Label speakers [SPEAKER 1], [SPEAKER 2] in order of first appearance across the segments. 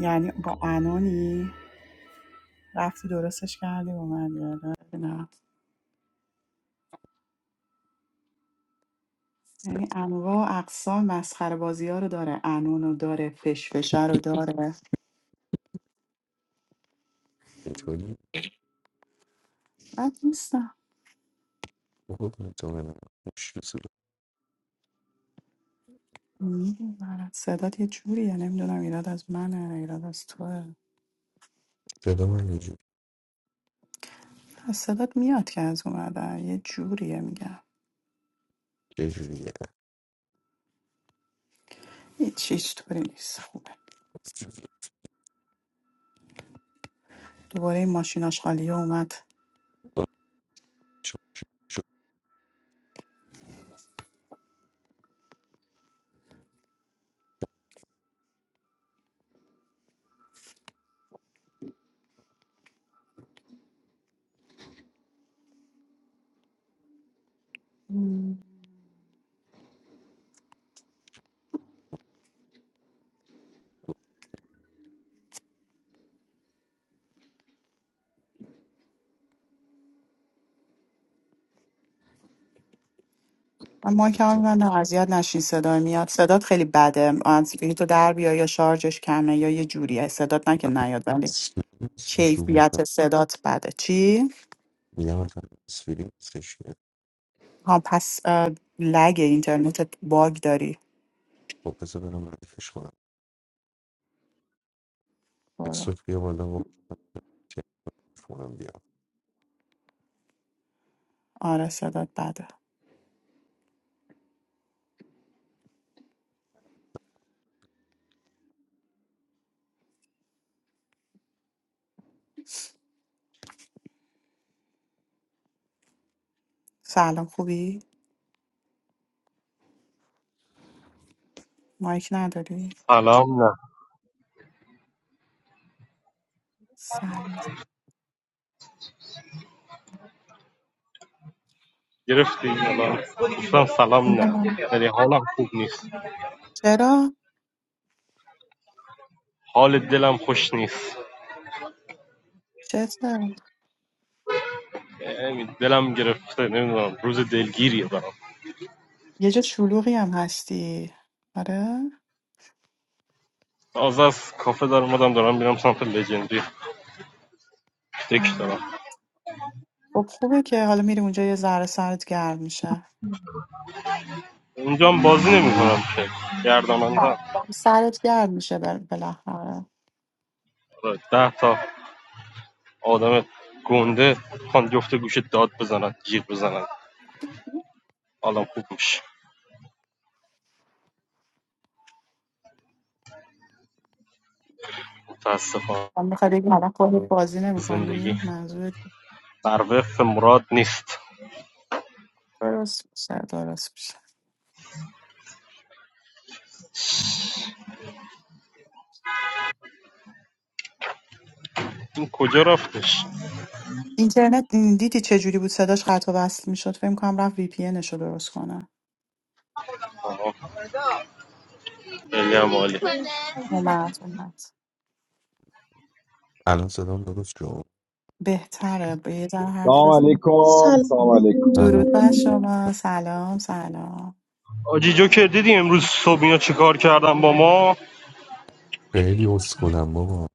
[SPEAKER 1] یعنی با انانی رفتی درستش کردی با من یاره نه یعنی انواع و اقسام مسخره بازی ها رو داره انون رو داره فشفشه رو داره
[SPEAKER 2] چطوری؟
[SPEAKER 1] بد نیستم
[SPEAKER 2] قربونت تو برم خوش صورت
[SPEAKER 1] می‌دونم. صدات یه جوریه نمیدونم ایراد از منه ایراد از توه
[SPEAKER 2] صدا من یه جوری
[SPEAKER 1] از صدات میاد که از اومده یه جوریه میگم
[SPEAKER 2] یه جوریه
[SPEAKER 1] هیچ هیچ طوری نیست خوبه دوباره این ماشیناش خالیه اومد
[SPEAKER 2] الان شما شو
[SPEAKER 1] من مایک هم
[SPEAKER 2] می‌زنم.
[SPEAKER 1] میبندم اذیت نشین صدای میاد صدات خیلی بده از تو در بیا یا شارژش کمه یا یه جوریه صدات نه که نیاد ولی
[SPEAKER 2] سش تو گوش هم.
[SPEAKER 1] کیفیت صدات بده چی؟
[SPEAKER 2] میگم مثلا سفیری سش نه.
[SPEAKER 1] ها پس اه، لگ اینترنتت باگ داری
[SPEAKER 2] خب بذار برم ردیفش کنم
[SPEAKER 1] برو.
[SPEAKER 2] سوت بیا بالا و تلفنم بیا
[SPEAKER 1] آره صدات بده سلام خوبی؟ مایک نداری؟
[SPEAKER 3] سلام نه
[SPEAKER 1] سلام
[SPEAKER 3] گرفتی الان گفتم سلام نه ولی حالم خوب نیست
[SPEAKER 1] چرا؟
[SPEAKER 3] حال دلم خوش نیست
[SPEAKER 1] چرا؟
[SPEAKER 3] یعنی دلم گرفته نمیدونم روز دلگیریه برام
[SPEAKER 1] یه جا شلوغی هم هستی آره؟
[SPEAKER 3] تازه از کافه دارم اومدم دارم میرم سمت لژندری دک
[SPEAKER 1] آره.
[SPEAKER 3] دارم
[SPEAKER 1] خب خوبه که حالا میری اونجا یه ذره سرت گرم میشه
[SPEAKER 3] اونجا هم بازی نمیکنم که گرداننده
[SPEAKER 1] سرت گرد میشه بل- بالاخره
[SPEAKER 3] آره، ده تا آدم گنده خوان جفت گوشه داد بزنن جیغ بزنن حالم خوب میشه متاسفانه
[SPEAKER 1] من میخوای بگی حالا خودت بازی
[SPEAKER 3] زندگی
[SPEAKER 1] نمیکنی منظورت
[SPEAKER 3] بر وفق مراد نیست
[SPEAKER 1] درست میشه درست میشه
[SPEAKER 3] این کجا رفتش
[SPEAKER 1] اینترنت دیدی چه جوری بود صداش قطع و وصل میشد فکر کنم رفت وی پی رو درست کنه
[SPEAKER 3] آها. خیلی هم عالی
[SPEAKER 1] اومد اومد
[SPEAKER 2] الان صدام درست شد
[SPEAKER 1] بهتره به یه ذره حرف
[SPEAKER 4] سلام
[SPEAKER 1] بزن
[SPEAKER 4] علیکم سلام
[SPEAKER 5] Salam.
[SPEAKER 4] علیکم
[SPEAKER 2] الان
[SPEAKER 1] درود بر شما سلام سلام
[SPEAKER 3] آجی جوکر دیدی امروز صبح اینا چیکار کردم با ما
[SPEAKER 2] خیلی اسکلم بابا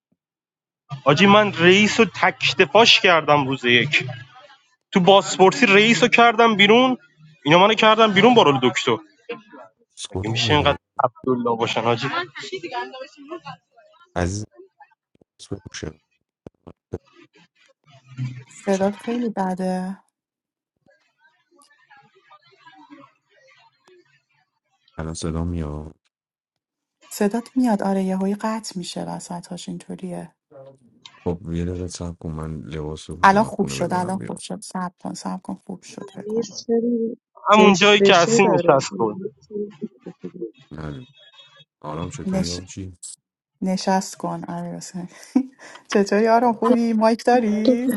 [SPEAKER 3] آجی من رئیس رو تکتفاش کردم روز یک تو باسپورسی رئیس رو کردم بیرون اینا منو کردم بیرون با رول دکتر مگه
[SPEAKER 2] اسکلم
[SPEAKER 3] میشه
[SPEAKER 2] دیگه
[SPEAKER 3] اینقدر عبدالله باشن آجی
[SPEAKER 2] عزیز اسکل بوشه
[SPEAKER 1] صدات خیلی بده
[SPEAKER 2] الان صدا میاد
[SPEAKER 1] صدات میاد آره یهویی قطع میشه وسطاش اینطوریه
[SPEAKER 2] خب یه دقیقه صبر کن من لباس رو پوشم
[SPEAKER 1] الان
[SPEAKER 2] از
[SPEAKER 1] خوب
[SPEAKER 2] خونه
[SPEAKER 1] شد
[SPEAKER 2] بزنم
[SPEAKER 1] الان خوب
[SPEAKER 2] بیرون
[SPEAKER 1] شد صبر کن صبر کن خوب شد فکر
[SPEAKER 5] Amir,
[SPEAKER 1] کنم
[SPEAKER 5] sir,
[SPEAKER 3] همون
[SPEAKER 5] this
[SPEAKER 3] جایی که
[SPEAKER 5] is
[SPEAKER 3] هستی
[SPEAKER 5] Darreh.
[SPEAKER 3] نشست کن
[SPEAKER 5] Amir, sir,
[SPEAKER 2] نه آرام چطوری آبجی
[SPEAKER 1] نشست کن امیر حسین چطوری آرام خوبی مایک داری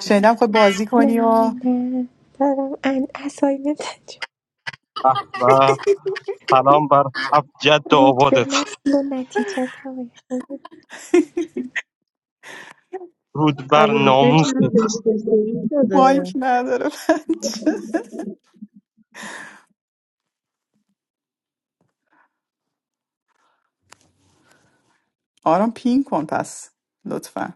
[SPEAKER 1] شنیدم خود بازی
[SPEAKER 6] Na
[SPEAKER 1] کنی و
[SPEAKER 6] na, but I'm an asoymetach
[SPEAKER 3] به به. سلام بر ابجد
[SPEAKER 6] root
[SPEAKER 3] آبادت
[SPEAKER 6] vernas lunatic at all.
[SPEAKER 3] رود
[SPEAKER 5] I am
[SPEAKER 3] بر ناموست
[SPEAKER 5] interested in
[SPEAKER 1] مایک
[SPEAKER 5] the
[SPEAKER 1] نداره بچه آرام پین کن پس لطفا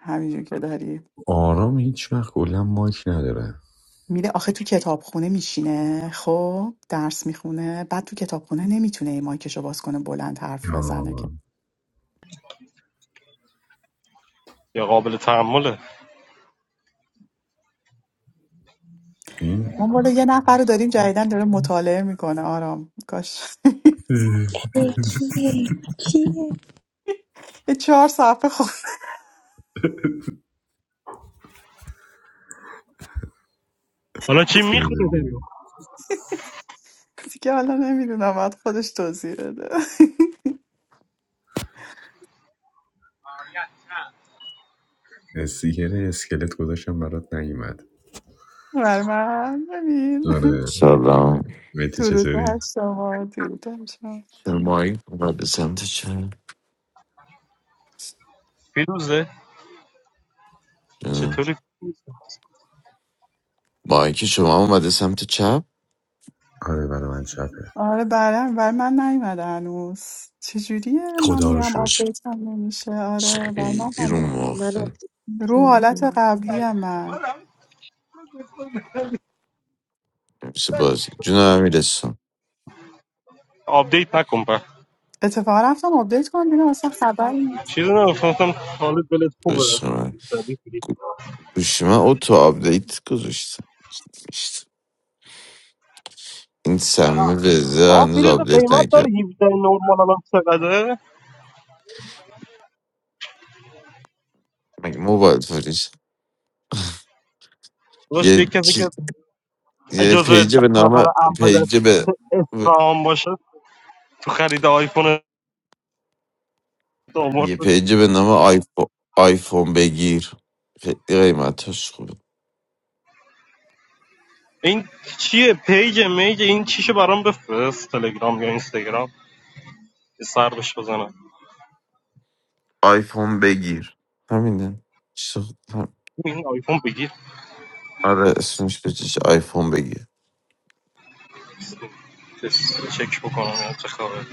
[SPEAKER 1] همینجور که داری
[SPEAKER 2] آرام هیچ وقت کلا مایک نداره
[SPEAKER 1] میره آخه تو کتابخونه میشینه خب درس میخونه بعد تو کتابخونه نمیتونه این مایکشو باز کنه بلند حرف بزنه که
[SPEAKER 2] آه.
[SPEAKER 3] یا قابل تحمله
[SPEAKER 2] این
[SPEAKER 1] ما بالا یه نفر رو داریم جدیدن داره مطالعه میکنه آرام کاش
[SPEAKER 6] Okay, okay.
[SPEAKER 1] یه چهار صفحه خود
[SPEAKER 3] حالا چی
[SPEAKER 2] سیب
[SPEAKER 3] میخونه
[SPEAKER 2] زمینی.
[SPEAKER 1] دیگه حالا نمیدونم بعد خودش توضیح بده
[SPEAKER 2] استیکر اسکلت گذاشتم برات نیومد
[SPEAKER 1] برای من ببین
[SPEAKER 2] آره
[SPEAKER 7] سلام
[SPEAKER 2] متی
[SPEAKER 1] درود
[SPEAKER 2] چطوری
[SPEAKER 1] بر شما درود بر شما
[SPEAKER 7] چرا مایک اومده سمت چپ
[SPEAKER 3] فیروزه
[SPEAKER 7] اه.
[SPEAKER 3] چطوری
[SPEAKER 7] مایک شما اومده سمت چپ
[SPEAKER 2] آره برای من چپه
[SPEAKER 1] آره برای برای من نیومده هنوز چجوریه من
[SPEAKER 2] خدا رو
[SPEAKER 1] میرم
[SPEAKER 7] چ-
[SPEAKER 2] شکر
[SPEAKER 1] آپدیت هم نمیشه
[SPEAKER 7] چ-
[SPEAKER 1] آره برای من
[SPEAKER 7] خیلی رو
[SPEAKER 1] هنوز
[SPEAKER 5] manor.
[SPEAKER 7] مخته
[SPEAKER 1] رو حالت قبلی هم من
[SPEAKER 7] مثل بازی جون امیرستان
[SPEAKER 3] آپدیت نکن
[SPEAKER 1] اتفاقا رفتم آپدیت کنم دیدم اصلا خبری نیست
[SPEAKER 3] چیز نمیخواستم حالت بلد خوبه
[SPEAKER 7] عشق من
[SPEAKER 3] زدی کلی.
[SPEAKER 7] گو- گوشی من اوتو آپدیت گذاشتم میشت. این سمه وزه
[SPEAKER 3] آه
[SPEAKER 7] هنوز
[SPEAKER 3] فیروز
[SPEAKER 7] آپدیت
[SPEAKER 3] قیمت داره
[SPEAKER 7] نکرد
[SPEAKER 3] 17 نورمال الان چقدره
[SPEAKER 7] مگه موبایل فریز
[SPEAKER 3] داشت
[SPEAKER 7] یه
[SPEAKER 3] یک کسی
[SPEAKER 7] چیز
[SPEAKER 3] که
[SPEAKER 7] یه
[SPEAKER 3] جزو ده
[SPEAKER 7] پیج به نام
[SPEAKER 3] نفر اول
[SPEAKER 7] پیج به
[SPEAKER 3] اسفهان باشه تو خرید آیفون دومورد
[SPEAKER 7] یه پیج به نام آیفون آیفون بگیر خیلی قیمتش خوبه
[SPEAKER 3] این چیه پیج میج این چیشو برام بفرست تلگرام یا اینستاگرام یه سر بهش بزنم
[SPEAKER 7] آیفون بگیر همینه چیز خ- هم-
[SPEAKER 3] این آیفون بگیر
[SPEAKER 7] آره اسمش بچش آیفون بگیر
[SPEAKER 3] تست چک بکنم یا چه خبره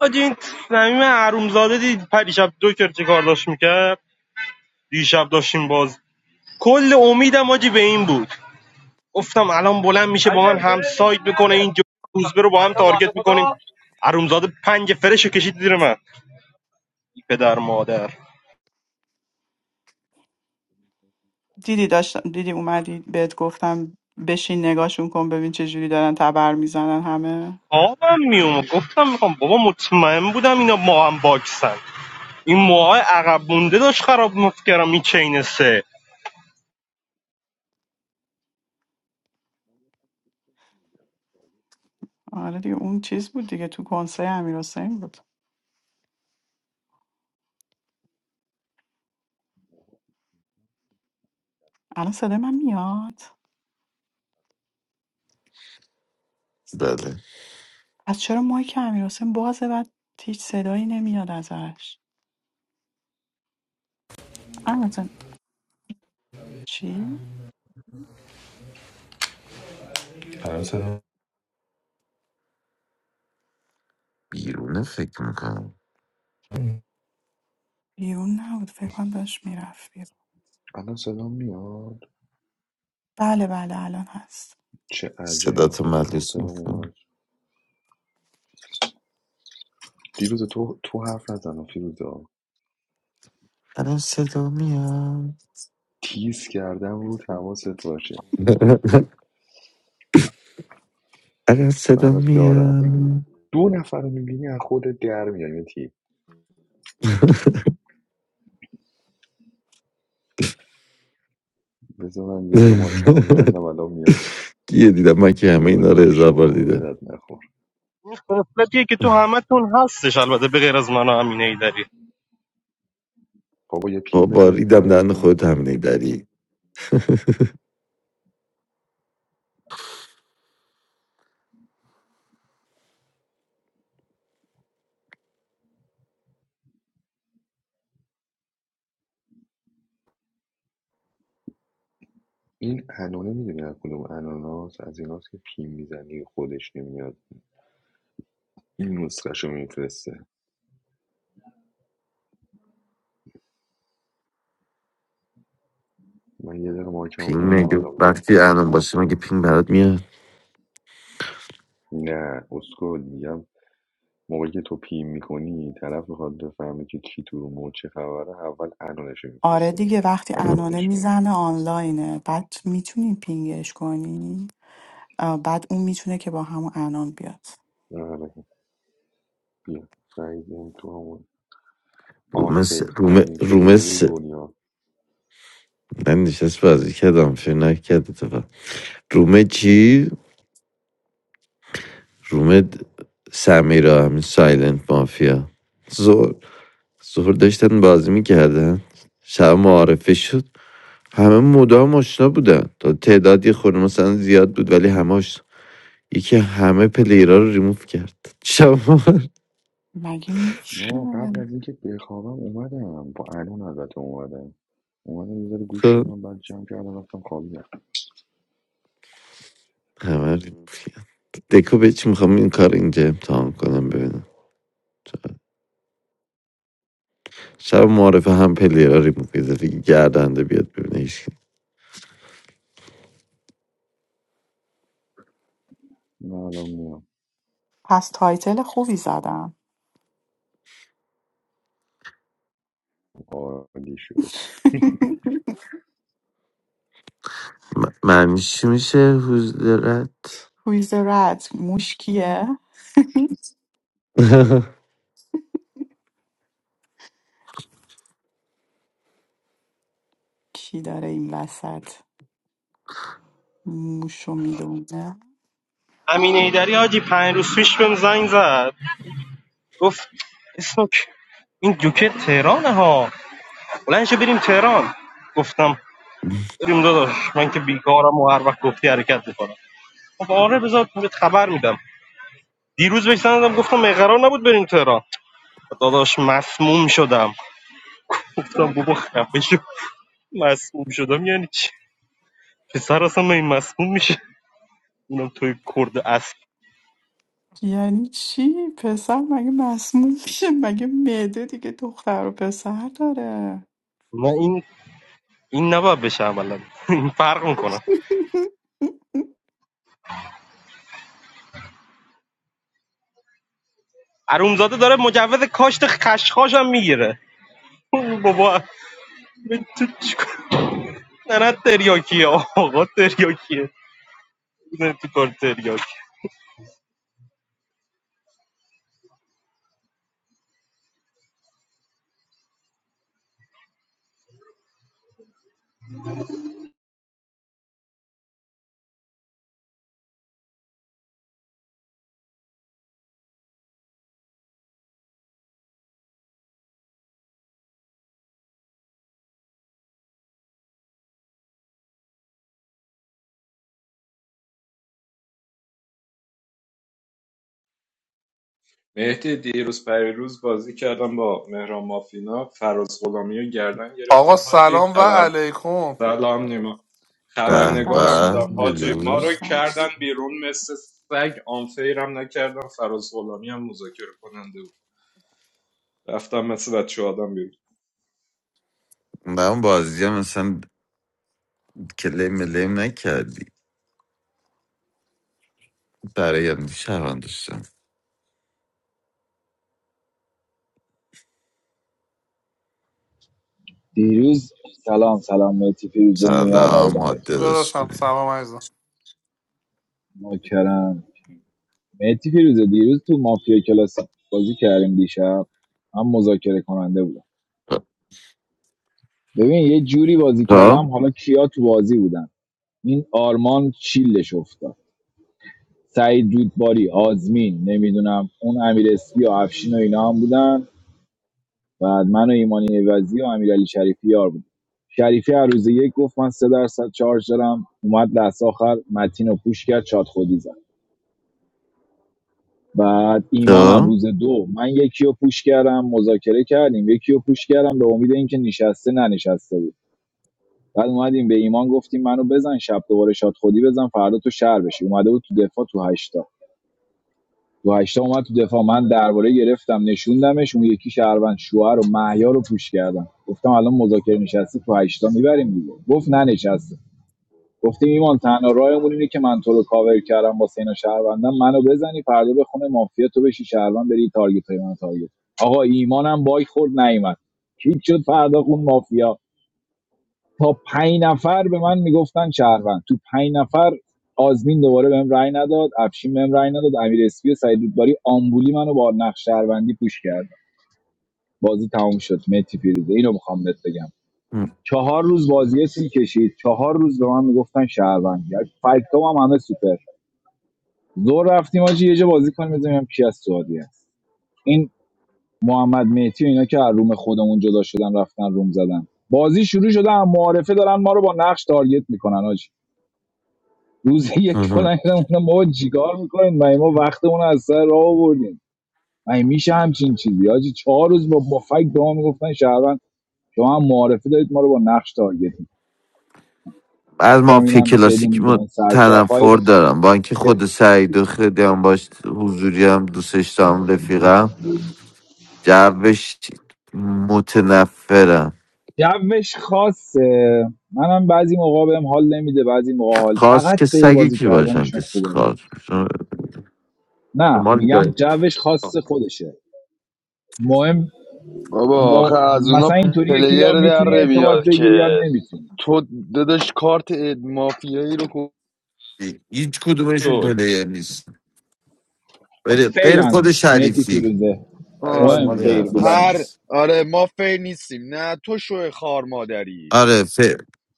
[SPEAKER 3] آجی این صمیم حرومزاده دید پریشب دو کرد چه کار داشت میکرد دیشب داشتیم بازی کل امیدم آجی به این بود گفتم الان بلند میشه با من هم سایت میکنه این روزبه رو با هم تارگت میکنیم ارومزاده پنج فرش رو کشید زیر من پدر مادر
[SPEAKER 1] دیدی داشتم دیدی اومدی بهت گفتم بشین نگاهشون کن ببین چجوری دارن تبر میزنن همه
[SPEAKER 3] آبم میوم گفتم میخوام بابا مطمئن بودم اینا ما هم باکسن این موهای عقب مونده داشت خراب مفکرم این چین سه
[SPEAKER 1] آره دیگه اون چیز بود دیگه تو کنسرت امیر حسین بود الان صدای من میاد
[SPEAKER 7] بله
[SPEAKER 1] پس چرا مایک امیرحسین بازه و هیچ صدایی نمیاد ازش امیرحسین چی؟
[SPEAKER 2] الان صدا
[SPEAKER 7] بیرونه فکر میکنم
[SPEAKER 1] بیرون نبود فکر کنم داشت میرفت بیرون
[SPEAKER 2] الان صدا میاد
[SPEAKER 1] بله بله الان هست
[SPEAKER 2] چه
[SPEAKER 7] صدا
[SPEAKER 2] عجب
[SPEAKER 7] تو
[SPEAKER 2] بالاخره
[SPEAKER 7] ملیس
[SPEAKER 2] صدا
[SPEAKER 7] نکنم
[SPEAKER 2] اومد دیروز تو تو حرف نزن فیروزا
[SPEAKER 7] الان صدا میاد
[SPEAKER 2] تیز کردم رو تواست باشه
[SPEAKER 7] الان صدا
[SPEAKER 2] برات دارم
[SPEAKER 7] میاد
[SPEAKER 2] دو نفر رو میبینی از خود در میای متی بذار من یه دقیقه ماکم میبندم الان میام.
[SPEAKER 7] دیگه دیدم من که همه
[SPEAKER 2] برو
[SPEAKER 7] اینا رو
[SPEAKER 2] گم
[SPEAKER 7] هزار بار
[SPEAKER 2] شما
[SPEAKER 7] دیدم
[SPEAKER 2] بدت نخور
[SPEAKER 3] قفلتیه که تو همه تون هستش البته به غیر از من و امین ایدری
[SPEAKER 2] بابا یه
[SPEAKER 7] با
[SPEAKER 2] پیم بزنید
[SPEAKER 7] باریدم
[SPEAKER 2] همه
[SPEAKER 7] ریدم دهن
[SPEAKER 2] بیان
[SPEAKER 7] خودت هم
[SPEAKER 2] دیگه
[SPEAKER 7] داری
[SPEAKER 2] این انانه میدونی از کدوم اناناس از ایناست که پیم میزنی خودش نمیاد این نسخهشو میفرسته من یه دقیقه
[SPEAKER 7] پینگ
[SPEAKER 2] مایکمو ببندم
[SPEAKER 7] میگه
[SPEAKER 2] الان میام
[SPEAKER 7] وقتی الان باشه مگه پینگ برات میاد
[SPEAKER 2] نه اسکل میگم موقعی که تو پیم میکنی طرف میخواد بفهمه که کی تو رو چه خبره اول انانشو
[SPEAKER 1] آره
[SPEAKER 2] میفرسته
[SPEAKER 1] دیگه
[SPEAKER 2] میاد
[SPEAKER 1] وقتی
[SPEAKER 2] بعد
[SPEAKER 1] انانه
[SPEAKER 2] خودش میاد
[SPEAKER 1] میزنه آنلاینه بعد میتونی پینگش کنی آه، بعد اون میتونه که با همون انان بیاد
[SPEAKER 2] آره بیا سعید این تو همون
[SPEAKER 7] رومس
[SPEAKER 2] آنفیق
[SPEAKER 7] روم
[SPEAKER 2] ترین پلیر
[SPEAKER 7] رومس
[SPEAKER 2] دنیا
[SPEAKER 7] من نشست بازی کردم فکر نکرد اتفاق. رومه چی؟ روم سمیرا همین سایلنت مافیا زور زور داشتن بازی میکردن شب معارفه شد همه مدام آشنا بودن تا تعدادی خورده مثلا زیاد بود ولی همه آشنا یکی همه پلیرا رو ریموف کرد شب معارفه
[SPEAKER 1] مگه میشه
[SPEAKER 2] نه قبل از اینکه بخوابم اومدم با الان البته اومدم اومدم یه ذره گوش
[SPEAKER 7] خب،
[SPEAKER 2] شدم بعد جمع کردم رفتم خوابیدم
[SPEAKER 7] همه ریموف دکو به چی میخوام این کار اینجا امتحان کنم ببینم شب معارفه هم پلیرا ریموف کرد گردنده بیاد ببینه هیچ کی.
[SPEAKER 2] نه الان میام
[SPEAKER 1] پس تایتل خوبی زدم
[SPEAKER 2] عالی شد
[SPEAKER 7] م- معنیش چی میشه حضورت
[SPEAKER 1] کویز رد موش کیه کی داره این وسط موشو میدونه
[SPEAKER 3] امین ایدری حاجی پنج روز پیش بهم زنگ زد گفت اسنوک این جوکه تهرانه ها بلند شه بریم تهران گفتم بریم داداش من که بیکارم و هر وقت گفتی حرکت میکنم خب آره بذار بهت خبر میدم دیروز بهش زنگ گفتم می قرار نبود بریم تهران داداش مسموم شدم گفتم بابا خفه شو مسموم شدم یعنی چی پسر اصلا من مسموم میشه اونم توی کرد اسب
[SPEAKER 1] یعنی چی؟ پسر مگه مسموم میشه؟ مگه معده دیگه دختر و پسر داره؟
[SPEAKER 3] نه این این نباید بشه عملا این فرق میکنه ارومزاده داره مجوز کاشت خشخاش هم میگیره بابا من تو چیکار نه نه تریاکیه آقا تریاکیه میره تو کار تریاک
[SPEAKER 8] مهدی دیروز پریروز بازی کردم با مهران مافینا فراز غلامی رو گردن
[SPEAKER 9] آقا
[SPEAKER 8] گرفتیم حاجی
[SPEAKER 9] سلام و
[SPEAKER 8] خبر
[SPEAKER 9] علیکم
[SPEAKER 8] سلام نیما
[SPEAKER 7] به
[SPEAKER 1] درود بر
[SPEAKER 8] خبرنگارم
[SPEAKER 7] به
[SPEAKER 8] بودم
[SPEAKER 1] شما
[SPEAKER 8] حاجی ما
[SPEAKER 1] درود
[SPEAKER 8] رو
[SPEAKER 7] بلوز،
[SPEAKER 1] بر شما.
[SPEAKER 8] کردن بیرون مثل سگ آنفیرم نکردم فراز غلامی هم مذاکره کننده بود رفتم مثل بچه آدم بیرون
[SPEAKER 7] من بازی هم مثلا کلیم ملیم نکردی برای هم شهران داشتم
[SPEAKER 4] دیروز سلام سلام مهتی فیروزه نیما و
[SPEAKER 7] سلام
[SPEAKER 4] ایدمک
[SPEAKER 7] ماده داشت
[SPEAKER 9] داداشم
[SPEAKER 7] خوبی
[SPEAKER 9] سلام عزیزم
[SPEAKER 4] نوکرم مهتی فیروزه دیروز تو مافیا کلاس بازی کردیم دیشب من مذاکره کننده بودم ببین یه جوری بازی
[SPEAKER 7] تو
[SPEAKER 4] کردم حالا کیا تو بازی بودن این آرمان چیلش افتاد سعید رودباری آزمین نمیدونم اون امیر اسپی و افشین و اینا هم بودن بعد من و ایمانی عوضی و امیرعلی شریفی یار بودیم شریفی هر روز یک گفت من سه درصد چارج دارم اومد لحظه آخر متین رو پوش کرد شاد خودی زد بعد ایمانم
[SPEAKER 7] تو
[SPEAKER 4] روز دو من یکی رو پوش کردم مذاکره کردیم یکی رو پوش کردم به امید اینکه نشسته ننشسته بود بعد اومدیم به ایمان گفتیم منو بزن شب دوباره شاد خودی بزن فردا تو شهر بشی اومده بود تو دفاع تو هشتا تو هشتا اومد تو دفاع من درباره گرفتم نشوندمش اون یکی شهروند شوهر و مهیار رو پوش کردم گفتم الان مذاکره نشستی تو هشتا میبریم دیگه گفت نه ننشسته گفتیم ایمان تنها راهمون اینه که من تو رو کاور کردم با سینا شهروندم منو بزنی فردا به خونه مافیا تو بشی شهروند بری تارگت های من تارگت آقا ایمانم باگ خورد نیومد هیچ شد فردا خون مافیا تا پنج نفر به من میگفتن شهروند تو پنج نفر آزمین دوباره بهم رأی نداد افشین بهم رأی نداد امیر اسپی و سعید رودباری آمبولی منو با نقش شهروندی پوش کردن بازی تموم شد متی فیروزه اینو میخوام بهت بگم چهار روز بازی طول کشید چهار روز به من میگفتن شهروند فکتام هم همه سوپر زور رفتیم آجی یه جا بازی کنیم بزنیم کی از سعودی است این محمد مهدی و اینا که از روم خودمون جدا شدن رفتن روم زدن بازی شروع شده هم معارفه دارن ما رو با نقش تارگت میکنن آجی روز یک
[SPEAKER 7] مهم.
[SPEAKER 4] بلند شدم گفتم بابا چیکار میکنین مگه ما وقتمون رو از سر راه آوردیم مگه میشه همچین چیزی حاجی چهار روز با مفک به ما میگفتن شهروند شما هم معارفه دارید ما رو با نقش تارگت می‌کنید.
[SPEAKER 7] از
[SPEAKER 4] گفتم
[SPEAKER 7] مافیا
[SPEAKER 4] اینم
[SPEAKER 7] کلاسیک
[SPEAKER 4] بدون
[SPEAKER 7] ما
[SPEAKER 4] اون سرشاخ های
[SPEAKER 7] تنفر دارم با اینکه خود سعید و خیلی هم باش حضوری هم دوستش دارم رفیقم جوش متنفرم
[SPEAKER 4] جوش خاصه منم بعضی موقع بهم حال نمیده بعضی موقع حال
[SPEAKER 7] خاص
[SPEAKER 4] فقط
[SPEAKER 7] که
[SPEAKER 4] فیر
[SPEAKER 7] سگی
[SPEAKER 4] بازی
[SPEAKER 7] کی باشن که
[SPEAKER 4] کردنشون خوبه مهدی.
[SPEAKER 7] خاص باشن.
[SPEAKER 4] نه
[SPEAKER 7] مال داری.
[SPEAKER 4] میگم جوش خاص خودشه مهم
[SPEAKER 2] بابا
[SPEAKER 4] م...
[SPEAKER 2] آخه از اونا
[SPEAKER 4] مثلا اینطوریه که
[SPEAKER 2] پلیر
[SPEAKER 4] یا میتونی
[SPEAKER 2] در
[SPEAKER 4] ارتباط
[SPEAKER 2] میاد که
[SPEAKER 4] بگیری یا نمیتونی
[SPEAKER 2] تو داداش کارت اد- مافیایی رو
[SPEAKER 7] هیچ کدومشون
[SPEAKER 2] کنترل
[SPEAKER 7] پلیر نیست غیر غیر
[SPEAKER 4] فیرن
[SPEAKER 7] خود
[SPEAKER 4] مهتی
[SPEAKER 7] شریفی
[SPEAKER 4] فیروزه
[SPEAKER 7] بقیه‌اش
[SPEAKER 4] مهم
[SPEAKER 7] مال یه
[SPEAKER 4] فیر
[SPEAKER 2] والا
[SPEAKER 7] نفس
[SPEAKER 4] بودنش
[SPEAKER 2] هر
[SPEAKER 7] نیست
[SPEAKER 2] آره ما فیر نیستیم نه تو شو خار مادری
[SPEAKER 7] آره ف...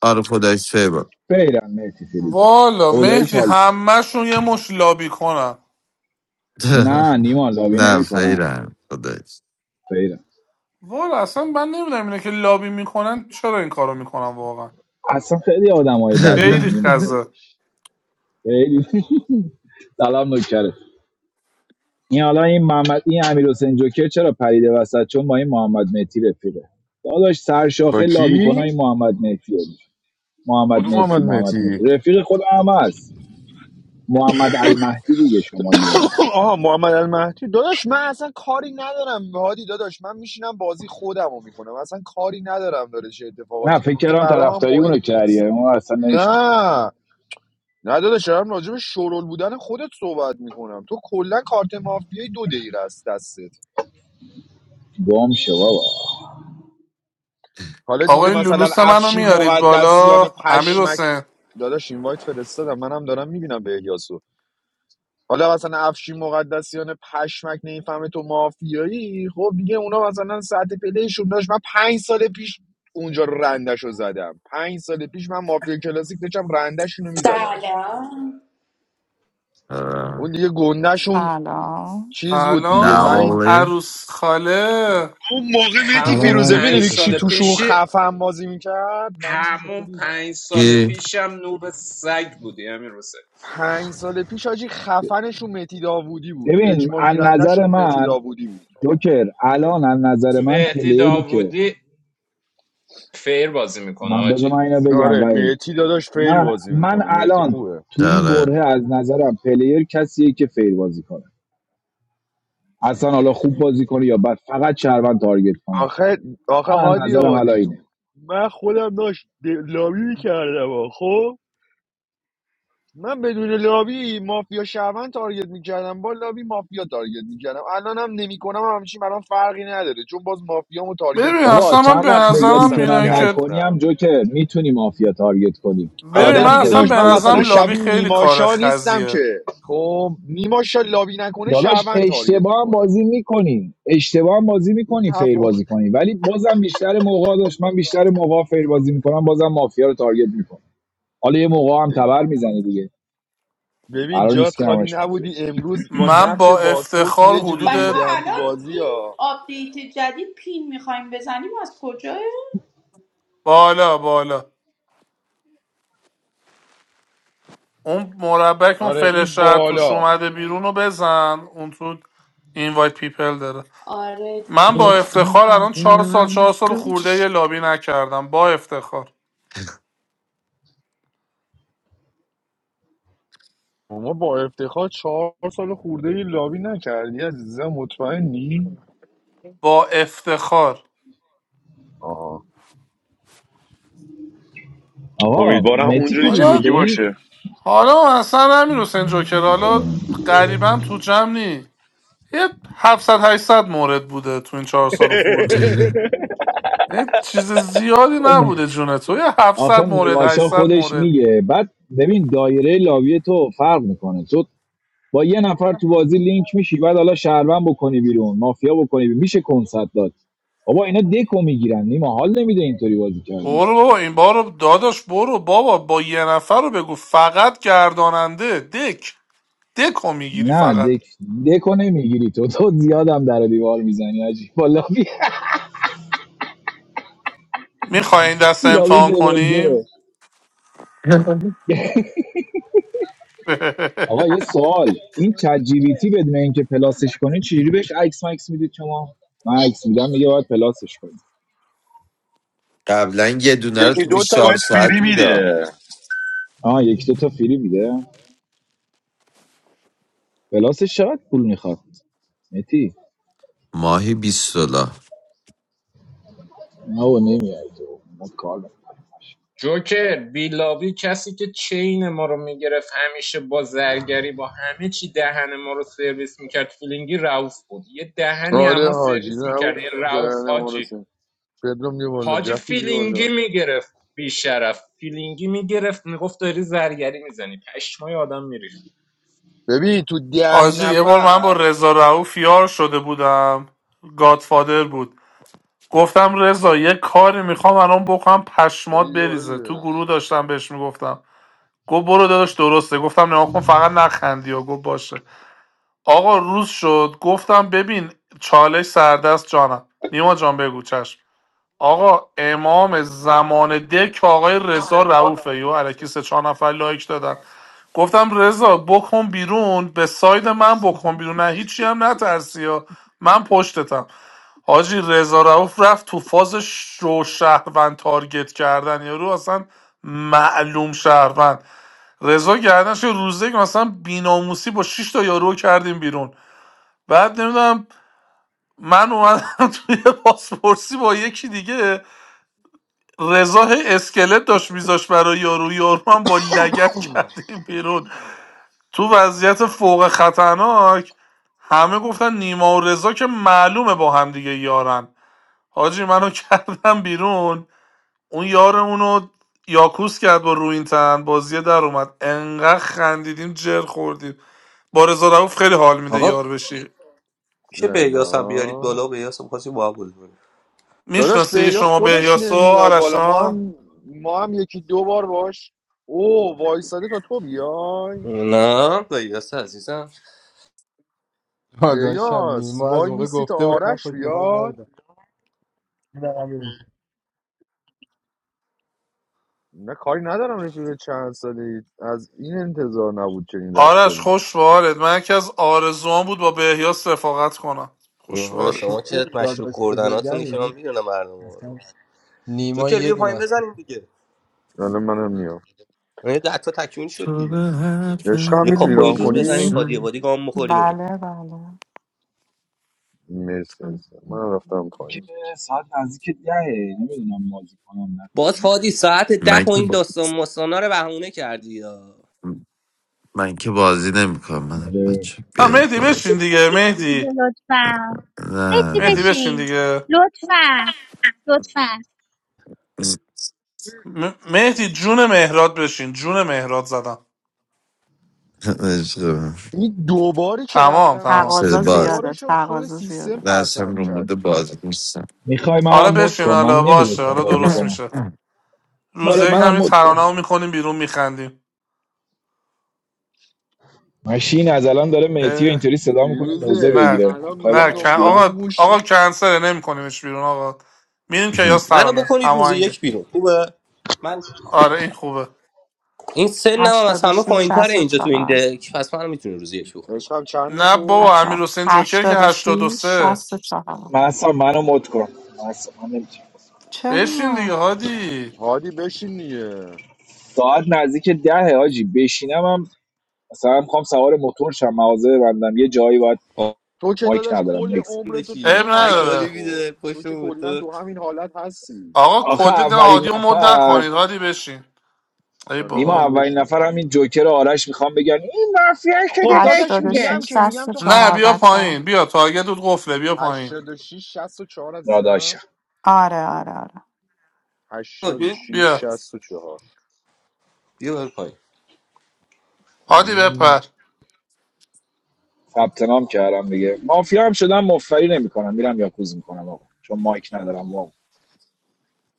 [SPEAKER 7] آره خدایش فیبا
[SPEAKER 4] فیرن مهتی فیروزه
[SPEAKER 9] والا
[SPEAKER 4] خداییش
[SPEAKER 9] مهدی
[SPEAKER 4] حال کرد
[SPEAKER 9] همهشون یه مش لابی کنن
[SPEAKER 4] نه نیما لابی
[SPEAKER 7] نه
[SPEAKER 4] نمیکنن
[SPEAKER 7] فیرم خدایش
[SPEAKER 4] فیرن
[SPEAKER 9] والا اصلا من نمیدونم اینا که لابی میکنن چرا این کارو میکنن واقعا
[SPEAKER 4] اصلا خیلی آدمای های بدی هن
[SPEAKER 9] خیلی
[SPEAKER 4] نیما
[SPEAKER 9] خزه
[SPEAKER 4] خداییش خیلی سلام نکره این حالا این محمد این امیر حسین جوکر چرا پریده وسط چون با این محمد مهتی رفیقه داداش
[SPEAKER 2] با
[SPEAKER 4] سرشاخه لابی
[SPEAKER 2] کی؟
[SPEAKER 4] کنای محمد مهتیه محمد
[SPEAKER 2] کدوم محمد
[SPEAKER 4] مهتی محمد
[SPEAKER 2] مهتی؟
[SPEAKER 4] مهتی رفیق خود همه است محمد المهدی دیگه شمالیه
[SPEAKER 2] آها محمد المهدی داداش من اصلا کاری ندارم هادی داداش من میشینم بازی خودم رو میکنم اصلا کاری ندارم داره چه
[SPEAKER 4] نه
[SPEAKER 2] اتفاقاتی
[SPEAKER 4] فکر
[SPEAKER 2] میفته
[SPEAKER 4] کردم
[SPEAKER 2] برام هم
[SPEAKER 4] طرفداری
[SPEAKER 2] مهم
[SPEAKER 4] اونو کردی
[SPEAKER 2] نیست
[SPEAKER 4] اون اصلا
[SPEAKER 2] نه نه داداش دارم راجع به شرول بودن خودت صحبت میکنم تو کلا کارت مافیای دو دقیقه است دستت
[SPEAKER 4] گم شو بابا
[SPEAKER 2] حالا
[SPEAKER 9] آقا
[SPEAKER 2] دیگه
[SPEAKER 9] این
[SPEAKER 2] مثلا
[SPEAKER 9] لولوس منو
[SPEAKER 2] افشی
[SPEAKER 9] میارید
[SPEAKER 2] مقدسیان
[SPEAKER 9] بالا امیر
[SPEAKER 2] پشمک
[SPEAKER 9] حسین
[SPEAKER 2] داداش اینوایت فرستادم منم دارم میبینم به احیاسو حالا مثلا افشین مقدسیان پشمک نمیفهمه تو مافیایی خب دیگه اونا مثلا ساعت پلیشون داشت من پنج سال پیش اونجا رو رندش رو زدم پنج سال پیش من مافیا کلاسیک داشتم رندشون رو میزدم
[SPEAKER 10] سلام
[SPEAKER 2] اون
[SPEAKER 7] آره.
[SPEAKER 2] دیگه گندهشون
[SPEAKER 1] سلام
[SPEAKER 2] چیز بود دیگه
[SPEAKER 7] نه
[SPEAKER 2] من
[SPEAKER 9] سلام
[SPEAKER 2] این
[SPEAKER 7] والی
[SPEAKER 9] عروس خاله
[SPEAKER 2] اون موقع مهدی
[SPEAKER 4] سلام
[SPEAKER 8] همون
[SPEAKER 2] فیروزه
[SPEAKER 4] رمیسا
[SPEAKER 8] پنج
[SPEAKER 2] میدونی کی
[SPEAKER 8] سال
[SPEAKER 4] چطوری
[SPEAKER 2] توشون
[SPEAKER 8] پیشی
[SPEAKER 2] خفن بازی میکرد
[SPEAKER 8] همون پنج سال
[SPEAKER 7] کی
[SPEAKER 8] پیشم نوب سگ بودی امیر حسین
[SPEAKER 4] ببین از نظر من جوکر الان از نظر من
[SPEAKER 8] مهدی
[SPEAKER 4] پلیری که
[SPEAKER 8] داوودی فیر بازی میکنه
[SPEAKER 4] من
[SPEAKER 8] حاجی
[SPEAKER 4] بذار من اینو بگم وحید من من الان تو این
[SPEAKER 7] داره
[SPEAKER 4] بره از نظرم پلیر کسیه که فیر بازی کنه اصلا حالا خوب بازی کنه یا بد فقط شهروند تارگت کنه
[SPEAKER 2] آخه آخه
[SPEAKER 4] من از
[SPEAKER 2] هادی
[SPEAKER 4] نظرم الان
[SPEAKER 2] آبادی
[SPEAKER 4] اینه
[SPEAKER 2] من خودم داشت د- لابی میکردم خب من بدون لابی مافیا شهروند تارگت میکردم با لابی مافیا تارگت میکردم الان هم نمیکنم همچین برام فرقی نداره چون باز مافیامو تارگت
[SPEAKER 9] ببین
[SPEAKER 4] بابا
[SPEAKER 9] اصلا
[SPEAKER 2] میکنم
[SPEAKER 9] من
[SPEAKER 4] چند
[SPEAKER 9] به
[SPEAKER 2] یعنی
[SPEAKER 4] وقت
[SPEAKER 2] اینجوری
[SPEAKER 4] بذاری
[SPEAKER 9] نظرم
[SPEAKER 2] نیستم که
[SPEAKER 4] کنار
[SPEAKER 9] اینایی که
[SPEAKER 4] نکنیم
[SPEAKER 2] نتونم
[SPEAKER 4] هم جوکر میتونی مافیا تارگت کنی
[SPEAKER 9] ببین
[SPEAKER 2] آره
[SPEAKER 4] عادت
[SPEAKER 9] من
[SPEAKER 2] دیگه
[SPEAKER 9] اصلا
[SPEAKER 2] داشت
[SPEAKER 9] به
[SPEAKER 4] دادیم
[SPEAKER 2] من
[SPEAKER 4] خودت
[SPEAKER 2] مثلا
[SPEAKER 9] نظرم
[SPEAKER 4] رو.
[SPEAKER 9] لابی
[SPEAKER 2] شبیه
[SPEAKER 9] خیلی کار
[SPEAKER 2] نیماشا نیستم که
[SPEAKER 9] خزیه
[SPEAKER 2] خب نیماشا لابی نکنه
[SPEAKER 4] داداش
[SPEAKER 2] شهروند تارگت
[SPEAKER 4] اشتباه هم
[SPEAKER 2] میکنه
[SPEAKER 4] بازی میکنین اشتباه هم بازی
[SPEAKER 2] این
[SPEAKER 4] میکنین فیر
[SPEAKER 2] تفاق
[SPEAKER 4] بازی کنین ولی بازم بیشتر موقع داشت من بیشتر موقع فیر بازی میکنم بازم مافیا رو تارگت میکنم حالا یه موقع هم تبر میزنی دیگه
[SPEAKER 2] ببین
[SPEAKER 4] قرار نیست
[SPEAKER 2] جات
[SPEAKER 4] که
[SPEAKER 2] خالی
[SPEAKER 4] همش مافیا
[SPEAKER 2] نبودی
[SPEAKER 4] باشه.
[SPEAKER 2] امروز با
[SPEAKER 9] من
[SPEAKER 2] نقش
[SPEAKER 9] با
[SPEAKER 2] باسپورس
[SPEAKER 9] افتخار
[SPEAKER 2] یه جوری
[SPEAKER 10] بچه
[SPEAKER 9] حدود
[SPEAKER 10] ها،
[SPEAKER 2] ریدم تو
[SPEAKER 10] الان
[SPEAKER 2] بازی
[SPEAKER 10] این
[SPEAKER 2] ها
[SPEAKER 10] آپدیت جدید پین میخوایم بزنیم از کجاه؟
[SPEAKER 9] بالا بالا اون مربع که اون
[SPEAKER 2] آره این
[SPEAKER 9] فلش راحت توش
[SPEAKER 2] بالا
[SPEAKER 9] اومده بیرون رو بزن اون تو اینوایت پیپل داره من با افتخار الان چهار سال چهار سال خورده یه لابی نکردم با افتخار
[SPEAKER 2] ما با افتخار چهار سال خورده ای لابی نکردی عزیزم مطمئنی
[SPEAKER 9] با افتخار
[SPEAKER 2] آه.
[SPEAKER 4] آقا
[SPEAKER 2] امیدوارم
[SPEAKER 4] متی
[SPEAKER 2] اونجوری که
[SPEAKER 4] فیروزه
[SPEAKER 9] حالا
[SPEAKER 4] به
[SPEAKER 2] میگی
[SPEAKER 4] این
[SPEAKER 2] باشه
[SPEAKER 9] حالا اصلا همین حسین جوکر حالا قریبا تو جمع نی یه 700 800 مورد بوده تو این چهار سال خورده ای یعنی چیز زیادی نبوده جون تو یه 700
[SPEAKER 4] آخه
[SPEAKER 9] مورد
[SPEAKER 4] نیماشا
[SPEAKER 9] 800 مورد
[SPEAKER 4] خودش میگه بعد ببین دایره لاوی تو فرق میکنه تو با یه نفر تو بازی لینک میشی بعد حالا شهروند بکنی بیرون مافیا بکنی بیرون. میشه کنسرت داد بابا اینا دکو میگیرن نیما حال نمیده اینطوری بازی کردن
[SPEAKER 9] برو بابا این بارو داداش برو بابا با یه نفر رو بگو فقط گرداننده دک دکو میگیری
[SPEAKER 4] نه
[SPEAKER 9] فقط
[SPEAKER 4] دک دکو نمیگیری تو تو زیادم در و دیوار میزنی عجیب با لابی
[SPEAKER 9] میخوای این دست
[SPEAKER 4] لابی
[SPEAKER 9] امتحان
[SPEAKER 4] لول دوه
[SPEAKER 9] کنیم
[SPEAKER 4] آقا یه سوال این چت جی بی تی بدون اینکه پلاسش کنی چجوری بهش عکس مکس میدید شما من عکس میدم میگه باید پلاسش کنید
[SPEAKER 7] قبلا یه دونه رو
[SPEAKER 2] یکی
[SPEAKER 7] تو
[SPEAKER 2] دو تا
[SPEAKER 7] 24
[SPEAKER 2] بهت
[SPEAKER 7] ساعت
[SPEAKER 2] فیری
[SPEAKER 7] میده
[SPEAKER 2] میده
[SPEAKER 4] آها یک دو تا فری میده پلاسش چقدر پول میخواد متی
[SPEAKER 7] ماهی 20 دلار
[SPEAKER 4] نه و نمیاد تو ما کار داریم.
[SPEAKER 8] جوکر بیلابی کسی که چین ما رو میگرفت همیشه با زرگری با همه چی دهن ما رو سرویس میکرد فیلینگی رعوف بود یه دهنی اما
[SPEAKER 2] آره حاجی
[SPEAKER 8] سرویس
[SPEAKER 2] نه
[SPEAKER 8] میکرد
[SPEAKER 2] اوف
[SPEAKER 8] یه رعوف
[SPEAKER 2] دهن ما رو
[SPEAKER 8] حاجی
[SPEAKER 2] سرویس. پدرام بیا بالا
[SPEAKER 8] حاجی
[SPEAKER 2] جفی بیا
[SPEAKER 8] فیلینگی
[SPEAKER 2] بالا
[SPEAKER 8] میگرفت بیشرف فیلینگی میگرفت میگفت داری زرگری میزنی پشمای آدم میریخت
[SPEAKER 2] ببین تو ده
[SPEAKER 9] حاجی یه بار من با
[SPEAKER 2] نفر
[SPEAKER 9] رضا رؤوف یار شده بودم گادفادر بود گفتم رضا یه کاری میخوام الان بکنم
[SPEAKER 2] پدی
[SPEAKER 9] پشمات
[SPEAKER 2] بیا بالا
[SPEAKER 9] بریزه تو
[SPEAKER 2] دیگه
[SPEAKER 9] گروه داشتم بهش میگفتم گفت برو داداش درسته گفتم نه کن فقط نخندی و گفت باشه آقا روز شد گفتم ببین چالش سردست جانم نیما جان بگو چشم آقا امام زمان دک آقای رضا رعوفه یو علکی سه چهار نفر لایک دادن گفتم رضا بکن بیرون به ساید من بکن بیرون نه هیچی هم نترسی ها من پشتتم حاجی رضا رعوف رفت تو فاز شو شهروند تارگت کردن یارو اصلا معلوم شهروند رضا گردنش یه روزه که مثلا بیناموسی با 6 تا یارو کردیم بیرون بعد نمیدونم من اومدم توی پاسپورسی با یکی دیگه رضا هی اسکلت داشت میذاش برای یارو یارو هم با لگت کردیم بیرون تو وضعیت فوق خطرناک همه گفتن نیما و رضا که معلومه با هم دیگه یارن حاجی منو کردم بیرون اون یارمونو یاکوس کرد با روینتن بازیه در اومد انقدر خندیدیم جر خوردیم با رضا رؤوف خیلی حال میده
[SPEAKER 11] آقا
[SPEAKER 9] یار بشی
[SPEAKER 11] میشه بهیاس هم بیارید
[SPEAKER 2] سلام
[SPEAKER 11] بالا بهیاس هم خواستیم با هم بازی کنیم.
[SPEAKER 2] داداش
[SPEAKER 9] میشناسی
[SPEAKER 2] بهیاس
[SPEAKER 9] شما
[SPEAKER 2] خودش
[SPEAKER 9] بهیاسو
[SPEAKER 2] نمیاد بالا ما
[SPEAKER 9] آرشان
[SPEAKER 2] هم ما هم یکی دو بار باش او وایساده تا تو بیای
[SPEAKER 11] نه بایست عزیزم
[SPEAKER 12] داداشم
[SPEAKER 2] بهیاس
[SPEAKER 12] نیما از
[SPEAKER 2] وای
[SPEAKER 12] موقع
[SPEAKER 2] میستی تا
[SPEAKER 12] گفته بود من
[SPEAKER 2] آرش
[SPEAKER 12] پشت مایک
[SPEAKER 2] بیاد
[SPEAKER 12] نبودم نه امیر،
[SPEAKER 2] نه کاری ندارم رفیق چند سالی از این انتظار نبود چنین
[SPEAKER 9] آرش
[SPEAKER 2] رفتاری
[SPEAKER 9] خوش به حالت من یکی از آرزوان بود با بهیاس رفاقت کنم خوش به
[SPEAKER 11] نه
[SPEAKER 12] تو
[SPEAKER 9] حالت
[SPEAKER 11] شما
[SPEAKER 12] که
[SPEAKER 11] که مشروب
[SPEAKER 12] داداش
[SPEAKER 11] خوردناتونی که
[SPEAKER 12] بزرگمی
[SPEAKER 11] من
[SPEAKER 12] نیست.
[SPEAKER 11] میدونم مردم رو
[SPEAKER 12] اصلا نیما
[SPEAKER 11] جوکر
[SPEAKER 12] یه
[SPEAKER 11] بیا
[SPEAKER 12] دونه
[SPEAKER 11] پایین
[SPEAKER 12] است
[SPEAKER 11] بزنیم دیگه
[SPEAKER 2] حالا منم میام
[SPEAKER 11] یه ده تا تکمیل شد
[SPEAKER 7] تو
[SPEAKER 11] دیگه
[SPEAKER 7] به حرف
[SPEAKER 2] عشق هم
[SPEAKER 11] یه
[SPEAKER 2] میتونی
[SPEAKER 11] کاپوی
[SPEAKER 7] من
[SPEAKER 2] ران
[SPEAKER 11] ریز بزنیم
[SPEAKER 7] گوش
[SPEAKER 2] کنی
[SPEAKER 11] هادی
[SPEAKER 7] کن.
[SPEAKER 11] وادی گام بخوری بریم
[SPEAKER 1] بله بله
[SPEAKER 2] مرسی عزیزم منم رفتم
[SPEAKER 4] که
[SPEAKER 2] پایین
[SPEAKER 4] ساعت نزدیک دهه نمیدونم بازی کنم نکنم
[SPEAKER 11] باز هادی ساعت ده
[SPEAKER 7] من
[SPEAKER 11] و
[SPEAKER 7] که
[SPEAKER 11] این
[SPEAKER 7] با...
[SPEAKER 11] داستان مستانا رو بهونه کردی یا
[SPEAKER 7] من که بازی نمیکنم من
[SPEAKER 4] نمی‌دونم. آره.
[SPEAKER 7] بچه
[SPEAKER 9] نه
[SPEAKER 7] بیارید
[SPEAKER 9] مهدی
[SPEAKER 7] باز
[SPEAKER 13] مهدی
[SPEAKER 9] بشین دیگه
[SPEAKER 13] بازی کن دیگه
[SPEAKER 9] مهدی
[SPEAKER 13] لطفا
[SPEAKER 7] نه
[SPEAKER 13] مهدی
[SPEAKER 7] نه
[SPEAKER 9] مهدی بشین
[SPEAKER 13] بشین
[SPEAKER 9] دیگه
[SPEAKER 13] لطفا لطفا
[SPEAKER 7] عشق
[SPEAKER 9] م- مهدی جون مهراد بشین جون مهراد زدم
[SPEAKER 2] این دوباری که
[SPEAKER 9] تمام
[SPEAKER 2] رفتم بیرون
[SPEAKER 9] تمام
[SPEAKER 7] سر
[SPEAKER 1] تقاضا
[SPEAKER 2] عین
[SPEAKER 7] باز
[SPEAKER 1] زیاده
[SPEAKER 2] دوبارش رو خود
[SPEAKER 1] تقاضا
[SPEAKER 2] سیستم
[SPEAKER 1] زیاده
[SPEAKER 7] دست هم
[SPEAKER 2] پرتم
[SPEAKER 7] رو
[SPEAKER 2] کرد
[SPEAKER 7] مورد
[SPEAKER 2] بیرون
[SPEAKER 7] باز نیستم
[SPEAKER 4] میخوای
[SPEAKER 9] حالا
[SPEAKER 4] منم مد
[SPEAKER 9] بشین
[SPEAKER 4] کن من
[SPEAKER 9] حالا باشه
[SPEAKER 4] نمیرسم
[SPEAKER 9] حالا
[SPEAKER 4] بازی
[SPEAKER 9] درست
[SPEAKER 4] کنم
[SPEAKER 9] میشه
[SPEAKER 4] آره
[SPEAKER 9] روزه یک
[SPEAKER 4] منم
[SPEAKER 9] همین
[SPEAKER 4] مد
[SPEAKER 9] ترانه
[SPEAKER 4] کن
[SPEAKER 9] رو میکنیم بیرون میخندیم
[SPEAKER 4] ماشین از الان داره مهتی اینطوری صدا میکنه موزه
[SPEAKER 2] فیروزه
[SPEAKER 9] نه
[SPEAKER 4] بگیره
[SPEAKER 2] الان
[SPEAKER 4] خواهی
[SPEAKER 2] میخوام
[SPEAKER 9] نه کن-
[SPEAKER 4] بکنش
[SPEAKER 2] دنبال
[SPEAKER 4] بیرون
[SPEAKER 9] آقا
[SPEAKER 2] موش
[SPEAKER 9] آقا کنسله نمیکنیمش بیرون آقا میریم که یاس
[SPEAKER 11] منو
[SPEAKER 9] ترانه
[SPEAKER 11] بکنید روز
[SPEAKER 9] هماهنگه
[SPEAKER 11] یک بیرون خوبه من
[SPEAKER 9] آره
[SPEAKER 11] چیزا
[SPEAKER 9] این خوبه
[SPEAKER 11] این سنم هم از همه
[SPEAKER 1] 86
[SPEAKER 11] پایینتر اینجا تو این
[SPEAKER 1] چهار.
[SPEAKER 11] دک پس منو میتونی روز یک بکنید
[SPEAKER 2] عشق هم چنده
[SPEAKER 9] نه
[SPEAKER 2] کد
[SPEAKER 9] بابا
[SPEAKER 1] بچه
[SPEAKER 9] امیر
[SPEAKER 1] ها
[SPEAKER 9] حسین جوکر که هشتاد و
[SPEAKER 1] 86
[SPEAKER 9] سه
[SPEAKER 1] چهار.
[SPEAKER 4] من اصلا منو مد کن من اصلا من نمی‌تونم.
[SPEAKER 9] بشین
[SPEAKER 1] چرا
[SPEAKER 9] دیگه هادی
[SPEAKER 2] هادی بشین دیگه
[SPEAKER 4] ساعت نزدیک دهه حاجی بشینم هم مثلا میخوام سوار موتور شم مغازه ببندم یه جایی باید
[SPEAKER 11] آم
[SPEAKER 2] تو که
[SPEAKER 4] مایک
[SPEAKER 2] داداش
[SPEAKER 4] ندارم
[SPEAKER 2] کل
[SPEAKER 4] نکس
[SPEAKER 2] عمرتو تو
[SPEAKER 9] عیب
[SPEAKER 2] این
[SPEAKER 11] بشی هر کی حالی
[SPEAKER 2] حالتی
[SPEAKER 9] نداره
[SPEAKER 2] خب
[SPEAKER 11] بیده
[SPEAKER 2] تو
[SPEAKER 11] پشت
[SPEAKER 2] که
[SPEAKER 11] موتور
[SPEAKER 2] کلا تو همین حالت هستی
[SPEAKER 9] آقا
[SPEAKER 4] آخه
[SPEAKER 9] کدت
[SPEAKER 4] اولین
[SPEAKER 9] هادی رو مد
[SPEAKER 4] نفر
[SPEAKER 9] نکنید هادی بشین ای
[SPEAKER 2] آره
[SPEAKER 4] نیما
[SPEAKER 2] هادی
[SPEAKER 9] بابا
[SPEAKER 4] اولین
[SPEAKER 2] بشینه
[SPEAKER 4] نفر همین جوکر آرش میخوام بگن این مافیا
[SPEAKER 2] خب
[SPEAKER 4] شده نک
[SPEAKER 2] داداش میگم
[SPEAKER 4] میگه
[SPEAKER 2] که
[SPEAKER 1] 86
[SPEAKER 2] میگم تو
[SPEAKER 9] نه
[SPEAKER 1] چهار
[SPEAKER 9] بیا
[SPEAKER 1] بچه ها
[SPEAKER 9] پایین بیا تارگت دود قفله بیا پایین
[SPEAKER 2] 86 64
[SPEAKER 4] داداشم
[SPEAKER 2] عزیزم
[SPEAKER 1] آره آره آره
[SPEAKER 11] بیا
[SPEAKER 2] 86
[SPEAKER 9] بیا
[SPEAKER 2] 64
[SPEAKER 11] بیا بر پایین
[SPEAKER 9] هادی
[SPEAKER 2] مم.
[SPEAKER 9] بپر
[SPEAKER 4] ثبت نام کردم دیگه مافیا هم شدم مفری نمیکنم میرم یاکوز میکنم آقا چون مایک ندارم واقعا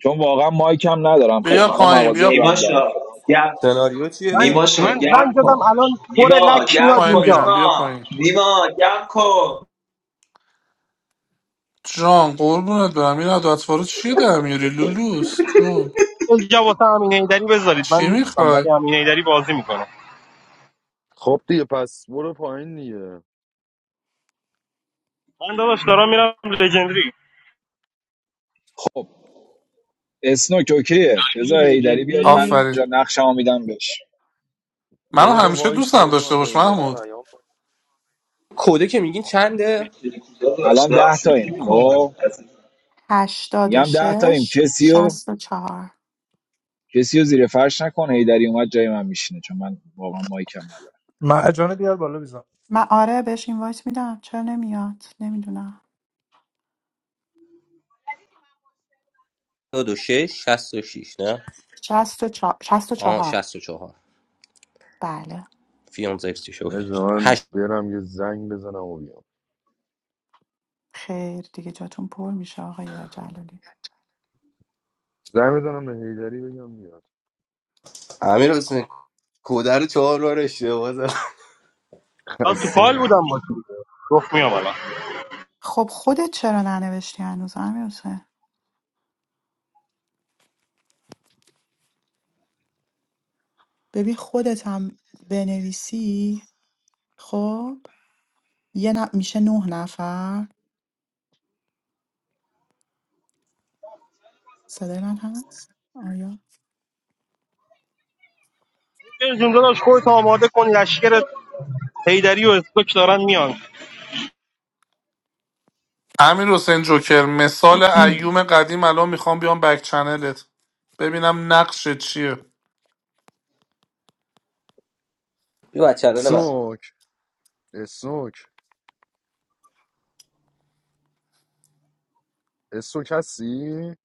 [SPEAKER 4] چون واقعا مایک هم ندارم خیلی
[SPEAKER 9] بیا
[SPEAKER 14] جان
[SPEAKER 4] میخوام
[SPEAKER 9] پایین
[SPEAKER 4] مغازه
[SPEAKER 9] بیا
[SPEAKER 14] نیماشا
[SPEAKER 4] ببندم فلان کنم
[SPEAKER 14] گرم
[SPEAKER 11] سناریو
[SPEAKER 3] من
[SPEAKER 11] چیه؟
[SPEAKER 14] نیماشا
[SPEAKER 3] من زنگ
[SPEAKER 14] گرم کن
[SPEAKER 3] زدم الان پر
[SPEAKER 14] نیما
[SPEAKER 3] لک
[SPEAKER 14] گرم
[SPEAKER 3] میاد
[SPEAKER 9] پایین
[SPEAKER 14] کن
[SPEAKER 9] میرم
[SPEAKER 3] اینجا
[SPEAKER 14] نیما
[SPEAKER 9] بیا پایین
[SPEAKER 14] نیما گرم کن
[SPEAKER 9] جان قربونت برم این عدتفارو چیه در میاری لولوس جون
[SPEAKER 3] اینجا واسه امین ایدری بذارید من
[SPEAKER 9] چی
[SPEAKER 3] نیستم ولی
[SPEAKER 9] میخوای
[SPEAKER 3] امین ایدری بازی میکنه
[SPEAKER 2] خب دیگه پس برو پایین دیگه
[SPEAKER 3] من داداش دارم میرم لژندری
[SPEAKER 4] خب اسنوک اوکیه
[SPEAKER 2] میری
[SPEAKER 4] بذار هیدری بیاد من
[SPEAKER 2] لجندی
[SPEAKER 4] جا
[SPEAKER 9] آفرین
[SPEAKER 4] نقشمو میدم بهش
[SPEAKER 2] یه
[SPEAKER 9] منو
[SPEAKER 2] دقیقه
[SPEAKER 9] همیشه
[SPEAKER 2] وایسا
[SPEAKER 9] دوستم
[SPEAKER 2] بذار
[SPEAKER 9] داشته
[SPEAKER 2] من به
[SPEAKER 9] باش
[SPEAKER 2] هیدری
[SPEAKER 9] محمود
[SPEAKER 2] پیام بدم
[SPEAKER 11] کده که میگین چنده؟
[SPEAKER 14] داداش
[SPEAKER 4] الان
[SPEAKER 14] دارم
[SPEAKER 4] ده
[SPEAKER 14] شوخی
[SPEAKER 4] تایم
[SPEAKER 14] میکنم
[SPEAKER 4] خب
[SPEAKER 14] عزیزم.
[SPEAKER 4] میگم ده تایم
[SPEAKER 1] 86
[SPEAKER 4] کسیو
[SPEAKER 1] چهار.
[SPEAKER 4] کسیو زیر فرش نکنه هیدری اومد جای من میشینه چون من واقعا مایکم ندارم
[SPEAKER 15] مرجانه بیار بالا بیزن
[SPEAKER 1] من آره بهش اینوایت میدم چرا نمیاد نمیدونم
[SPEAKER 11] دو دو شش شست و 66 نه؟
[SPEAKER 1] شست و, چه... شست و
[SPEAKER 11] آه
[SPEAKER 1] چهار
[SPEAKER 11] شست و چهار
[SPEAKER 1] بله
[SPEAKER 11] فیون زیرس چی شد؟
[SPEAKER 2] بذار من
[SPEAKER 11] هشت
[SPEAKER 2] برم یه زنگ بزنم و بیام
[SPEAKER 1] خیر دیگه جاتون پر میشه آقای جلالی
[SPEAKER 2] زنگ بزنم به هیدری بگم بیاد
[SPEAKER 11] امیر حسین کده رو چهار بار اشتباه زد
[SPEAKER 3] من تو
[SPEAKER 2] خسته
[SPEAKER 3] پال بودم باش
[SPEAKER 2] نباشی
[SPEAKER 3] دیگه گفت میام الان
[SPEAKER 1] خب خودت چرا ننوشتی هنوز امیر حسین ببین خودت هم بنویسی خب یه ن... میشه نه نفر صدای من هست آیا
[SPEAKER 3] جون جون داداش خودت آماده کن لشکر هیدری و اسکوک دارن میان
[SPEAKER 9] امیر حسین جوکر مثال ایوم قدیم الان میخوام بیام بک چنلت ببینم نقش چیه
[SPEAKER 11] بیا بچه الان من
[SPEAKER 2] سوک اسوک اسوک هستی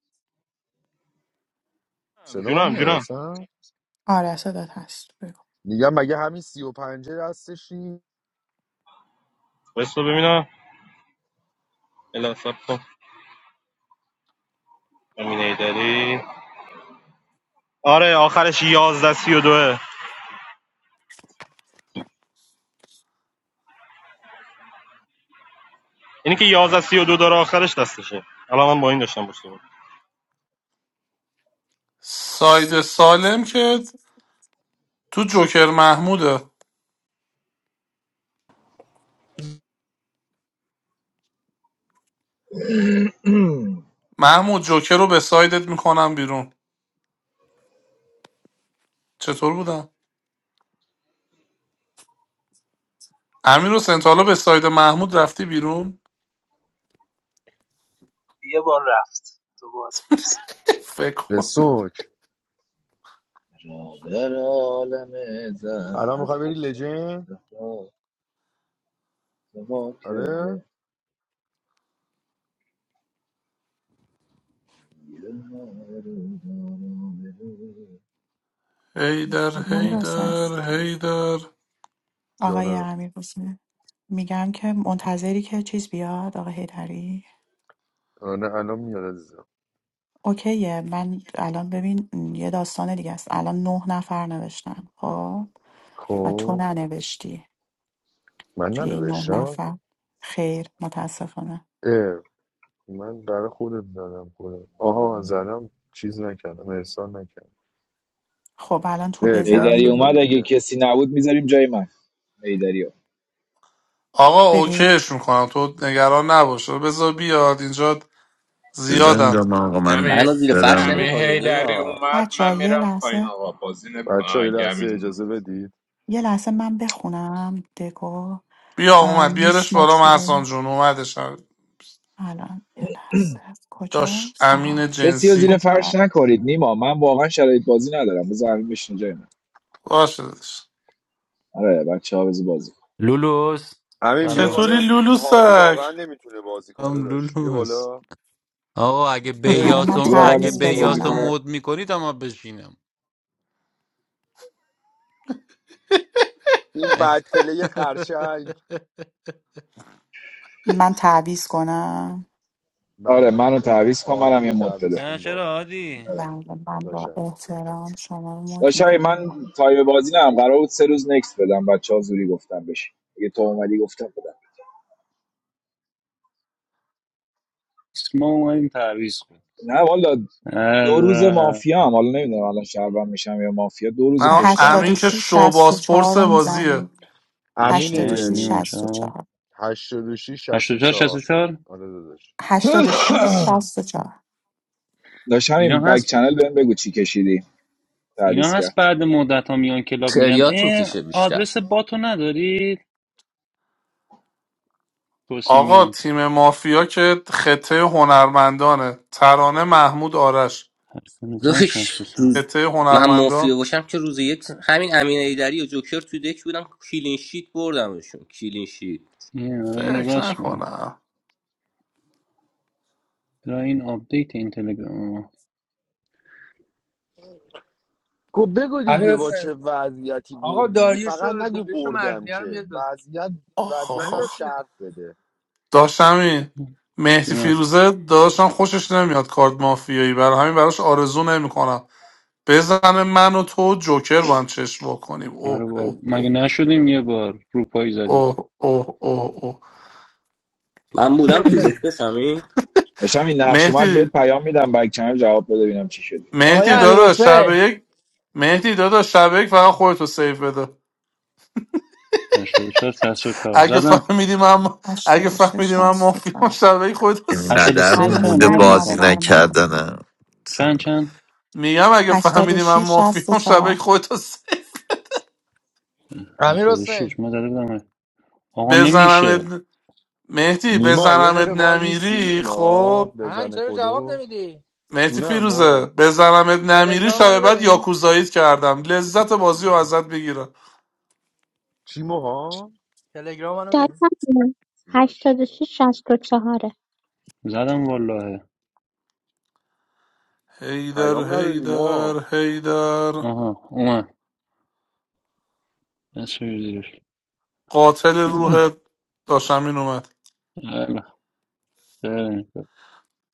[SPEAKER 2] صدا من
[SPEAKER 3] جونم
[SPEAKER 2] میاد
[SPEAKER 3] جونم
[SPEAKER 2] اصلا
[SPEAKER 1] آره صدات هست بگو
[SPEAKER 2] میگم مگه همین سی و پنجه دستشی
[SPEAKER 3] بس ببینم الا سب کن امین ایدری آره آخرش 11 32 اینی که 11 دو داره آخرش دستشه الان من با این داشتم باشه
[SPEAKER 9] ساید سالم که تو جوکر محموده محمود جوکر رو به سایدت میکنم بیرون چطور بودم امیر و سنتالا به ساید محمود رفتی بیرون
[SPEAKER 14] یه بار رفت تو باز پرسی
[SPEAKER 9] فکر کن
[SPEAKER 2] اسوک
[SPEAKER 4] را در عالم زر
[SPEAKER 2] الان میخوای بری
[SPEAKER 4] حضرت
[SPEAKER 2] لجند
[SPEAKER 4] زهرا سما
[SPEAKER 2] آره
[SPEAKER 4] کرده
[SPEAKER 9] هیدر
[SPEAKER 1] امیر
[SPEAKER 4] مصطفی
[SPEAKER 1] حسین
[SPEAKER 4] کرد
[SPEAKER 9] هیدر هیدر
[SPEAKER 1] آقای
[SPEAKER 2] جانم
[SPEAKER 1] امیر حسین میگم که منتظری که چیز بیاد آقای هیدری
[SPEAKER 2] آره الان میاد عزیزم
[SPEAKER 1] اوکیه من الان ببین یه داستان دیگه است الان نه نفر نوشتن خب و تو
[SPEAKER 2] خب
[SPEAKER 1] ننوشتی
[SPEAKER 2] من
[SPEAKER 1] توی این نه نفر خیر متاسفانه
[SPEAKER 2] اه، من برای خودت زدم خودم آها زدم چیز نکردم احسان نکردم
[SPEAKER 1] خب الان تو
[SPEAKER 2] اه، ده
[SPEAKER 4] هیدری
[SPEAKER 2] تا
[SPEAKER 1] بزنی
[SPEAKER 4] اومد
[SPEAKER 2] شدیم
[SPEAKER 4] اگه
[SPEAKER 2] که
[SPEAKER 4] کسی نبود میذاریم جای من هیدری
[SPEAKER 9] آقا
[SPEAKER 1] ببین
[SPEAKER 9] اوکیش میکنم تو نگران نباشه بذار بیاد اینجا
[SPEAKER 7] بزن
[SPEAKER 9] زیادن
[SPEAKER 7] جام آقا من
[SPEAKER 8] همه
[SPEAKER 11] منو زیر فرش
[SPEAKER 8] همه
[SPEAKER 7] دلم
[SPEAKER 11] نمیکنی
[SPEAKER 8] هیدری
[SPEAKER 11] نیما
[SPEAKER 8] اومد من
[SPEAKER 1] بچه یه
[SPEAKER 8] میرم پایین
[SPEAKER 1] لحظه
[SPEAKER 8] آقا بازی نمیکنم
[SPEAKER 2] بچه ها یه
[SPEAKER 8] اگه
[SPEAKER 2] لحظه
[SPEAKER 8] همین اومد
[SPEAKER 2] اجازه بدید
[SPEAKER 1] یه لحظه من بخونم دکو
[SPEAKER 9] بیا
[SPEAKER 1] اه،
[SPEAKER 9] اومد بیارش
[SPEAKER 1] میس
[SPEAKER 9] بالا محسان
[SPEAKER 1] مجری
[SPEAKER 9] جون اومدش
[SPEAKER 1] الان یه لحظه
[SPEAKER 9] داشت
[SPEAKER 1] کجاست آها
[SPEAKER 9] امین
[SPEAKER 4] کسی رو
[SPEAKER 9] جنسی
[SPEAKER 4] زیر
[SPEAKER 1] اوکی
[SPEAKER 4] فرش
[SPEAKER 1] آره.
[SPEAKER 4] نکارید نیما من واقعا شرایط بازی ندارم بذار الان بشین جای من
[SPEAKER 9] باشه داداش.
[SPEAKER 4] آره بچه ها بازی کن.
[SPEAKER 16] لولوس
[SPEAKER 2] همین بیا
[SPEAKER 16] سلام
[SPEAKER 9] چطوری
[SPEAKER 2] بالا هادی
[SPEAKER 9] لولوسک
[SPEAKER 2] واقعا نمیتونه بازی کنه
[SPEAKER 16] هم
[SPEAKER 2] داداش بیا
[SPEAKER 16] لولوس
[SPEAKER 2] بالا
[SPEAKER 16] آقا اگه
[SPEAKER 2] اه،
[SPEAKER 1] الان
[SPEAKER 16] بیاس
[SPEAKER 1] من
[SPEAKER 2] لولوس
[SPEAKER 4] کی
[SPEAKER 16] و
[SPEAKER 2] چرا
[SPEAKER 4] واقعا
[SPEAKER 16] اگه
[SPEAKER 1] تعویض
[SPEAKER 4] نمیتونه بازی
[SPEAKER 16] بیاس رو
[SPEAKER 2] اینجوریه
[SPEAKER 4] کنه
[SPEAKER 1] بزنم
[SPEAKER 16] مود میکنید اما بشینم
[SPEAKER 2] این
[SPEAKER 16] اگه...
[SPEAKER 2] بد پله خرچنگ
[SPEAKER 1] من تعویض کنم
[SPEAKER 4] آره
[SPEAKER 2] بله
[SPEAKER 4] منو
[SPEAKER 2] عزیزم
[SPEAKER 4] تعویض کن
[SPEAKER 2] هادی
[SPEAKER 4] منم یه
[SPEAKER 2] رو
[SPEAKER 4] مد بده
[SPEAKER 2] تعویض
[SPEAKER 16] نه
[SPEAKER 2] کن با
[SPEAKER 16] چرا عادی
[SPEAKER 1] بله من با
[SPEAKER 2] داشتم
[SPEAKER 1] احترام شما رو مد
[SPEAKER 4] داشتم من
[SPEAKER 1] میکنم
[SPEAKER 4] تایم بازی ندارم قرار بود سه روز نکس بدم بچه ها زوری گفتم بشین دیگه تو اومدی گفتم بدم
[SPEAKER 16] ما اومدیم تعویض کن
[SPEAKER 4] نه والا
[SPEAKER 16] هر
[SPEAKER 4] دو روز مافیا هم حالا نمیدونم الان شهروند میشم یا مافیا دو روز
[SPEAKER 9] نه
[SPEAKER 4] پشت هم
[SPEAKER 1] هشتاد
[SPEAKER 9] امین
[SPEAKER 1] و
[SPEAKER 9] که شو
[SPEAKER 1] سی
[SPEAKER 4] مافیا
[SPEAKER 1] شست و چهار
[SPEAKER 9] شوباسپورس
[SPEAKER 1] رو
[SPEAKER 9] بازیه
[SPEAKER 1] میزنیم
[SPEAKER 2] امین
[SPEAKER 1] هشتاد و
[SPEAKER 16] اشتباه
[SPEAKER 1] سی
[SPEAKER 2] ایدری
[SPEAKER 16] نیما
[SPEAKER 1] شست و
[SPEAKER 16] شصت
[SPEAKER 1] چهار
[SPEAKER 2] 86
[SPEAKER 16] 84
[SPEAKER 2] 64
[SPEAKER 16] 64
[SPEAKER 2] آره داداش
[SPEAKER 1] هشتاد و شیش شست و چهار
[SPEAKER 4] داشتم
[SPEAKER 16] اینا
[SPEAKER 4] این بک
[SPEAKER 16] هست
[SPEAKER 4] چنل بهم بگو چی کشیدی تعویض
[SPEAKER 16] اینا هست
[SPEAKER 4] کرد
[SPEAKER 16] بعد مدت ها میان کلاب میگم
[SPEAKER 11] تریاک میکشه
[SPEAKER 16] اه
[SPEAKER 11] بیشتر
[SPEAKER 16] آدرس باتو ندارید پرسی
[SPEAKER 9] آقا
[SPEAKER 16] میان
[SPEAKER 9] تیم مافیا که خطه هنرمندانه ترانه محمود آرش
[SPEAKER 11] داشت
[SPEAKER 16] 84 64
[SPEAKER 11] روز
[SPEAKER 9] خطه
[SPEAKER 11] من مافیه
[SPEAKER 9] هنرمندان
[SPEAKER 11] باشم که روز یک همین امین ایدری و جوکر تو دک بودم کلین شیت بردمشون کلین شیت
[SPEAKER 16] این آره اینو
[SPEAKER 9] فکر
[SPEAKER 16] راست میگم
[SPEAKER 9] نکنم
[SPEAKER 16] را این آپدیت این تلگرام ما
[SPEAKER 2] خب بگو
[SPEAKER 15] امیر
[SPEAKER 2] دیگه با
[SPEAKER 15] حسین
[SPEAKER 2] چه وضعیتی
[SPEAKER 15] آقا
[SPEAKER 2] بردی دیگه
[SPEAKER 15] داریوش
[SPEAKER 2] فقط
[SPEAKER 15] رو
[SPEAKER 2] نگو
[SPEAKER 15] داریوش
[SPEAKER 2] بردم
[SPEAKER 15] مرزیه رو
[SPEAKER 2] که
[SPEAKER 15] بیاد بالا.
[SPEAKER 2] وضعیت
[SPEAKER 9] آخ
[SPEAKER 2] وضعیت
[SPEAKER 9] آخ
[SPEAKER 15] امیر
[SPEAKER 2] هم
[SPEAKER 9] آخ
[SPEAKER 15] حسین
[SPEAKER 2] شرط بده
[SPEAKER 9] داشتم این مهدی
[SPEAKER 16] جونم
[SPEAKER 9] فیروزه داشتم خوشش نمیاد کارت مافیایی برای همین براش آرزو نمیکنم بزنه من و تو جوکر با هم چشم وا کنیم
[SPEAKER 16] آره
[SPEAKER 9] اوه
[SPEAKER 16] بال
[SPEAKER 9] اوه اوه
[SPEAKER 16] مگه نشدیم یه بار روپایی زدیم
[SPEAKER 9] اوه اوه اوه اوه.
[SPEAKER 11] من
[SPEAKER 15] امیر
[SPEAKER 11] بودم تو
[SPEAKER 15] حسین
[SPEAKER 11] دک بسم این
[SPEAKER 4] داشتم این نقش اومد بهت
[SPEAKER 9] مهدی
[SPEAKER 4] پیام میدم بک چنل جواب بده ببینم چی شد
[SPEAKER 15] آقای
[SPEAKER 9] مهدی
[SPEAKER 16] خب
[SPEAKER 15] امیر
[SPEAKER 9] دادا شب
[SPEAKER 15] حسین
[SPEAKER 9] یک مهدی دادا شب یک فقط خودتو سیف بده
[SPEAKER 16] 84 64
[SPEAKER 9] اگه
[SPEAKER 16] زدم
[SPEAKER 9] فهمیدی من اگه
[SPEAKER 1] هشتاد و
[SPEAKER 9] فهمیدی
[SPEAKER 1] شش
[SPEAKER 9] من
[SPEAKER 1] شست و
[SPEAKER 9] مافیام
[SPEAKER 1] چهار
[SPEAKER 9] شبکه خودت رو س-
[SPEAKER 16] هشتاد و
[SPEAKER 7] اینقدر
[SPEAKER 16] سه
[SPEAKER 7] رو
[SPEAKER 1] هنوز
[SPEAKER 16] چند
[SPEAKER 7] موده
[SPEAKER 16] عوض
[SPEAKER 1] نیومده
[SPEAKER 7] بازی
[SPEAKER 16] میخوام
[SPEAKER 1] بر من
[SPEAKER 7] نکردنم مثلا
[SPEAKER 16] چند چند
[SPEAKER 9] میگم اگه
[SPEAKER 1] هشتاد و
[SPEAKER 9] فهمیدی من
[SPEAKER 1] شیش شصت و
[SPEAKER 9] مافیام شبکه
[SPEAKER 1] چهار
[SPEAKER 9] خودت رو س-
[SPEAKER 15] امیر حسین
[SPEAKER 16] 76 ما زده بودم آقا نمیشه
[SPEAKER 9] بزنمت مهدی
[SPEAKER 2] نیما یه
[SPEAKER 9] بزنمت
[SPEAKER 2] دقیقه وای میسی
[SPEAKER 9] نمیری
[SPEAKER 2] نیما
[SPEAKER 9] خب
[SPEAKER 15] هن
[SPEAKER 2] بزنه
[SPEAKER 15] چرا جواب
[SPEAKER 2] کدو
[SPEAKER 15] نمیدی
[SPEAKER 9] مهدی
[SPEAKER 2] جونم
[SPEAKER 9] فیروزه
[SPEAKER 2] ما
[SPEAKER 9] بزنمت نمیری
[SPEAKER 15] تلگرام
[SPEAKER 9] شب
[SPEAKER 15] منو
[SPEAKER 9] بعد
[SPEAKER 15] ببین
[SPEAKER 9] یاکوزاییت کردم لذت بازی رو ازت بگیرم
[SPEAKER 2] چی موها
[SPEAKER 15] تلگرام منو ببین
[SPEAKER 13] دادم
[SPEAKER 2] باش
[SPEAKER 13] هشتاد و شیش شست و چهاره
[SPEAKER 16] زدم والله
[SPEAKER 9] هیدر
[SPEAKER 2] پیام ندادی ما
[SPEAKER 9] هیدر هیدر
[SPEAKER 16] آها اومد دست بگیر زیرش
[SPEAKER 9] قاتل روح داشمین اومد
[SPEAKER 16] آره خیلی خوب.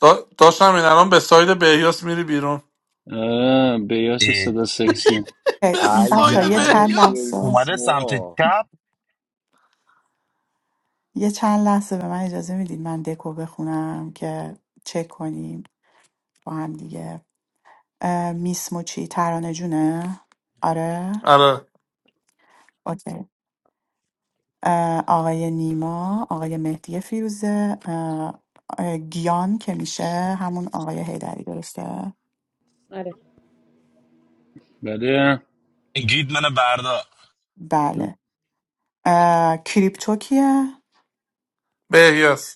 [SPEAKER 9] دا داشمین الان به ساید بهیاس میری بیرون
[SPEAKER 16] آره، بیاس
[SPEAKER 17] اه،
[SPEAKER 16] صدا سکسی
[SPEAKER 17] حاجی
[SPEAKER 9] به
[SPEAKER 1] خیلی.
[SPEAKER 2] ای
[SPEAKER 1] بچه
[SPEAKER 9] ساید
[SPEAKER 1] یه
[SPEAKER 17] موسیک
[SPEAKER 2] دهنت
[SPEAKER 1] چند
[SPEAKER 9] بهیاس
[SPEAKER 1] لحظه
[SPEAKER 2] سرویس
[SPEAKER 17] اومده سمت
[SPEAKER 2] موها
[SPEAKER 17] چپ
[SPEAKER 1] یه چند لحظه به من اجازه میدید من دکو بخونم که چک کنیم با هم دیگه اه، میس موچی ترانه جونه آره
[SPEAKER 9] آره
[SPEAKER 1] اوکی. اه، آقای نیما آقای مهدی فیروزه اه، اه، گیان که میشه همون آقای هیدری درسته
[SPEAKER 16] بله
[SPEAKER 17] گید منو بردا
[SPEAKER 1] بله اه، کریپتو کیه
[SPEAKER 9] بهیاس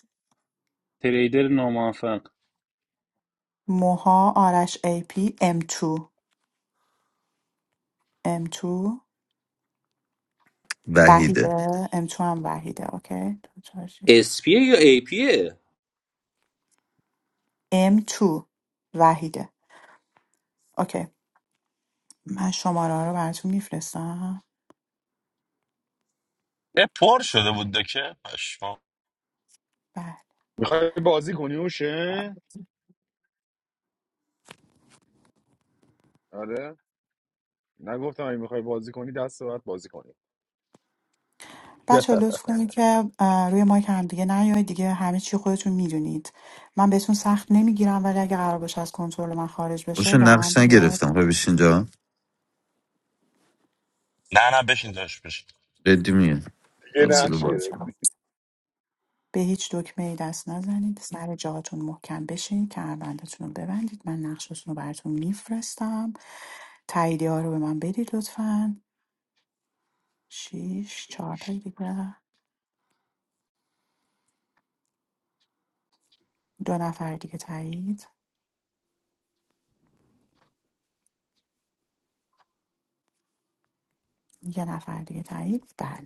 [SPEAKER 16] تریدر ناموفق
[SPEAKER 1] موها آرش ای پی ام تو، ام تو،
[SPEAKER 7] وحیده
[SPEAKER 1] وحیده ام تو هم وحیده اوکی دو، چهار، شش.
[SPEAKER 11] اسپیه یا ای پیه
[SPEAKER 1] ام 2 وحیده اوکی من شماره ها رو براتون میفرستم
[SPEAKER 17] اه، پر شده بود دکه پشما
[SPEAKER 1] بله.
[SPEAKER 2] میخوای بازی کنی اوشه آره نگفتم اگه میخوای بازی کنی دست باید بازی کنی
[SPEAKER 1] بچه لطف کنید که اه، روی مایک هم دیگه نیاید دیگه همه چی خودتون میدونید من بهتون سخت نمیگیرم ولی اگه قرار باشه از کنترل من خارج بشه
[SPEAKER 7] باشه
[SPEAKER 1] واقعا
[SPEAKER 7] نقش
[SPEAKER 1] دیگه
[SPEAKER 7] نگرفتم خب بشین اینجا
[SPEAKER 17] نه نه بشین داشت بشین
[SPEAKER 7] ردی میگه
[SPEAKER 2] یه
[SPEAKER 7] حوصله
[SPEAKER 1] نرید
[SPEAKER 2] نقش
[SPEAKER 7] باز
[SPEAKER 1] بچه
[SPEAKER 2] گرفت
[SPEAKER 1] ها. به هیچ دکمه ای دست نزنید سر جاتون محکم بشین کمربندتون رو ببندید من نقشتون رو براتون میفرستم تاییدیه ها رو به من بدید لطفا شیش چهار تا دیگه دو نفر دیگه تایید یه نفر دیگه تایید بله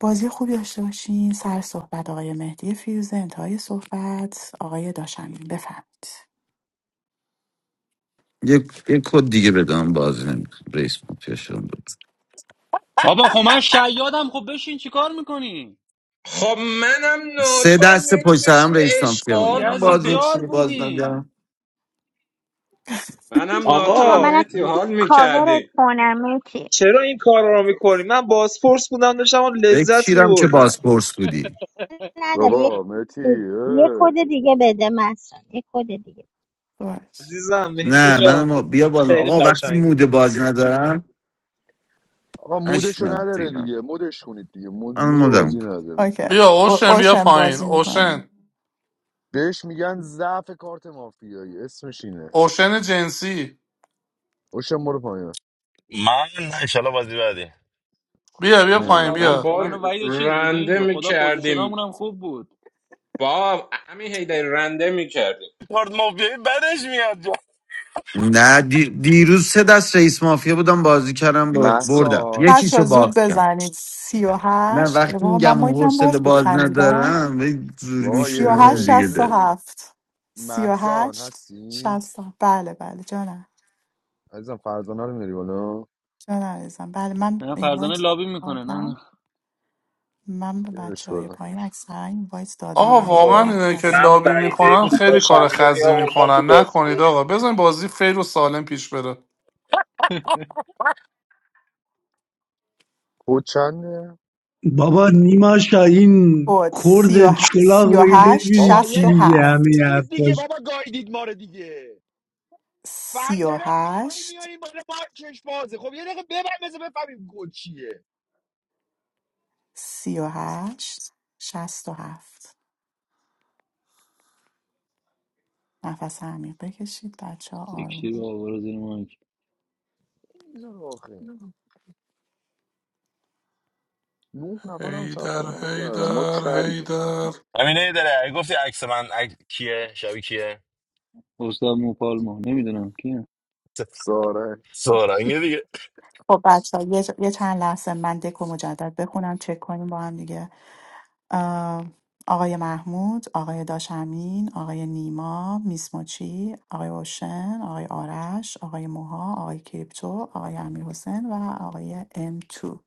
[SPEAKER 1] بازی خوبی داشته باشین سر صحبت آقای مهدی فیروزه انتهای صحبت آقای داشمین بفهمید
[SPEAKER 7] یک یک کد دیگه بدم بازی نمیکنم رئیس مافیا شدم بود.
[SPEAKER 16] بابا خب من شیادم خب بشین چیکار میکنی
[SPEAKER 8] خب منم
[SPEAKER 7] سه
[SPEAKER 8] ناتو هم
[SPEAKER 7] دست
[SPEAKER 8] میتی
[SPEAKER 7] پشت سرم
[SPEAKER 8] بشین
[SPEAKER 7] رئیس مافیا
[SPEAKER 16] بابا
[SPEAKER 8] اشغال
[SPEAKER 7] میگم باز
[SPEAKER 16] یزید
[SPEAKER 8] کنیم
[SPEAKER 16] یار
[SPEAKER 7] اپسیون باز نمیدم
[SPEAKER 16] بودیم
[SPEAKER 8] منم ناتو
[SPEAKER 13] بابا
[SPEAKER 8] هم
[SPEAKER 14] آقا
[SPEAKER 13] منم
[SPEAKER 8] مهدی حال
[SPEAKER 13] کاورت
[SPEAKER 8] میکردیم
[SPEAKER 13] کنم اوکی
[SPEAKER 14] چرا این کار رو میکنی من بازپرس بودم داشتم اون لذت
[SPEAKER 7] بکیرم که باز
[SPEAKER 14] میبردم
[SPEAKER 7] پرس بودی
[SPEAKER 13] نداره یه
[SPEAKER 2] بابا
[SPEAKER 13] یه
[SPEAKER 2] متی
[SPEAKER 13] کد دیگه بده مثلا یه کد دیگه
[SPEAKER 1] باش
[SPEAKER 14] عزیزم مهدی
[SPEAKER 7] نه من
[SPEAKER 14] جان
[SPEAKER 7] ما بیا بالا
[SPEAKER 14] خیلی
[SPEAKER 7] آقا وقتی
[SPEAKER 14] قشنگ بود.
[SPEAKER 7] موده بازی ندارم
[SPEAKER 2] آقا مودشو
[SPEAKER 7] نشنم
[SPEAKER 2] نداره
[SPEAKER 7] دیگم
[SPEAKER 2] دیگه مودش کنید دیگه مود,
[SPEAKER 7] من
[SPEAKER 2] مود
[SPEAKER 7] مدم
[SPEAKER 2] بازی
[SPEAKER 7] کن
[SPEAKER 2] نداره
[SPEAKER 1] اوکی
[SPEAKER 9] بیا
[SPEAKER 1] او-
[SPEAKER 9] اوشن بیا
[SPEAKER 1] اوشن
[SPEAKER 9] پایین
[SPEAKER 1] بازی
[SPEAKER 9] اوشن
[SPEAKER 1] میکنم
[SPEAKER 2] بهش میگن ضعف کارت مافیایی اسمش اینه
[SPEAKER 9] اوشن جنسی
[SPEAKER 2] اوشن برو پایین
[SPEAKER 17] من نه انشالله بازی بعدی
[SPEAKER 9] بیا
[SPEAKER 2] خب
[SPEAKER 9] بیا
[SPEAKER 16] من و
[SPEAKER 9] پایین
[SPEAKER 2] نمیاد
[SPEAKER 16] وحید
[SPEAKER 8] من
[SPEAKER 9] بیا
[SPEAKER 16] و-
[SPEAKER 8] با
[SPEAKER 16] من و وحید و چیز
[SPEAKER 8] رنده
[SPEAKER 16] بودیم به خدا
[SPEAKER 8] میکردیم
[SPEAKER 16] پوزیشنامون هم خوب بود
[SPEAKER 8] با همین هیدری رنده میکردیم
[SPEAKER 17] پارت مافیایی بدش میاد جا
[SPEAKER 7] نه دی- دیروز سه دست رئیس مافیا بودم بازی کردم با بردم
[SPEAKER 2] محسان
[SPEAKER 1] بچه
[SPEAKER 7] یکیشو
[SPEAKER 1] ها زود
[SPEAKER 7] باختم
[SPEAKER 1] بزنید سی و
[SPEAKER 7] نه
[SPEAKER 1] هشت
[SPEAKER 7] وقتی
[SPEAKER 1] واقعا من
[SPEAKER 7] میگم
[SPEAKER 1] مایکم
[SPEAKER 7] حوصله
[SPEAKER 1] باز بود
[SPEAKER 7] باز
[SPEAKER 1] خندیدم
[SPEAKER 7] ندارم به زوری
[SPEAKER 2] بابا
[SPEAKER 1] سی
[SPEAKER 2] یه
[SPEAKER 1] و
[SPEAKER 7] میشونم
[SPEAKER 1] هشت
[SPEAKER 2] دقیقه
[SPEAKER 7] دیگه
[SPEAKER 2] اجازه
[SPEAKER 1] شست و
[SPEAKER 7] ده
[SPEAKER 2] بدید
[SPEAKER 1] هفت سی و
[SPEAKER 2] محسان
[SPEAKER 1] هشت
[SPEAKER 2] هستی
[SPEAKER 1] شست و هفت. بله بله جانم
[SPEAKER 2] عزیزم فرزانه رو میری بالا
[SPEAKER 1] جان عزیزم بله من
[SPEAKER 16] نه فرزانه
[SPEAKER 1] اینوایت
[SPEAKER 16] لابی میکنه نه نه
[SPEAKER 1] دادم من به
[SPEAKER 2] بیارش
[SPEAKER 1] بچه های
[SPEAKER 2] بالا
[SPEAKER 1] پایین اکثرا اینوایت
[SPEAKER 9] آقا
[SPEAKER 1] دادم حالا
[SPEAKER 9] واقعا
[SPEAKER 14] آقا،
[SPEAKER 1] اگر
[SPEAKER 9] اینه که
[SPEAKER 1] کسی
[SPEAKER 14] من
[SPEAKER 9] لابی
[SPEAKER 14] بعیده
[SPEAKER 9] میکنن
[SPEAKER 14] بود
[SPEAKER 9] خیلی
[SPEAKER 14] داشتم
[SPEAKER 9] کار
[SPEAKER 14] اینو
[SPEAKER 9] خزی
[SPEAKER 14] میآوردم تو
[SPEAKER 9] میکنن نکنید
[SPEAKER 14] بازپرس
[SPEAKER 9] آقا بزن بازی فیر و سالم پیش بره
[SPEAKER 2] خود چنده
[SPEAKER 18] Baba Nimasha, in
[SPEAKER 1] کد
[SPEAKER 18] Kord
[SPEAKER 1] سی و,
[SPEAKER 18] of
[SPEAKER 1] ه... سی
[SPEAKER 18] Cholak,
[SPEAKER 1] و
[SPEAKER 18] where
[SPEAKER 1] هشت
[SPEAKER 18] did
[SPEAKER 2] بابا یه
[SPEAKER 1] شست و
[SPEAKER 2] دفعه
[SPEAKER 18] you
[SPEAKER 1] هفت
[SPEAKER 2] لاشید دیگه
[SPEAKER 18] live?
[SPEAKER 2] بابا گایدید ما رو دیگه
[SPEAKER 1] سی و
[SPEAKER 2] فرزانه رو پای
[SPEAKER 1] هشت
[SPEAKER 2] میاریم بالا مارکش بازه خب یه دقیقه ببر بذار بفهمیم گل چیه
[SPEAKER 1] سی و هشت شست و هفت نفس عمیق بکشید بچه ها
[SPEAKER 16] یکی رو
[SPEAKER 1] آروم
[SPEAKER 16] آوار زیر مایک
[SPEAKER 2] نه نفرم ثبت
[SPEAKER 9] هیدر
[SPEAKER 2] نام کردم ما
[SPEAKER 9] هیدر
[SPEAKER 2] کریم
[SPEAKER 9] هیدر
[SPEAKER 17] همینه یه داره اگه گفتی عکس من عکس کیه شبیه کیه
[SPEAKER 16] استاد موپالما نمیدونم کیه
[SPEAKER 17] س-
[SPEAKER 2] ساره
[SPEAKER 17] سارنگه دیگه
[SPEAKER 1] خب بچه ها یه, یه چند لحظه من دکو مجدد بخونم چک کنیم با هم دیگه آه، آقای محمود آقای داشمین آقای نیما میسموچی آقای اوشن آقای آرش آقای موها آقای کریپتو آقای امیر حسین و آقای ام 2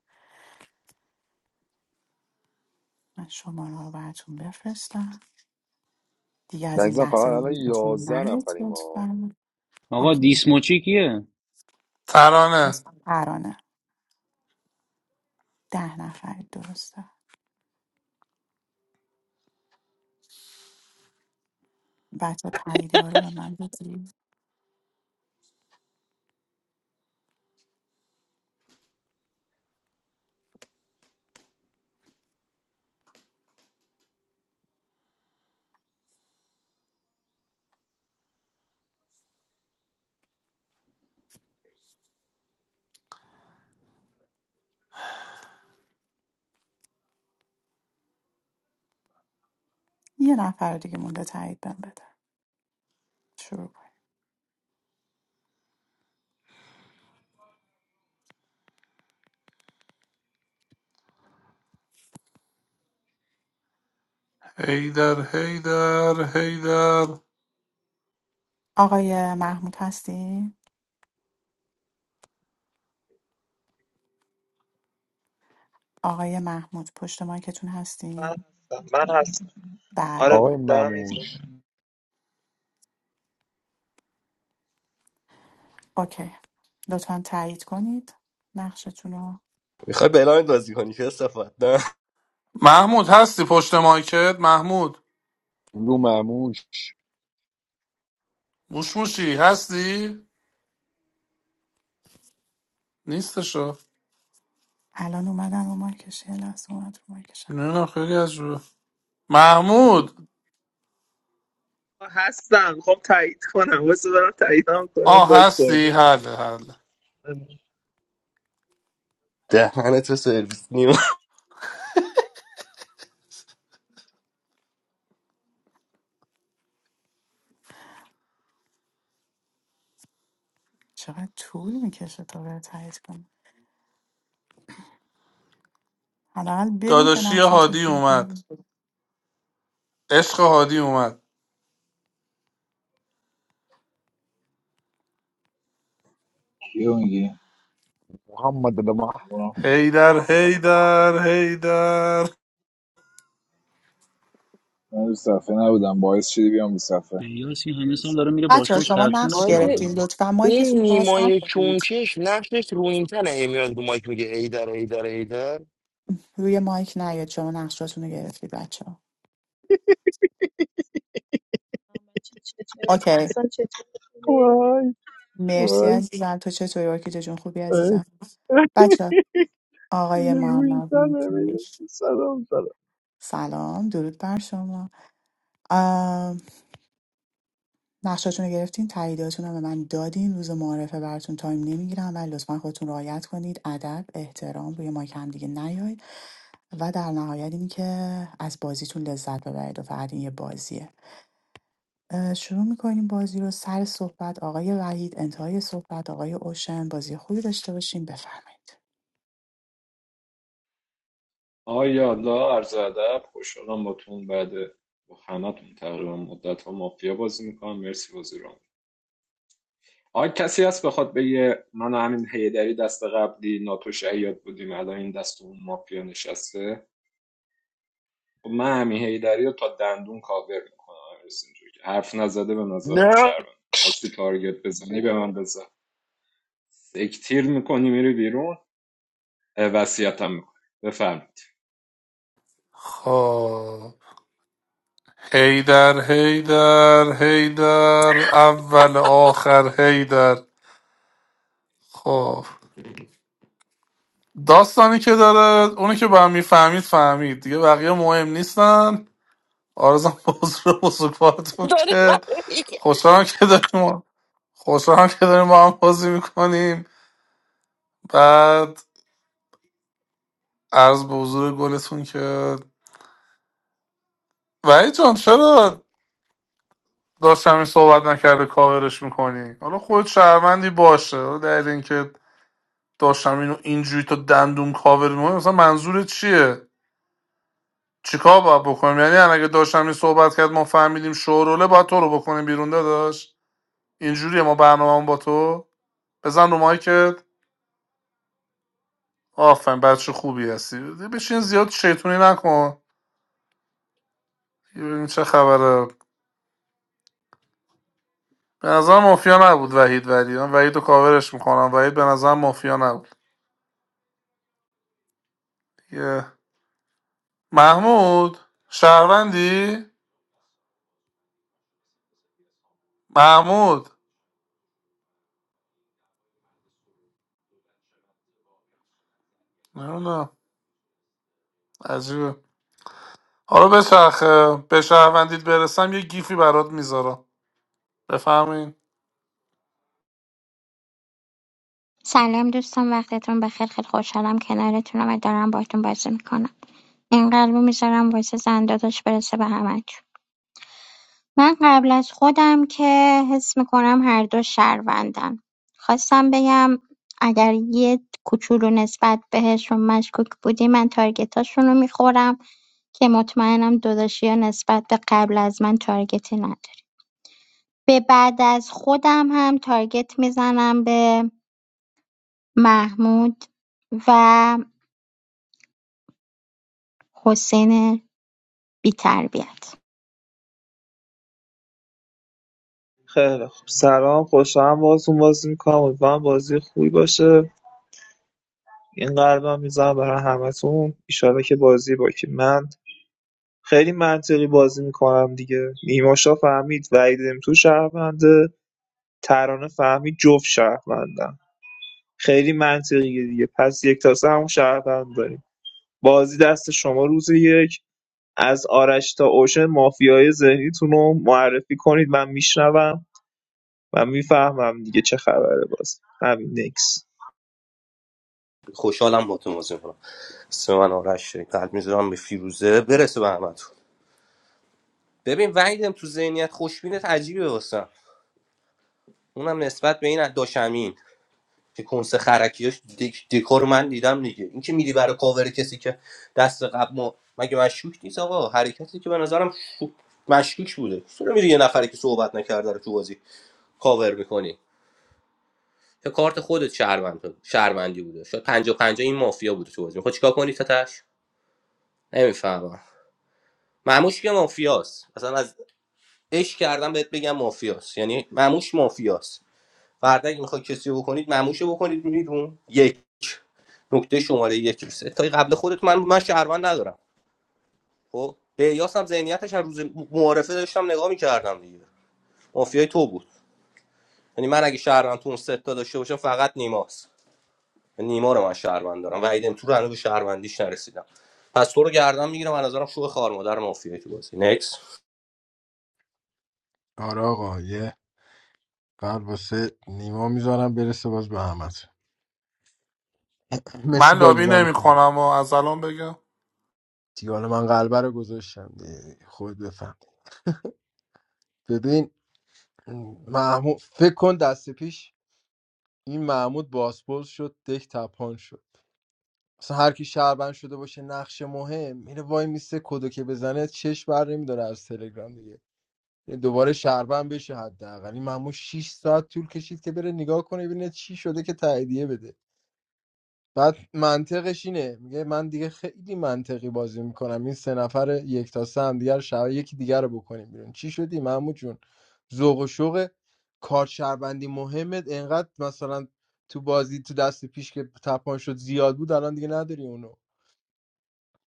[SPEAKER 1] من شما رو براتون بفرستم دیگه از این
[SPEAKER 2] عزیزم فقط
[SPEAKER 1] لحظه رو
[SPEAKER 2] الان
[SPEAKER 1] موضوع
[SPEAKER 2] یازده
[SPEAKER 1] نرید
[SPEAKER 2] نفریم ما
[SPEAKER 1] لطفا
[SPEAKER 16] آقا
[SPEAKER 1] اوکی
[SPEAKER 16] دیسموچی کیه
[SPEAKER 9] ترانه
[SPEAKER 1] پرانه ده نفر درسته بچه تاییدی ها رو به من بدید یه نفر دیگه مونده تایید بهم بده شروع کن
[SPEAKER 9] هیدر هیدر هیدر
[SPEAKER 1] آقای محمود هستی؟ آقای محمود پشت مایکتون
[SPEAKER 14] من
[SPEAKER 1] هستی؟
[SPEAKER 14] هستم من هستم
[SPEAKER 1] بله
[SPEAKER 14] آره
[SPEAKER 2] آقای
[SPEAKER 1] بله
[SPEAKER 14] دارم
[SPEAKER 2] مموش
[SPEAKER 1] اوکی لطفا تایید کنید نقشتون رو
[SPEAKER 11] میخوای بلایند بازی کنی که صفت نه
[SPEAKER 9] محمود هستی پشت مایکت محمود
[SPEAKER 2] لو مموش
[SPEAKER 9] موش موشی هستی نیستشو
[SPEAKER 1] الان اومدم رو مایکش یه لحظه اومد رو مایکشم
[SPEAKER 9] نه خیلی عجبه محمود
[SPEAKER 14] هستم خب تایید کنم واسه دارم تایید هم کنم
[SPEAKER 9] آه
[SPEAKER 14] باگ
[SPEAKER 9] هستی
[SPEAKER 14] خورده بودم
[SPEAKER 9] حله حله
[SPEAKER 11] دهنه تو سرویس نیو
[SPEAKER 1] چقدر طول میکشه تا به تایید کنم حداقل بگو که
[SPEAKER 9] داداشی
[SPEAKER 1] نقشت رو
[SPEAKER 9] هادی
[SPEAKER 1] دیدی
[SPEAKER 9] اومد عشق هادی اومد
[SPEAKER 4] کیو میگی؟
[SPEAKER 2] محمد الله مح-
[SPEAKER 4] برو.
[SPEAKER 9] هیدر هیدر هیدر
[SPEAKER 4] من رو صفحه نبودم باعث شدی بیام رو صفحه
[SPEAKER 16] بیاس این همه سال داره میره
[SPEAKER 1] بچه
[SPEAKER 16] باشگاهش
[SPEAKER 1] شما
[SPEAKER 16] ترتون
[SPEAKER 1] نقش
[SPEAKER 17] حاجی
[SPEAKER 1] گرفتید
[SPEAKER 16] نکردم
[SPEAKER 1] لطفا
[SPEAKER 17] این
[SPEAKER 1] مایکتون رو باز
[SPEAKER 17] نیمای
[SPEAKER 1] نکنید
[SPEAKER 17] کونکش نقشش رو این تنه هی میاد رو مایک میگه ایدر ایدر ایدر
[SPEAKER 1] روی مایک نیاد شما نقشاتون رو گرفتید بچه ها
[SPEAKER 19] I'm a cheetah. I'm a
[SPEAKER 1] اوکی
[SPEAKER 19] sun cheetah.
[SPEAKER 20] وای
[SPEAKER 1] مرسی
[SPEAKER 20] وای
[SPEAKER 1] عزیزم تو چطوری ارکیده جون خوبی
[SPEAKER 20] وای
[SPEAKER 1] عزیزم بچه آقای
[SPEAKER 20] میگه روی این
[SPEAKER 1] محمد
[SPEAKER 20] تنه
[SPEAKER 1] مکیر
[SPEAKER 20] میگه سلام سلام
[SPEAKER 1] سلام درود بر شما آم، نقشاتون رو گرفتین تاییداتون رو به من دادین روز معارفه براتون تایم نمیگیرم ولی لطفا خودتون رعایت کنید ادب احترام روی مایک هم دیگه نیاید و در نهایت این که از بازیتون لذت ببرید و فقط این یه بازیه اه، شروع می‌کنیم بازی رو سر صحبت آقای وحید انتهای صحبت آقای اوشن بازی خوبی داشته باشیم بفرمایید
[SPEAKER 8] آیا الله عرض ادب خوشحالم باتون بعد با همتون تقریبا مدت ها مافیا بازی میکنم مرسی بازی رو آیا کسی هست بخواد بگه من و همین هیدری دست قبلی ناتو شهیاد بودیم الان این دست اون مافیا نشسته خب من همین هیدری رو تا دندون کاور میکنم اینجوری حرف نزده به نظرم
[SPEAKER 2] نه
[SPEAKER 8] شرمن خواستی تارگت بزنی به من بزن سکتیر میکنی میری بیرون وصیتم میکنی بفرمید
[SPEAKER 9] خب هیدر هیدر هیدر اول آخر هیدر خب داستانی که داره اونی که به هم میفهمید فهمید دیگه بقیه مهم نیستن آرزم بزرگ بزرگوارتون
[SPEAKER 17] داره
[SPEAKER 9] کرد
[SPEAKER 17] من میگه
[SPEAKER 9] خوشحالم که داریم خوشحالم که داریم با هم بازی میکنیم بعد عرض به حضور گلتون که ولی جان چرا داشتم صحبت نکرده کاورش میکنی حالا خود شهروندی باشه حالا در اینکه داشتم اینو اینجوری تا دندون کاور میکنی مثلا منظور چیه چیکار باید بکنیم یعنی الان اگه داشتم این صحبت کرد ما فهمیدیم شوروله باید تو رو بکنیم بیرون داداش اینجوریه ما برنامه با تو بزن رو مایکت آفن بچه خوبی هستی بشین زیاد شیطونی نکن ببینیم چه خبره به نظر مافیا نبود وحید ولی من وحید رو کاورش میکنم وحید به نظر مافیا نبود یه محمود شهروندی؟ محمود نمیدونم عجیبه حالا بچرخه به شهروندیت برسم یه گیفی برات میذارم بفهمین
[SPEAKER 13] سلام دوستان وقتتون بخیر خیلی خوشحالم کنارتونم و دارم باهاتون بازی میکنم این قلبو میذارم واسه زنداداش برسه به همه من قبل از خودم که حس میکنم هر دو شهروندن خواستم بگم اگر یه کوچولو نسبت بهشون مشکوک بودی من تارگتاشون رو میخورم که مطمئنم داداشی ها نسبت به قبل از من تارگتی نداری به بعد از خودم هم تارگت میزنم به محمود و حسین بیتربیت
[SPEAKER 14] خیلی خب سلام خوشحالم بازتون بازی میکنم امیدوارم بازی خوبی باشه این قلبم میزنم برای همتون ایشالا که بازی با که من خیلی منطقی بازی میکنم دیگه نیماشا فهمید وعید تو شهرونده ترانه فهمید جفت شهروندم خیلی منطقیه دیگه پس یک تاسه همون شهروند داریم بازی دست شما روز یک از آرش تا اوشن مافیای ذهنیتون رو معرفی کنید من میشنوم و میفهمم دیگه چه خبره باز همین نکس
[SPEAKER 11] خوشحالم با تو موضوع کنم اسم من آرش شد. قلب میذارم به فیروزه برسه به همتون ببین وحیدم تو ذهنیت خوشبینت عجیبه واسم اونم نسبت به این داشمین که کنس خرکیاش دک... دکار من دیدم دیگه این که میری برای کاور کسی که دست قبل ما مگه مشکوک نیست آقا حرکتی که به نظرم شو- مشکوک بوده چرا میری یه نفری که صحبت نکرده رو تو بازی کاور میکنی یا کارت خودت شهروند بود- شهروندی بوده شاید پنجاه پنجاه این مافیا بوده تو بازی خب چیکار کنی تاتش نمیفهمم معموش که مافیاست اصلا از عشق کردم بهت بگم مافیاست یعنی معموش مافیاست فردا اگه میخوای کسی رو بکنید معموشو بکنید بیرون یک نکته شماره یک ستای قبل خودت من من شهروند ندارم خب به یاس هم ذهنیتش از روز معارفه داشتم نگاه میکردم دیگه مافیای تو بود یعنی من اگه شهروند تو اون ستا داشته باشم فقط نیماست نیما رو من شهروند دارم وحیدم تو رو هنوز به شهروندیش نرسیدم پس تو رو گردم میگیرم از نظرم شو خار مادر مافیایی تو بازی نکس
[SPEAKER 12] آره آقا یه قلب واسه نیما میذارم برسه باز به احمد مرسی
[SPEAKER 9] من
[SPEAKER 12] باز
[SPEAKER 9] لابی
[SPEAKER 12] بام
[SPEAKER 9] نمیکنم و از الان بگم
[SPEAKER 12] دیگه حالا من قلبه رو گذاشتم دیگه خود بفهم ببین محمود فکر کن دست پیش این محمود باسپورس شد دک تپان شد اصلا هر کی شهروند شده باشه نقش مهم میره وای میسه کدو که بزنه چش بر نمیداره از تلگرام دیگه دوباره شهروند بشه حداقل این مامو شش ساعت طول کشید که بره نگاه کنه ببینه چی شده که تاییدیه بده بعد منطقش اینه میگه من دیگه خیلی منطقی بازی میکنم این سه نفر یک تا سه هم دیگر شب یکی دیگر رو بکنیم بیرون چی شدی مامو جون ذوق و شوق کار شهروندی مهمت انقدر مثلا تو بازی تو دست پیش که تپان شد زیاد بود الان دیگه نداری اونو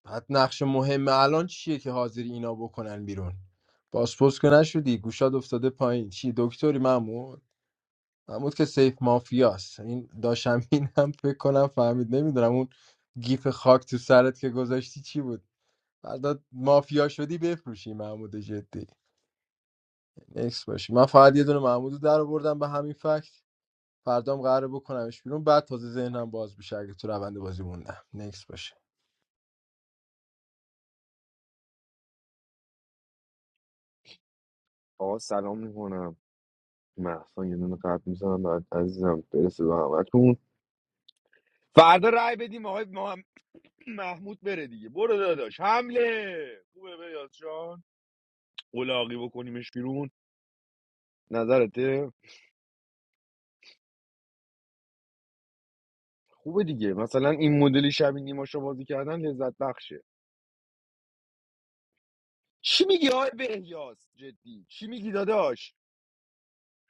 [SPEAKER 12] بعد نقش مهم الان چیه که حاضر اینا بکنن بیرون پاسپورت که نشدی گوشاد افتاده پایین چی دکتری محمود محمود که سیف مافیاست این داشم هم فکر کنم فهمید نمیدونم اون گیف خاک تو سرت که گذاشتی چی بود فردا مافیا شدی بفروشی محمود جدی نکس باشی من فقط یه دونه محمود رو در آوردم به همین فکت فردام قراره بکنمش بیرون بعد تازه ذهنم باز بشه اگه تو روند بازی موندم نکس باشه
[SPEAKER 2] آقا سلام میکنم محسن یه دونه قد میزنم بعد عزیزم برسه به همتون فردا رای بدیم آقای مح- محمود بره دیگه برو داداش حمله خوبه بیاز جان قلاقی بکنیمش بیرون نظرته خوبه دیگه مثلا این مدلی شبیه نیماشو بازی کردن لذت بخشه چی میگی آقای بهیاس جدی چی میگی داداش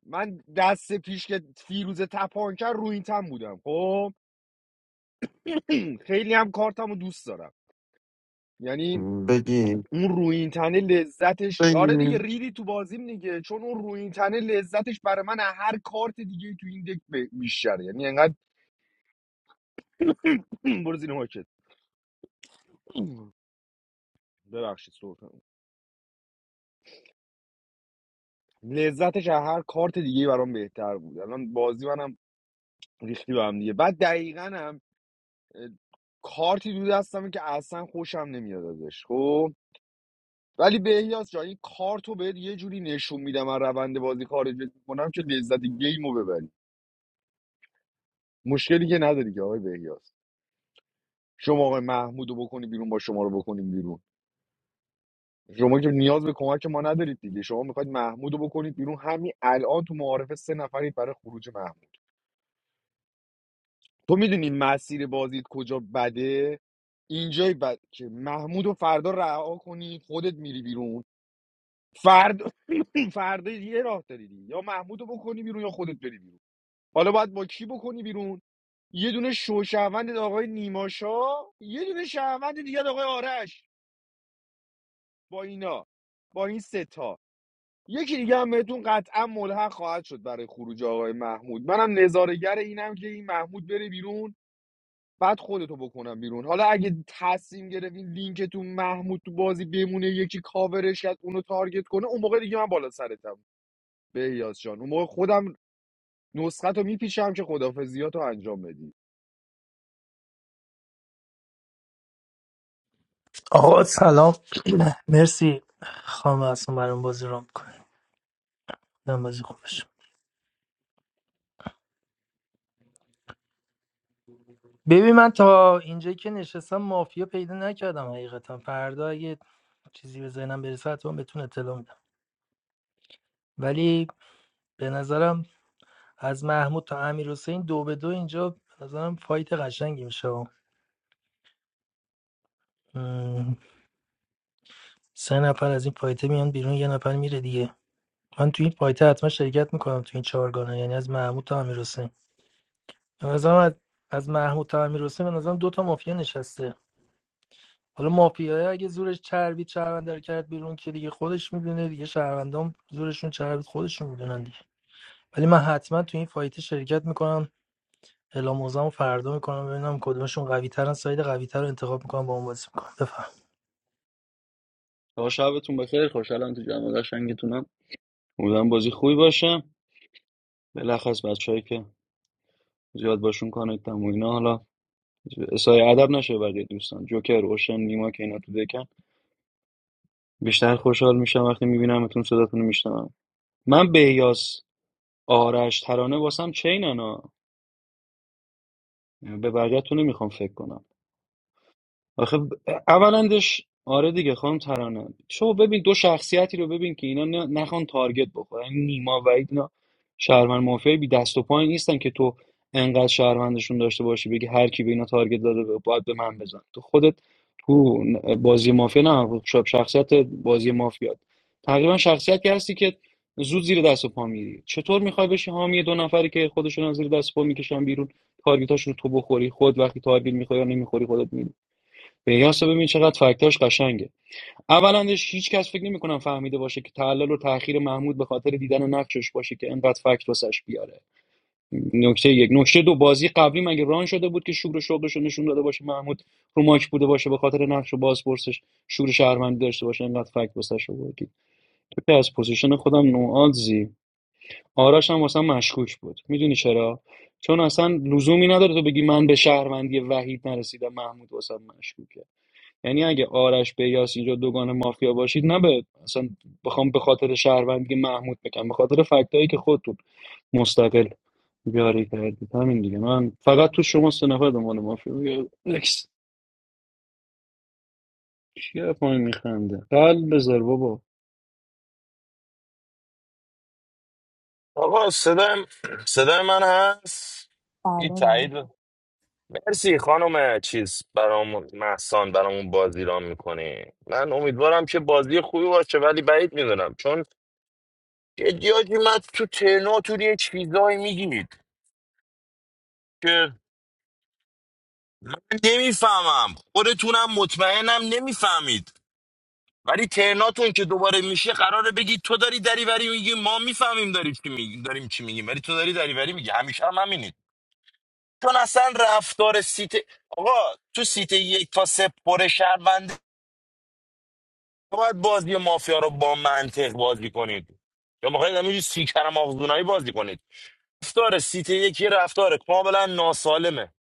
[SPEAKER 2] من دست پیش که فیروز تپانکر رو این تن بودم خب خیلی هم کارتم رو دوست دارم یعنی
[SPEAKER 7] بگی
[SPEAKER 2] اون روینتنه لذتش آره دیگه
[SPEAKER 7] بگی
[SPEAKER 2] ریدی تو بازیم دیگه چون اون روینتنه لذتش برای من از هر کارت دیگه تو این دک ب- بیشتره یعنی انقدر برو زیر ماکت ببخشید سرفه لذتش از هر کارت دیگه برام بهتر بود الان بازی منم ریختی به هم دیگه بعد دقیقا هم کارتی دو دستمه که اصلا خوشم نمیاد ازش خب ولی بهیاس جان این کارتو بهت یه جوری نشون میدم من روند بازی خارج کنم که لذت گیمو ببری مشکلی که نداری که آقای بهیاس شما آقای محمودو بکنی بیرون با شما رو بکنیم بیرون شما که نیاز به کمک ما ندارید دیگه شما میخواید محمودو بکنید بیرون همین الان تو معارفه سه نفرید برای خروج محمود تو میدونی مسیر بازیت کجا بده اینجای بد که محمودو فردا رها کنی خودت میری بیرون فرد فردا یه راه داری دیگه. یا محمود بکنی بیرون یا خودت بری بیرون حالا باید با کی بکنی بیرون یه دونه شوشهوند آقای نیماشا یه دونه شهروند دیگه آقای آرش با اینا با این سه تا یکی دیگه هم بهتون قطعا ملحق خواهد شد برای خروج آقای محمود منم نظارگر اینم که این محمود بره بیرون بعد خودتو بکنم بیرون حالا اگه تصمیم گرفتین لینکتون محمود تو بازی بمونه یکی کاورش کرد اونو تارگت کنه اون موقع دیگه من بالا سرتم بهیاس جان اون موقع خودم نسخه تو میپیچم که خدافزیات رو انجام بدی
[SPEAKER 15] آقا سلام مرسی خانم اصلا برام بازی رام کنیم من بازی خوبش ببین من تا اینجایی که نشستم مافیا پیدا نکردم حقیقتا فردا اگه چیزی به ذهنم برسه حتما بهتون اطلاع میدم ولی به نظرم از محمود تا امیرحسین دو به دو اینجا به نظرم فایت قشنگی میشه مم، سه نفر از این فایته میان بیرون یه نفر میره دیگه من تو این فایته حتما شرکت میکنم تو این چهارگانه یعنی از محمود تا امیرحسین به نظرم از, از محمود تا امیرحسین به نظرم دو تا مافیا نشسته حالا مافیای اگه زورش چربید شهرونده رو کرد بیرون که دیگه خودش میدونه دیگه شهروندام زورشون چربید خودشون میدونن دیگه ولی من حتما تو این فایته شرکت میکنم اعلام موضعمو فردا میکنم ببینم کدومشون قوی ترن ساید قوی تر رو انتخاب میکنم با اون بازی میکنم بفهم
[SPEAKER 16] تا شبتون بخیر خوشحالم تو جمع قشنگتونم امیدوارم بازی خوبی باشه بلخص بچه‌ای که زیاد باشون کانکت هم و اینا حالا اسای ادب نشه بقیه دوستان جوکر اوشن نیما که اینا تو دکن بیشتر خوشحال میشم وقتی میبینمتون صداتون میشنوم من بهیاس آرش ترانه واسم چینن ها به بقیه‌تون نمیخوام فکر کنم آخه ب- اولندش آره دیگه خانم ترانه شما ببین دو شخصیتی رو ببین که اینا نه- نخوان تارگت بخورن یعنی نیما و اینا شهروند مافیایی بی دست و پای نیستن که تو انقدر شهروندشون داشته باشی بگی هر کی به اینا تارگت داده ب- باید به من بزن تو خودت تو ن- بازی مافیا نه ش- شخصیت بازی مافیا تقریبا شخصیتی هستی که زود زیر دست و پا میری چطور میخوای بشی حامی دو نفری که خودشون از زیر دست و پا میکشن بیرون تارگتاشون رو تو بخوری خود وقتی تارگت میخوری یا نمیخوری خودت پیاس رو ببین چقدر فکتاش قشنگه اولندش هیچ کس فکر نمیکنم فهمیده باشه که تعلل و تأخیر محمود به خاطر دیدن نقشش باشه که انقدر فکت واسش بیاره نکته یک نکته دو بازی قبلی مگه ران شده بود که شور و شوقش رو نشون داده باشه محمود رو ماچ بوده باشه به خاطر نقش و بازپرسش شور شهروندی داشته باشه انقدر فکت واسش آوردی تو که از پوزیشن خودم نوآدزی آرش هم واسم مشکوک بود میدونی چرا چون اصلا لزومی نداره تو بگی من به شهروندی وحید نرسیدم محمود واسم مشکوکه یعنی اگه آرش بیاس اینجا دوگان مافیا باشید نه به اصلا بخوام به خاطر شهروندی محمود بگم به خاطر فکتایی که خودتون مستقل بیاری کردید همین دیگه من فقط تو شما سه نفر دنبال مافیا بگم. نکس چیه پای میخنده قلب بذار بابا
[SPEAKER 17] آقا صدای صدای من هست این
[SPEAKER 1] بله بله
[SPEAKER 17] تایید مرسی خانم چیز برام محسان برامون بازی رام میکنه من امیدوارم که بازی خوبی باشه ولی بعید میدونم چون جدی حاجی من تو ترناتون یه چیزایی میگید که من نمیفهمم خودتونم مطمئنم نمیفهمید ولی ترناتون که دوباره میشه قراره بگید تو داری دریوری میگی ما میفهمیم داری چی میگی داریم چی میگیم ولی تو داری دریوری میگی همیشه هم همینید چون اصلا رفتار سیت آقا تو سیت یک تا سه پر باید بازی مافیا رو با منطق بازی کنید یا میخواید همینجوری سیکر مغزونایی بازی کنید رفتار سیت یکی رفتار کاملا ناسالمه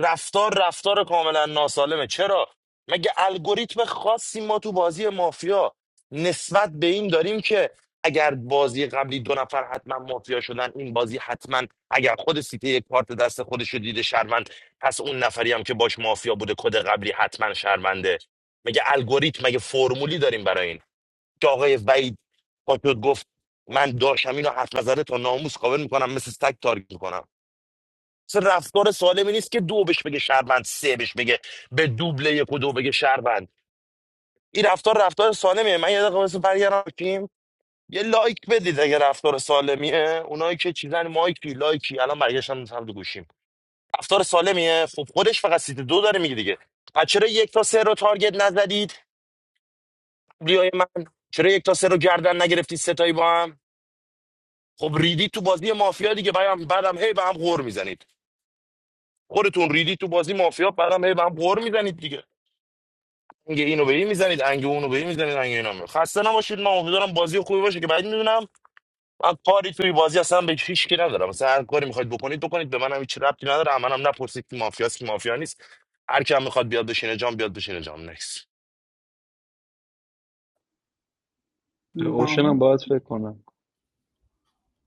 [SPEAKER 17] رفتار رفتار کاملا ناسالمه چرا مگه الگوریتم خاصی ما تو بازی مافیا نسبت به این داریم که اگر بازی قبلی دو نفر حتما مافیا شدن این بازی حتما اگر خود سیته یک کارت دست خودش رو دیده شهروند پس اون نفری هم که باش مافیا بوده کد قبلی حتما شهرونده مگه الگوریتم مگه فرمولی داریم برای این که آقای وحید پا شد گفت من داشتم اینو حرف نزده تا ناموس کاور میکنم مثل سگ تارگت میکنم اصلا رفتار سالمی نیست که دو بهش بگه شهروند سه بهش بگه به دوبله یک و دو بگه شهروند این رفتار رفتار سالمیه من یه دقیقه واسه برگردم تیم یه لایک بدید اگه رفتار سالمیه اونایی که چیزن مایکی لایکی الان برگشتم سمت گوشیم رفتار سالمیه خب خودش فقط سیت دو داره میگه دیگه پس چرا یک تا سه رو تارگت نزدید بیای من چرا یک تا سه رو گردن نگرفتید ستایی با هم خب ریدی تو بازی مافیا دیگه بعدم بعدم هی به هم غور میزنید خودتون ریدی تو بازی مافیا بعدم هی به هم غور میزنید دیگه انگه اینو به این میزنید انگه اونو به این میزنید انگه اینا میزنید خسته نباشید من امیدوارم بازی خوبی باشه که بعد میدونم من کاری توی بازی اصلا به هیچ کی ندارم مثلا هر کاری میخواید بکنید بکنید به منم هیچ ربطی نداره منم نپرسید که مافیاست کی مافیا نیست هر کی هم میخواد بیاد بشینه جام بیاد بشینه جام نکس
[SPEAKER 16] به
[SPEAKER 1] بله
[SPEAKER 16] اوشنم باید فکر کنم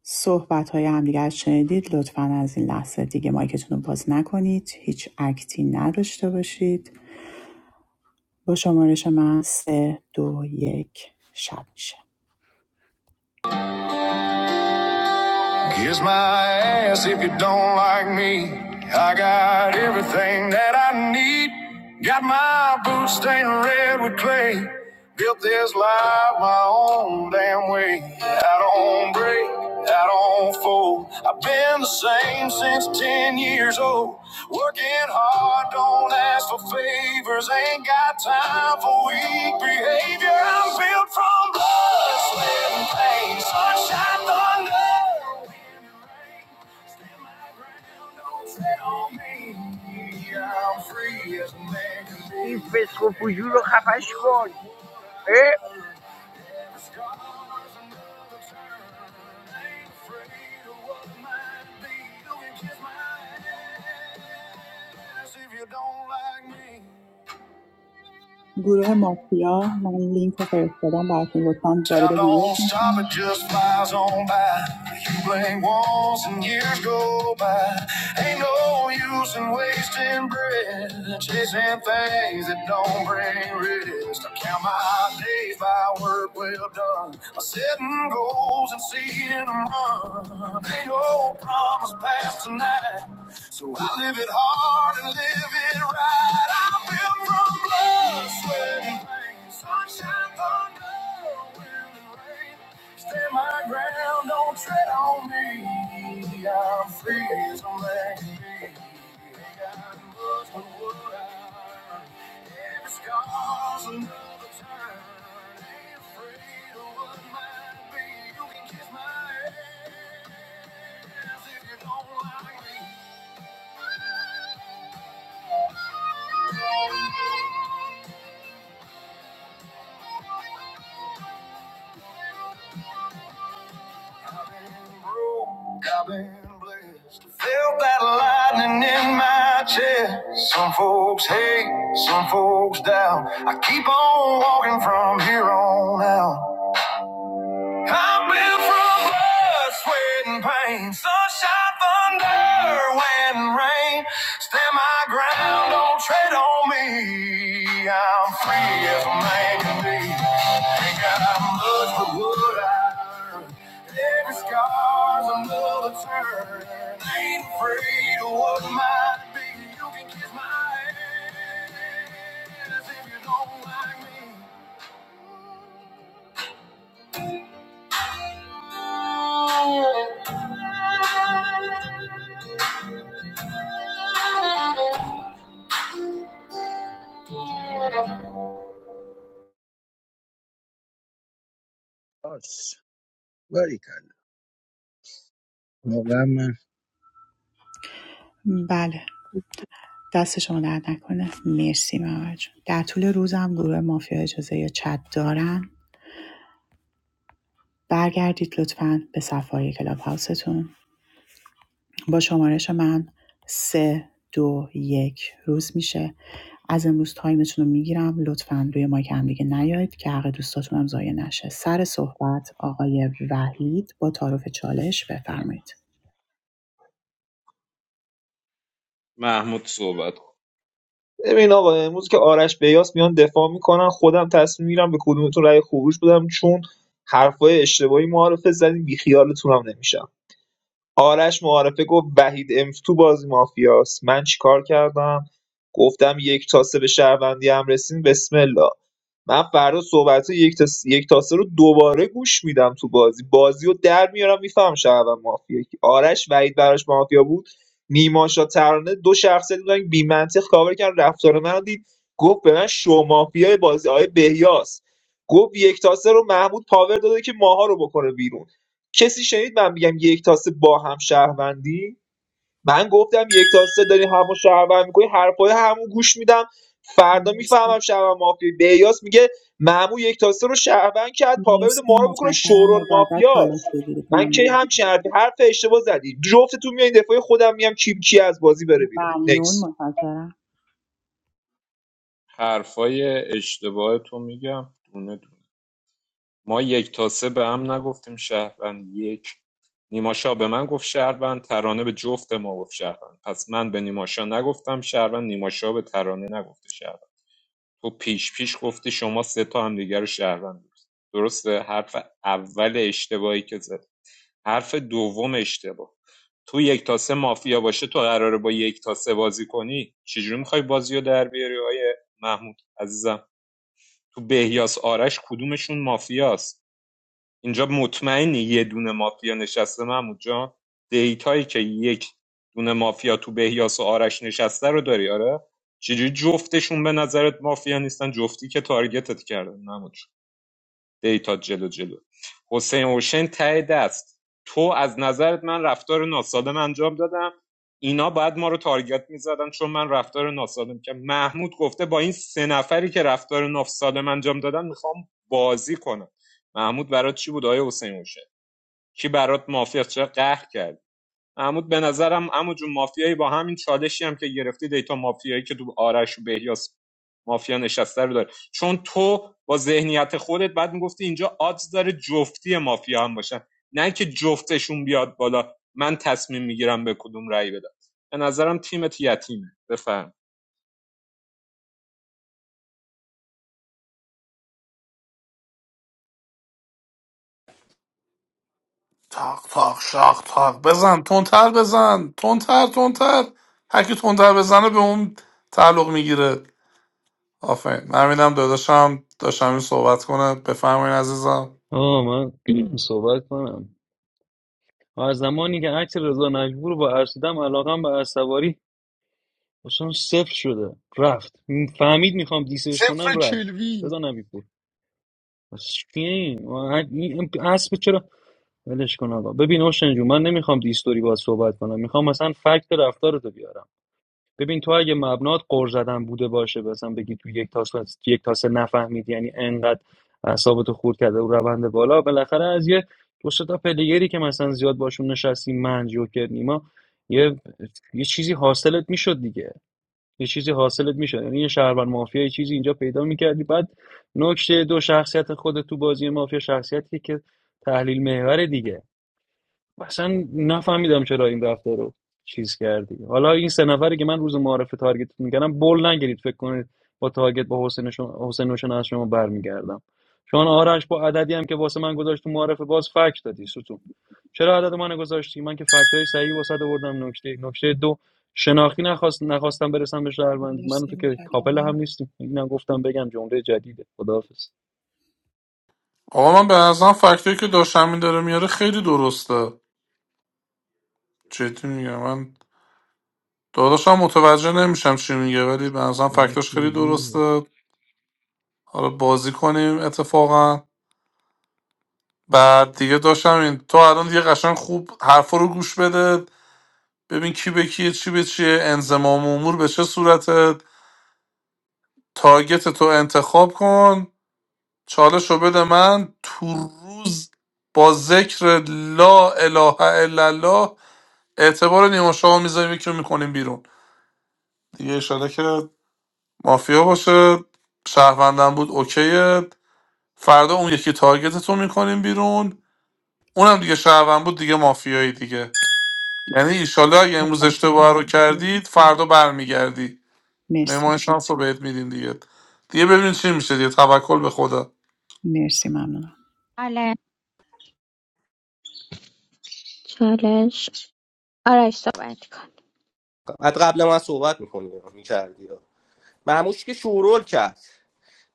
[SPEAKER 1] صحبت های همدیگه رو شنیدید لطفا از این لحظه دیگه مایکتون رو باز نکنید هیچ اکتی نداشته باشید با شمارش من سه دو یک شب میشه
[SPEAKER 21] Kiss my ass if you don't like me. I got everything that I need. Got my boots stained red with clay. Built this life my own damn way. I don't break, I don't fold. I've been the same since 10 years old. Working hard, don't ask for favors. Ain't got time for weak behavior. I'm built from blood, sweat, and pain. Sunshine, thunder.
[SPEAKER 20] این فسق و فجور رو خفش کن اه؟
[SPEAKER 21] If you don't like me.
[SPEAKER 1] گروه مافیا من لینک رو فرستادم براتون لطفا وارد
[SPEAKER 21] Time
[SPEAKER 1] گروه
[SPEAKER 21] don't
[SPEAKER 1] بشید.
[SPEAKER 21] stop, it just flies on by. You blink once and years go by. Ain't no use in wasting breath, chasing things that don't bring rest. I count my days by work well done. I'm setting goals and seeing them run. Ain't no promise past tonight, so I live it hard and live it right. I built from blood, sweat, and pain. So Sunshine, thunder, wind, and rain. Stand my ground, don't tread on me. I'm free as a man. I must know what I earn. Every scar's another turn. Ain't afraid of what might be. You can kiss my ass if you don't like me. I've been broke, I've been blessed. Felt that lightning in my chest. Some folks hate, some folks doubt. I keep on walking from here on out. Coming from blood, sweat, and pain. Sunshine, thunder, wind, rain. Stand my ground, don't tread on me. I'm free as a man can be. Ain't got much but what I earned. Every scar's another turn. Ain't afraid of what might be. You can kiss my ass if you don't like me.
[SPEAKER 20] آس باری کرد واقعا من
[SPEAKER 1] بله دست شما درد نکنه مرسی محمد جون در طول روزم گروه مافیا اجازه یا چت دارن برگردید لطفاً به صفحه کلاب هاوستون با شمارش من سه دو یک روز میشه از امروز تایمتون رو میگیرم لطفا روی مایک هم دیگه نیایید که حق دوستاتون هم ضایع نشه سر صحبت آقای وحید با تعارف چالش بفرمایید
[SPEAKER 8] محمود صحبت کن
[SPEAKER 14] ببین آقا امروز که آرش بیاس میان دفاع میکنن خودم تصمیم میرم به کدومتون رأی خروج بدم چون حرفای اشتباهی معارفه زدین بیخیالتون هم نمیشم آرش معارفه گفت وحید امف تو بازی مافیاست من چیکار کردم گفتم یک تاسه به شهروندی هم رسین بسم الله من فردا صحبت یک تا, یک تا سه رو دوباره گوش میدم تو بازی بازی رو در میارم میفهم شهروند مافیا کی. آرش وحید براش مافیا بود نیماشا ترانه دو شخصیت بودن بی منطق کاور کردن رفتار من رو دید گفت به من شو مافیای بازی آیه بهیاس گفت یک تا سه رو محمود پاور داده که ماها رو بکنه بیرون کسی شنید من میگم یک تا سه با هم شهروندی من گفتم یک تا سه داری همون شهروند میکنی حرفای همون گوش میدم فردا
[SPEAKER 1] مرسی
[SPEAKER 14] میفهمم شهروند مافیا بیاس میگه معمو یک تا سه رو شهروند کرد پاور بده ما
[SPEAKER 1] مرسی
[SPEAKER 14] رو بکنه
[SPEAKER 1] متشکرم
[SPEAKER 14] شورول
[SPEAKER 1] مجدد چالش
[SPEAKER 14] مافیاست
[SPEAKER 1] بگیرید
[SPEAKER 14] من کی
[SPEAKER 1] ممنون
[SPEAKER 14] همچین حرفی حرف اشتباه زدی جفتتون میایین دفاع خودم میام کی کی از بازی بره بیرون
[SPEAKER 1] ممنون
[SPEAKER 14] نکس
[SPEAKER 1] متشکرم
[SPEAKER 8] حرفای اشتباه تو میگم دونه دونه ما یک تا سه به هم نگفتیم شهروند یک نیماشا به من گفت شهروند ترانه به جفت ما گفت شهروند پس من به نیماشا نگفتم شهروند نیماشا به ترانه نگفته شهروند تو پیش پیش گفتی شما سه تا هم دیگر رو شهروند دوست درسته حرف اول اشتباهی که زد حرف دوم اشتباه تو یک تا سه مافیا باشه تو قراره با یک تا سه بازی کنی چجوری میخوای بازی رو در بیاری آیه محمود عزیزم تو بهیاس آرش کدومشون مافیاست اینجا مطمئنی یه دونه مافیا نشسته محمود جان دیتایی که یک دونه مافیا تو بهیاس و آرش نشسته رو داری آره چجوری جفتشون به نظرت مافیا نیستن جفتی که تارگتت کردن محمود جون. دیتا جلو جلو حسین اوشن ته دست تو از نظرت من رفتار ناسالم انجام دادم اینا باید ما رو تارگت میزدن چون من رفتار ناسالم که محمود گفته با این سه نفری که رفتار ناسالم انجام دادن میخوام بازی کنم محمود برات چی بود آیا حسین اوشن کی برات موافق چه قهر کرد؟ عمود به نظرم عمود جون مافیایی با همین چالشی هم که گرفتی دیتا مافیایی که تو آرش و بهیاس مافیا نشسته رو داره چون تو با ذهنیت خودت بعد میگفتی اینجا آدز داره جفتی مافیا هم باشن نه که جفتشون بیاد بالا من تصمیم میگیرم به کدوم رأی بدم به نظرم تیمت یتیمه بفرم
[SPEAKER 9] تاق تاق شاق تاق بزن تندتر بزن تندتر تندتر هرکی تندتر بزنه به اون تعلق میگیره آفرین من میدم داداشم داشتم صحبت کنه بفهمین عزیزم
[SPEAKER 16] آه من صحبت کنم از زمانی که عکس رضا نجبور رو با ارسیدم علاقم به اسواری اصلا صفر شده رفت فهمید میخوام دیسش کنم
[SPEAKER 2] صفر
[SPEAKER 16] رفت
[SPEAKER 2] کلوین
[SPEAKER 16] رضا نبی پور. بس چی؟ این اسب چرا ولش کن آقا ببین اوشن جون من نمیخوام دیستوری باید صحبت کنم میخوام مثلا فکت رفتارتو بیارم ببین تو اگه مبنات قر زدن بوده باشه مثلا بگی تو یک تاس یک تاسه نفهمید یعنی انقدر اعصابتو خورد کرده و روند بالا بالاخره از یه دو سه تا پلیگری که مثلا زیاد باشون نشستی من جوکر نیما یه یه چیزی حاصلت میشد دیگه یه چیزی حاصلت میشد یعنی یه شهروند مافیا یه چیزی اینجا پیدا میکردی بعد نکته دو شخصیت خود تو بازی مافیا شخصیتی که تحلیل محور دیگه اصلا نفهمیدم چرا این رفتار رو چیز کردی حالا این سه نفری که من روز معارفه تارگت میکردم بول نگیرید فکر کنید با تارگت با حسین شما حسین و شنا از شما برمیگردم چون آرش با عددی هم که واسه من گذاشت تو معارفه باز فکت دادی ستون چرا عدد من گذاشتی من که فکتای صحیح واسه آوردم نکته نکته دو شناختی نخواست نخواستم برسم به شهروندی من و
[SPEAKER 1] مرسی
[SPEAKER 16] تو که کاپل هم
[SPEAKER 1] متشکرم
[SPEAKER 16] نیستیم اینم گفتم بگم جمله جدیده خداحافظ
[SPEAKER 9] آقا من به نظرم فکتایی که داشتم داره میاره خیلی درسته جدی میگم من داداشم متوجه نمیشم چی میگه ولی به نظرم
[SPEAKER 16] آره.
[SPEAKER 9] فکتاش خیلی درسته حالا بازی کنیم اتفاقا بعد دیگه داشتم این تو الان دیگه قشنگ خوب حرفا رو گوش بده ببین کی به کیه چی به چیه انزمام امور به چه صورته تارگت تو انتخاب کن چالش رو بده من تو روز با ذکر لا اله الا الله اعتبار نیما شاه میذاریم یکی رو میکنیم بیرون دیگه اشاره که مافیا باشه شهروندم بود اوکیه فردا اون یکی تارگتت رو میکنیم بیرون اونم دیگه شهروند بود دیگه مافیایی دیگه یعنی ایشالله اگه امروز اشتباه رو کردید فردا برمیگردی
[SPEAKER 1] مرسی
[SPEAKER 9] مهمان شانس رو بهت میدیم دیگه دیگه ببینید چی میشه دیگه توکل به خدا
[SPEAKER 1] مرسی ممنونم
[SPEAKER 13] بله چالش آرش صحبت کن
[SPEAKER 11] بعد قبل من صحبت میکنی میکردی معموش که شورول کرد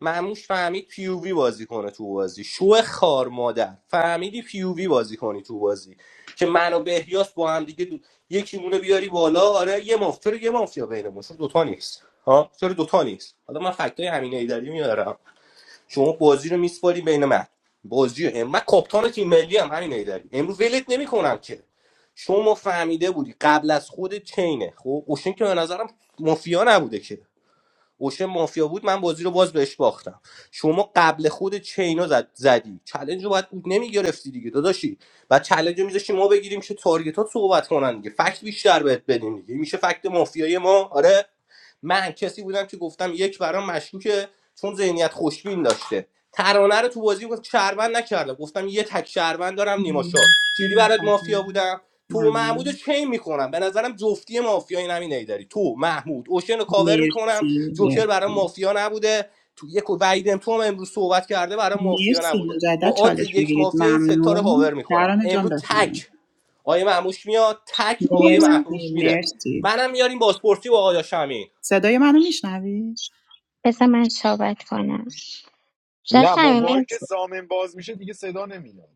[SPEAKER 11] معموش فهمید پیووی بازی کنه تو بازی شو خار مادر فهمیدی پیووی بازی کنی تو بازی که منو بهیاس با هم دیگه دو... یکی مونه بیاری بالا آره یه مافیا یه مافیا بینمون چون دوتا نیست ها چرا دوتا نیست حالا من فکتای امینه ایدری میارم شما بازی رو میسپاری بین من بازی رو هم من کاپتان تیم ملی هم همین ایداری امروز ولت نمیکنم که شما فهمیده بودی قبل از خود چینه خب اوشن که به نظرم مافیا نبوده که اوشن مافیا بود من بازی رو باز بهش باختم شما قبل خود چینا زد زدی چلنج رو باید بود نمیگرفتی دیگه داداشی و چلنج رو میذاشی ما بگیریم که تارگت ها صحبت کنن دیگه فکت بیشتر بهت بدیم دیگه میشه فکت مافیای ما آره من کسی بودم که گفتم یک برام مشکوکه چون ذهنیت خوشبین داشته ترانه رو تو بازی گفت شهروند نکردم گفتم یه تک شهروند دارم نیماشا
[SPEAKER 1] مرسی
[SPEAKER 11] چیری برات مافیا
[SPEAKER 1] متشکرم
[SPEAKER 11] بودم تو و محمود رو
[SPEAKER 1] ممنون
[SPEAKER 11] چین میکنم به نظرم جفتی مافیا نمی همین ایداری تو محمود اوشن رو کاور میکنم
[SPEAKER 1] مرسی
[SPEAKER 11] جوکر برای
[SPEAKER 1] مرسی
[SPEAKER 11] مافیا نبوده تو یک وعیدم تو هم امروز صحبت کرده برای مافیا
[SPEAKER 1] مرسی
[SPEAKER 11] نبوده
[SPEAKER 1] مجدد
[SPEAKER 11] با odds
[SPEAKER 1] چالش
[SPEAKER 11] یک
[SPEAKER 1] بگیرید
[SPEAKER 11] مافیا این ستا رو
[SPEAKER 1] ممنون
[SPEAKER 11] کاور میکنم
[SPEAKER 1] نران جان
[SPEAKER 11] امروز
[SPEAKER 1] بفرمایید
[SPEAKER 11] تک آقای محموش میاد تک آقای
[SPEAKER 1] مرسی
[SPEAKER 11] محموش میره
[SPEAKER 1] مرسی
[SPEAKER 11] منم میاریم بازپرسی با آقای شمین
[SPEAKER 1] صدای منو میشنوید
[SPEAKER 13] بذار من صحبت کنم
[SPEAKER 2] نه
[SPEAKER 13] داش امین
[SPEAKER 2] موقعی که
[SPEAKER 13] مرسی
[SPEAKER 2] زامن باز میشه دیگه صدا نمیاد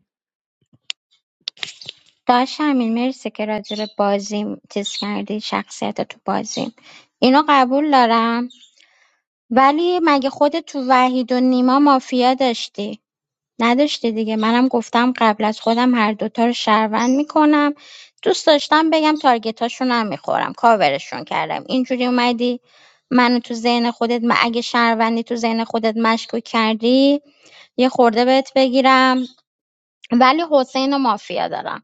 [SPEAKER 13] داش امین مرسی که راجع به بازیم چیز کردی شخصیت تو بازیم اینو قبول دارم ولی مگه خود تو وحید و نیما مافیا داشتی نداشتی دیگه منم گفتم قبل از خودم هر دوتا رو شهروند میکنم دوست داشتم بگم تارگتاشون هم میخورم کاورشون کردم اینجوری اومدی منو تو ذهن خودت م- اگه شهروندی تو ذهن خودت مشکوک کردی یه خورده بهت بگیرم ولی حسین و مافیا دارم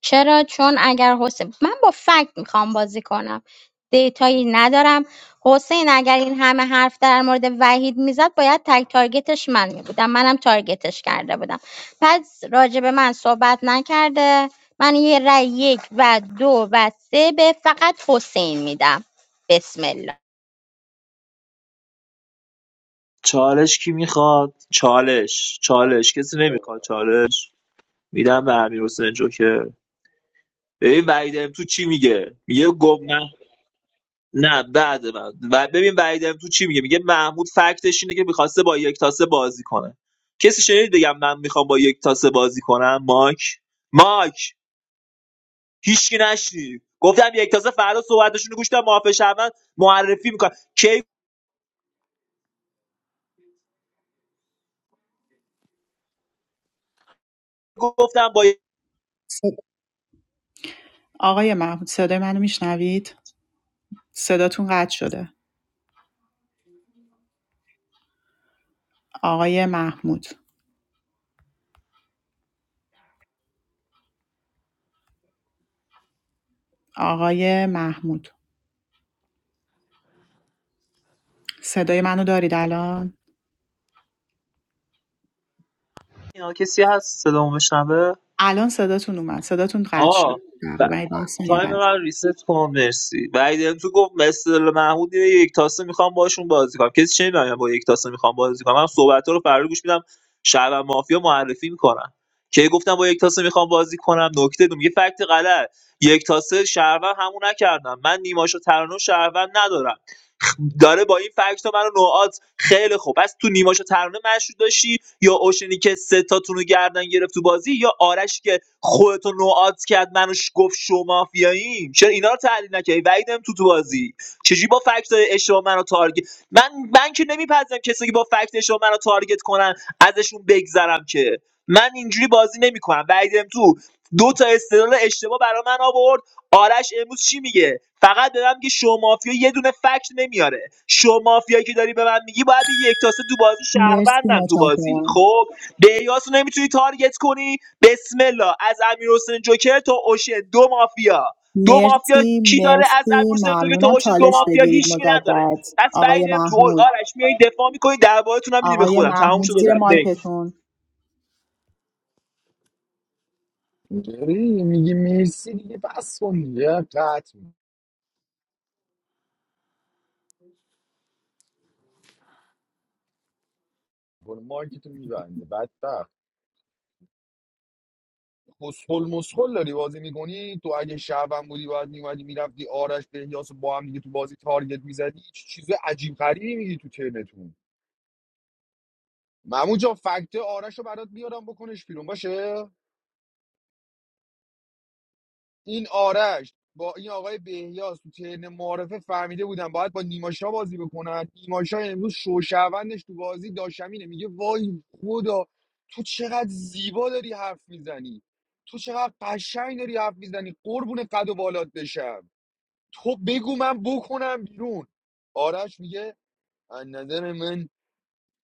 [SPEAKER 13] چرا چون اگر حسین من با فکت میخوام بازی کنم دیتایی ندارم حسین اگر این همه حرف در مورد وحید میزد باید تک تارگتش من میبودم منم تارگتش کرده بودم پس راجع به من صحبت نکرده من یه رأی یک و دو و سه به فقط حسین میدم بسم الله
[SPEAKER 14] چالش کی میخواد چالش چالش کسی نمیخواد چالش میدم به امیر حسین جوکر ببین وحید تو چی میگه میگه نه بعد من و ببین وحیدم تو چی میگه میگه محمود فکتش اینه که میخواسته با یک تاسه بازی کنه کسی شنید بگم من میخوام با یک تاسه بازی کنم ماک ماک هیچکی نشنید گفتم یک تاسه فردا صحبتشون رو گوش کنم معافی شهروند معرفی میکنم کی گفتم با یک
[SPEAKER 1] صد- آقای محمود صدای منو میشنوید صداتون قطع شده آقای محمود آقای محمود صدای منو دارید الان
[SPEAKER 14] اینا کسی هست صدامو بشنوه
[SPEAKER 1] الان صداتون اومد صداتون قطع شد
[SPEAKER 14] آه
[SPEAKER 1] تقریبا 10 ثانیه
[SPEAKER 14] تایم
[SPEAKER 1] قطع
[SPEAKER 14] من ریست کن مرسی بعد دیدم تو گفت مثل محمود یه یک تاسه میخوام باشون بازی کنم کسی چه میدونم با یک تاسه میخوام بازی کنم من صحبت رو فردا گوش میدم شب و مافیا معرفی میکنم که گفتم با یک تاسه میخوام بازی کنم نکته دوم یه فکت غلط یک تاسه شهروند همون نکردم من نیماشو ترانو شهروند ندارم داره با این فکت منو نوعات خیلی خوب پس تو نیماشو ترانه مشروط داشتی یا اوشنی که سه تاتون رو گردن گرفت تو بازی یا آرش که خودتو نوعات کرد منو ش- گفت شما مافیاییم چرا اینا رو تحلیل نکردی وعیدم تو تو بازی چجوری با فکت اشتباه منو تارگت من من که نمیپذیرم کسی که با فکت اشتباه منو تارگت کنن ازشون بگذرم که من اینجوری بازی نمیکنم وعیدم تو دو تا استدلال اشتباه برای من آورد آرش امروز چی میگه فقط دارم میگه شو مافیا یه دونه فکت نمیاره شو مافیایی که داری به من میگی باید به یک تاسه تو بازی
[SPEAKER 1] مرسی
[SPEAKER 14] شهروندم تو بازی
[SPEAKER 1] متشکرم
[SPEAKER 14] خب بیاس رو نمیتونی تارگت کنی بسم الله از امیر حسین جوکر تا اوشن دو مافیا دو مافیا
[SPEAKER 1] مرسی
[SPEAKER 14] کی داره از امیر
[SPEAKER 1] مرسی
[SPEAKER 14] حسین جوکر تا
[SPEAKER 1] ممنونم
[SPEAKER 14] اوشن دو
[SPEAKER 1] چالش
[SPEAKER 14] مافیا
[SPEAKER 1] بگیرید
[SPEAKER 14] هیچکی نداره
[SPEAKER 1] مجدد
[SPEAKER 14] پس
[SPEAKER 1] آقای
[SPEAKER 14] بعیدم تو
[SPEAKER 1] محمود
[SPEAKER 14] آرش میای دفاع میکنی دربارتون هم میدیم به
[SPEAKER 1] آقای
[SPEAKER 14] خودم تموم
[SPEAKER 1] محمود
[SPEAKER 14] شد و
[SPEAKER 1] زیر
[SPEAKER 14] رفت Next.
[SPEAKER 1] مایکتون
[SPEAKER 2] داری میگی مرسی دیگه بس کن دیگه قطع میکنه مایک تو میبنده بدبخت مسخل مسخل داری بازی میکنی تو اگه شعبم بودی باید میومدی میرفتی آرش بهیاس رو با هم دیگه تو بازی تارگت میزدی چیز عجیب غریبی میگی تو ترنتون مموجا جا فکت آرش رو برات بیارم بکنش بیرون باشه این آرش با این آقای بهیاس تو ترن معارفه فهمیده بودن باید با نیماشا بازی بکنن نیماشا امروز شوشوندش تو بازی داشمینه میگه وای خدا تو چقدر زیبا داری حرف میزنی تو چقدر قشنگ داری حرف میزنی قربون قد و بالات بشم تو بگو من بکنم بیرون آرش میگه از نظر من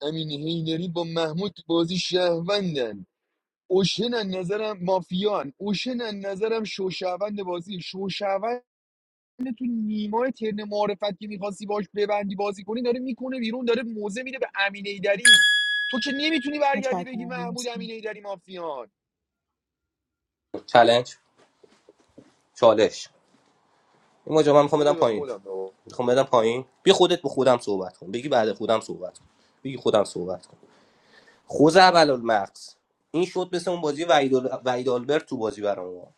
[SPEAKER 2] امین هیدری با محمود تو بازی شهروندن اوشن از نظرم مافیان اوشن از نظرم شوشوند بازی شوشوند تو نیمای ترن معرفت که میخواستی باش ببندی بازی کنی داره میکنه بیرون داره موزه میده به امین ایدری تو که نمیتونی برگردی بگی
[SPEAKER 1] متشکرم
[SPEAKER 2] محمود
[SPEAKER 1] مرسی
[SPEAKER 2] امین ایدری مافیان
[SPEAKER 11] چالش چالش این ماجرا من میخوام بدم
[SPEAKER 2] بده به
[SPEAKER 11] پایین
[SPEAKER 2] خودم بابا
[SPEAKER 11] میخوام بدم پایین بی خودت به خودم صحبت کن بگی بعد خودم صحبت کن بگی خودم صحبت کن خوز اول المقص این شد مثل اون بازی وحید آل- آلبرت تو بازی برام اومد.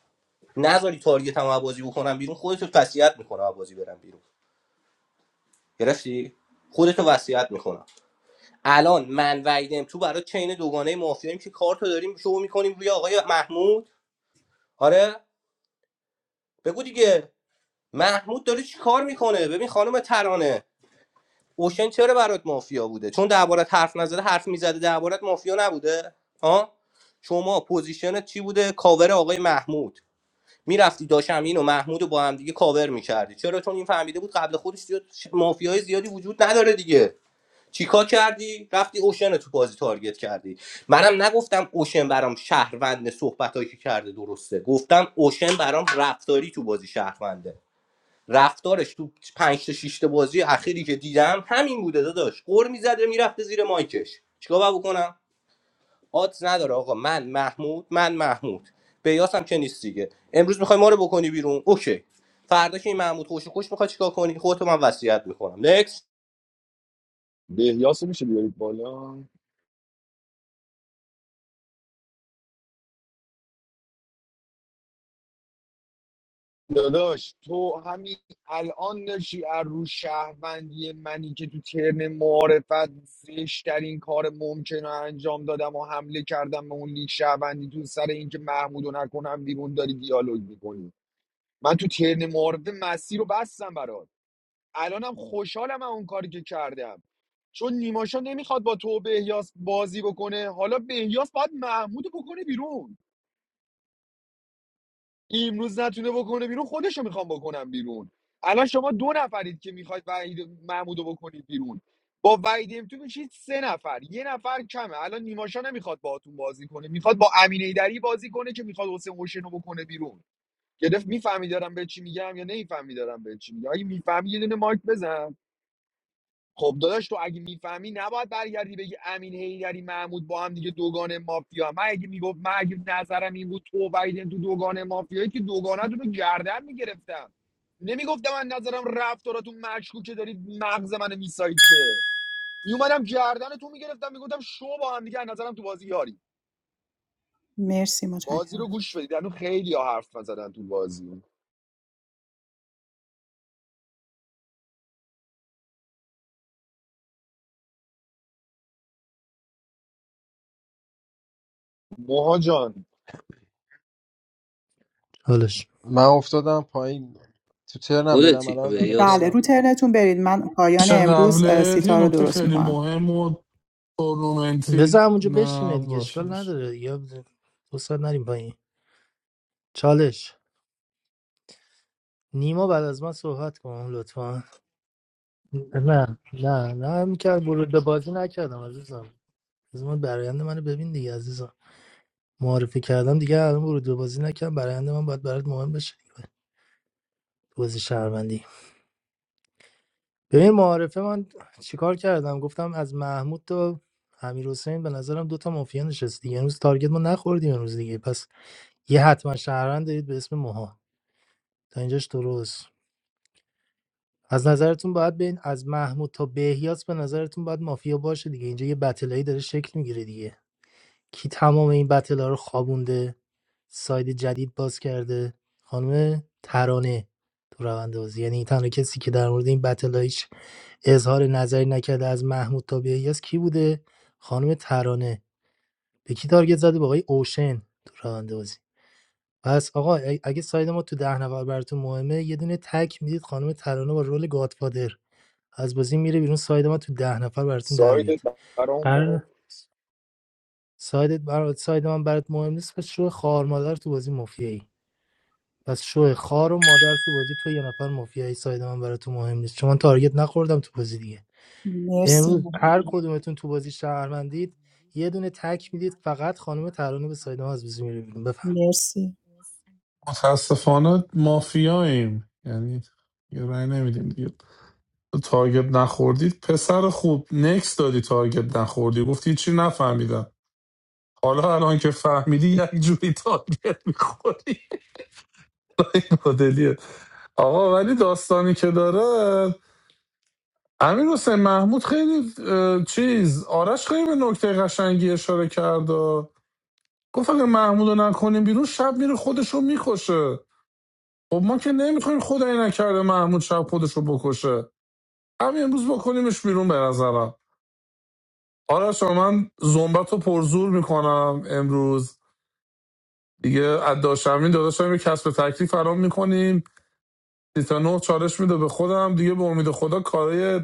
[SPEAKER 11] نذاری تارگت هم بازی بکنم بیرون خودتو وصیت میکنم از بازی برم بیرون گرفتی خودتو وصیت میکنم الان من وحیدم تو برای چین دوگانه مافیاییم که کارتو داریم شو میکنیم روی آقای محمود آره بگو دیگه محمود داره چی کار میکنه ببین خانم ترانه اوشن چرا برات مافیا بوده چون دربارت حرف نزده حرف میزده دربارت مافیا نبوده ها شما پوزیشنت چی بوده کاور آقای محمود میرفتی داشمین و محمود رو با هم دیگه کاور میکردی چرا چون این فهمیده بود قبل خودش زیاد ش- مافیای زیادی وجود نداره دیگه چیکار کردی رفتی اوشن رو تو بازی تارگت کردی منم نگفتم اوشن برام شهروند صحبتایی که کرده درسته گفتم اوشن برام رفتاری تو بازی شهرونده رفتارش تو پنج تا شش تا بازی اخیری که دیدم همین بوده داداش قر میزده میرفته زیر مایکش چیکار باید بکنم آدز نداره آقا من محمود من محمود بیاس هم که نیست دیگه امروز میخوای ما رو بکنی بیرون اوکی فردا که این محمود خوش خوش میخواد چیکار کنی خودتو من وصیت میکنم نکس
[SPEAKER 2] بهیاسو میشه بیارید بالا داداش تو همین الان داشتی از رو شهروندی منی که تو ترن معارفت زشترین کار ممکن رو انجام دادم و حمله کردم به اون لیگ شهروندی تو سر اینکه محمودو نکنم بیرون داری دیالوگ میکنی من تو ترن معارفه مسیر رو بستم برات الانم خوشحالم از اون کاری که کردم چون نیماشا نمیخواد با تو و بهیاس بازی بکنه حالا بهیاس باید محمود رو بکنه بیرون امروز نتونه بکنه بیرون خودشو میخوام بکنم بیرون الان شما دو نفرید که میخواید وحید محمودو بکنید بیرون با وحید تو میشید سه نفر یه نفر کمه الان نیماشا نمیخواد باهاتون بازی کنه میخواد با امین ایدری بازی کنه که میخواد حسین حسین رو بکنه بیرون گرفت میفهمی دارم به چی میگم یا نمیفهمی دارم به چی میگم اگه میفهمی یه دونه مایک بزن خب داداش تو اگه میفهمی نباید برگردی بگی امین هیدری محمود با هم دیگه دوگان مافیا من اگه میگفت من اگه نظرم این بود تو و تو دوگان مافیایی که دوگانتون رو گردن میگرفتم نمیگفتم من نظرم رفتاراتون مشکوکه دارید مغز منو میسایید که میومدم گردن تو میگرفتم میگفتم شو با هم دیگه از نظرم تو بازی یاری
[SPEAKER 1] مرسی
[SPEAKER 2] بازی رو
[SPEAKER 1] متشکرم
[SPEAKER 2] گوش بدید الان خیلی ها حرف نزدن تو بازی موها جان
[SPEAKER 15] چالش
[SPEAKER 12] من افتادم پایین تو ترنم برم
[SPEAKER 11] خودتی
[SPEAKER 12] الان
[SPEAKER 11] به
[SPEAKER 12] الان
[SPEAKER 1] بله
[SPEAKER 11] یاسه
[SPEAKER 12] ترنم
[SPEAKER 1] رو
[SPEAKER 12] بود
[SPEAKER 1] ترنتون برید من پایان
[SPEAKER 9] شب
[SPEAKER 1] امروز اه،
[SPEAKER 9] قبلت یه
[SPEAKER 1] سیتا رو
[SPEAKER 9] نکته
[SPEAKER 1] درست
[SPEAKER 9] خیلی
[SPEAKER 1] میکنم
[SPEAKER 9] مهم و تورنمنتی
[SPEAKER 15] بذار همونجا
[SPEAKER 9] نه
[SPEAKER 15] بشینه دیگه
[SPEAKER 9] باشه
[SPEAKER 15] اشکال
[SPEAKER 9] باشه
[SPEAKER 15] نداره یا دو ساعت نریم پایین چالش نیما بعد از من صحبت کن لطفا نه نه نه میکرد ورود به بازی نکردم عزیزم از من برایند منو ببین دیگه عزیزم معرفی کردم دیگه الان ورود به بازی نکردم برایند من باید برات مهم بشه بازی شهروندی ببین معارفه من چیکار کردم گفتم از محمود تا امیر حسین به نظرم دوتا مافیا نشست دیگه امروز تارگت ما نخوردیم امروز دیگه پس یه حتما شهروند دارید به اسم موها تا اینجاش درست از نظرتون باید بین از محمود تا بهیاس به نظرتون باید مافیا باشه دیگه اینجا یه بتلایی داره شکل میگیره دیگه کی تمام این بتلا رو خوابونده ساید جدید باز کرده خانم ترانه تو روند بازی یعنی تنها کسی که در مورد این بتلا اظهار نظری نکرده از محمود تا به الیاس کی بوده خانم ترانه به کی تارگت زده به آقای اوشن تو راننده بازی پس آقا اگه ساید ما تو ده نفر براتون مهمه یه دونه تک میدید خانم ترانه با رول گادفادر از بازی میره بیرون ساید ما تو ده نفر براتون در بیاد
[SPEAKER 2] سایدت برام مهم
[SPEAKER 15] قرار
[SPEAKER 2] نیست
[SPEAKER 15] سایدت برات ساید من برات مهم نیست پس شو خار مادر تو بازی مافیایی پس شو خار و مادر تو بازی تو یه نفر مافیایی ساید من برات مهم نیست چون من تارگت نخوردم تو بازی دیگه
[SPEAKER 1] مرسی
[SPEAKER 15] امروز هر کدومتون تو بازی شهروندید یه دونه تک میدید فقط خانم ترانه به سایده ما از بازی میره بیرون بفهم
[SPEAKER 1] مرسی
[SPEAKER 9] متاسفانه مافیاییم یعنی یه رای نمیدیم دیگه تارگت نخوردید پسر خوب نکس دادی تارگت نخوردی گفتی چی نفهمیدم حالا الان که فهمیدی یک جوری تارگت میخوری مدلیه آقا ولی داستانی که داره امیر حسین محمود خیلی چیز آرش خیلی به نکته قشنگی اشاره کرد گفت اگه محمود نکنیم بیرون شب میره خودش رو میکشه خب ما که نمیخوایم خدایی نکرده محمود شب خودشو بکشه همین امروز بکنیمش بیرون به نظرم آرش آقا، من زنبت رو پرزور میکنم امروز دیگه از داشتمین داداشم یه کسب تکلیف فرام میکنیم تا نه چالش میده به خودم دیگه به امید خدا کارای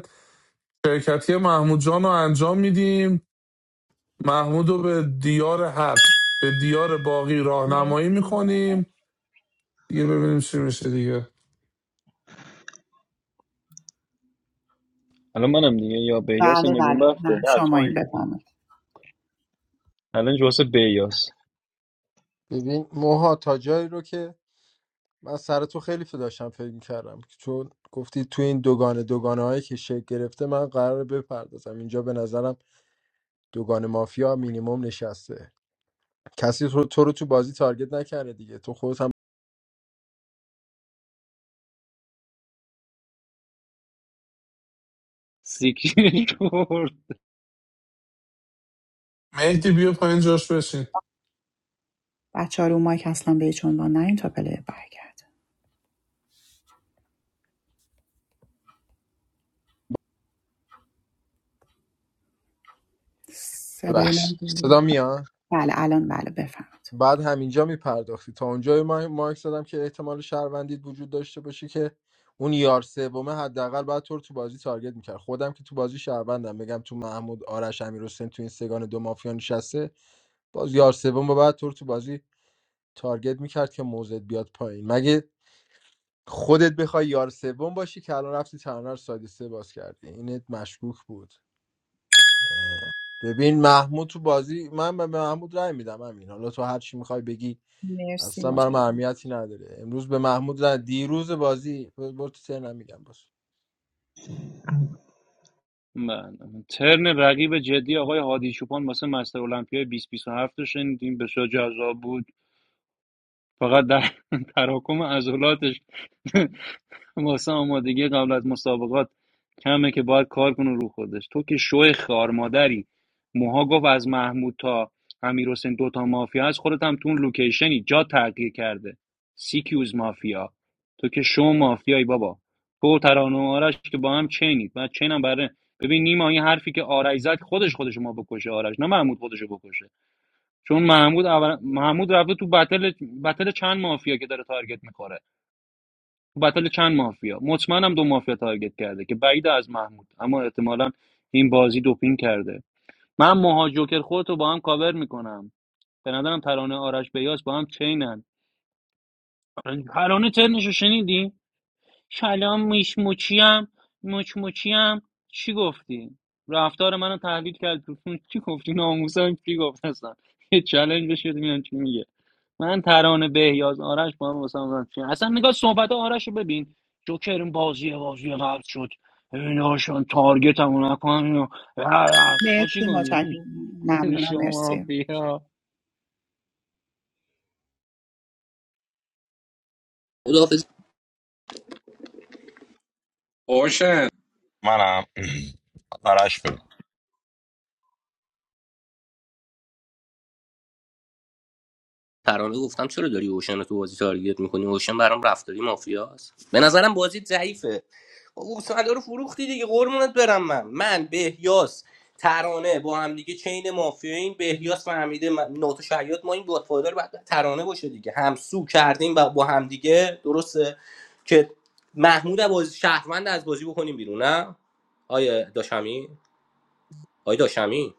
[SPEAKER 9] شرکتی محمود جان رو انجام میدیم محمود رو به دیار حق به دیار باقی راهنمایی
[SPEAKER 1] مرسی
[SPEAKER 9] میکنیم دیگه ببینیم چی میشه دیگه
[SPEAKER 16] الان منم دیگه یا بیاس
[SPEAKER 1] بله بله
[SPEAKER 16] نگونبخته
[SPEAKER 1] نه
[SPEAKER 2] نه
[SPEAKER 1] شما این
[SPEAKER 2] توی
[SPEAKER 1] بفهمید
[SPEAKER 16] الان جو واسه بیاس
[SPEAKER 12] ببین موها تا جایی رو که من سر تو خیلی فی داشتم فکر کردم چون گفتی تو این دوگانه دوگانه هایی که شکل گرفته من قرار بپردازم اینجا به نظرم دوگانه مافیا مینیموم نشسته کسی تو, تو رو تو بازی تارگت نکرده دیگه تو خودت هم
[SPEAKER 16] سیکیر کرد
[SPEAKER 9] مهدی بیا پایین جاش بشین
[SPEAKER 1] بچه ها رو مایک اصلا به هیچ عنوان نه این تا پله برگرد صدای
[SPEAKER 12] ببخش
[SPEAKER 1] من
[SPEAKER 12] صدا
[SPEAKER 1] بود.
[SPEAKER 12] میاد
[SPEAKER 1] بله الان بله بفهمید
[SPEAKER 12] بعد همینجا میپرداختی تا اونجا ما مارک زدم که احتمال شهروندید وجود داشته باشه که اون یار سومه حداقل بعد تو رو تو بازی تارگت میکرد خودم که تو بازی شهروندم بگم تو محمود آرش امیر تو این سگان دو مافیا نشسته باز یار سوم بعد تو رو تو بازی تارگت میکرد که موزت بیاد پایین مگه خودت بخوای یار سوم باشی که الان رفتی تنها رو ساید سه باز کردی اینت مشکوک بود ببین محمود تو بازی من به محمود رأی میدم همین حالا تو هر چی میخوای بگی
[SPEAKER 1] مرسی
[SPEAKER 12] اصلا برام
[SPEAKER 1] متشکرم
[SPEAKER 12] اهمیتی نداره امروز به محمود رای دیروز بازی برو تو سر نمیگم باش
[SPEAKER 16] من ترن رقیب جدی آقای هادی چوپان واسه مستر المپیا 2027 رو شنیدیم بسیار جذاب بود فقط در تراکم عضلاتش واسه آمادگی قبل از مسابقات کمه که باید کار کنه رو خودش تو که شوی خار مادری موها گفت از محمود تا امیر دوتا مافیا هست خودت هم تو اون لوکیشنی جا تغییر کرده سیکیوز مافیا تو که شو مافیایی بابا تو و ترانه و آرش که با هم چینید و چین برای ببین نیما این حرفی که آرش زد خودش خودش ما بکشه آرش نه محمود خودشو بکشه چون محمود اول... محمود رفته تو بتل بتل چند مافیا که داره تارگت میخوره بتل چند مافیا مطمئنم دو مافیا تارگت کرده که بعید از محمود اما احتمالا این بازی دوپین کرده من موها جوکر خودتو با هم کاور میکنم به نظرم ترانه آرش بیاس با هم چینن ترانه ترنشو شنیدی کلام میش مچیم مچ مچیم چی گفتی رفتار منو تحلیل کرد گفتم چی گفتی ناموسم چی گفت اصلا یه چالش بشه ببینم چی میگه من ترانه بهیاز آرش با هم واسه هم چی- اصلا نگاه صحبت آرش رو ببین جوکر این بازی بازی قبل شد ایناشون تارگت همون نکنن اینو. ما چی
[SPEAKER 1] مرسی متشکرم
[SPEAKER 16] کنیم
[SPEAKER 1] ممنونم
[SPEAKER 16] شما
[SPEAKER 1] مرسی
[SPEAKER 16] مافیا
[SPEAKER 11] خداحافظ
[SPEAKER 8] اوشن
[SPEAKER 17] منم آرش
[SPEAKER 11] ترانه گفتم چرا داری اوشن رو تو بازی تارگت میکنی اوشن برام رفتاری مافیاست به نظرم بازی ضعیفه گوساله رو فروختی دیگه قرمونت برم من من بهیاس ترانه با هم دیگه چین مافیا این بهیاس فهمیده من- ناتو شهیات ما این گادفادر رو بعد ترانه باشه دیگه همسو کردیم با با هم دیگه درسته که محمود از بازی شهروند از بازی بکنیم بیرون نه آیه داشمی آیه داشمی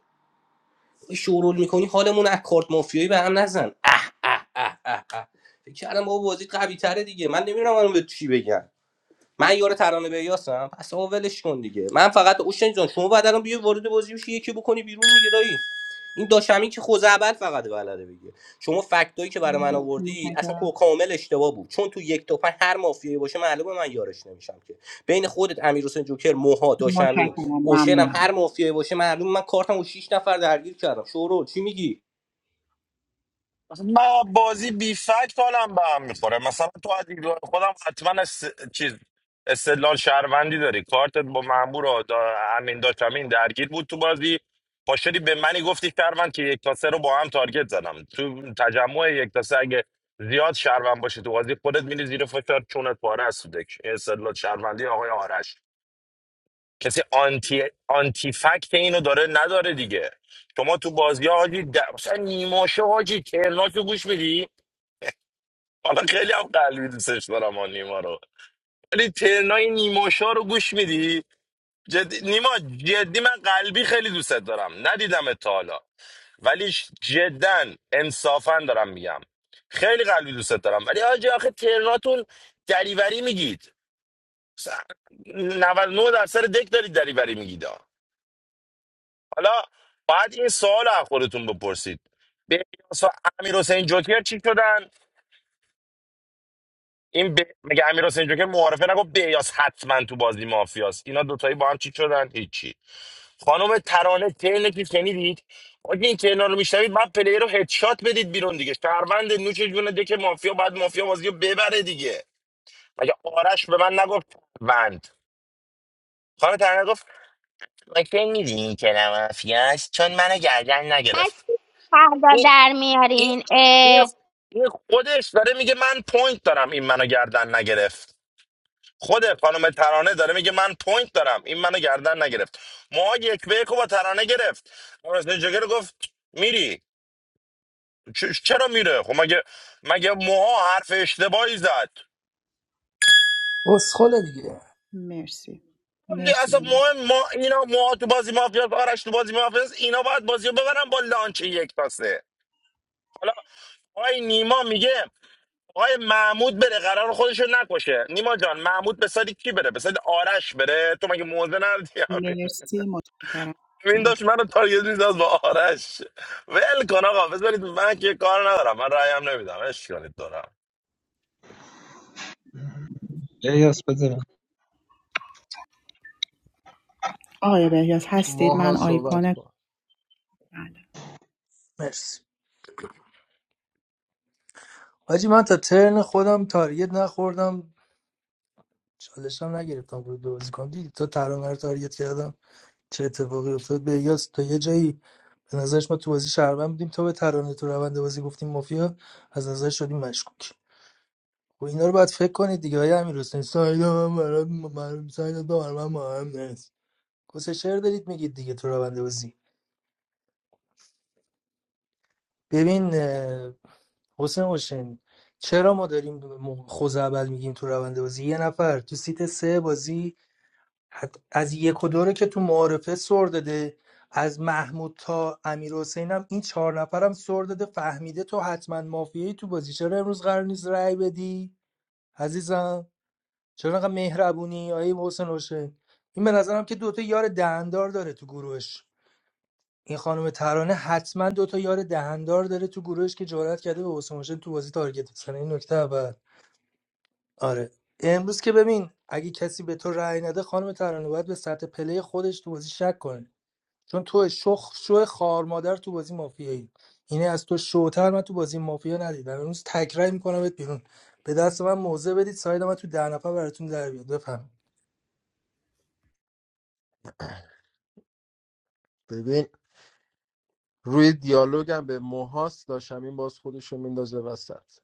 [SPEAKER 11] شورول میکنی حالمون از کارت مافیایی به هم نزن اه اه اه اه اه فکر کردم بابا بازی قوی تره دیگه من نمیدونم الان به چی بگم من یارو ترانه به یاسم پس آقا ولش کن دیگه من فقط اوشن جان شما بعد الان بیای وارد بازی بشی یکی بکنی بیرون دیگه دایی این داشمی که خوزعبل فقط بلده بگه شما فکتایی که برای من
[SPEAKER 1] مرسی
[SPEAKER 11] آوردی اصلا کو-
[SPEAKER 1] متشکرم
[SPEAKER 11] کامل اشتباه بود چون تو یک تا پنج هر مافیایی باشه معلومه من یارش نمیشم که بین خودت امیرحسین جوکر موها داشمی
[SPEAKER 1] متشکرم
[SPEAKER 11] اوشن هم هر
[SPEAKER 1] ممنونم
[SPEAKER 11] مافیایی باشه معلومه من کارتم و 6 نفر درگیر کردم شورو چی میگی
[SPEAKER 17] مثلا من بازی بی فکت حالم به هم میخوره مثلا تو از دیدگاه خودم حتما اس... چیز استدلال شهروندی داری کارتت با مامور و دا... امین داشت امین درگیر بود تو بازی پاشدی به منی گفتی شهروند که یک تا سه رو با هم تارگت زدم تو تجمع یک تا سه اگه زیاد شهروند باشه تو بازی خودت میری زیر فشار چونت پاره است تو دک. این استدلال شهروندی آقای آرش کسی آنتی آنتی فکت اینو داره نداره دیگه شما تو بازی ها حاجی در... مثلا نیماشه حاجی کرناشو گوش میدی حالا خیلی هم قلبی دوستش دارم آن نیما رو ولی ترنای نیموشا رو گوش میدی جدی نیما جدی من قلبی خیلی دوستت دارم ندیدم تا حالا ولی ش- جدا انصافا دارم میگم خیلی قلبی دوستت دارم ولی آجی آخه ترناتون دریوری میگید س- 99 درصد دک دارید دریوری میگید ها. حالا باید این سوال رو از خودتون بپرسید بهیاس و امیر حسین جوکر چی شدن این ب... مگه امیر حسین جوکر معارفه نگفت بیاس حتما تو بازی مافیاست اینا دوتایی با هم چی شدن هیچی خانم ترانه ترنه که شنیدید آگه این ترنا رو میشنوید بعد پلیر رو هدشات بدید بیرون دیگه شهروند نوش جونه دیگه مافیا بعد مافیا بازی رو ببره دیگه مگه آرش به من نگفت بند خانم ترانه گفت مگه میدونی که نه مافیاست چون منو گردن
[SPEAKER 13] پس
[SPEAKER 17] نگرفت
[SPEAKER 13] فردا
[SPEAKER 17] این
[SPEAKER 13] در
[SPEAKER 17] این
[SPEAKER 13] میارین
[SPEAKER 17] این
[SPEAKER 13] اه،
[SPEAKER 17] این خودش داره میگه من پوینت دارم این منو گردن نگرفت خود خانم ترانه داره میگه من پوینت دارم این منو گردن نگرفت ما یک به یک رو با ترانه گرفت راست جگر گفت میری چ- چرا میره خب مگه مگه موها حرف اشتباهی زد
[SPEAKER 15] اسخله دیگه
[SPEAKER 1] مرسی مرسی
[SPEAKER 17] اصلا مهم ما اینا موها تو بازی مافیا آرش تو بازی مافیا اینا باید بازی رو ببرن با لانچ یک تا سه حالا آقای نیما میگه آقای محمود بره قرار خودشو نکشه نیما جان محمود به سادی کی بره به سادی آرش بره تو مگه موزه نداری
[SPEAKER 1] مرسی متشکرم
[SPEAKER 17] این داشت منو تارگت میزد با آرش ول کن آقا بذارید من که کار ندارم من رأیم نمیدم اش کنید دارم
[SPEAKER 1] آقای بهیاز هستید من
[SPEAKER 12] ماها صحبت
[SPEAKER 1] آیکون
[SPEAKER 12] کن
[SPEAKER 1] بله
[SPEAKER 15] مرسی حاجی من تا ترن خودم تارگت نخوردم چالشم نگرفتم بود بازی کنم دیدی تو ترانه رو تارگت کردم چه اتفاقی افتاد به یاس تا یه جایی به نظرش ما تو بازی شهروند بودیم تا به ترانه تو روند بازی گفتیم مافیا از نظر شدیم مشکوک و اینا رو باید فکر کنید دیگه های امیر حسین سایدا من برات مهم- سایدا برای من مهم نیست کس شعر دارید میگید دیگه تو روند بازی ببین اه، حسین حسین چرا ما داریم خوزعبل میگیم تو روند بازی یه نفر تو سیت سه بازی حت- از یک و دو رو که تو معارفه سر داده از محمود تا امیر حسین هم این چهار نفرم سر داده فهمیده تو حتما مافیایی تو بازی چرا امروز قرار نیست رأی بدی عزیزم چرا انقدر مهربونی آیه حسین حسین این به نظرم که دوتا یار دهندار داره تو گروهش این خانم ترانه حتما دو تا یار دهندار داره تو گروهش که جرئت کرده به حسین حسین تو بازی تارگت بزنه این نکته اول آره امروز که ببین اگه کسی به تو رأی نده خانم ترانه باید به سطح پلی خودش تو بازی شک کنه چون تو شخ شو خار مادر تو بازی مافیایی اینه از تو شوتر من تو بازی مافیا ندیدم امروز تکرار میکنم بهت بیرون به دست من موزه بدید ساید من تو ده نفر براتون در بیاد بفهم
[SPEAKER 12] ببین روی دیالوگم به موهاس داشتم این باز خودشو میندازه وسط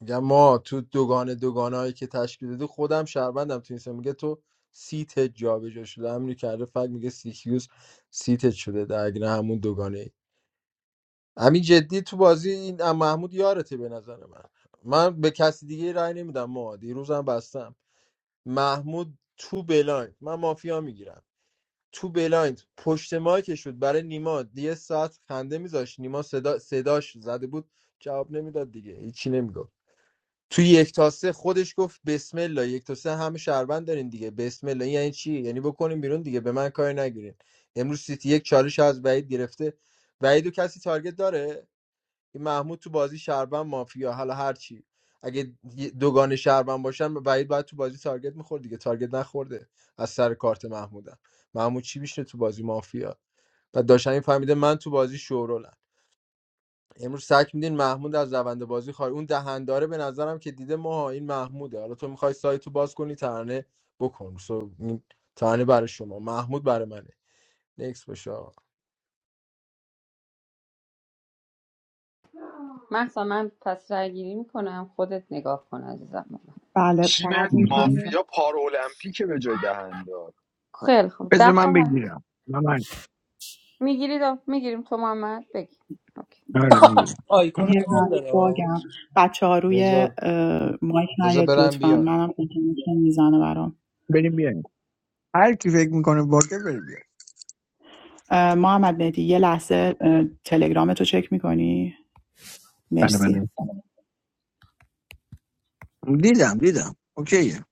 [SPEAKER 12] میگم ما تو دوگانه دوگانه که تشکیل دادی خودم شهروندم تو این سه. میگه تو سیت جابجا شده همینو کرده فکر میگه سیکیوز سیتت شده درگیر همون دوگانه ای همین جدی تو بازی این محمود یارته به نظر من من به کسی دیگه رأی نمیدم ما دیروزم بستم محمود تو بلایند من مافیا میگیرم تو بلایند پشت مایکش بود برای نیما یه ساعت خنده میذاشت نیما صدا صداش زده بود جواب نمیداد دیگه هیچی نمیگفت تو یک تا سه خودش گفت بسم الله یک تا سه همه شهروند دارین دیگه بسم الله این یعنی چی یعنی بکنیم بیرون دیگه به من کاری نگیرین امروز سیتی یک چالش از بعید گرفته بعیدو کسی تارگت داره این محمود تو بازی شهروند مافیا حالا هر چی اگه یه- دوگان شهروند باشن بعید باید تو بازی تارگت میخورد دیگه تارگت نخورده از سر کارت محمودم محمود چی میشه تو بازی مافیا و داشتن این فهمیده من تو بازی شورولم امروز سک میدین محمود از روند بازی خواهی اون دهنداره به نظرم که دیده ما این محموده حالا تو میخوای سایتو باز کنی ترانه بکن سو این ترانه برای شما محمود برای منه نکس باشه آقا.
[SPEAKER 1] بله
[SPEAKER 2] تیم
[SPEAKER 1] فقط میتونید
[SPEAKER 2] مافیا پار المپیکه به جای دهنده اون
[SPEAKER 20] بذار من بگیرم من من آره میگیرم
[SPEAKER 15] آیکون
[SPEAKER 1] یه
[SPEAKER 15] کال
[SPEAKER 1] ذره
[SPEAKER 15] داره آه.
[SPEAKER 1] باگم بچه ها روی
[SPEAKER 12] بذار
[SPEAKER 1] اه، مایک
[SPEAKER 12] بذار
[SPEAKER 1] نیاد
[SPEAKER 12] برم
[SPEAKER 1] لطفا
[SPEAKER 12] بیام
[SPEAKER 1] منم اینترنتم میزنه برام
[SPEAKER 20] بریم بیایم هر کی فکر میکنه باکه بریم بیایم
[SPEAKER 1] اه، محمد مهدی یه لحظه اه، تلگرامتو چک میکنی
[SPEAKER 20] بله
[SPEAKER 1] مرسی
[SPEAKER 20] بله دیدم دیدم اوکیه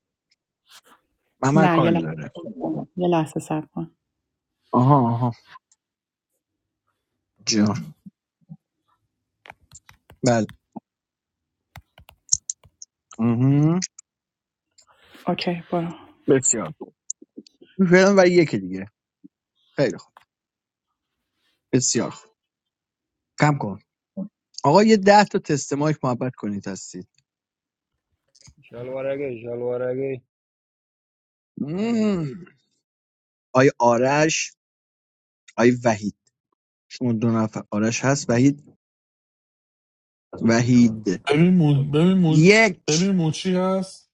[SPEAKER 20] ممر
[SPEAKER 1] نه
[SPEAKER 20] کار
[SPEAKER 1] یه لحظه
[SPEAKER 20] داره
[SPEAKER 1] صبر کن. یه لحظه صبر کن
[SPEAKER 20] آها آها جان بله آها.
[SPEAKER 1] اوکی برو
[SPEAKER 20] بسیار فعلا برای یکی دیگه خیلی خوب بسیار خوب کم کن آقا یه ده تا تست مایک محبت کنید هستید
[SPEAKER 16] شلوارگی شلوارگی
[SPEAKER 20] مم. آی آرش آی وحید شما دو نفر آرش هست وحید وحید
[SPEAKER 9] ببین مود ببین مود ببین
[SPEAKER 20] یک
[SPEAKER 9] موچی هست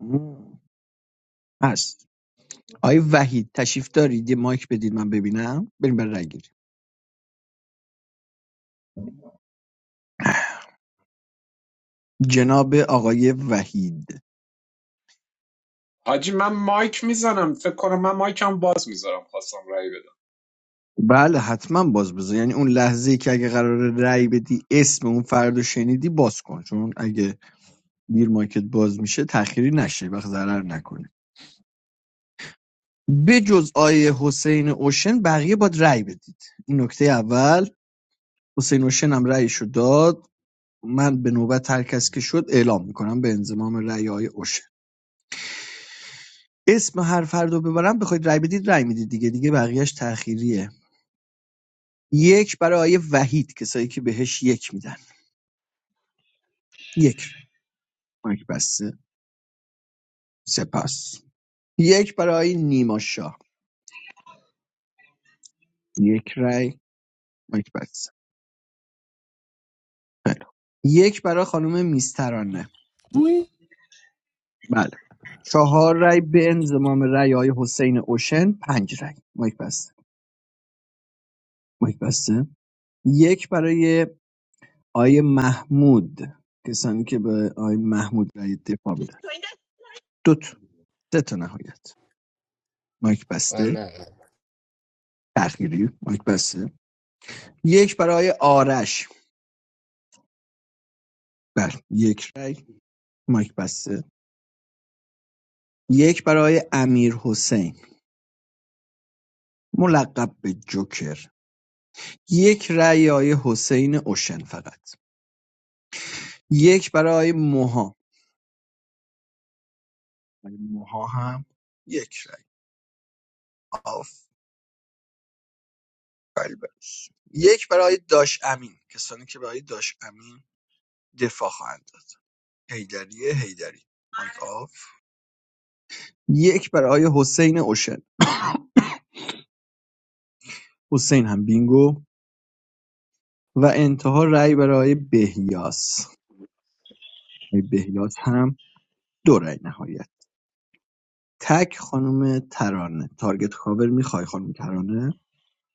[SPEAKER 20] مم. هست آی وحید تشریف دارید یه مایک بدید من ببینم بریم بر رای گیری. جناب آقای وحید
[SPEAKER 8] حاجی من مایک میزنم فکر کنم من مایکم باز میذارم خواستم رأی بدم
[SPEAKER 20] بله حتما باز بذار یعنی اون لحظه ای که اگه قرار رأی بدی اسم اون فرد رو شنیدی باز کن چون اگه دیر مایکت باز میشه تخیری نشه وقت ضرر نکنی بجز آیه حسین اوشن بقیه باید رأی بدید این نکته اول حسین اوشن هم رأیش رو داد من به نوبت هر کس که شد اعلام میکنم به انضمام رأی آیه اوشن اسم هر فرد رو ببرم بخواید رأی بدید رأی میدید دیگه دیگه بقیهش تأخیریه یک برای آیه وحید کسایی که بهش یک میدن یک رأی مایک بسته سپاس یک برای آیه نیما شاه یک رأی مایک بسته خیلی یک برای خانم میسترانه
[SPEAKER 9] وی
[SPEAKER 20] بله چهار رای به انضمام رای های حسین اوشن پنج رای مایک بسته مایک بسته یک برای آی محمود کسانی که به آی محمود رای دفاع میدن دو تا سه تا نهایت مایک
[SPEAKER 11] من
[SPEAKER 20] بسته
[SPEAKER 11] نه نه.
[SPEAKER 20] تخیری مایک بسته یک برای آقای آرش بر یک رای مایک بسته یک برای امیر حسین ملقب به جوکر یک رای آی حسین اوشن فقط یک برای موها ماها هم یک رای آفرین برش یک برای داش امین کسانی که برای داش امین دفاع خواهند داد هیدری هیدری مایک آف یک برای حسین اوشن حسین هم بینگو و انتها رای برای بهیاس آقای بهیاس هم دو رای نهایت تک خانم ترانه تارگت کاور میخوای خانم ترانه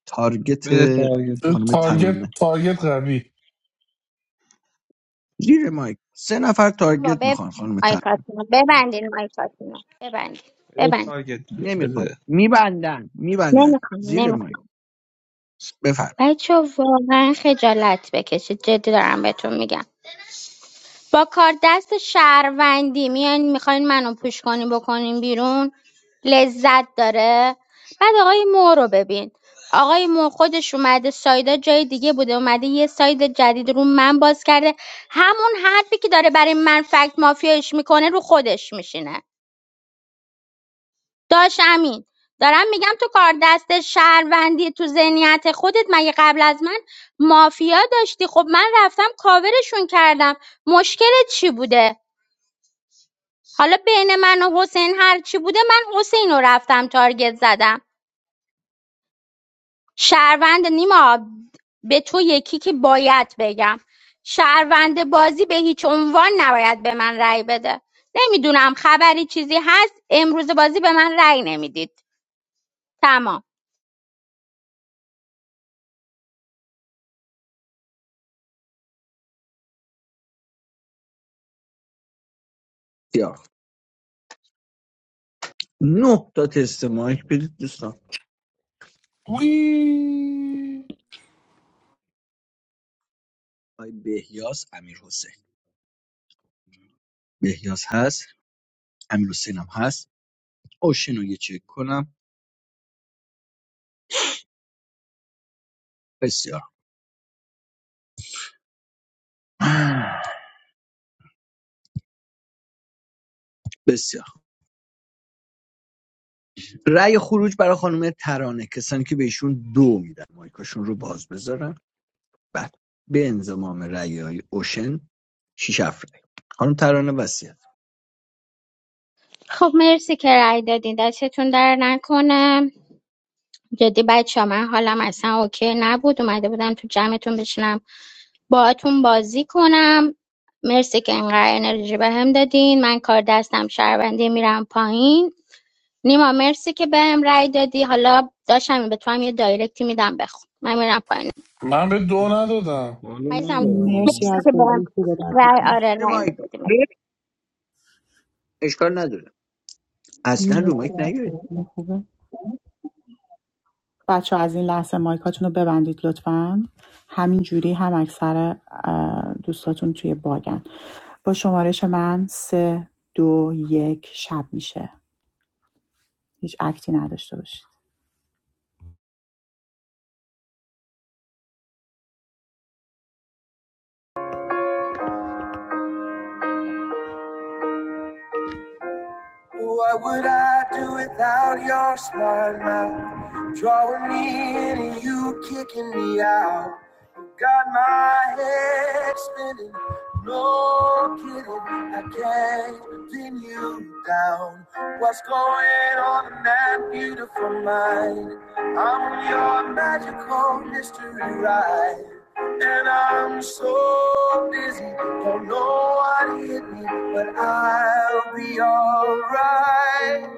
[SPEAKER 20] تارگت
[SPEAKER 14] بده تارگت رو.
[SPEAKER 20] خانم
[SPEAKER 9] تارگت
[SPEAKER 20] ترانه
[SPEAKER 9] تارگت قوی
[SPEAKER 20] زیر مایک سه نفر
[SPEAKER 13] بابا
[SPEAKER 20] تارگت
[SPEAKER 13] ببندین
[SPEAKER 20] میخوان خانم
[SPEAKER 13] مایکاتونو ببندین مایکاتونو ببندین
[SPEAKER 14] بده
[SPEAKER 13] ببندین
[SPEAKER 14] تارگت دیگه
[SPEAKER 20] نمیخواد
[SPEAKER 14] بده
[SPEAKER 20] میبندن میبندن
[SPEAKER 13] نمیخوام
[SPEAKER 20] زیر
[SPEAKER 13] نمیخوام
[SPEAKER 20] مایک بفرم
[SPEAKER 13] بچه واقعا خجالت بکشید جدی دارم بهتون میگم با کار دست شهروندی میان میخواین منو پوش کنیم بکنیم بیرون لذت داره بعد آقای مو رو ببین آقای مو خودش اومده سایدا جای دیگه بوده اومده یه ساید جدید رو من باز کرده همون حرفی که داره برای من فکت مافیاش میکنه رو خودش میشینه داش امین دارم میگم تو کار دستت شهروندی تو ذهنیت خودت مگه قبل از من مافیا داشتی خب من رفتم کاورشون کردم مشکلت چی بوده حالا بین من و حسین هر چی بوده من حسین رو رفتم تارگت زدم شهروند نیما به تو یکی که باید بگم شهروند بازی به هیچ عنوان نباید به من رأی بده نمیدونم خبری چیزی هست امروز بازی به من رأی نمیدید تمام
[SPEAKER 20] یا نه تا تست مایک بدید دوستان
[SPEAKER 9] وی
[SPEAKER 20] آقای بهیاس امیر حسین بهیاس هست امیر حسین هم هست اوشن رو یه چک کنم بسیار بسیار رأی خروج برای خانم ترانه کسانی که بهشون دو میدن مایکاشون رو باز بذارن بعد به انضمام رأی های اوشن شیش هفت رأی خانم ترانه وسیعت
[SPEAKER 13] خب مرسی که رأی دادین دستتون در نکنه جدی بچه ها من حالم اصلا اوکی نبود اومده بودم تو جمعتون بشینم باهاتون بازی کنم مرسی که اینقدر انرژی بهم دادین من کار دستم شهروندی میرم پایین نیما مرسی که بهم هم رای دادی حالا داشتم به تو هم یه دایرکتی میدم بخون من میرم پایین
[SPEAKER 9] من به دو ندادم
[SPEAKER 16] حالا
[SPEAKER 13] عزیزم
[SPEAKER 16] ندارم
[SPEAKER 1] مرسی
[SPEAKER 16] آه.
[SPEAKER 13] مرسی
[SPEAKER 1] از
[SPEAKER 13] که بهم
[SPEAKER 1] بازی خوب و درد
[SPEAKER 13] رأی
[SPEAKER 1] نکنه.
[SPEAKER 13] آره رأی
[SPEAKER 20] مایک
[SPEAKER 13] دادی
[SPEAKER 20] اشکال نداره اصلا رو
[SPEAKER 1] مرسی
[SPEAKER 20] مایک
[SPEAKER 1] از
[SPEAKER 20] نیاید.
[SPEAKER 1] شما خوبه بچه از این لحظه مایکاتون رو ببندید لطفا همین جوری هم اکثر اه، دوستاتون توی باگن با شمارش من سه دو یک شب میشه هیچ اکتی نداشته باشید
[SPEAKER 21] What would I do without your smart mouth? Drawing me in and you kicking me out. Got my head spinning, no kidding. I can't pin you down. What's going on in that beautiful mind? I'm your magical mystery ride. And I'm so busy, don't know what hit me, but I'll be alright.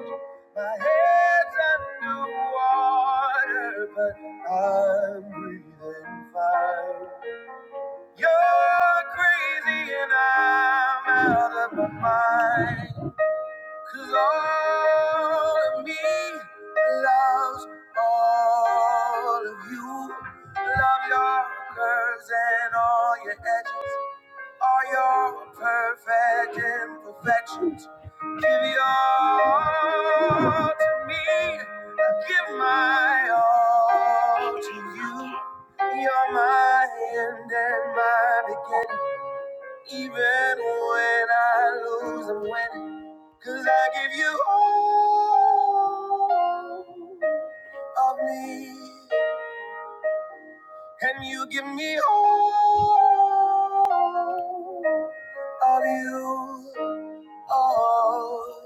[SPEAKER 21] My head's underwater, but I'm breathing fine. You're crazy and I'm out of my mind. Cause all of me loves all of you. Love your curves and all your edges, all your perfect imperfections. Give your all to me. I give my all to you. You're my end and my beginning. Even when I lose, I'm winning. Cause I give you all of me, and you give me all of you. all.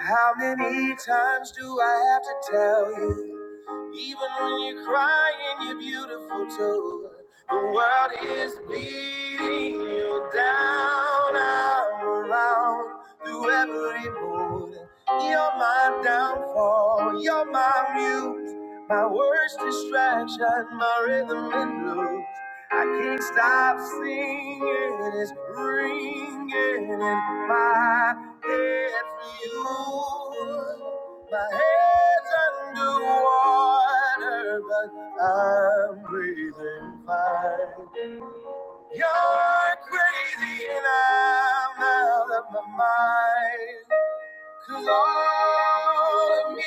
[SPEAKER 21] How many times do I have to tell you? Even when you're crying, you're beautiful too. The world is beating you down, I'm around through every mood. You're my downfall, you're my muse, my worst distraction, my rhythm and blues. I can't stop singing, it's ringing in my head for you. My head's underwater, but I'm breathing fine. You're crazy and I'm out of my mind. Cause all of me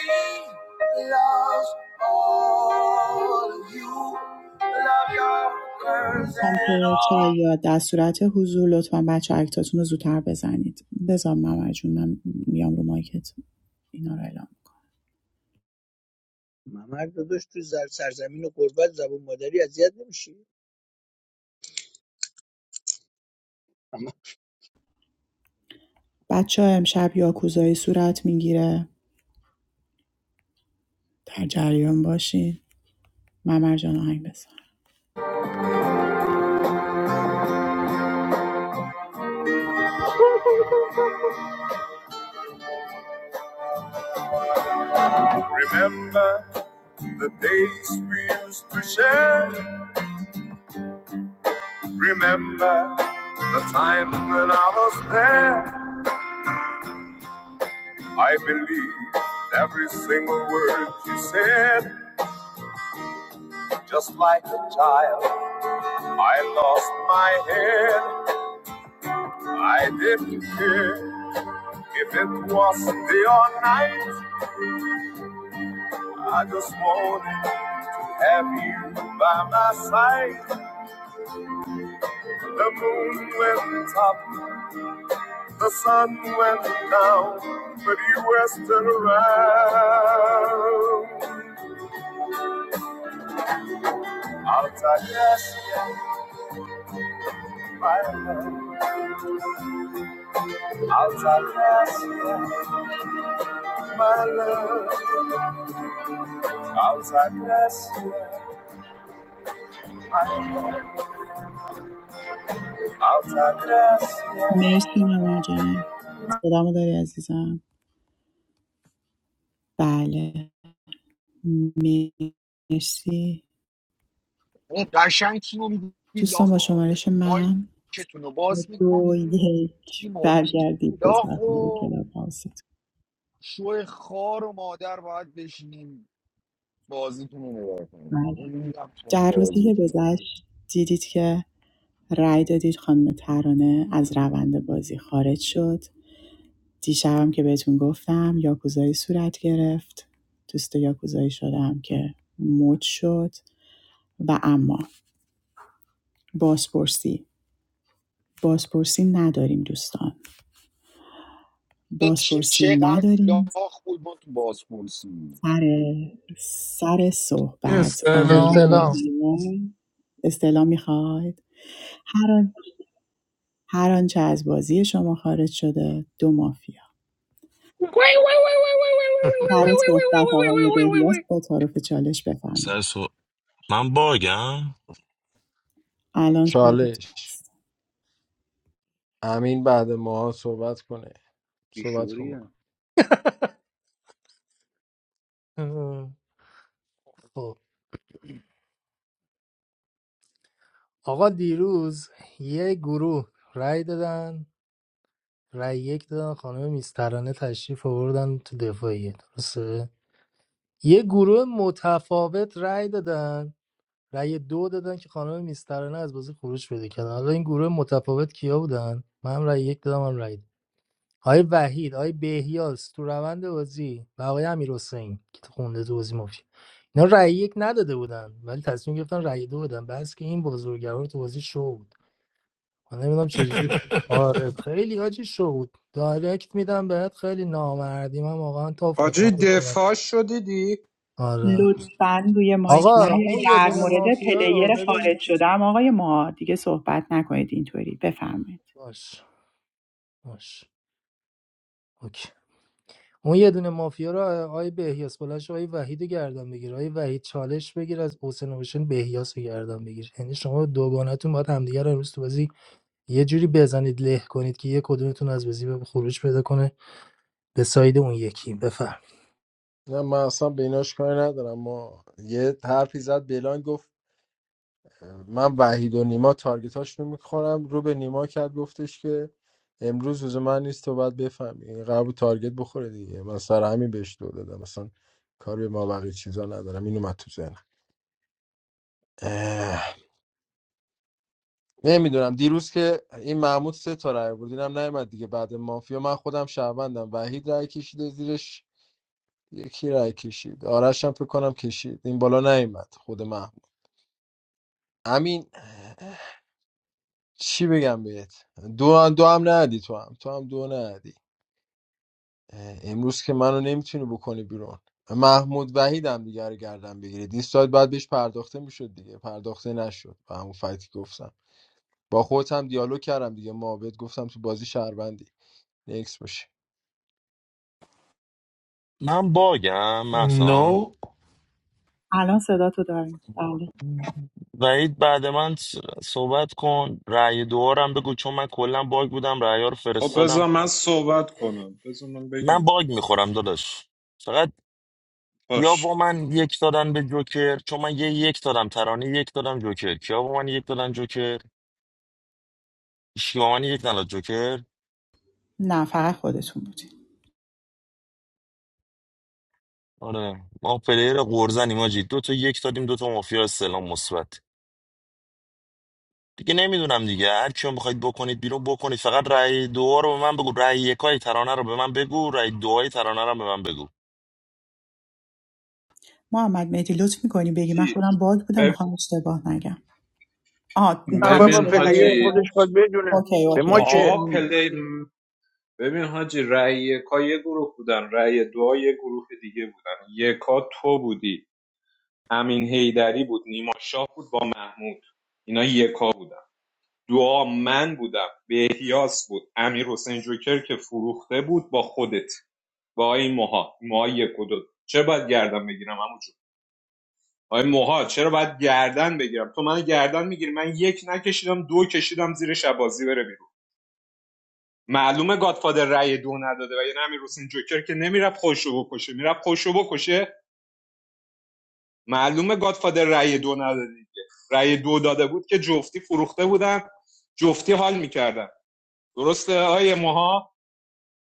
[SPEAKER 21] loves all of you. Love your curves and
[SPEAKER 1] آنکه
[SPEAKER 21] all.
[SPEAKER 1] شاید در صورت حضور لطفا بچه اکتاتون رو زودتر بزنید بذار ممر جون من میام رو مایکت اینا رو اعلام
[SPEAKER 20] ممر داداش تو زر سرزمین و قربت زبون مادری اذیت نمیشی ممر
[SPEAKER 1] بچه‌ها امشب یاکوزایی صورت میگیره در جریان باشین ممر جان آهنگ بزن
[SPEAKER 21] Remember the days we used to share. Remember the time when I was there. I believed every single word you said. Just like a child, I lost my head. I didn't care. If it wasn't your night, I just wanted to have you by my side. The moon went up, the sun went down, but you were still around. Altagracia, my love. Altagracia, my love. Altagracia, my love. Altagracia.
[SPEAKER 1] مرسی ممر جان صدامو داری عزیزم بله مرسی
[SPEAKER 2] قشنگ تیمو میدید
[SPEAKER 1] دوستان
[SPEAKER 2] لاخ
[SPEAKER 1] با
[SPEAKER 2] آره.
[SPEAKER 1] شمارش
[SPEAKER 2] مایی
[SPEAKER 1] من
[SPEAKER 2] که کتونو باز
[SPEAKER 1] دو
[SPEAKER 2] میکنید
[SPEAKER 1] یک
[SPEAKER 2] تیمو میدید
[SPEAKER 1] برگردید به
[SPEAKER 2] لاخ
[SPEAKER 1] صفحه
[SPEAKER 2] و
[SPEAKER 1] کلاب هاوستون.
[SPEAKER 2] شو خار و مادر باید بشینیم بازیتون رو نگاه کنیم
[SPEAKER 1] بله
[SPEAKER 2] نمیدونم تو این
[SPEAKER 1] در روزی که
[SPEAKER 2] بازیتون
[SPEAKER 1] گذشت دیدید که رای دادید خانم ترانه از روند بازی خارج شد دیشبم که بهتون گفتم یاکوزایی صورت گرفت دوست یاکوزایی شدم که مد شد و اما بازپرسی بازپرسی نداریم دوستان
[SPEAKER 2] این تیم
[SPEAKER 1] بازپرسی
[SPEAKER 2] چقدر
[SPEAKER 1] نداریم
[SPEAKER 2] لاخ بود ما تو بازپرسی
[SPEAKER 1] سر سر صحبت آقای
[SPEAKER 9] استعلام
[SPEAKER 15] استلام
[SPEAKER 1] بهنام استعلام میخواید هر آن- هر آنچه از بازی شما خارج شده دو مافیا سر صحبت آقای بهیاس با تعارف چالش بفرمایید
[SPEAKER 17] سر سو... من باگم
[SPEAKER 1] الان صحبت.
[SPEAKER 12] چالش امین بعد ما صحبت کنه صحبت کن ما
[SPEAKER 16] بیشوریه
[SPEAKER 15] آقا دیروز یه گروه رأی دادن رأی یک دادن خانم میسترانه تشریف آوردن تو دفاعیه درسته یه گروه متفاوت رأی دادن رأی دو دادن که خانم میسترانه از بازی خروج پیدا کردن حالا این گروه متفاوت کیا بودن من هم رأی یک دادم هم رأی دادم. آقای وحید آقای بهیاس تو روند بازی و آقای امیر که تو خونده تو بازی مافیا اینا رأی یک نداده بودن ولی تصمیم گرفتن رأی دو بدن بس که این بزرگوار تو بازی شو بود من نمیدونم چجوری آره خیلی حاجی شو بود دایرکت میدم بهت خیلی نامردی من واقعا توف
[SPEAKER 8] حاجی
[SPEAKER 15] میکنم
[SPEAKER 8] دفاع شدیدی
[SPEAKER 15] آره
[SPEAKER 1] لطفا روی مایک
[SPEAKER 15] آقا
[SPEAKER 1] نیاید
[SPEAKER 15] اون یه
[SPEAKER 1] در
[SPEAKER 15] دونه
[SPEAKER 1] مورد
[SPEAKER 15] مافیا
[SPEAKER 1] پلیر
[SPEAKER 15] رو ببین
[SPEAKER 1] خارج شدم هم آقای ما دیگه صحبت نکنید اینطوری بفرمایید
[SPEAKER 15] باش باش اوکی اون یه دونه مافیا رو آقای بهیاس بلش آقای وحید رو گردن بگیر آقای وحید چالش بگیر از حسین حسین بهیاس رو گردن بگیر یعنی شما دوگانتون باید همدیگه رو امروز تو بازی یه جوری بزنید له کنید که یه کدومتون از بازی به خروج پیدا کنه به ساید اون یکی بفهم
[SPEAKER 12] نه من اصلا به ایناش کاری ندارم ما یه حرفی زد بلان گفت من وحید و نیما تارگتاش رو میخورم رو به نیما کرد گفتش که امروز روز من نیست تو باید بفهمی این قرار بود تارگت بخوره دیگه من سر همین بهش دو دادم مثلا کار به ما بقیه چیزا ندارم این اومد تو ذهنم اه، نمیدونم دیروز که این محمود سه تا رای بود اینم نیومد دیگه بعد مافیا من خودم شهروندم وحید رای کشیده زیرش یکی رای کشید آرش هم فکر کنم کشید این بالا نیومد خود محمود امین چی بگم بهت دو هم دو هم ندی تو هم تو هم دو ندی امروز که منو نمیتونی بکنی بیرون محمود وحید هم دیگه رو گردن بگیره دیستاید بعد بهش پرداخته میشد دیگه پرداخته نشد به همون فایتی که گفتم با خودت هم دیالوگ کردم دیگه محبت گفتم تو بازی شهروندی نکس باشی
[SPEAKER 17] من باگم محسان
[SPEAKER 9] نو
[SPEAKER 1] الان صدا تو داریم بله
[SPEAKER 17] وحید بعد من س- صحبت کن رأی دوارم بگو چون من کلا باگ بودم رأی رو
[SPEAKER 8] خب بذار
[SPEAKER 17] فرستادم
[SPEAKER 8] من صحبت کنم بذار من بگم
[SPEAKER 17] من
[SPEAKER 8] دیگه
[SPEAKER 17] باگ میخورم داداش فقط یا
[SPEAKER 8] باش
[SPEAKER 17] با من یک دادن به جوکر چون من یه یک دادم ترانه یک دادم جوکر کیا با من یک دادن جوکر هیچکی یک نداد جوکر
[SPEAKER 1] نه فقط خودتون بودی
[SPEAKER 17] آره ما پلیر قرزنیم آجی دو تا یک دادیم دو تا مافیا سلام مثبت دیگه نمیدونم دیگه هر کیو میخواید بکنید بیرون بکنید فقط رأی دو رو به من بگو رأی یکای ترانه رو به من بگو رأی دوای ترانه رو به من بگو
[SPEAKER 1] محمد مهدی لطف می‌کنی بگی من
[SPEAKER 8] حاجی
[SPEAKER 1] خودم باگ بودم میخوام اشتباه نگم آه
[SPEAKER 20] نه
[SPEAKER 1] تموم
[SPEAKER 8] ببین
[SPEAKER 1] شد
[SPEAKER 20] بابا
[SPEAKER 1] آقای
[SPEAKER 20] پلیر
[SPEAKER 8] حاجی
[SPEAKER 20] خودش
[SPEAKER 1] عرفان؟
[SPEAKER 20] باید بدونه
[SPEAKER 1] اوکی
[SPEAKER 20] به
[SPEAKER 1] اوکی
[SPEAKER 20] ما
[SPEAKER 1] فکر
[SPEAKER 20] چه
[SPEAKER 8] آقا پلی ببین حاجی رأی یکا یه گروه بودن رأی دو یه گروه دیگه بودن یکا تو بودی امین هیدری بود نیما شاه بود با محمود اینا یکا بودن دعا من بودم بهیاس بود امیر حسین جوکر که فروخته بود با خودت با آقای موها موها یک و دو چرا باید گردن بگیرم همون آقای موها چرا باید گردن بگیرم تو من گردن میگیری من یک نکشیدم دو کشیدم زیر شبازی بره بیرون معلومه گادفادر رأی دو نداده و یعنی همین روسین جوکر که نمیرفت خوشو بکشه میرفت خوشو بکشه معلومه گادفادر رأی دو نداده دیگه رأی دو داده بود که جفتی فروخته بودن جفتی حال میکردن درسته آیه موها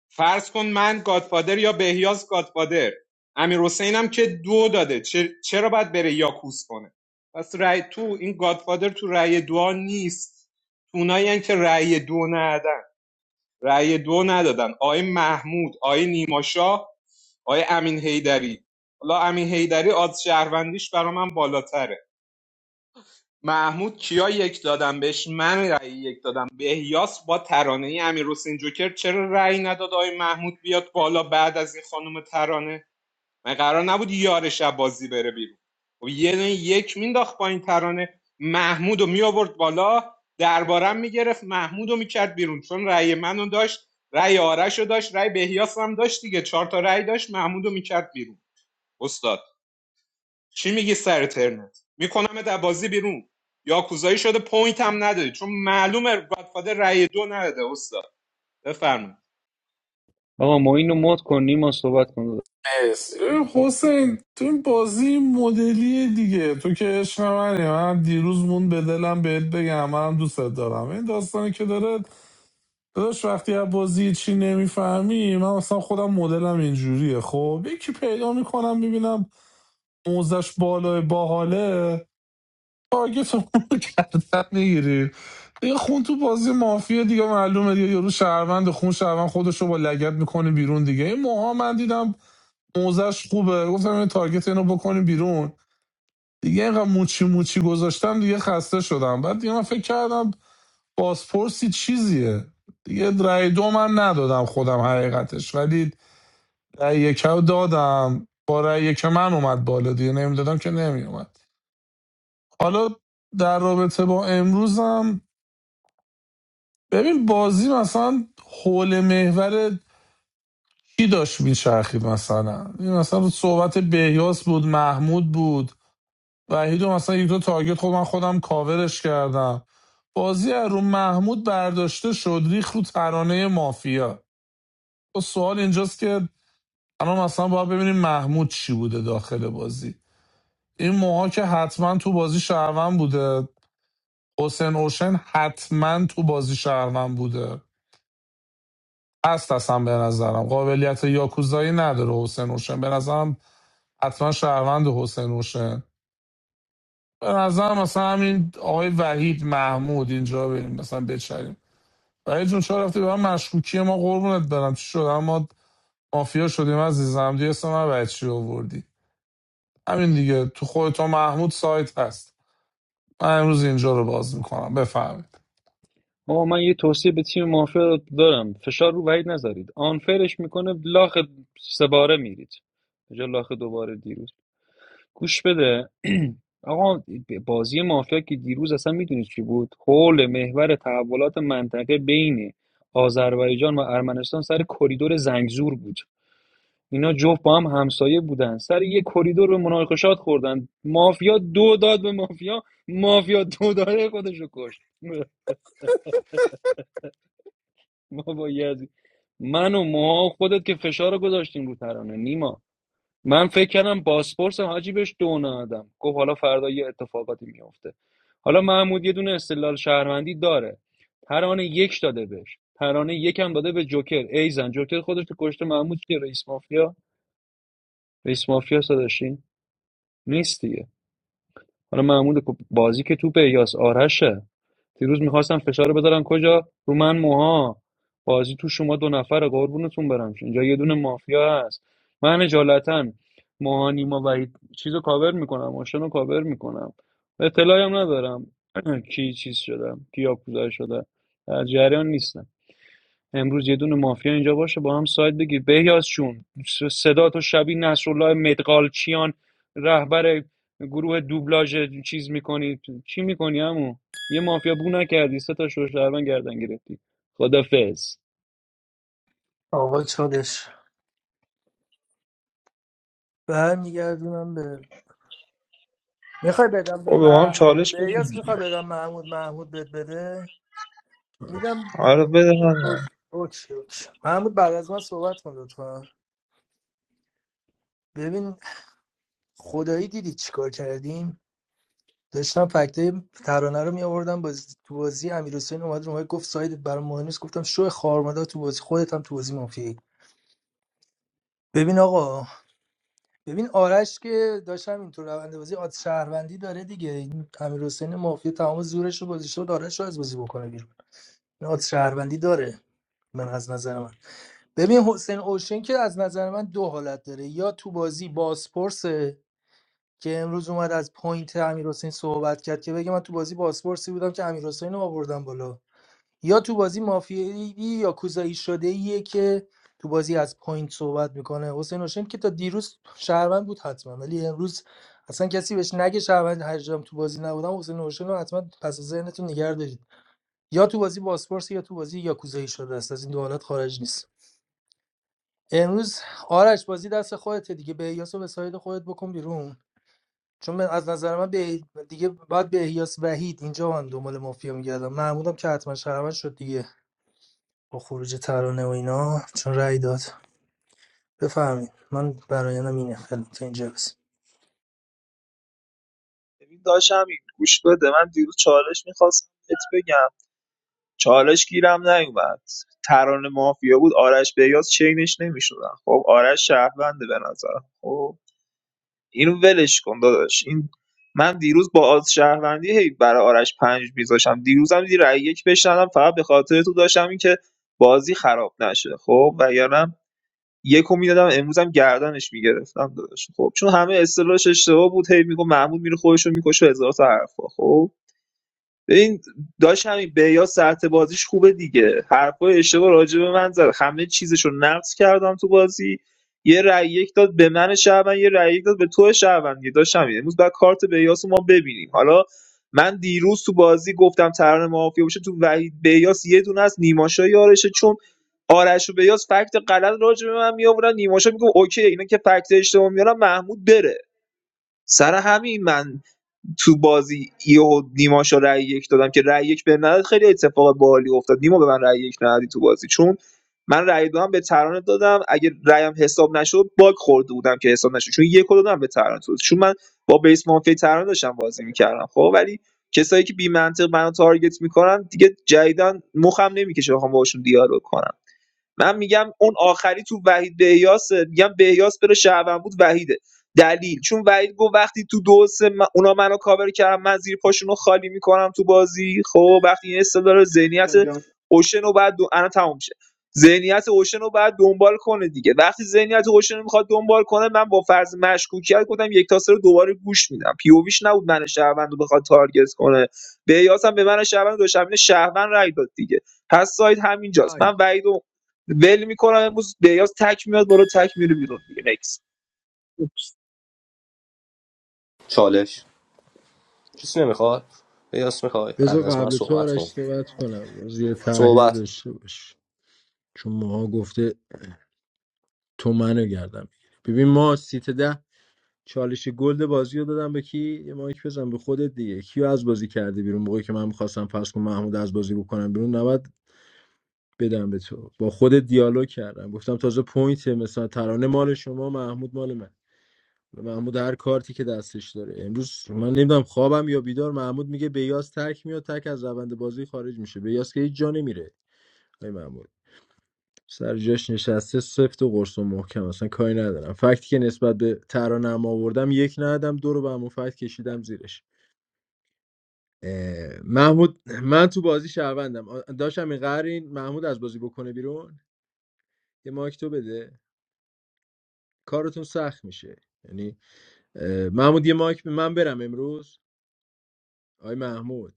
[SPEAKER 8] فرض کن من گادفادر یا بهیاز گادفادر امیر حسین هم که دو داده چه- چرا باید بره یاکوس کنه پس رأی تو این گادفادر تو رأی دو نیست اونایی که رأی دو ندادن. رأی دو ندادن آقای محمود آقای نیماشا آقای امین هیدری حالا امین هیدری آز شهروندیش برا من بالاتره محمود کیا یک دادم بهش من رأی یک دادم بهیاس با ترانه ای امیر جوکر چرا رأی نداد آقای محمود بیاد بالا بعد از این خانم ترانه من قرار نبود یار شب بازی بره بیرون خب یه دونه یک مینداخت پایین ترانه محمود رو میآورد بالا دربارم میگرفت محمود رو میکرد بیرون چون رأی منو داشت رأی آرشو داشت رأی بهیاس هم داشت دیگه چهار تا رأی داشت محمود رو میکرد بیرون استاد چی میگی سر ترنت میکنم در بازی بیرون یا کوزایی شده پوینت هم نداری چون معلومه گادفادر رأی دو نداده استاد بفرمایید
[SPEAKER 16] آقا ما اینو مد کنیم ما صحبت کن
[SPEAKER 9] اس اه، حسین تو این بازی این مدلیه دیگه تو که عشق منی من دیروز مون به دلم بهت بگم منم دوست دارم این داستانی که داره داداش وقتی از بازی چی نمیفهمی من مثلا خودم مدلم اینجوریه خب یکی پیدا میکنم ببینم موزش بالای باحاله تارگت رو کردن میگیری دیگه خون تو بازی مافیا دیگه معلومه دیگه یارو شهروند خون شهروند خودش رو با لگد میکنه بیرون دیگه این موها من دیدم موزش خوبه گفتم این تارگت اینو بکنیم بیرون دیگه اینقدر موچی موچی گذاشتم دیگه خسته شدم بعد دیگه من فکر کردم بازپرسی چیزیه دیگه رأی دو من ندادم خودم حقیقتش ولی رأی یک رو دادم با رأی یک من اومد بالا دیگه نمیدادم که نمیومد حالا در رابطه با امروزم ببین بازی مثلا حول محور کی داشت میچرخید مثلا این مثلا صحبت بهیاس بود محمود بود وحید و مثلا یک دو تارگت خود من خودم کاورش کردم بازی از رو محمود برداشته شد ریخ رو ترانه مافیا و سوال اینجاست که الان مثلا باید ببینیم محمود چی بوده داخل بازی این موها که حتما تو بازی شهروند بوده حسین اوشن حتما تو بازی شهروند بوده هست اصلا به نظرم قابلیت یاکوزایی نداره حسین اوشن به نظرم حتما شهروند حسین اوشن به نظر مثلا همین آقای وحید محمود اینجا بریم مثلا بچریم وحید جون چرا رفتی به من مشکوکی ما قربونت برم چی شد اما مافیا شدیم عزیزم دیگه اسم من بچی آوردی همین دیگه تو خودت و محمود سایت هست من امروز اینجا رو باز میکنم بفهمید
[SPEAKER 16] آقا من یه توصیه به تیم مافیا دارم فشار رو وحید نذارید آنفرش میکنه لاخ سه باره میرید جا لاخ دوباره دیروز گوش بده آقا بازی مافیا که دیروز اصلا میدونید چی بود حول محور تحولات منطقه بین آذربایجان و ارمنستان سر کریدور زنگزور بود اینا جفت با هم همسایه بودن سر یه کریدور به مناقشات خوردن مافیا دو داد به مافیا مافیا دو داره خودشو کشت ما با یزی من و موها و خودت که فشار رو گذاشتیم رو ترانه نیما من فکر کردم باسپورس حاجی بهش دو ندادم گفت حالا فردا یه اتفاقاتی میفته حالا محمود یه دونه استدلال شهروندی داره ترانه یک داده بهش ترانه یکم داده به جوکر ای زن جوکر خودش تو کشته محمود که رئیس مافیا رئیس مافیا داشتین نیست دیگه حالا محمود بازی که توپ الیاس آرشه دیروز میخواستم فشار رو بذارن کجا رو من موها بازی تو شما دو نفره قربونتون برم اینجا یه دونه مافیا هست من اجالتا موها نیما وحید چیزو کاور میکنم ماشین کاور میکنم اطلاعی هم ندارم کی چیز شدم کی یاکوزا شده در جریان نیستم امروز یه دونه مافیا اینجا باشه با هم ساید بگیر بهیاز چون صدا تو شبیه نصرالله مدغالچیان رهبر گروه دوبلاژ چیز میکنی چی میکنی همون یه مافیا بو نکردی سه تا شوشتربن گردن گرفتی خدافز
[SPEAKER 15] آقا چالش برمیگردونم به میخوای بدم به
[SPEAKER 14] او به ما هم
[SPEAKER 15] مح...
[SPEAKER 14] چالش
[SPEAKER 15] بهیاس
[SPEAKER 14] بگیم
[SPEAKER 15] میخوای بدم محمود محمود بد بده میدم
[SPEAKER 14] آره بده
[SPEAKER 15] اوکی اوکی محمود بعد از من صحبت کن لطفا ببین خدایی دیدی چیکار کردیم داشتم فکتای ترانه رو میآوردم باز تو بازی امیر حسین اومد رو ما گفت سایدت برام مهم نیست گفتم شو خارمدا تو بازی خودت هم تو بازی مافیایی ببین آقا ببین آرش که داشتم اینطور روند بازی آد شهروندی داره دیگه این امیر حسین مافیا تمام زورش رو گذاشته بود آرش رو از بازی بکنه بیرون نات شهروندی داره من از نظر من ببین حسین اوشن که از نظر من دو حالت داره یا تو بازی بازپرسه که امروز اومد از پوینت امیر حسین صحبت کرد که بگه من تو بازی بازپرسی بودم که امیر حسین رو آوردم بالا یا تو بازی مافیایی یا کوزایی شده ایه که تو بازی از پوینت صحبت میکنه حسین اوشن که تا دیروز شهروند بود حتما ولی امروز اصلا کسی بهش نگه شهروند هر جام تو بازی نبودم حسین اوشن رو حتما پس از ذهنتون نگه دارید. یا تو بازی باسپورس یا تو بازی یاکوزایی شده است از این دو حالت خارج نیست امروز آرش بازی دست خودته دیگه به احیاس و وساید خودت بکن بیرون چون من از نظر من به دیگه باید به احیاس وحید اینجا من دنبال مافیا میگردم محمودم که حتما شهروند شد دیگه با خروج ترانه و اینا چون رأی داد بفهمید من برایانم اینه خیلی تا اینجا بس
[SPEAKER 14] ببین داشت همین گوش بده من دیروز چالش میخواستم ات بگم چالش گیرم نیومد ترانه مافیا بود آرش بیاز چینش نمیشدن خب آرش شهرونده به نظرم خب اینو ولش کن داداش این من دیروز با آز شهروندی هی برای آرش پنج میذاشم دیروزم دی رأی یک بشنم فقط به خاطر تو داشتم این که بازی خراب نشه خب وگرنه یکو میدادم امروزم گردنش میگرفتم داداش خب چون همه اصطلاحش اشتباه بود هی میگم محمود میره خودش رو میکشه هزار تا حرفا خب این داشت همین بهیا ساعت بازیش خوبه دیگه حرفای اشتباه راجع به من زد همه چیزشو نقص کردم تو بازی یه رأی یک داد به من شعبان یه رأی یک داد به تو شعبان دیگه داشت همین امروز بعد کارت بهیاس رو ما ببینیم حالا من دیروز تو بازی گفتم ترن مافیا باشه تو وحید بهیاس یه دونه از نیماشا یارشه چون آرش و بیاس فکت غلط راجع به من می آوردن نیماشا میگه اوکی اینا که فکت اشتباه میارن محمود بره سر همین من تو بازی یهو نیما شو رأی یک دادم که رأی یک به نداد خیلی اتفاق باحالی افتاد نیما به من رأی یک ندادی تو بازی چون من رأی دو هم به ترانه دادم اگه رأیم حساب نشد باگ خورده بودم که حساب نشد چون یک رو دادم به ترانه تو چون من با بیس مافیا ترانه داشتم بازی میکردم خب ولی کسایی که بی منطق منو تارگت میکنن دیگه جدیدن مخم نمیکشه بخوام باشون دیالوگ کنم من میگم اون آخری تو وحید بهیاسه میگم بهیاس بره شهروند بود وحیده دلیل چون وحید گفت وقتی تو دو و سه من- اونا منو کاور کردن من زیر پاشونو خالی میکنم تو بازی خب وقتی این استدار ذهنیت
[SPEAKER 20] گفتم جان
[SPEAKER 14] اوشن رو بعد دو... الان تموم میشه ذهنیت اوشن رو بعد دنبال کنه دیگه وقتی ذهنیت اوشن رو میخواد دنبال کنه من با فرض مشکوکیت گفتم یک تاسه رو دوباره گوش میدم پیوویش نبود من شهروند رو بخواد تارگت کنه بهیاس هم به من شهروند دو شهروند شهروند رای داد دیگه پس ساید همینجاست
[SPEAKER 20] تایم.
[SPEAKER 14] من وحید و ول میکنم امروز بیاز تک میاد بالا تک میره بیرون دیگه نکس
[SPEAKER 20] اوپس،
[SPEAKER 11] چالش کسی نمیخواد یاس میخوای بعد
[SPEAKER 12] بذار
[SPEAKER 11] از من
[SPEAKER 12] قبل تو
[SPEAKER 11] صحبت کن
[SPEAKER 12] آرش صحبت کنم بازی یه تحلیل
[SPEAKER 11] صحبت کن.
[SPEAKER 12] داشته باش چون ماها گفته تو منو گردم بگیری ببین ما سیت ده چالش گلد بازی رو دادم به کی یه مایک بزن به خودت دیگه کیو از بازی کردی بیرون موقعی که من میخواستم پس کنم محمود از بازی بکنم بیرون نباید بدم به تو با خود دیالوگ کردم گفتم تازه پوینت مثلا ترانه مال شما محمود مال من محمود هر کارتی که دستش داره امروز من نمیدونم خوابم یا بیدار محمود میگه بیاس تک میاد تک از روند بازی خارج میشه بیاس که هیچ جا نمیره آی محمود سر جاش نشسته سفت و قرص و محکم اصلا کاری ندارم فکتی که نسبت به ترانم آوردم یک ندادم دو رو به همون فکت کشیدم زیرش اه، محمود من تو بازی شهروندم آ- داشتم این قرین محمود از بازی بکنه بیرون یه مایک تو بده کارتون سخت میشه یعنی اه، محمود یه مایک به من برم امروز آی محمود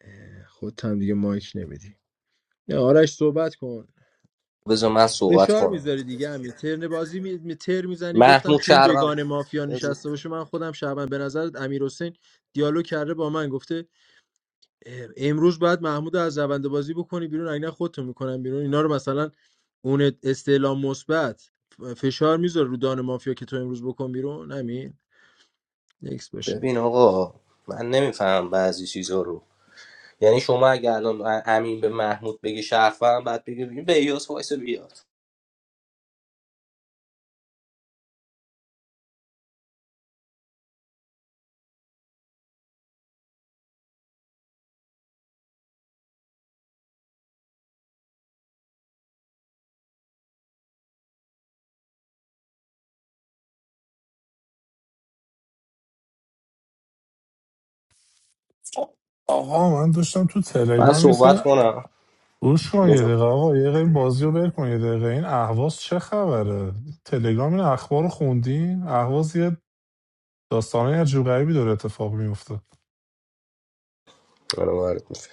[SPEAKER 12] اه، خودت هم دیگه مایک نمیدی نه آرش صحبت کن
[SPEAKER 11] بذار من صحبت
[SPEAKER 12] فشار
[SPEAKER 11] کنم
[SPEAKER 12] میذاری دیگه همین ترن بازی می... می- تر میزنی گفتم
[SPEAKER 11] محمود
[SPEAKER 12] تو این
[SPEAKER 11] شهروند
[SPEAKER 12] دوگان مافیا نشسته باشه من خودم شبم به نظرت امیر دیالوگ کرده با من گفته اه، امروز باید محمود رو از روند بازی بکنی بیرون اگه نه خودتو میکنم بیرون اینا رو مثلا اون استعلام مثبت فشار میذاره رو دان مافیا که تو امروز بکن بیرون همین نکس باشه
[SPEAKER 11] ببین آقا من نمیفهمم بعضی چیزا رو یعنی شما اگه الان امین به محمود بگی شرفم بعد بگی بگی به ایاس وایس بیاد
[SPEAKER 9] آقا من داشتم تو
[SPEAKER 11] من
[SPEAKER 9] تلگرام یه سری
[SPEAKER 11] صحبت کنم
[SPEAKER 9] گوش کن یه
[SPEAKER 11] بذار.
[SPEAKER 9] دقیقه آقا یه دقیقه این بازی رو ول کن یه دقیقه این اهواز چه خبره تلگرام این اخبار رو خوندین اهواز یه داستانه عجیب غریبی داره اتفاق میفته
[SPEAKER 11] آره، وارد میشه.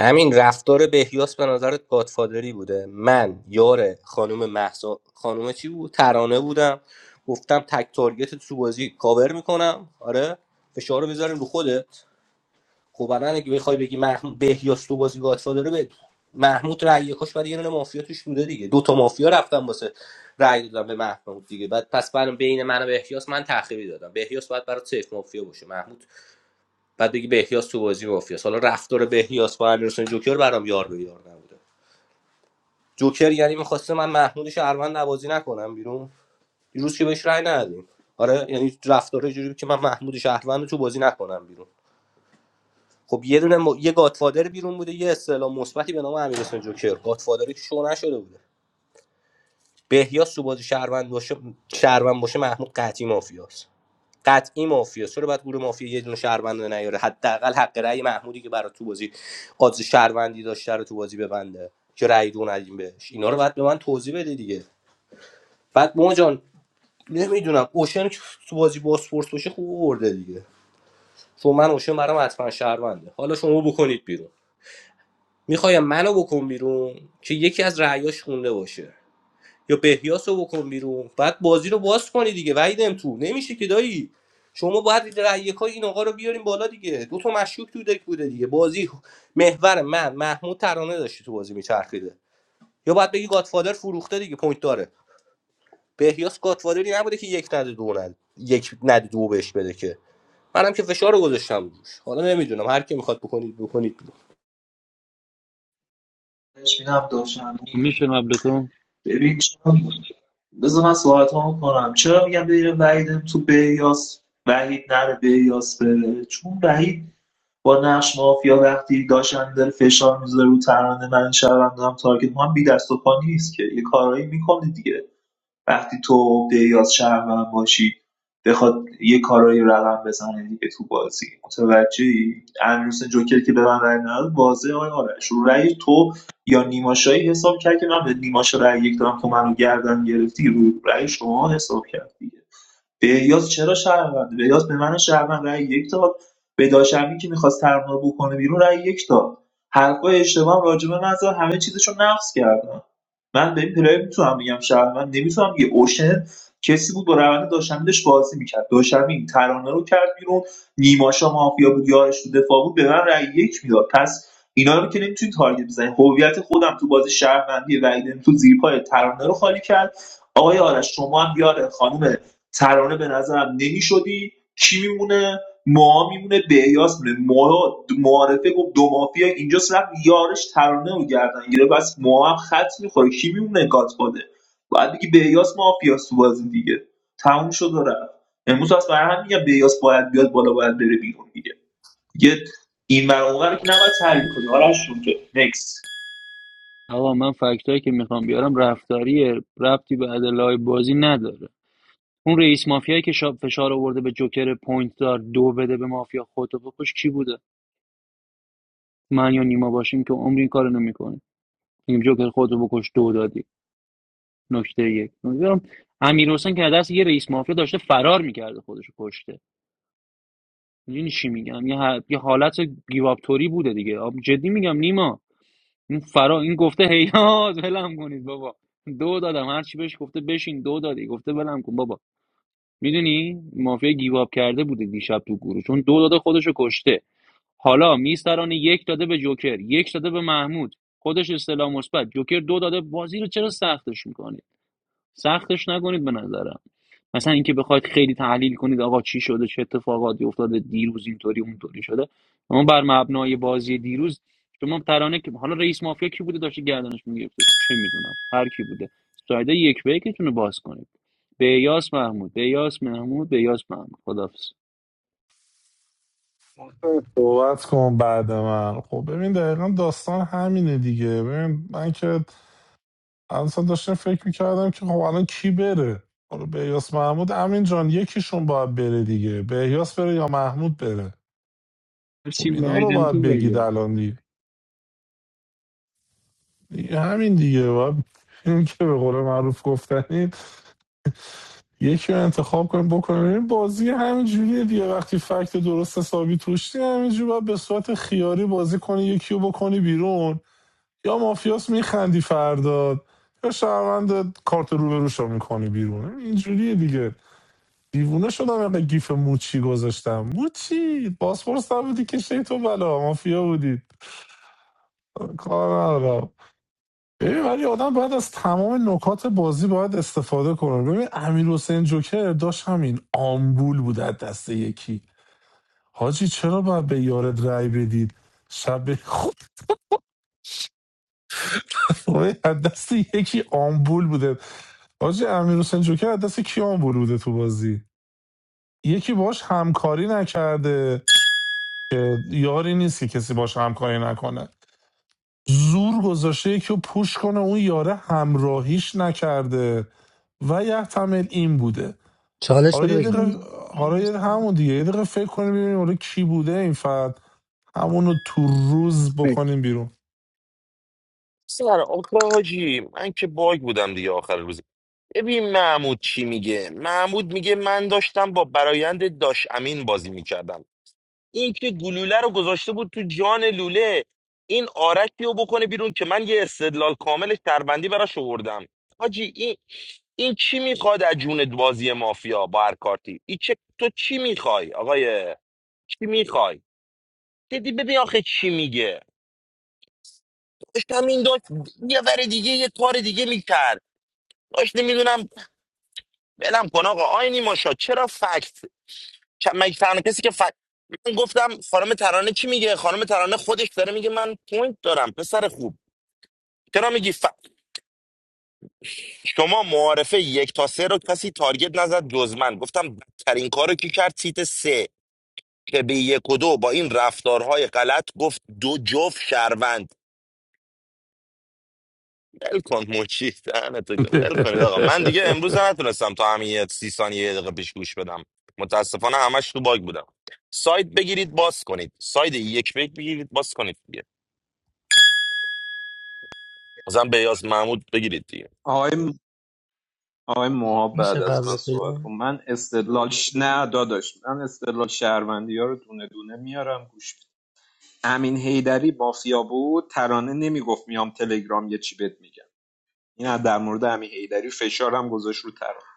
[SPEAKER 11] همین رفتار بهیاس به نظرت گادفادری بوده من یار خانم محسا خانم چی بود ترانه بودم گفتم تک تارگت تو بازی کاور میکنم آره فشار رو بذاریم رو خودت خب الان اگه بخوای بگی محمود بهیاس تو بازی گاتفا داره به محمود رأی یکاش برای یه دونه مافیا توش بوده دیگه دو تا مافیا رفتم واسه رأی دادم به محمود دیگه بعد پس برام بین من و بهیاس من تخریبی دادم بهیاس باید برای سیف مافیا باشه محمود بعد بگی بهیاس تو بازی مافیا حالا رفتار بهیاس با امیرحسین جوکر برام یار به یار نبوده جوکر یعنی میخواسته من محمود شهروند نوازی نکنم بیرون دیروز که بهش رأی ندادیم آره یعنی رفتار جوری بود که من محمود شهروند تو بازی نکنم بیرون خب یه دونه م... یه گاتفادر بیرون بوده یه اصطلاح مثبتی به نام امیرحسین جوکر گاتفادری که شو نشده بوده بهیاس تو بازی شهروند باشه شهروند باشه محمود قطعی مافیاست قطعی مافیاست چرا باید گروه مافیا یه دونه شهروند رو نیاره حداقل حق رأی محمودی که برای تو بازی آدز شهروندی داشته رو تو بازی ببنده که رأی دو ندیم بهش اینا رو باید به من توضیح بده دیگه بعد ما جان نمیدونم اوشن که تو بازی با باسپورس باشه خوب برده دیگه چون من اوشن برام حتما شهرونده حالا شما بکنید بیرون میخوایم منو بکن بیرون که یکی از رعیاش خونده باشه یا بهیاس رو بکن بیرون بعد بازی رو باز کنی دیگه وعید تو نمیشه که دایی شما باید رأیکای این آقا رو بیاریم بالا دیگه دو تا مشکوک تو دک بوده دیگه بازی محور من محمود ترانه داشتی تو بازی میچرخیده یا باید بگی گادفادر فروخته دیگه پوینت داره بهیاس گادفادری نبوده که یک نده دو نده یک نده دو بهش بده که منم که فشار رو گذاشتم روش حالا نمیدونم هر کی میخواد بکنید بکنید
[SPEAKER 14] بهش میدم دوشنبی
[SPEAKER 16] میشه قبل تو
[SPEAKER 14] ببین چرا بذار من صحبت هم کنم چرا میگم بگیره وحیدم تو بیاس وحید نره بیاس بره چون وحید با نقش مافیا وقتی داشتن داره فشار میذاره رو ترانه من شبم دارم تارگت ما هم بی دست و پا نیست که یه کارایی میکنه دیگه وقتی تو عقده‌ای از شهروند باشی بخواد یه کارایی رقم بزنه دیگه تو بازی متوجهی امیرحسین جوکر که به من رأی نداد واضحه آقای آرش رو رأی تو یا نیماشایی حساب کرد که من به نیماشا رأی یک دارم تو منو گردن گرفتی رو رأی شما حساب کرد دیگه بهیاس چرا شهروند بهیاس به من شهروند رأی یک داد به داشمی که میخواست ترمون بکنه بیرون رأی یک داد حرفای اشتباه هم راجبه من زد همه چیزشو نقص کردم من به این پلیر میتونم بگم شهروند نمیتونم یه اوشن کسی بود با روند داشمی داشت بازی میکرد داشمی این ترانه رو کرد بیرون نیماشا مافیا بود یارش تو دفاع بود به من رأی یک میداد پس اینا رو که نمیتونی تارگت بزنی هویت خودم تو بازی شهروندی وعیدم تو زیرپای ترانه رو خالی کرد آقای آرش شما هم بیاره خانم ترانه به نظرم نمیشدی کی میمونه ما میمونه بهیاس میمونه ما معارفه گفت دو مافیا اینجا رفت یارش ترانه رو گردن گیره بس ما هم خط میخوره کی میمونه گاتفاده باید بگی بهیاس مافیاس تو بازی دیگه تموم شد و رفت امروز از برای هم میگم بهیاس باید بیاد بالا باید بره بیرون دیگه یه این ور اون ور که نباید تحلیل کنی آرش جون که نکس
[SPEAKER 16] آقا من فکتایی که میخوام بیارم رفتاریه ربطی به ادلای بازی نداره اون رئیس مافیایی که شاب فشار آورده به جوکر پوینت دار دو بده به مافیا خودتو بکش کی بوده من یا نیما باشیم که عمری این کارو نمیکنه تیم جوکر خود رو بکش دو دادی نکته یک امیر حسین که دست یه رئیس مافیا داشته فرار میکرده خودشو کشته میدونی چی میگم یه, ح- یه حالت گیوابتوری بوده دیگه آب- جدی میگم نیما این فرار این گفته هیاز ولم کنید بابا دو دادم هر چی بهش گفته بشین دو دادی گفته ولم کن بابا میدونی مافیا گیواب کرده بوده دیشب تو گروه چون دو داده خودشو کشته حالا میستران یک داده به جوکر یک داده به محمود خودش استلام مثبت جوکر دو داده بازی رو چرا سختش میکنی سختش نکنید به نظرم مثلا اینکه بخواید خیلی تحلیل کنید آقا چی شده چه اتفاقاتی افتاده دیروز اینطوری اونطوری شده اما بر مبنای بازی دیروز شما ترانه که حالا رئیس مافیا کی بوده داشته گردنش میگرفته چه میدونم هر کی بوده سایده یک به یکتون رو باز کنید بیاس محمود بیاس محمود بیاس محمود خدافظ
[SPEAKER 9] صحبت کن بعد من خب ببین دقیقا داستان همینه دیگه ببین من که اصلا داشتم فکر میکردم که خب الان کی بره حالا بهیاس محمود امین جان یکیشون باید بره دیگه بهیاس بره یا محمود بره خب
[SPEAKER 16] چی
[SPEAKER 9] اینا رو
[SPEAKER 16] وعیدم
[SPEAKER 9] باید
[SPEAKER 16] تو
[SPEAKER 9] بگید
[SPEAKER 16] بگه
[SPEAKER 9] الان دیگه, دیگه همین دیگه باید این که به قول معروف گفتنی یکی رو انتخاب کنیم بکنیم ببین، بازی همینجوریه دیگه وقتی فکت درست حسابی توشتی همینجوری باید به صورت خیاری بازی کنی یکی رو بکنی بیرون یا مافیاس میخندی فرداد یا شهروند کارت رو به رو میکنی بیرون اینجوریه دیگه دیوونه شدم اینقدر گیف موچی گذاشتم موچی پاسپورت نبودی که شی تو بلا مافیا بودید کار ندارم ببین ولی آدم باید از تمام نکات بازی باید استفاده کنه ببین امیر حسین جوکر داشت همین آمبول بود از دست یکی حاجی چرا باید به یارت رأی بدید شب خود از دست یکی آمبول بوده حاجی امیر حسین جوکر از دست کی آمبول بوده تو بازی یکی باش همکاری نکرده که یاری نیست که کسی باش همکاری نکنه زور گذاشته یکی رو پوش کنه اون یاره همراهیش نکرده و یه یحتمل این بوده
[SPEAKER 15] چالش
[SPEAKER 9] حالا
[SPEAKER 15] بده
[SPEAKER 9] یه
[SPEAKER 15] بگم
[SPEAKER 9] دقیقه حالا
[SPEAKER 1] مرسی
[SPEAKER 9] یه همون دیگه یه دقیقه فکر کنیم ببینیم حالا کی بوده این فرد همونو تو روز
[SPEAKER 20] مرسی.
[SPEAKER 9] بکنیم بیرون
[SPEAKER 17] سر آخه حاجی من که باگ بودم دیگه آخر روز ببین محمود چی میگه محمود میگه من داشتم با برایند داش امین بازی میکردم این که گلوله رو گذاشته بود تو جان لوله این آرک رو بکنه بیرون که من یه استدلال کامل شهروندی براش آوردم حاجی این این چی میخواد از جون بازی مافیا با هر کارتی این چه تو چی میخوای آقای چی میخوای دیدی ببین آخه چی میگه داشت همین داشت یه ور دیگه یه کار دیگه میکرد داشت نمیدونم بلم کن آقا آینی ماشا چرا فکت ک- مگه تنها کسی که ف... من گفتم خانم ترانه چی میگه خانم ترانه خودش داره میگه من پوینت دارم پسر خوب چرا میگی ف... شما معارفه یک تا سه رو کسی تارگت نزد جز من گفتم بدترین کارو کی کرد سیت سه که به یک و دو با این رفتارهای غلط گفت دو جفت شهروند ول کن مچی دهنتو گم. ول کنید آقا من دیگه امروز هم نتونستم تا همین یه سی ثانیه یه دقیقه پیش گوش بدم متاسفانه همش تو باگ بودم سایت بگیرید باز کنید سایت یک بگ بگیرید باز کنید مثلا بیاز محمود بگیرید دیگه
[SPEAKER 8] آقای آقای موها
[SPEAKER 15] میشه
[SPEAKER 8] بعد از من
[SPEAKER 15] قبل پیدا
[SPEAKER 8] صحبت کن من استدلال ش... نه داداش من استدلال شهروندی ها رو دونه دونه میارم گوش بده. امین هیدری مافیا بود ترانه نمیگفت میام تلگرام یه چی بهت میگم این از در مورد امین هیدری فشارم گذاشت رو ترانه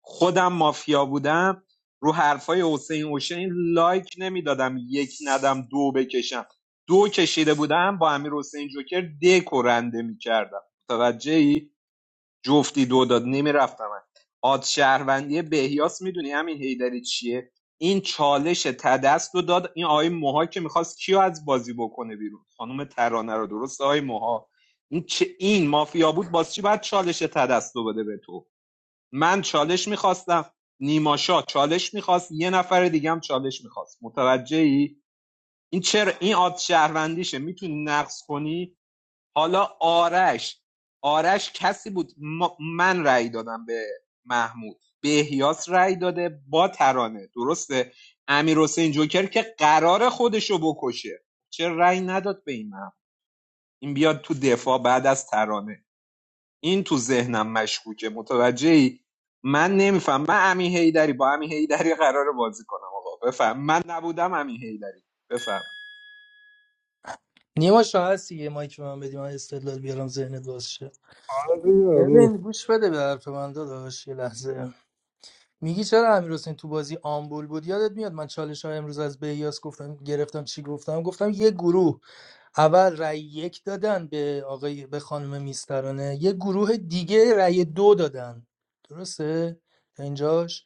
[SPEAKER 8] خودم مافیا بودم رو حرفای حسین اوشین لایک نمیدادم یک ندم دو بکشم دو کشیده بودم با امیر حسین جوکر دکورنده میکردم متوجه جفتی دو داد نمیرفتم آد شهروندی بهیاس میدونی همین هیدری چیه این چالش تدست رو داد این آقای موها که میخواست کیو از بازی بکنه بیرون خانم ترانه رو درست آقای موها این چه این مافیا بود باز چی باید چالش تدست رو بده به تو من چالش میخواستم نیماشا چالش میخواست یه نفر دیگه هم چالش میخواست متوجه این چرا این آد شهروندیشه میتونی نقص کنی حالا آرش آرش کسی بود من رأی دادم به محمود به احیاس رأی داده با ترانه درسته امیر حسین جوکر که قرار خودشو بکشه چه رأی نداد به این محمود این بیاد تو دفاع بعد از ترانه این تو ذهنم مشکوکه متوجهی من نمیفهم من امین هیدری با امین هیدری قراره بازی کنم آقا بفهم من نبودم امین هیدری بفهم
[SPEAKER 15] نیما شاه هستی یه مایک به من بدی من استدلال بیارم ذهنت باز شه
[SPEAKER 9] آره بیا برو
[SPEAKER 15] ببین گوش بده به حرف من داداش یه لحظه میگی چرا امیر تو بازی آمبول بود یادت میاد من چالش های امروز از بیاس گفتم گرفتم چی گفتم گفتم یه گروه اول رأی یک دادن به آقای به خانم میسترانه یه گروه دیگه رأی دو دادن درسته تا اینجاش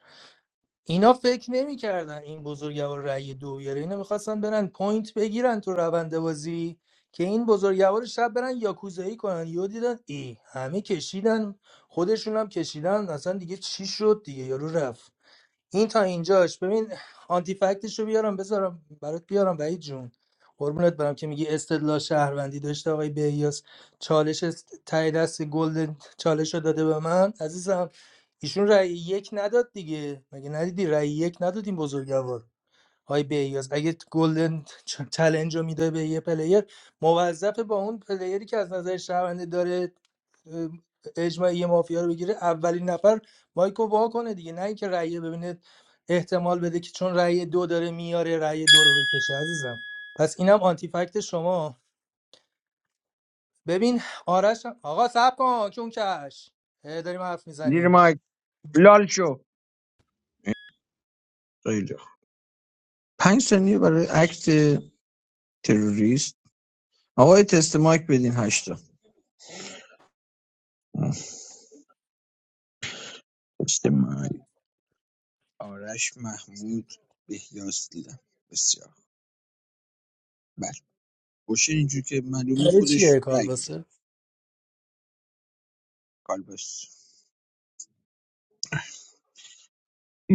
[SPEAKER 15] اینا فکر نمیکردن این بزرگوار رأی دو بیاره اینا میخواستن برن پوینت بگیرن تو روند بازی که این بزرگوار شب برن یاکوزایی کنن یهو دیدن ای همه کشیدن خودشون هم کشیدن اصلا دیگه چی شد دیگه یارو رفت این تا اینجاش ببین آنتی فکتش رو بیارم بذارم برات بیارم وحید جون قربونت برم که میگی استدلال شهروندی داشته آقای بهیاس چالش است- ته دست گلد چالش رو داده به من عزیزم ایشون رأی یک نداد دیگه مگه ندیدی رأی یک نداد این بزرگوار های بیاز اگه گلدن چ- چلنج رو میده به یه پلیر موظف با اون پلیری که از نظر شهرونده داره اه، اجماعی مافیا رو بگیره اولین نفر مایکو وا کنه دیگه نه اینکه رأی ببینه احتمال بده که چون رأی دو داره میاره رأی دو رو بکشه عزیزم پس اینم آنتی فکت شما ببین آرش هم- آقا صبر کن چون کش اه، داریم حرف
[SPEAKER 20] زیر
[SPEAKER 15] میزنیم
[SPEAKER 20] مایک لال شو خیلی خوب پنج ثانیه برای عکت تروریست آقای تست مایک بدین هشتا تست مایک آرش محمود بهیاس دیدم بسیار خوب. بله بشه اینجور که معلومه
[SPEAKER 15] برای
[SPEAKER 20] خودش
[SPEAKER 15] چیه
[SPEAKER 20] رای میده
[SPEAKER 15] کالباسه
[SPEAKER 20] کالباس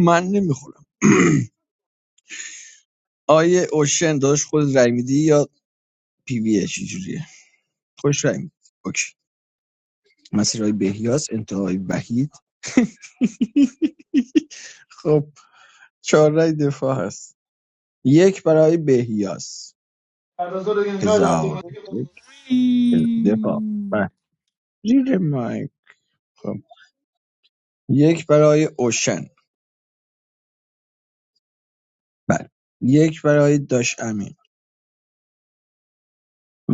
[SPEAKER 20] من نمیخورم آیه اوشن داداش خود رای میدی یا پی وی چه جوریه خوش رای میدی اوکی مسیر بهیاس انتهای وحید خب چهار رای دفاع هست یک برای بهیاس
[SPEAKER 14] بعد از ظهر اینقدر رفت
[SPEAKER 20] هزار
[SPEAKER 14] اومد.
[SPEAKER 20] یک دفاع
[SPEAKER 9] وی-
[SPEAKER 20] بله. زیر مایک خب یک برای اوشن بله یک برای داش امین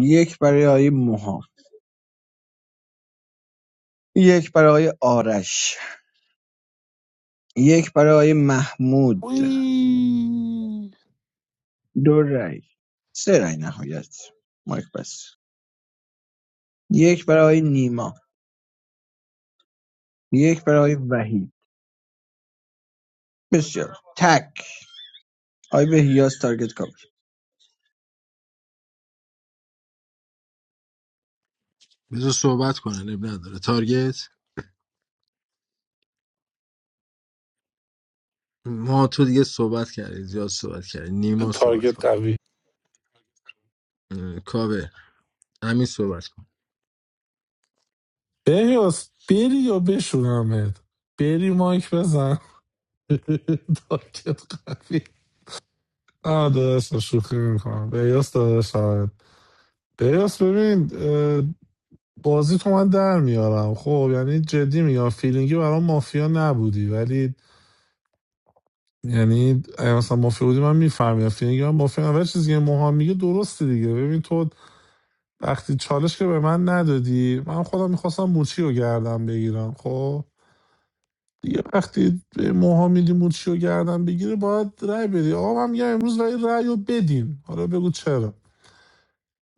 [SPEAKER 20] یک برای موها یک برای آرش یک برای محمود
[SPEAKER 9] وی.
[SPEAKER 20] دو رای سه رای نهایت مایک بس یک برای نیما، یک برای وحید. بسیار تک آی به هیاس تارگت کاور
[SPEAKER 12] بذار صحبت کنن اب نداره تارگت ما تو دیگه صحبت کردی زیاد صحبت کردی نیما صحبت
[SPEAKER 9] تارگت
[SPEAKER 12] کنه
[SPEAKER 9] قوی
[SPEAKER 12] اه، کاوه همین صحبت کن
[SPEAKER 9] بهیاس بری یا بشونمت بری مایک بزن تارگت قوی آه داداش شوخی میکنم بهیاس داداش آره. بهیاس ببین اه، بازی تو من در میارم خب یعنی جدی میگم فیلینگی برام مافیا نبودی ولی یعنی اگه مثلا مافیا بودی من میفهمیدم فیلینگی من مافیا نبودی. ولی چیزی که موهام میگه درسته دیگه ببین تو وقتی چالش که به من ندادی من خودم میخواستم موچی رو گردم بگیرم خب دیگه وقتی به موهام میدی موچی رو گردم بگیره باید رأی بدی آقا من میگم امروز ولی رأی رو بدین حالا بگو چرا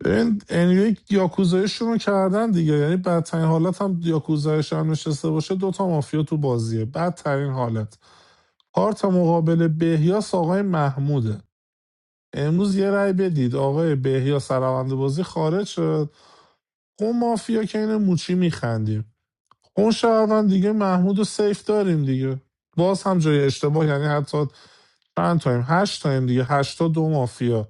[SPEAKER 9] این این یک یاکوزایشون رو کردن دیگه یعنی بدترین حالت هم یاکوزایش هم نشسته باشه دوتا مافیا تو بازیه بدترین حالت کارت مقابل بهیاس آقای محموده امروز یه رأی بدید آقای بهیاس روند بازی خارج شد اون مافیا که این موچی میخندیم اون شهروند دیگه محمود و سیف داریم دیگه باز هم جای اشتباه یعنی حتی چند تایم هشت تایم دیگه هشتا دو مافیا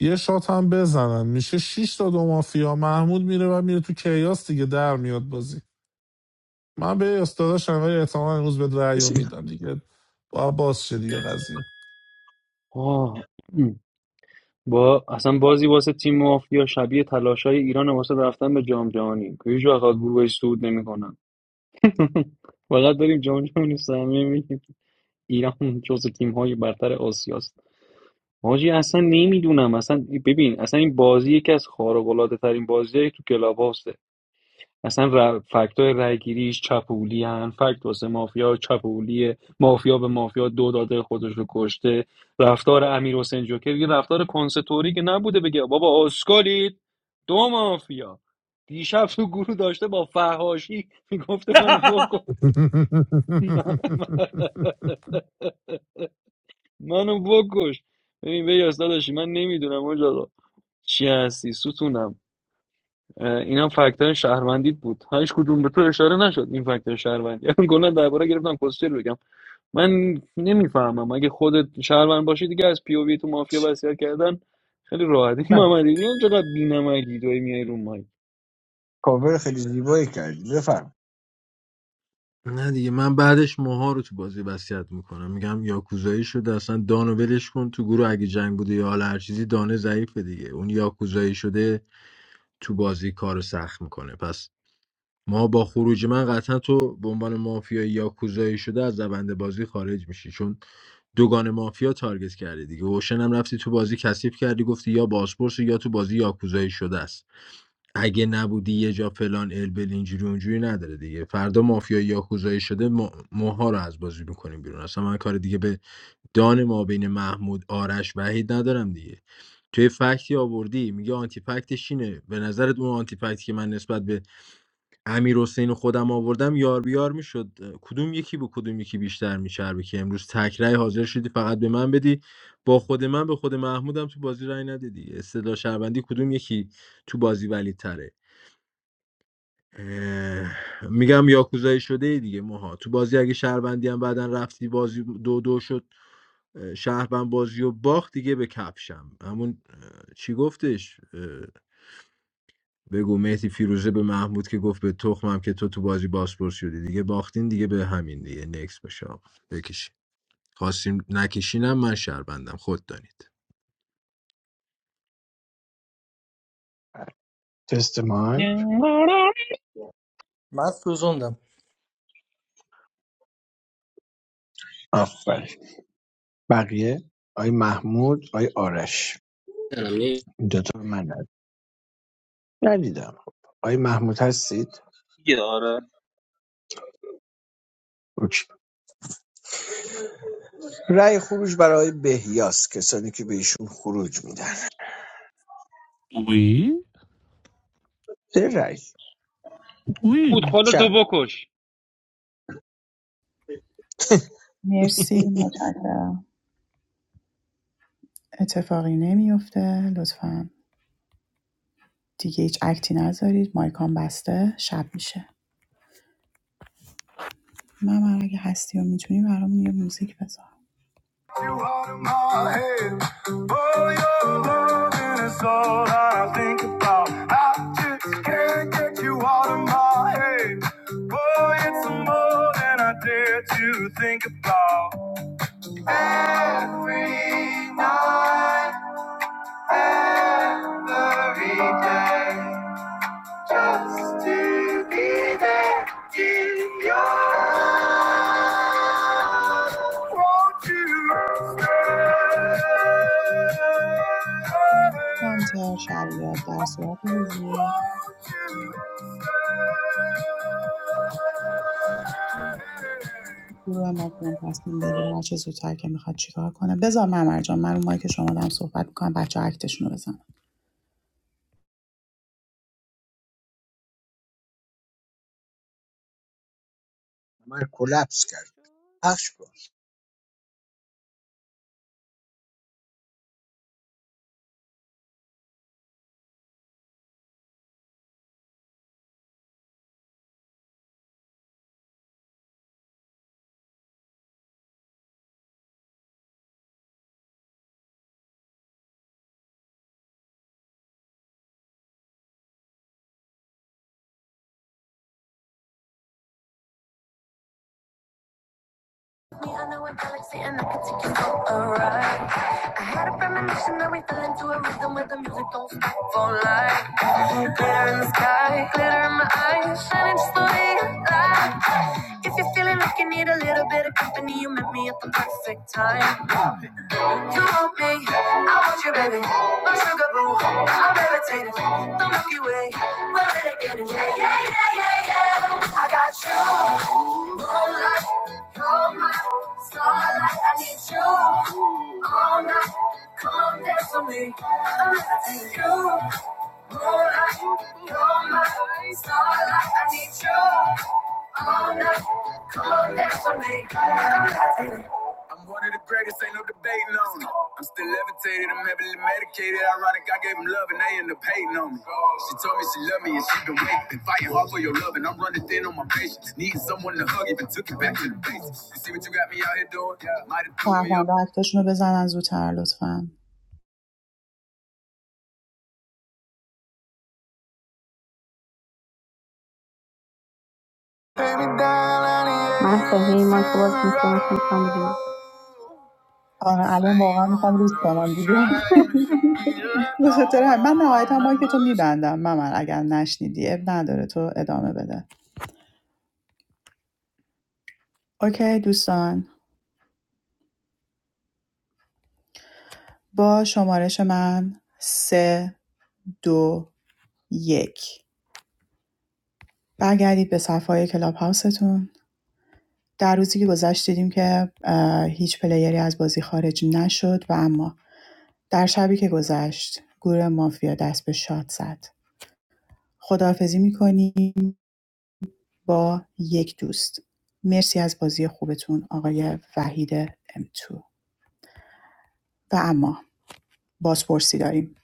[SPEAKER 9] یه شات هم بزنن میشه شش تا دو مافیا محمود میره و میره تو کیاس دیگه در میاد بازی من به استاداش ولی احتمال امروز به رأیو
[SPEAKER 20] بسیار. من.
[SPEAKER 9] میدم دیگه با باز شه دیگه قضیه
[SPEAKER 16] آه با اصلا بازی واسه تیم مافیا شبیه تلاشای ایران واسه رفتن به جام جهانی که هیچ وقت از گروهش صعود نمی‌کنن. فقط داریم جام جهانی سهمیه میگیم ایران جزو تیم های برتر آسیاست حاجی اصلا نمیدونم اصلا ببین اصلا این بازی یکی از خارق العاده ترین بازی تو کلاب هاوسه اصلا ر... فکت های رای گیریش چپولی هن فکت واسه مافیا چپولیه مافیا به مافیا دو داده خودش رو کشته رفتار امیر حسین جوکر یه رفتار کنستوری که نبوده بگه بابا اسکالید دو مافیا دیشب تو گروه داشته با فهاشی میگفته منو بکن منو بکش ببین بیاس داداشی من نمیدونم اجاقا چی هستی ستونم اه، اینا فکتای شهروندیت بود هیچ کدوم به تو اشاره نشد این فکتای شهروندی گناه درباره گرفتم پوستر بگم من نمیفهمم اگه خودت شهروند باشی دیگه از پی او وی تو مافیا وصیت کردن خیلی راحت این محمد ایدی چقدر بی‌نمکی توی میای رو مایک
[SPEAKER 20] کاور خیلی زیبایی کردی بفرم
[SPEAKER 12] نه دیگه من بعدش موها رو تو بازی وصیت میکنم میگم یاکوزایی شده اصلا دانو ولش کن تو گروه اگه جنگ بوده یا حالا هر چیزی دانه ضعیفه دیگه اون یاکوزایی شده تو بازی کارو سخت میکنه پس ما با خروج من قطعا تو به عنوان مافیا یاکوزایی شده از روند بازی خارج میشی چون دوگان مافیا تارگت کردی دیگه اوشن هم رفتی تو بازی کثیف کردی گفتی یا باسپورس یا تو بازی یاکوزایی شده است اگه نبودی یه جا فلان البل اینجوری اونجوری نداره دیگه فردا مافیا یاکوزایی شده ما- ماها رو از بازی میکنیم بیرون اصلا من کار دیگه به دان ما بین محمود آرش وحید ندارم دیگه توی فکتی آوردی میگه آنتی فکتش اینه به نظرت اون آنتی فکتی که من نسبت به امیر حسین و خودم آوردم یار بیار میشد کدوم یکی به کدوم یکی بیشتر میچربه که امروز تکرای حاضر شدی فقط به من بدی با خود من به خود محمودم تو بازی رای نده دیگه استدلال شهروندی کدوم یکی تو بازی ولیدتره اه، میگم یاکوزایی شده دیگه ماها تو بازی اگه شهروندی هم بعدا رفتی بازی دو دو شد اه، شهروند بازی و باخت دیگه به کفشم همون اه، چی گفتش اه، بگو مهدی فیروزه به محمود که گفت به تخمم که تو تو بازی باسپور شدی دیگه باختین دیگه به همین دیگه نکس باشه آقا. بکشین خواستیم نکشینم من شهروندم خود دانید
[SPEAKER 20] تست مایک
[SPEAKER 15] من سوزوندم
[SPEAKER 20] آفرین بقیه آی محمود آی آرش
[SPEAKER 11] من
[SPEAKER 20] این دوتا من ند- ندیدم آی محمود هستید
[SPEAKER 14] دیگه آره
[SPEAKER 20] اوکی. رأی خروج برای بهیاس کسانی که به ایشون خروج میدن
[SPEAKER 9] وی
[SPEAKER 20] سه رأی
[SPEAKER 16] بود
[SPEAKER 9] وی
[SPEAKER 16] خودتو
[SPEAKER 20] شب
[SPEAKER 16] بکش
[SPEAKER 1] مرسی، متشکرم اتفاقی نمیفته لطفاً دیگه هیچ اکتی نذارید مایکان بسته شب میشه من من اگه هستی و میتونی برامون یه موزیک بذار
[SPEAKER 21] You out of my head. Oh, your loving is all that I think about. I just can't get you out of my head. Boy, it's more than I dare to think about. Every night, every day, just to be there in your arms. Won't you? baby,
[SPEAKER 1] هانتر شریعت در صورت حضور
[SPEAKER 21] Won't you?
[SPEAKER 1] گروه مافیان تصمیم بگیر هر چه زودتر که میخواد چیکار کنه بذار ممر جان من اون که شما دارم صحبت میکنم بچه اکتشون رو بزنم
[SPEAKER 20] من کلپس کرد پخش کن
[SPEAKER 21] I know a galaxy and I can take you for a ride. I had a premonition that we fell into a rhythm where the music don't stop for life. Glitter in the sky, glitter in my eyes, shining just the you like. If you're feeling like you need a little bit of company, you met me at the perfect time. You want me, I want you, baby. My sugar boo, I'm levitating. The Milky Way, we're renegading. Yeah, yeah, yeah, yeah, yeah. I got you, moonlight, you're my starlight. I need you all night. Come dance with me, I'm levitating. You, moonlight, you're my starlight. I need you all night. Come dance with me. I'm one of the greatest, ain't no debating on it. I'm still levitated, I'm heavily medicated. Ironic, I gave them love and they end up hating on me. She told me she loved me and she been waiting. Been fighting hard for your love and I'm running thin on my patience. Needing someone to hug, even took it back to the basics. You see what you got me out here doing? Yeah. Might have threw me off.
[SPEAKER 1] شهروندا اکتشون رو بزنن زودتر لطفا
[SPEAKER 21] Baby, down on the This
[SPEAKER 1] آره الان واقعا
[SPEAKER 21] ain't
[SPEAKER 1] میخوام
[SPEAKER 21] one
[SPEAKER 1] روز
[SPEAKER 21] of those
[SPEAKER 1] کنم دیگه
[SPEAKER 21] trying to be
[SPEAKER 1] به خاطر هم. من
[SPEAKER 21] alone.
[SPEAKER 1] نهایتا مایک تو
[SPEAKER 21] Remember
[SPEAKER 1] میبندم ممر اگر نشنیدی اب نداره تو ادامه بده اوکی دوستان با شمارش من سه دو یک برگردید به صفحه کلاب هاوستون در روزی که گذشت دیدیم که هیچ پلیری از بازی خارج نشد و اما در شبی که گذشت گروه مافیا دست به شاد زد خداحافظی میکنیم با یک دوست مرسی از بازی خوبتون آقای وحید ام تو و اما بازپرسی داریم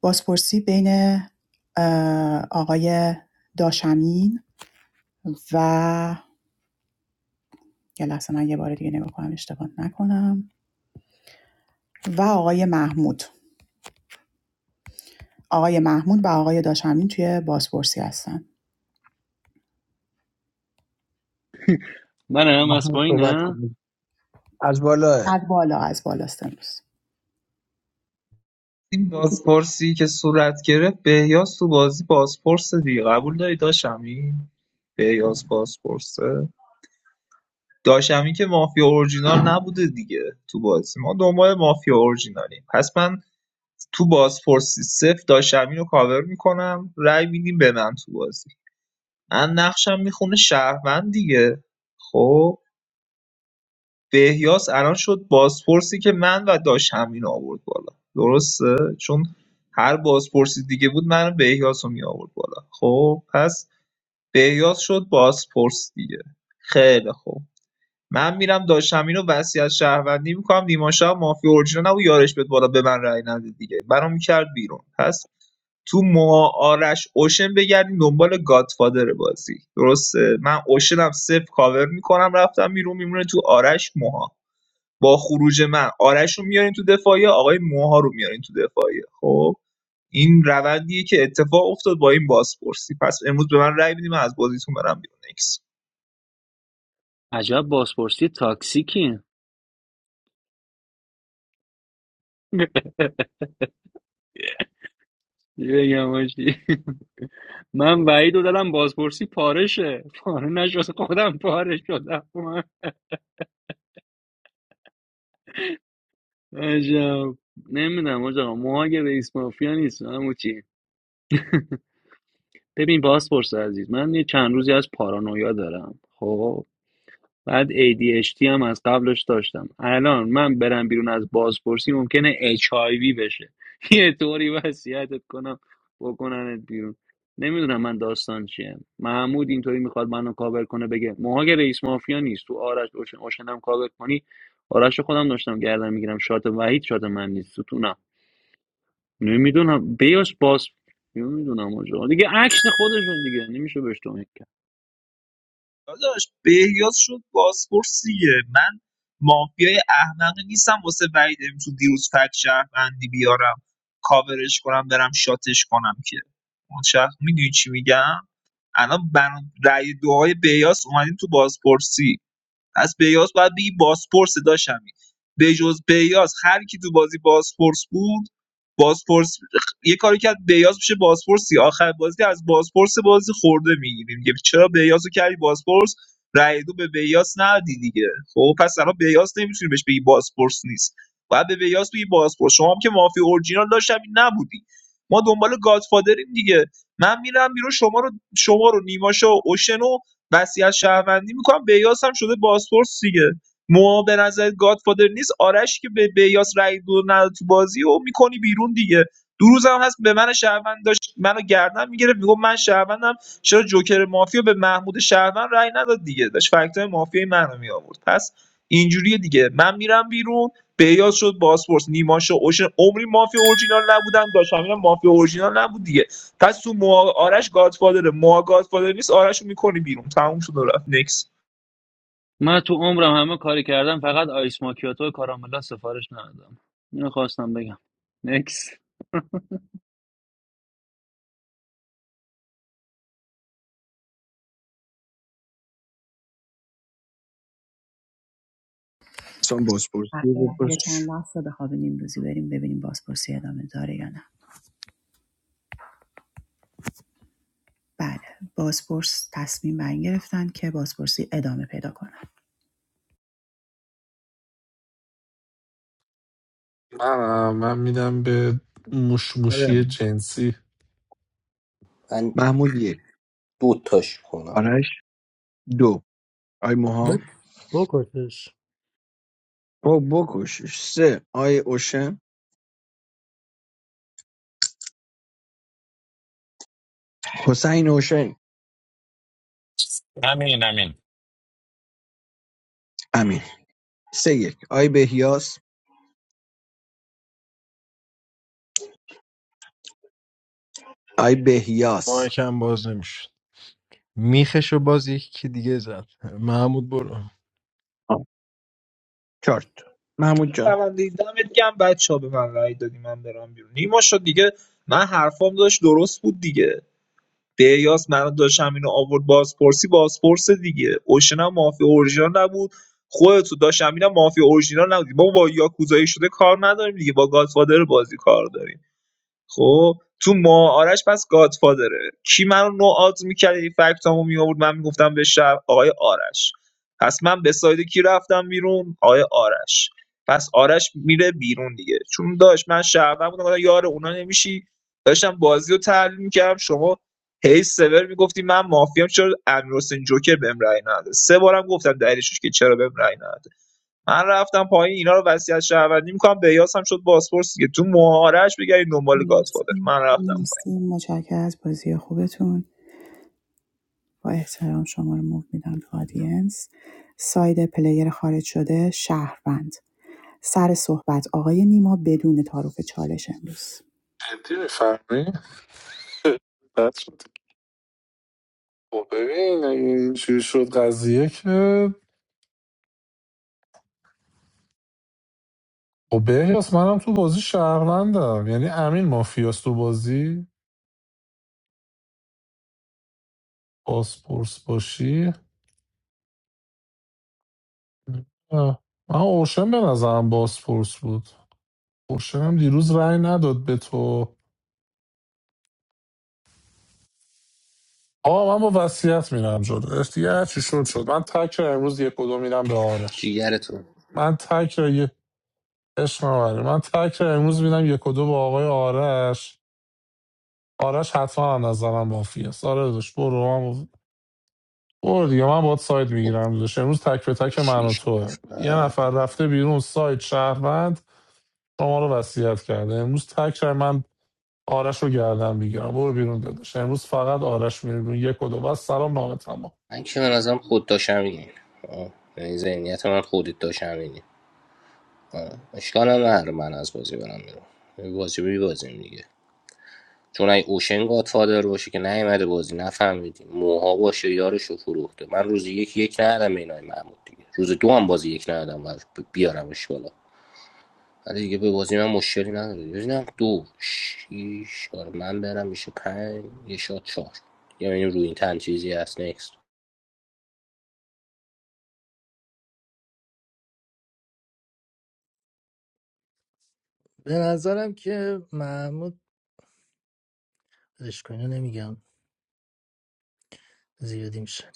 [SPEAKER 1] بازپرسی بین آقای داشمین و یه لحظه من یه بار دیگه نگاه کنم اشتباه نکنم و آقای محمود آقای محمود و آقای داشمین توی بازپرسی هستن
[SPEAKER 16] من هم از
[SPEAKER 20] محمود صحبت
[SPEAKER 16] پایینه
[SPEAKER 20] کنید از بالا
[SPEAKER 1] از بالا از بالاست امروز
[SPEAKER 14] این بازپرسی که صورت گرفت بهیاس تو بازی بازپرسه دیگه قبول داری داشمی بهیاس بازپرسه داشمی که مافیا اورجینال نبوده دیگه تو بازی ما دنبال مافیا اورجینالیم پس من تو بازپرسی صفر داشمی رو کاور میکنم رأی میدیم به من تو بازی من نقشم میخونه شهروند دیگه خب بهیاس الان شد بازپرسی که من و داش همین آورد بالا درسته چون هر بازپرسی دیگه بود من و بهیاس رو می آورد بالا خب پس بهیاس شد بازپرس دیگه خیلی خوب من میرم داش همین رو وصیت شهروندی میکنم نیما شب مافیا اورجینال نبود یارش بهت بالا به من رأی نده دیگه برام میکرد بیرون پس تو ما آرش اوشن بگردیم دنبال گادفادر بازی درسته من اوشنم صفر کاور میکنم رفتم بیرون میمونه تو آرش موها با خروج من آرش رو میارین تو دفاعیه آقای موها رو میارین تو دفاعیه خب این روندیه که اتفاق افتاد با این بازپرسی پس امروز به من رأی بدید من از بازیتون برم بیرون اکس
[SPEAKER 16] عجب بازپرسی تاکسیکی چی بگم باشی من وعید رو دادم بازپرسی پارشه پاره نشد خودم پاره شدم عجب نمیدونم آجا مهاجم رئیس مافیا نیست همون چی ببین بازپرس عزیز من یه چند روزی از پارانویا دارم خب بعد ADHD هم از قبلش داشتم الان من برم بیرون از بازپرسی ممکنه HIV بشه یه طوری وصیتت کنم بکننت بیرون نمیدونم من داستان چیه محمود اینطوری میخواد منو کاور کنه بگه موها که رئیس مافیا نیست تو آرش اوشن اوشنم کاور کنی آرش رو خودم داشتم گردن میگیرم شات وحید شات من نیست ستونم نمیدونم بیاس باز نمیدونم آجا دیگه عکس خودشون دیگه نمیشه بهش توهین
[SPEAKER 14] داداش بهیاز شد بازپرسیه من مافیای احمق نیستم واسه وعید تو دیروز فک شهروندی بیارم کاورش کنم برم شاتش کنم که اون شخص میدونی چی میگم الان بنا- رأی دعای بیاس اومدیم تو بازپرسی از بیاس باید بگی باسپورس داشت همین به جز بیاس هر کی تو بازی باسپورس بود باسپورس یه کاری کرد بیاس میشه باسپورسی آخر بازی از باسپورس بازی خورده میگیریم میگه چرا بیاس رو کردی باسپورس رای دو به بیاس ندی دیگه خب پس الان بیاس نمیتونی بهش بگی باسپورس نیست باید به بیاس بگی باسپورس شما هم که مافی اورجینال داشت همین نبودی ما دنبال گادفادریم دیگه من میرم بیرون شما رو شما رو نیماشو اوشنو وصیت شهروندی میکنم بیاس هم شده بازپرس دیگه موها به نظر گادفادر نیست آرش که به بیاس رای دو نداد تو بازی و میکنی بیرون دیگه دو روز هم هست به من شهروند داشت منو گردن میگرفت میگم من شهروندم چرا جوکر مافیا به محمود شهروند رای نداد دیگه داشت فکتای مافیا منو می آورد پس اینجوریه دیگه من میرم بیرون بیاس شد بازپرس نیما شد اوشن عمری مافیا اورجینال نبودن داشت همین مافیا اورجینال نبود دیگه پس تو موا آرش گادفادره موا گادفادر نیست آرش رو میکنی بیرون تموم شد و رفت نکس
[SPEAKER 16] من تو عمرم همه کاری کردم فقط آیس ماکیاتو و کاراملا سفارش ندادم اینو خواستم بگم نکس
[SPEAKER 20] اصلا بازپرسی
[SPEAKER 1] بله، یه
[SPEAKER 20] بپرس
[SPEAKER 1] چند لحظه به خواب نیمروزی بریم ببینیم بازپرسی ادامه داره یا نه بله بازپرس تصمیم بر این گرفتن که بازپرسی ادامه پیدا کند
[SPEAKER 9] من من میدم به موش موشی
[SPEAKER 20] آره
[SPEAKER 9] جنسی
[SPEAKER 20] محمود یک
[SPEAKER 11] دو تاش کنم
[SPEAKER 20] آرش دو آی موها
[SPEAKER 15] بکشش
[SPEAKER 20] با بکشش سه آی اوشن حسین اوشن
[SPEAKER 17] امین امین
[SPEAKER 20] امین سه یک آی بهیاس آی بهیاس
[SPEAKER 12] مایکم باز نمیشد میخشو باز یکی دیگه زد محمود برو
[SPEAKER 20] آه، چارت محمود جان
[SPEAKER 14] پرونده دمت گم بچه ها به من رأی دادی من برم بیرون نیما شد دیگه من حرفام داشت درست بود دیگه بیاس من داشت اینو آورد بازپرسی بازپرس دیگه اوشن مافیا اورژینال نبود خودت داشت اینا هم مافیا اورژینال نبود ما با یاکوزایی شده کار نداریم دیگه با گادفادر بازی کار داریم خب تو ما آرش پس گادفادره کی منو نوعات میکرد این فکتامو میآورد من میگفتم به شب آقای آرش پس من به ساید کی رفتم بیرون آقای آرش پس آرش میره بیرون دیگه چون داشت من شهروند بودم گفتم یار اونا نمیشی داشتم بازی رو تحلیل میکردم شما هی سور میگفتی من مافیام چرا امیر حسین جوکر بهم رأی نداد سه بارم گفتم دلیلش که چرا بهم رأی نداد من رفتم پایین اینا رو وصیت شهروندی میکنم بیاس هم شد بازپرس دیگه تو مهارش بگردید دنبال
[SPEAKER 1] مرسی
[SPEAKER 14] گادفادر من رفتم پایین
[SPEAKER 1] مرسی متشکرم از بازی خوبتون با احترام شما رو موو میدم تو آدینس ساید پلیر خارج شده شهروند سر صحبت آقای نیما بدون تعارف چالش امروز
[SPEAKER 9] جدی میفرمی؟ بد شد خب ببین اگه اینجوری شد قضیه که خب بهیاس منم تو بازی شهروندم یعنی امین مافیاس تو بازی باسپورس باشی نه. من اوشن به نظرم باسپورس بود اوشن هم دیروز رأی نداد به تو آه من با وصیت میرم جلو دیگه هر چی شد شد من تک رأی امروز یک و دو میدم به آرش
[SPEAKER 11] دیگرتون
[SPEAKER 9] من تک رأی عشق من آره. من تک رأی امروز میدم یک و دو به آقای آرش آرش حتما هم نظرم مافی است آره داشت برو من برو دیگه من باید ساید
[SPEAKER 11] خب
[SPEAKER 9] میگیرم داشت امروز تک به تک من و
[SPEAKER 11] شیش
[SPEAKER 9] توه یه
[SPEAKER 11] نفر
[SPEAKER 9] نفر رفته بیرون ساید شهروند شما رو وصیت کرده امروز تک رأی من آرش رو گردن میگیرم برو بیرون داداش امروز فقط آرش میره بیرون یک و دو بس سلام نامه تمام
[SPEAKER 11] من که من ازم خود داشتم این یعنی ذهنیت من خودت داشتم این اشکال هم نداره من از بازی برم بیرون بازی بی بازیم دیگه چون اگه اوشن گادفادر باشه که نیومده بازی نفهمیدیم موها باشه یارشو فروخته من روز یک یک ندادم به اینای محمود دیگه روز دو هم بازی یک ندادم و بیارمش بالا ولی دیگه به بازی من مشکلی نداره ببینم دو شیش آره من برم میشه پنج یه شاد چهار یا یعنی روی این تن چیزی هست next.
[SPEAKER 15] به نظرم که محمود اشکا اینو نمیگم زیادی میشه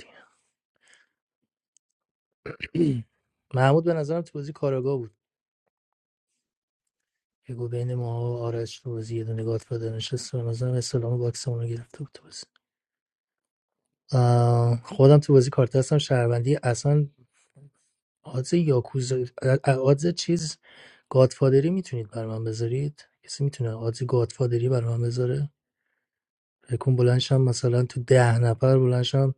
[SPEAKER 15] دیگه محمود به نظرم تو بازی کاراگاه بود که گو بین ما و آرش تو بازی یه دونه گات فادر نشست و به نظرم اسلام باکسمون رو گرفته بود تو بازی آه، خودم تو بازی کارت هستم شهروندی اصلا آدز یاکوز آدز چیز گادفادری میتونید بر من بذارید کسی میتونه آدز گادفادری بر من بذاره بکن بلنشم مثلا تو ده نفر بلنشم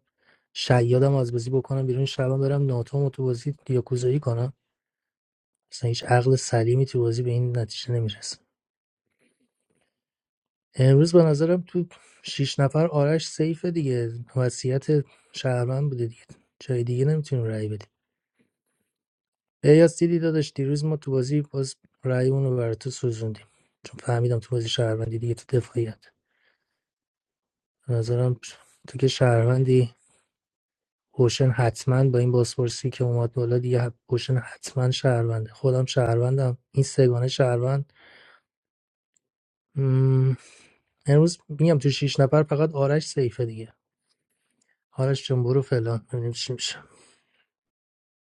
[SPEAKER 15] شیادم از بازی بکنم بیرون شبم برم ناتوم تو بازی یاکوزایی کنم اصلا هیچ عقل سلیمی تو بازی به این نتیجه نمیرسه امروز به نظرم تو شیش نفر آرش سیفه دیگه وصیت شهرمند بوده دیگه جای دیگه نمیتونیم رأی بدیم الیاس دیدی داداش دیروز ما تو بازی باز رأیمون رو برای تو سوزوندیم چون فهمیدم تو بازی شهروندی دیگه تو دفاعیت به نظرم تو که شهروندی اوشن حتما با این بازپرسی که اومد بالا دیگه حت- اوشن حتما شهرونده خودم شهروندم این سگانه شهروند مم، امروز میگم تو شیش نفر فقط آرش سیفه دیگه آرش جون برو فلان ببینیم چی میشه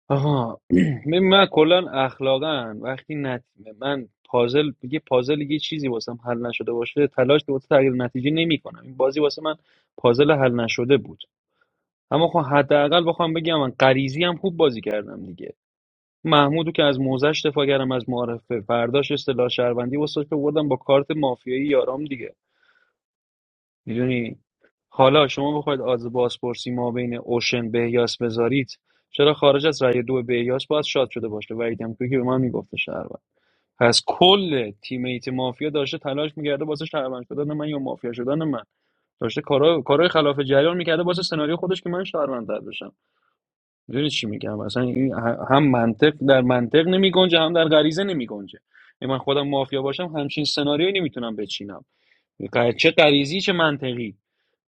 [SPEAKER 16] آها ببین من کلا اخلاقا وقتی نت... من پازل یه پازل یه چیزی واسم حل نشده باشه تلاش واسه تغییر نتیجه نمیکنم این بازی واسه من پازل حل نشده بود اما خب حداقل بخوام بگم من غریزی هم خوب بازی کردم دیگه محمودو که از موزش دفاع کردم از معارفه فرداش اصطلاح شهروندی واسه که بردم با کارت مافیایی یارام دیگه میدونی حالا شما بخواید آز بازپرسی ما بین اوشن بهیاس بذارید چرا خارج از رأی دو بهیاس باید شاد شده باشه وحید که به من میگفته شهروند پس کل تیمیت مافیا داشته تلاش میکرده واسه شهروند شدن من یا مافیا شدن من داشته کارهای کارهای خلاف جریان میکرده واسه سناریو خودش که من شهروند در بشم میدونی چی میگم اصلا این ه- هم منطق در منطق نمیگنجه هم در غریزه نمیگنجه من خودم مافیا باشم همچین سناریویی نمیتونم بچینم چه غریزی چه منطقی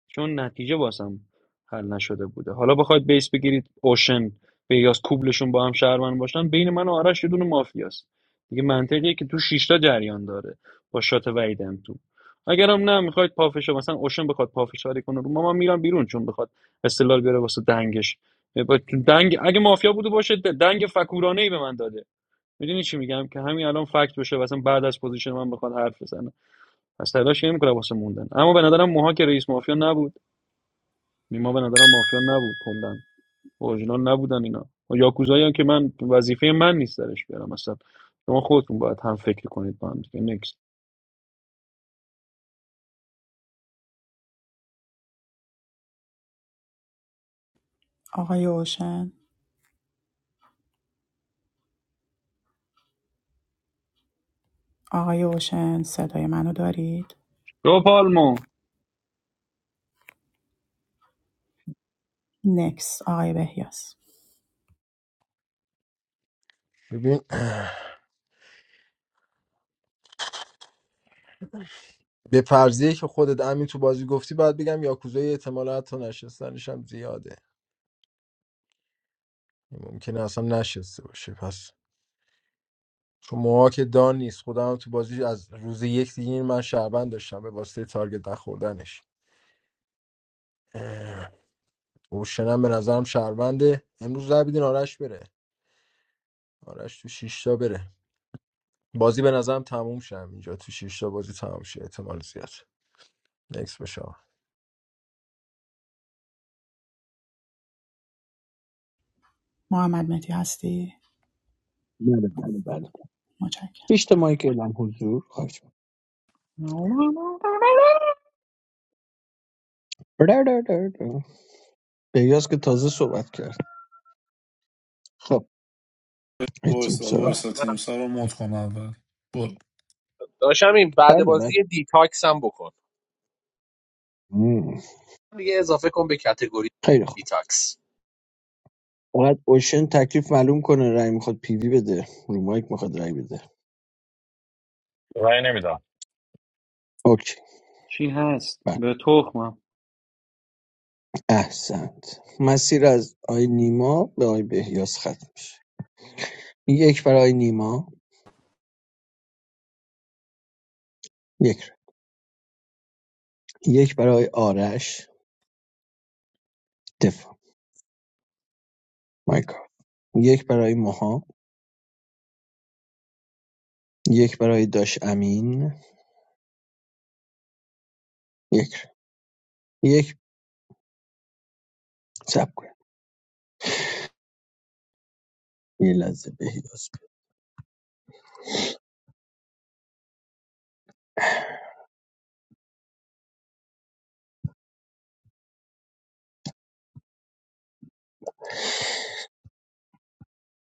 [SPEAKER 16] چون نتیجه واسم حل نشده بوده حالا بخواید بیس بگیرید اوشن بیاس کوبلشون با هم شهروند باشن بین من و آرش یه دونه مافیاست دیگه منطقیه که تو شیشتا جریان داره با شات وعید هم تو اگرم نه میخواید پافشا مثلا اوشن بخواد پافشاری کنه رو ما من میرم بیرون چون بخواد استقلال بیاره واسه دنگش با- دنگ اگه مافیا بوده باشه دنگ فکورانه ای به من داده میدونی چی میگم که همین الان فکت بشه مثلا بعد از پوزیشن من بخواد حرف بزنه از تلاش نمیکنه واسه موندن اما به نظرم موها که رئیس مافیا نبود نیما به نظرم مافیا نبود کلا اورجینال نبودن اینا و یاکوزایی هم که من وظیفه من نیست درش بیارم اصلا شما خودتون باید هم فکر کنید با هم دیگه نکست
[SPEAKER 1] آقای اوشن آقای اوشن صدای منو دارید
[SPEAKER 16] رو پالمو
[SPEAKER 1] نکس آقای بهیاس
[SPEAKER 12] ببین به فرضیه که خودت امین تو بازی گفتی باید بگم یاکوزای احتمال حتی نشستنش هم زیاده ممکنه اصلا نشسته باشه پس شما که دان نیست خودم هم تو بازی از روز یک دیگه من شهروند داشتم به واسطه تارگت نخوردنش اه، اوشنم به نظرم شهرونده امروز رای بدین آرش بره آرش تو شیشتا بره بازی به نظرم تموم شه اینجا تو شیشتا بازی تموم شه احتمال زیاد نکس بشه آقا.
[SPEAKER 1] محمد متی هستی
[SPEAKER 20] بله بله بله.
[SPEAKER 1] متشکرم.
[SPEAKER 20] هیچ تا مایک اعلام حضور خواهش می‌کنم. را، را، را، بهیاس که تازه صحبت کرد خب ای تیم
[SPEAKER 9] وایسا
[SPEAKER 20] سر اومد.
[SPEAKER 9] وایسا
[SPEAKER 22] ببخشید منم
[SPEAKER 9] تیمسا رو مد کن اول برو
[SPEAKER 22] داشتم این بعد
[SPEAKER 20] بله بله
[SPEAKER 22] بازی دیتاکس هم بکن
[SPEAKER 20] مم.
[SPEAKER 22] دیگه اضافه کن به کتگوری
[SPEAKER 20] خیلی خوب
[SPEAKER 22] دیتاکس
[SPEAKER 20] فقط اوشن تکلیف معلوم کنه رای میخواد پیوی بده رو مایک میخواد رای بده
[SPEAKER 17] رای نمیدم
[SPEAKER 20] اوکی
[SPEAKER 16] چی هست
[SPEAKER 20] بله.
[SPEAKER 16] به تخمم
[SPEAKER 20] احسنت مسیر از آی نیما به آی بهیاس ختم میشه یک برای نیما یک رای. یک برای آرش دفاع مایکا یک برای موها یک برای داش امین یک رای. یک سب کن یه لحظه بهیاس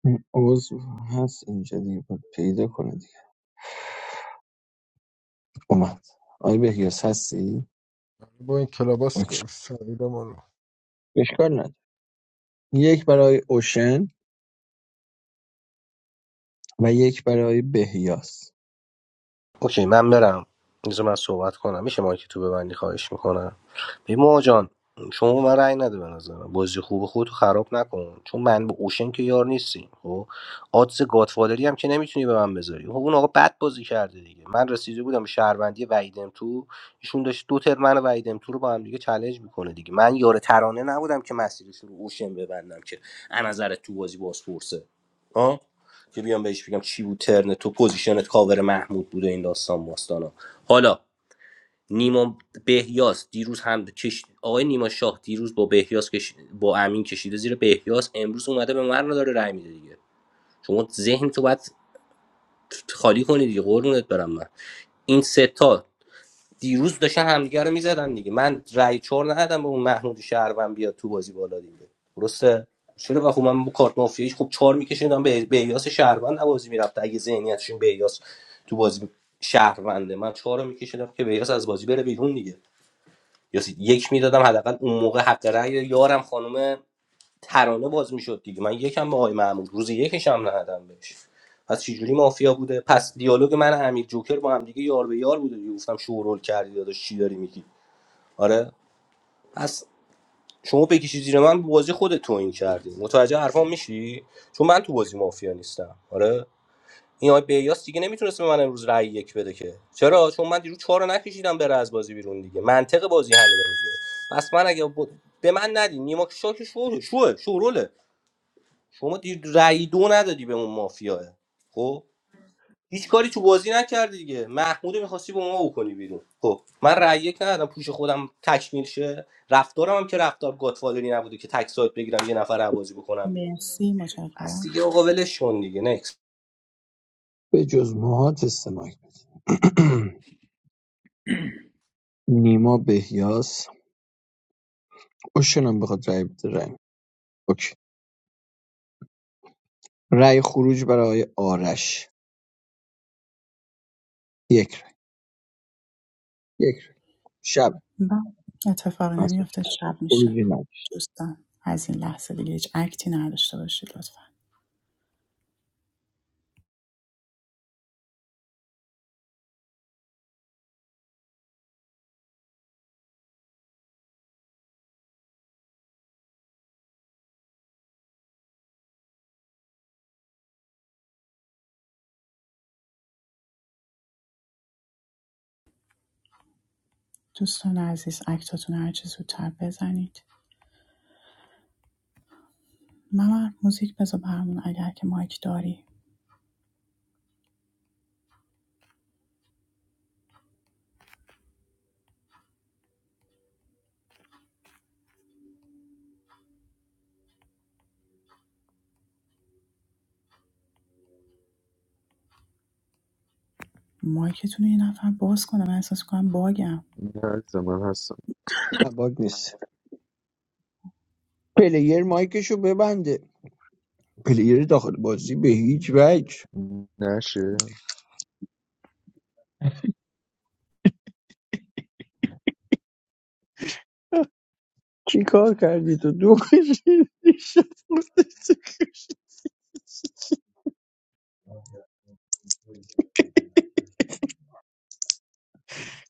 [SPEAKER 20] این عضو هست اینجا دیگه باید پیدا کنه دیگه اومد آی بهیاس هستی؟
[SPEAKER 12] با این کلاباس
[SPEAKER 20] اوکی.
[SPEAKER 12] سعیده ما رو
[SPEAKER 20] اشکال نداره یک برای اوشن و یک برای بهیاس
[SPEAKER 11] اوکی من برم بذار من صحبت کنم میشه مایک تو ببندی خواهش میکنم پیمان جان شما به من رأی نده به نظرم بازی خوب خودتو خراب نکن چون من با اوشن که یار نیستیم خب آدز گادفادری هم که نمیتونی به من بذاری خب اون آقا بد بازی کرده دیگه من رسیده بودم به شهروندی وحیدم تو ایشون داشت دو تر من و وحیدم تو رو با هم دیگه چالش میکنه دیگه من یار ترانه نبودم که مسیرش رو اوشن ببندم که از نظر تو بازی بازپرسه ها که بیام بهش بگم چی بود ترن تو پوزیشنت کاور محمود بوده این داستان باستانا حالا نیما بهیاس دیروز هم کش... آقای نیما شاه دیروز با بهیاس کش... با امین کشیده زیر بهیاس امروز اومده به من داره رای میده دیگه شما ذهن تو باید خالی کنی دیگه قربونت برم من این سه تا دیروز داشتن همدیگه رو میزدن دیگه من رای چور ندادم به اون محمود شهروند بیاد تو بازی بالا دیگه درسته چرا بخو من با کارت مافیایی خب چهار میکشیدم به بهیاس شهروند بازی میرفت اگه ذهنیتشون بهیاس تو بازی شهرونده من چهار رو میکشیدم که بهیاس از بازی بره بیرون دیگه یا سی- یک میدادم حداقل اون موقع حق رأی یارم خانم ترانه باز میشد دیگه من یکم به آقای محمود روز یکش هم ندادم بهش پس چجوری مافیا بوده پس دیالوگ من امیر جوکر با هم دیگه یار به یار بوده دیگه گفتم شورول کردی داداش چی داری میگی آره پس شما بکشی زیر من بازی خودت توهین کردی متوجه حرفام میشی چون من تو بازی مافیا نیستم آره این آقای بیاس دیگه نمیتونست به من امروز رأی یک بده که چرا چون من دیروز چهار رو نکشیدم بره از بازی بیرون دیگه منطق بازی همینه دیگه پس من اگه ب... به من ندی نیما شاک شو شو شوروله شما دیر رأی دو ندادی به اون مافیاه خب هیچ کاری تو بازی نکردی دیگه محمود میخواستی با ما بکنی بیرون خب من رأی یک ندادم پوش خودم تکمیل شه رفتارم هم که رفتار گاتفادری نبوده که تک سایت بگیرم یه نفر رو بازی بکنم بیرون
[SPEAKER 1] مرسی
[SPEAKER 11] بس
[SPEAKER 1] متشکرم
[SPEAKER 11] دیگه آقا ولش کن دیگه
[SPEAKER 20] به جز موها تست مایک نیما بهیاس اوشنم بخواد رأی بده رای می‌ده. اوکی رأی خروج برای آقای آرش یک رای. یک رای. شب
[SPEAKER 1] بله اتفاقی
[SPEAKER 20] مساج
[SPEAKER 1] نمیفته شب میشه
[SPEAKER 20] خروجی نداره
[SPEAKER 1] دوستان از این لحظه دیگه هیچ اکتی نداشته باشید لطفا دوستان عزیز اکتاتون هر چه زودتر بزنید ممر موزیک بذار برامون اگر که مایک داری مایکتون رو یه نفر باز کنه من احساس کنم باگم
[SPEAKER 2] نه عزیزم، من هستم
[SPEAKER 20] نه باگ نیست پلیر مایکشو ببنده پلیر داخل بازی به هیچ وجه
[SPEAKER 2] نشه
[SPEAKER 20] چی کار کردی تو دو کشیدی شد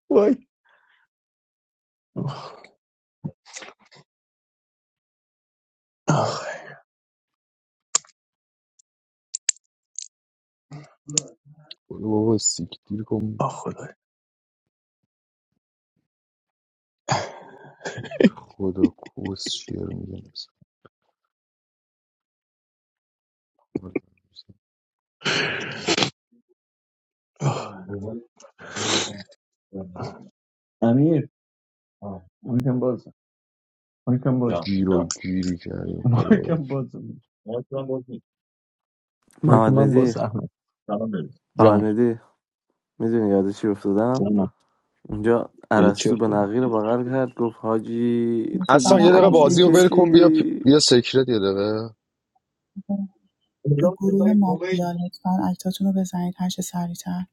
[SPEAKER 20] وای آخ
[SPEAKER 2] برو بابا سیکتیر کن
[SPEAKER 20] آخ خدا
[SPEAKER 2] خدا کوس شعر میگن اصلا
[SPEAKER 20] آخ. امیر مایکم بازم مایکم بازم
[SPEAKER 2] گیر و گیری کردیم خدا
[SPEAKER 20] مایکم
[SPEAKER 2] وکیل
[SPEAKER 20] بازم مایک
[SPEAKER 23] محمد
[SPEAKER 20] من
[SPEAKER 23] مهدی
[SPEAKER 20] بازم. احمد سلام بریم.
[SPEAKER 23] محمد
[SPEAKER 20] جان
[SPEAKER 23] مهدی میدونی یاد چی افتادم
[SPEAKER 20] جانم
[SPEAKER 23] اونجا
[SPEAKER 20] یه
[SPEAKER 23] عرستو به
[SPEAKER 20] چی
[SPEAKER 23] نقی رو بغل کرد گفت حاجی تو
[SPEAKER 2] اصلا
[SPEAKER 1] دوستان
[SPEAKER 2] یه
[SPEAKER 23] دیشب
[SPEAKER 2] دقیقه
[SPEAKER 23] چی
[SPEAKER 2] بازی رو
[SPEAKER 1] عزیز
[SPEAKER 2] ول کن بیا
[SPEAKER 23] کشیدی
[SPEAKER 2] بیا سیکرت یه دقیقه
[SPEAKER 20] صدا-
[SPEAKER 1] گروه
[SPEAKER 20] صدای گوگل.
[SPEAKER 1] مافیا لطفا اکتاتون رو بزنید هر چه سریعتر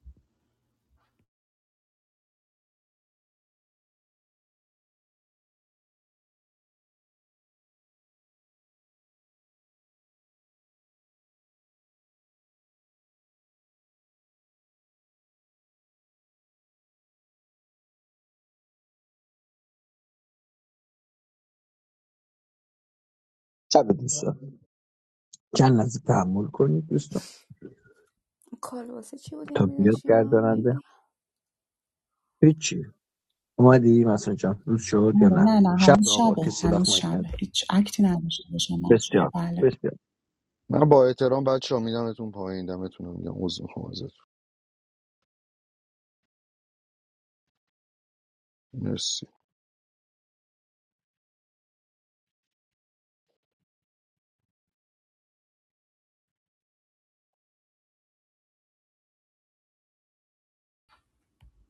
[SPEAKER 20] شب دوستان چند لحظه تحمل کنید دوستان تا بیاد گرداننده هیچی اومدی مثلا جان روز شد یا
[SPEAKER 1] بله
[SPEAKER 20] نه
[SPEAKER 1] نه نه
[SPEAKER 20] شب
[SPEAKER 1] هنوز
[SPEAKER 20] آقا
[SPEAKER 1] شبه
[SPEAKER 20] کسی وقت
[SPEAKER 1] هنوز
[SPEAKER 20] مایک
[SPEAKER 1] شبه
[SPEAKER 20] نداره
[SPEAKER 1] هیچ اکتی نداشته باشم بچه‌ها.
[SPEAKER 20] بسیار
[SPEAKER 1] بله
[SPEAKER 20] بسیار
[SPEAKER 2] من با احترام بچه ها میدمتون پایین دمتون رو میگم عوض میخوام ازتون مرسی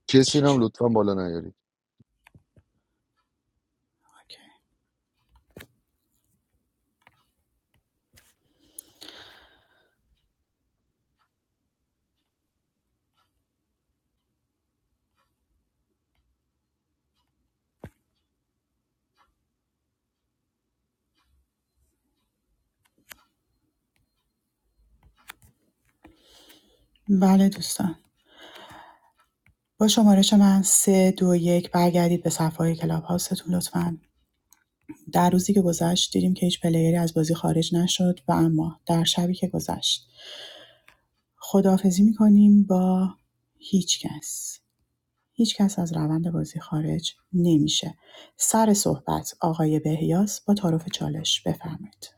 [SPEAKER 2] کسی رو
[SPEAKER 1] چی
[SPEAKER 2] هم
[SPEAKER 1] شد
[SPEAKER 2] لطفا بالا نیارید
[SPEAKER 1] اوکی. بله دوستان با شمارش من سه دو یک برگردید به صفحه کلاب هاستون لطفا در روزی که گذشت دیدیم که هیچ پلیری از بازی خارج نشد و اما در شبی که گذشت خداحافظی میکنیم با هیچ کس هیچ کس از روند بازی خارج نمیشه. سر صحبت آقای بهیاس با تعارف چالش بفرمایید.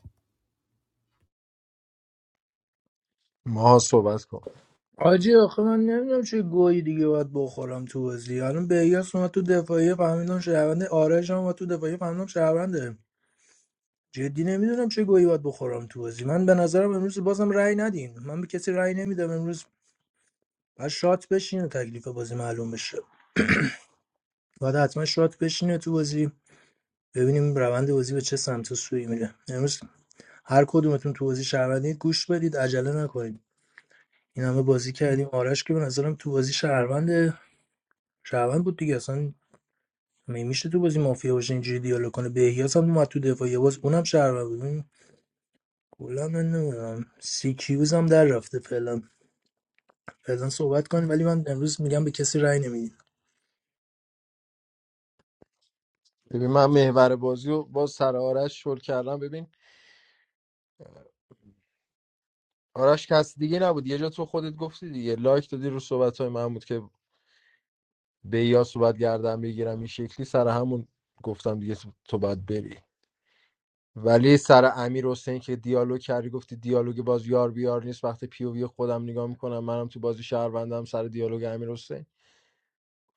[SPEAKER 12] ماها صحبت کن
[SPEAKER 15] آجی آخه من نمیدونم چه گویی دیگه باید بخورم تو بازی الان بیاس اومد تو دفاعی فهمیدم شهرونده آرش هم اومد تو دفاعی فهمیدم شهرونده جدی نمیدونم چه گویی باید بخورم تو بازی من به نظرم امروز بازم رأی ندین من به کسی رأی نمیدم امروز بعد شات بشین و تکلیف بازی معلوم بشه باید حتما شات بشینه تو بازی ببینیم روند بازی به چه سمت و سوی میره امروز هر کدومتون تو بازی شهروندید گوش بدید عجله نکنید این همه بازی کردیم آرش که به نظرم تو بازی شهروند شهروند بود دیگه اصلا میشه تو بازی مافیا باشه اینجوری دیالوگ کنه بهیاس هم اومد تو دفاعیه باز اونم شهروند بود کلا من نمیدونم سی کیوز هم در رفته فعلا فعلا صحبت کنیم ولی من امروز میگم به کسی رأی نمیدین
[SPEAKER 12] ببین من محور بازی رو باز سر آرش شل کردم ببین آرش کس دیگه نبود یه جا تو خودت گفتی دیگه لایک دادی رو صحبت های محمود که به یا صحبت گردن بگیرم این شکلی سر همون گفتم دیگه تو تو باید بری ولی سر امیر حسین که دیالوگ کردی گفتی دیالوگ باز یار بیار نیست وقتی پیووی خودم نگاه میکنم منم تو بازی شهروندم سر دیالوگ امیر حسین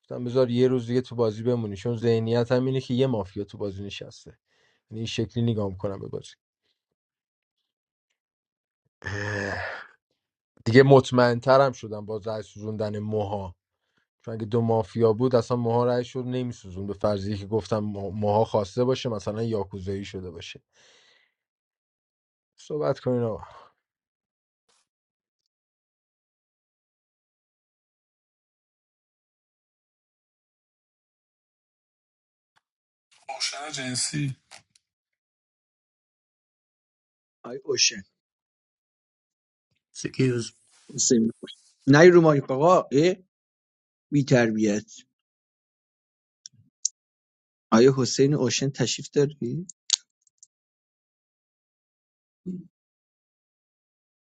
[SPEAKER 12] گفتم بذار یه روز دیگه تو بازی بمونی چون ذهنیت هم اینه که یه مافیا تو بازی نشسته یعنی این شکلی نگاه میکنم به بازی اه. دیگه مطمئن ترم شدم با رأی سوزوندن موها چون اگه دو مافیا بود اصلا موها رأی رو نمیسوزون به فرضی که گفتم مو- موها خواسته باشه مثلا یاکوزایی شده باشه صحبت کنین آقا
[SPEAKER 9] روشن جنسی
[SPEAKER 20] آی اوشن
[SPEAKER 15] سی کیوز
[SPEAKER 20] حسین نه رو مایک آقا ای بی تربیت آیا حسین اوشن تشریف داری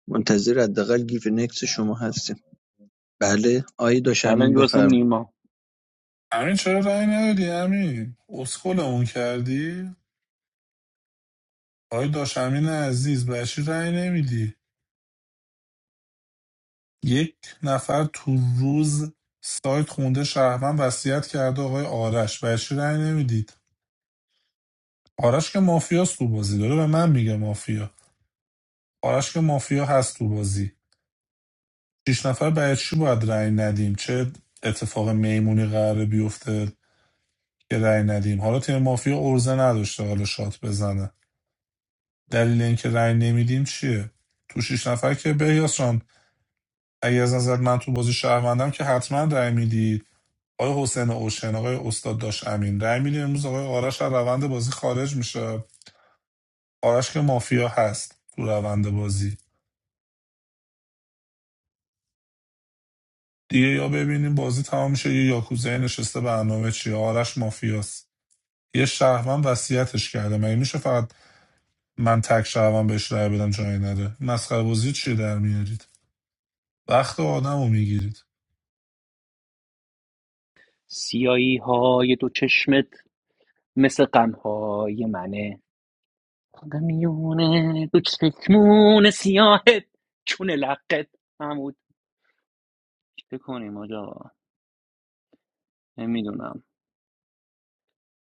[SPEAKER 20] منتظر حداقل گیف نکس شما هستیم بله آی داشمین
[SPEAKER 16] الان واسه
[SPEAKER 20] بفرمایید
[SPEAKER 16] نیما
[SPEAKER 9] امین چرا رأی ندادی امین اسکلمون کردی آقای داش امین عزیز بچی رای نمیدی یک نفر تو روز سایت خونده شهروند وصیت کرده آقای آرش برای چی رأی نمیدید آرش که مافیاست تو بازی داره به من میگه مافیا آرش که مافیا هست تو بازی شیش نفر برای چی باید رأی ندیم چه اتفاق میمونی قراره بیفته که رأی ندیم حالا تیم مافیا ارزه نداشته حالا شات بزنه دلیل اینکه رأی نمیدیم چیه تو شیش نفر که بهیاس جان اگه از نظر من تو بازی شهروندم که حتما رأی میدید آقای حسین اوشن آقای استاد داش امین رأی می‌دیم امروز آقای آرش از روند بازی خارج میشه آرش که مافیا هست تو روند بازی دیگه یا ببینیم بازی تمام میشه یا یاکوزای نشسته برنامه چی آرش مافیاست یه شهروند وصیتش کرده مگه میشه فقط من تک شهروند بهش رأی بدم جایی نره مسخره بازی چی در میارید وقت آدمو میگیرید
[SPEAKER 16] سیایی های دو چشمت مثل قنهای منه قمیونه دو چشمون سیاهت چون لقت محمود چه کنیم آجا نمیدونم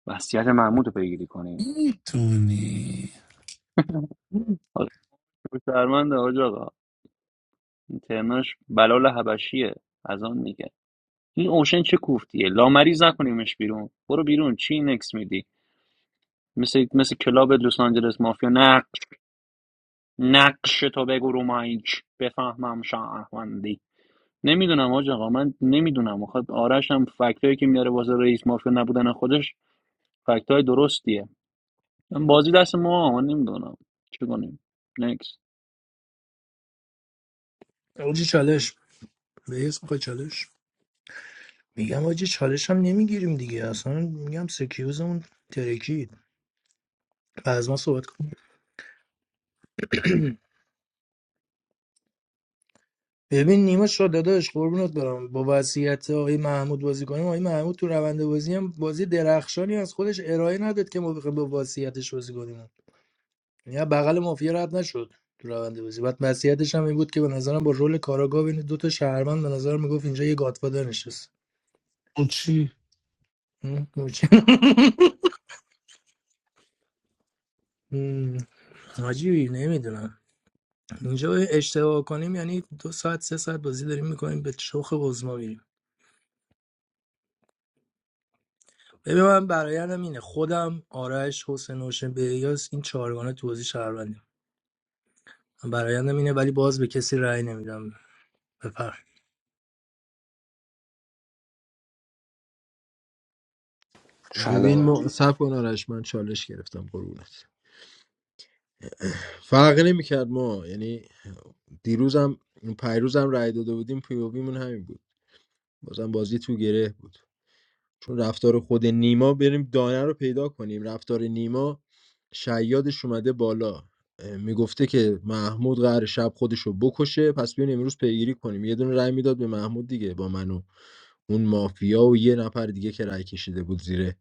[SPEAKER 16] وصیت محمود رو پیگیری کنیم
[SPEAKER 9] میتونی
[SPEAKER 16] شرمنده حاج آقا این ترناش بلال حبشیه از آن میگه این اوشن چه کوفتیه لامریز نکنیمش بیرون برو بیرون چی نکس میدی مثل مثل کلاب لس آنجلس مافیا نقش نقش تو بگو رو مایک بفهمم شهروندی نمیدونم حاج آقا من نمیدونم خب آرش هم فکتایی که میاره واسه رئیس مافیا نبودن خودش فکتای درستیه بازی دست ما من نمیدونم چه کنیم نکس
[SPEAKER 15] اوجی چالش بهیاس میخواد چالش میگم آجی چالش هم نمیگیریم دیگه اصلا میگم سکیوزمون ترکید از ما صحبت کن ببین نیما شاد داداش قربونت برم با وصیت آقای محمود بازی کنیم آقای محمود تو روند بازی هم بازی درخشانی از خودش ارائه نداد که ما بخوایم با وصیتش بازی کنیم یعنی بغل مافیا رد نشد تو روند بازی بعد وصیتش هم این بود که به نظرم با رول کاراگاه بین دو تا شهروند به نظرم میگفت اینجا یه گاتفادر نشست
[SPEAKER 9] اون چی
[SPEAKER 15] هم؟ هم. حاجی نمیدونم اینجا اشتباه کنیم یعنی دو ساعت سه ساعت بازی داریم میکنیم به شوخ عظما میریم ببین من برایندم اینه خودم آرش حسین نوشن بهیاس این چهارگانه تو بازی شهروندیم من برایندم اینه ولی باز به کسی رأی نمیدم بفر
[SPEAKER 12] ببین
[SPEAKER 11] نکس
[SPEAKER 12] ما سب کن آرش من چالش گرفتم قربونت فرقی نمیکرد ما یعنی دیروزم پیروزم رای داده بودیم پیوبیمون همین بود بازم بازی تو گره بود چون رفتار خود نیما بریم دانه رو پیدا کنیم رفتار نیما شیادش اومده بالا اه، میگفته که محمود قرار شب خودشو بکشه پس بیاین امروز پیگیری کنیم یه دونه رأی میداد به محمود دیگه با منو اون مافیا و یه نفر دیگه که رای کشیده بود زیر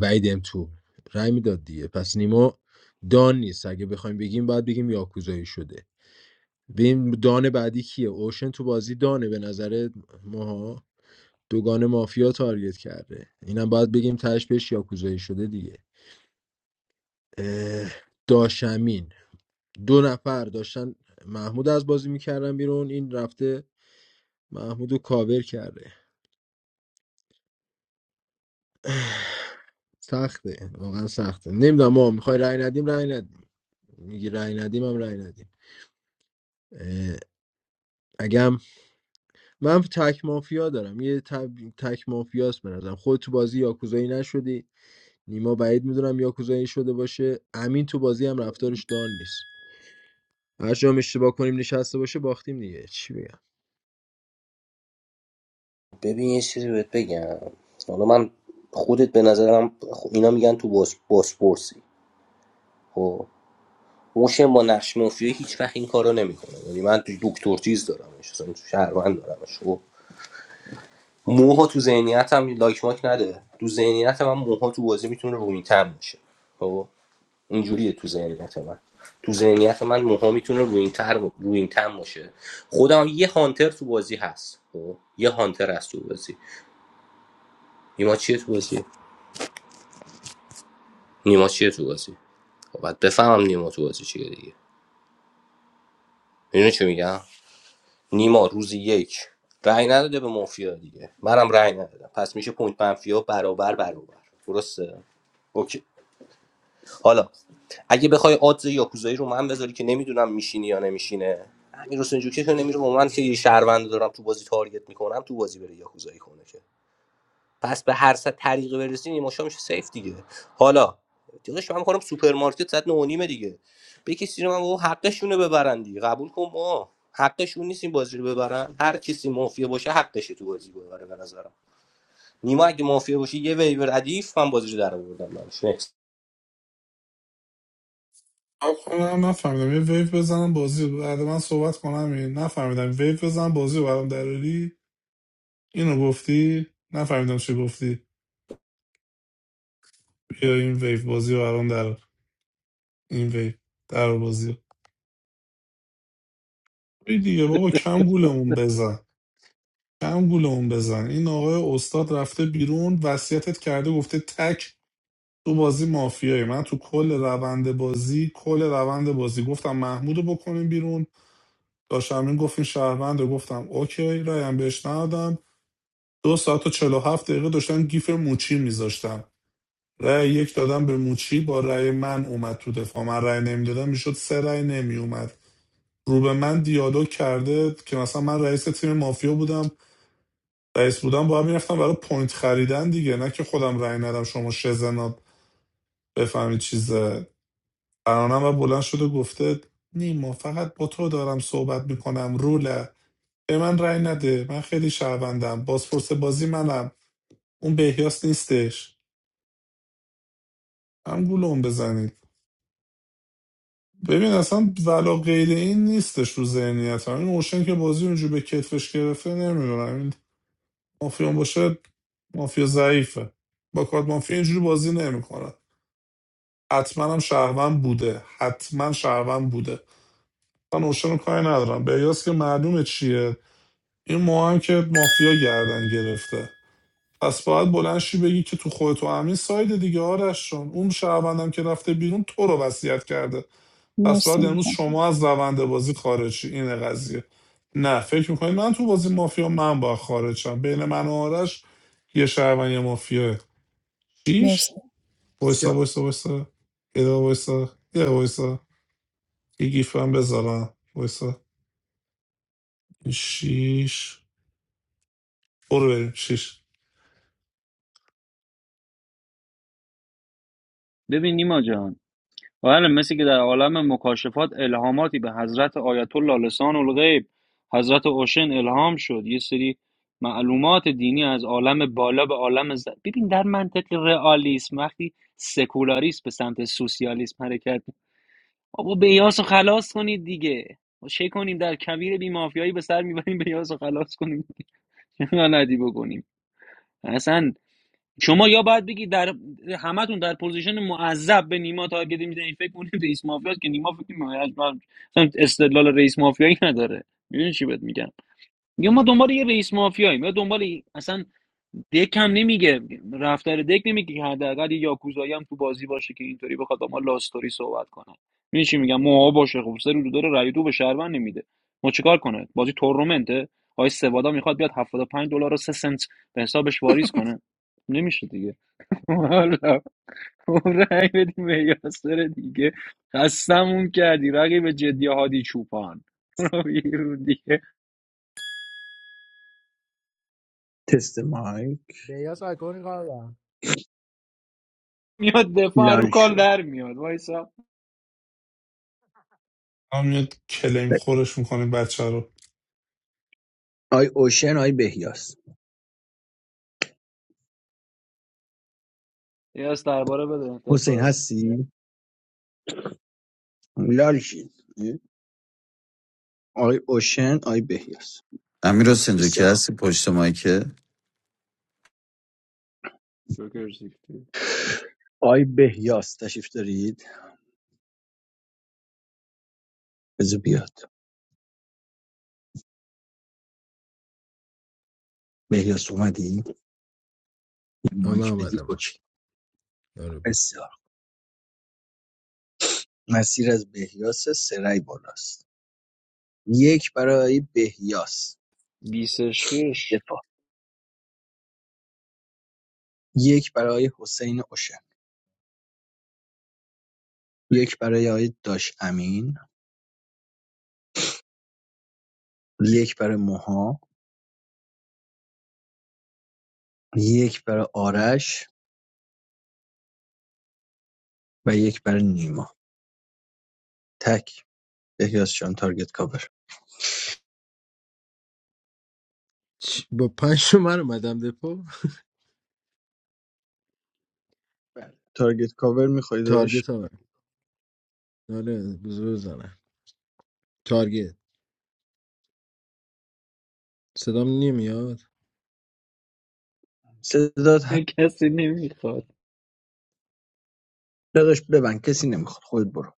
[SPEAKER 12] بعیدم تو رای میداد دیگه پس نیما دان نیست اگه بخوایم بگیم باید بگیم یاکوزایی شده ببین دان بعدی کیه اوشن تو بازی دانه به نظر ماها دوگان مافیا تارگت کرده اینم باید بگیم تهش بهش یاکوزایی شده دیگه اه، داشمین دو نفر داشتن محمود از بازی میکردن بیرون این رفته محمود رو کاور کرده سخته واقعا سخته نمیدونم ما میخوای رأی ندیم رأی ندیم میگی رأی ندیم هم رأی ندیم اه، اگم من تک مافیا دارم یه تب... تک مافیاست به نظرم خود تو بازی یاکوزایی نشدی نیما بعید میدونم یاکوزایی شده باشه امین تو بازی هم رفتارش دال نیست هر جام اشتباه کنیم نشسته باشه باختیم دیگه چی بگم
[SPEAKER 11] ببین یه چیزی بهت بگم حالا من خودت به نظرم خب اینا میگن تو باس باسپورسی خب موشن با نقش مافیایی هیچ وقت این کارو نمیکنه یعنی من تو دکتر چیز دارمش اصلا تو شهروند دارمش خب موها تو ذهنیتم لایک ماک نده تو ذهنیت من موها تو بازی میتونه روینتر بشه خب اینجوریه تو ذهنیت من تو ذهنیت من موها میتونه روینتر روینتر باشه خودم یه هانتر تو بازی هست خب یه هانتر هست تو بازی اینا چیه تو بازی نیما چیه تو بازی خب بعد بفهمم نیما تو بازی چیه دیگه میدونی چی میگم نیما روز یک رأی نداده به مافیا دیگه منم رأی ندادم پس میشه پوینت منفیا برابر برابر درسته اوکی حالا اگه بخوای آدز یاکوزایی رو من بذاری که نمیدونم میشینی یا نمیشینه امیر حسین جوکه که نمیره با من که یه شهروند دارم تو بازی تارگت میکنم تو بازی بره یاکوزایی کنه که پس به هر صد طریقی برسیم این مشا میشه سیف دیگه حالا دیگه من کنم سوپرمارکت صد نهونیمه دیگه به کسی رو من بابا حقشونه ببرن دیگه قبول کن ما حقشون نیست این بازی رو ببرن هر کسی مافیا باشه حقشه تو بازی ببره به نظرم نیما اگه مافیا باشه یه ویور ردیف من بازی رو در آوردم براش. Next.
[SPEAKER 9] کنم نفهمیدم یه ویو بزنم بازی رو بعد من صحبت کنم یه- نفهمیدم ویو بزنم بازی رو برام دراری اینو گفتی نفهمیدم چی گفتی بیا این ویو بازی رو برام در این ویو در بازی رو بی دیگه بابا کم گولمون بزن کم گولمون بزن این آقای استاد رفته بیرون وصیتت کرده گفته تک تو بازی مافیایی من تو کل روند بازی کل روند بازی گفتم محمودو بکنیم بیرون داشتم این گفت این شهروند رو. گفتم اوکی رایم بهش ندادم دو ساعت و چهل و هفت دقیقه داشتن گیف موچی میذاشتم رأی یک دادم به موچی با رأی من اومد تو دفاع من رأی نمیدادم میشد سه رأی نمیومد رو به من دیالوگ کرده که مثلا من رئیس تیم مافیا بودم رئیس بودم باید میرفتم برای پوینت خریدن دیگه نه که خودم رأی ندم شما شزنا بفهمید چیزه قرانم و بلند شده گفته نیما فقط با تو دارم صحبت میکنم روله به من رأی نده من خیلی شهروندم بازپرس بازی منم اون بهیاس نیستش هم گولم بزنید ببین اصلا ولا غیر این نیستش رو ذهنیت هم. این اوشن که بازی اونجور به کتفش گرفته نمیدونم این مافیا باشه مافیا ضعیفه با کارت مافیا اینجوری بازی نمیکنه حتما هم شهروند بوده حتما شهروند بوده من اوشن رو کاری ندارم بیاس که معلومه چیه این ما هم که مافیا گردن گرفته پس باید بلند شی بگی که تو خودت و امین ساید دیگه آرش جان. اون شهروندم که رفته بیرون تو رو وصیت کرده پس
[SPEAKER 1] مرسی
[SPEAKER 9] باید امروز
[SPEAKER 1] متشکرم
[SPEAKER 9] شما از روند بازی خارج شی. اینه قضیه نه فکر میکنید من تو بازی مافیا من با خارج شم بین من و آرش یه شهروند یه مافیا
[SPEAKER 1] مرسی
[SPEAKER 9] شیش وایسا
[SPEAKER 20] بسیار
[SPEAKER 9] وایسا وایسا یه دقیقه وایسا یه دقیقه وایسا یه گیف هم بذارم وایسا شیش برو بریم شیش
[SPEAKER 16] ببین نیما جان بله مثل که در عالم مکاشفات الهاماتی به حضرت آیت الله لسان الغیب حضرت اوشن الهام شد یه سری معلومات دینی از عالم بالا به عالم ز... ببین در منطق رئالیسم وقتی سکولاریسم به سمت سوسیالیسم حرکت می- بابا بیاس رو خلاص کنید دیگه ما چه کنیم در کویر بیمافیایی به سر میبریم بیاس رو خلاص کنیم چه غلطی بکنیم اصلا شما یا باید بگی در همتون در پوزیشن معذب به نیما تارگت میزنید فکر کنید رئیس مافیاست که نیما فکر کنید استدلال رئیس مافیایی نداره میدونی چی بهت میگم یا ما دنبال یه رئیس مافیاییم یا دنبال اصلا دک هم نمیگه رفتار دک نمیگه که حداقل یه یاکوزایی هم تو بازی باشه که اینطوری بخواد با ما لاستوری صحبت کنه می‌دونی چی میگم موها باشه خب سر رو داره رای دو به شهروند نمیده ما چیکار کنه بازی تورنمنته آقای سوادا میخواد بیاد 75 دلار و 3 سنت به حسابش واریز کنه نمیشه دیگه حالا اون رای بدیم به یاسر دیگه خستمون کردی رقیب جدی هادی چوپان برو بیرون دیگه
[SPEAKER 20] تست مایک
[SPEAKER 15] بیاس آیکونی کار دارم
[SPEAKER 16] میاد دفاع رو
[SPEAKER 20] لال
[SPEAKER 16] کال
[SPEAKER 20] شو
[SPEAKER 16] در میاد وایسا
[SPEAKER 9] هم یه کلیم خورش میکنیم بچه رو
[SPEAKER 20] آی اوشن آی بهیاس
[SPEAKER 16] یه از درباره بده
[SPEAKER 20] حسین
[SPEAKER 16] دفاع
[SPEAKER 20] هستی لالشین آی اوشن آی بهیاس
[SPEAKER 7] امیر حسین جو که
[SPEAKER 20] بسیار خوب
[SPEAKER 7] هستی پشت مایکت
[SPEAKER 16] جوکر سیفتی
[SPEAKER 20] آی بهیاس تشریف دارید بذار بیاد بهیاس اومدی
[SPEAKER 12] آه، من
[SPEAKER 20] مایک بدی
[SPEAKER 12] اومدم
[SPEAKER 20] اوکی
[SPEAKER 12] آره با
[SPEAKER 20] بسیار مسیر از بهیاس سرای بالاست یک برای بهیاس
[SPEAKER 16] بیسش کش
[SPEAKER 20] دفاع یک برای حسین اوشن یک برای آی داش امین یک برای موها یک برای آرش و یک برای نیما تک بهیاس جان تارگت کاور
[SPEAKER 12] چی- با پنج تا اومدم دپو
[SPEAKER 20] بله. تارگت کاور میخوای
[SPEAKER 12] تارگت هم آره بزرگ بزنم تارگت صدام نمیاد
[SPEAKER 20] داشت
[SPEAKER 16] کسی نمیخواد
[SPEAKER 20] داداش ببند کسی نمیخواد خود برو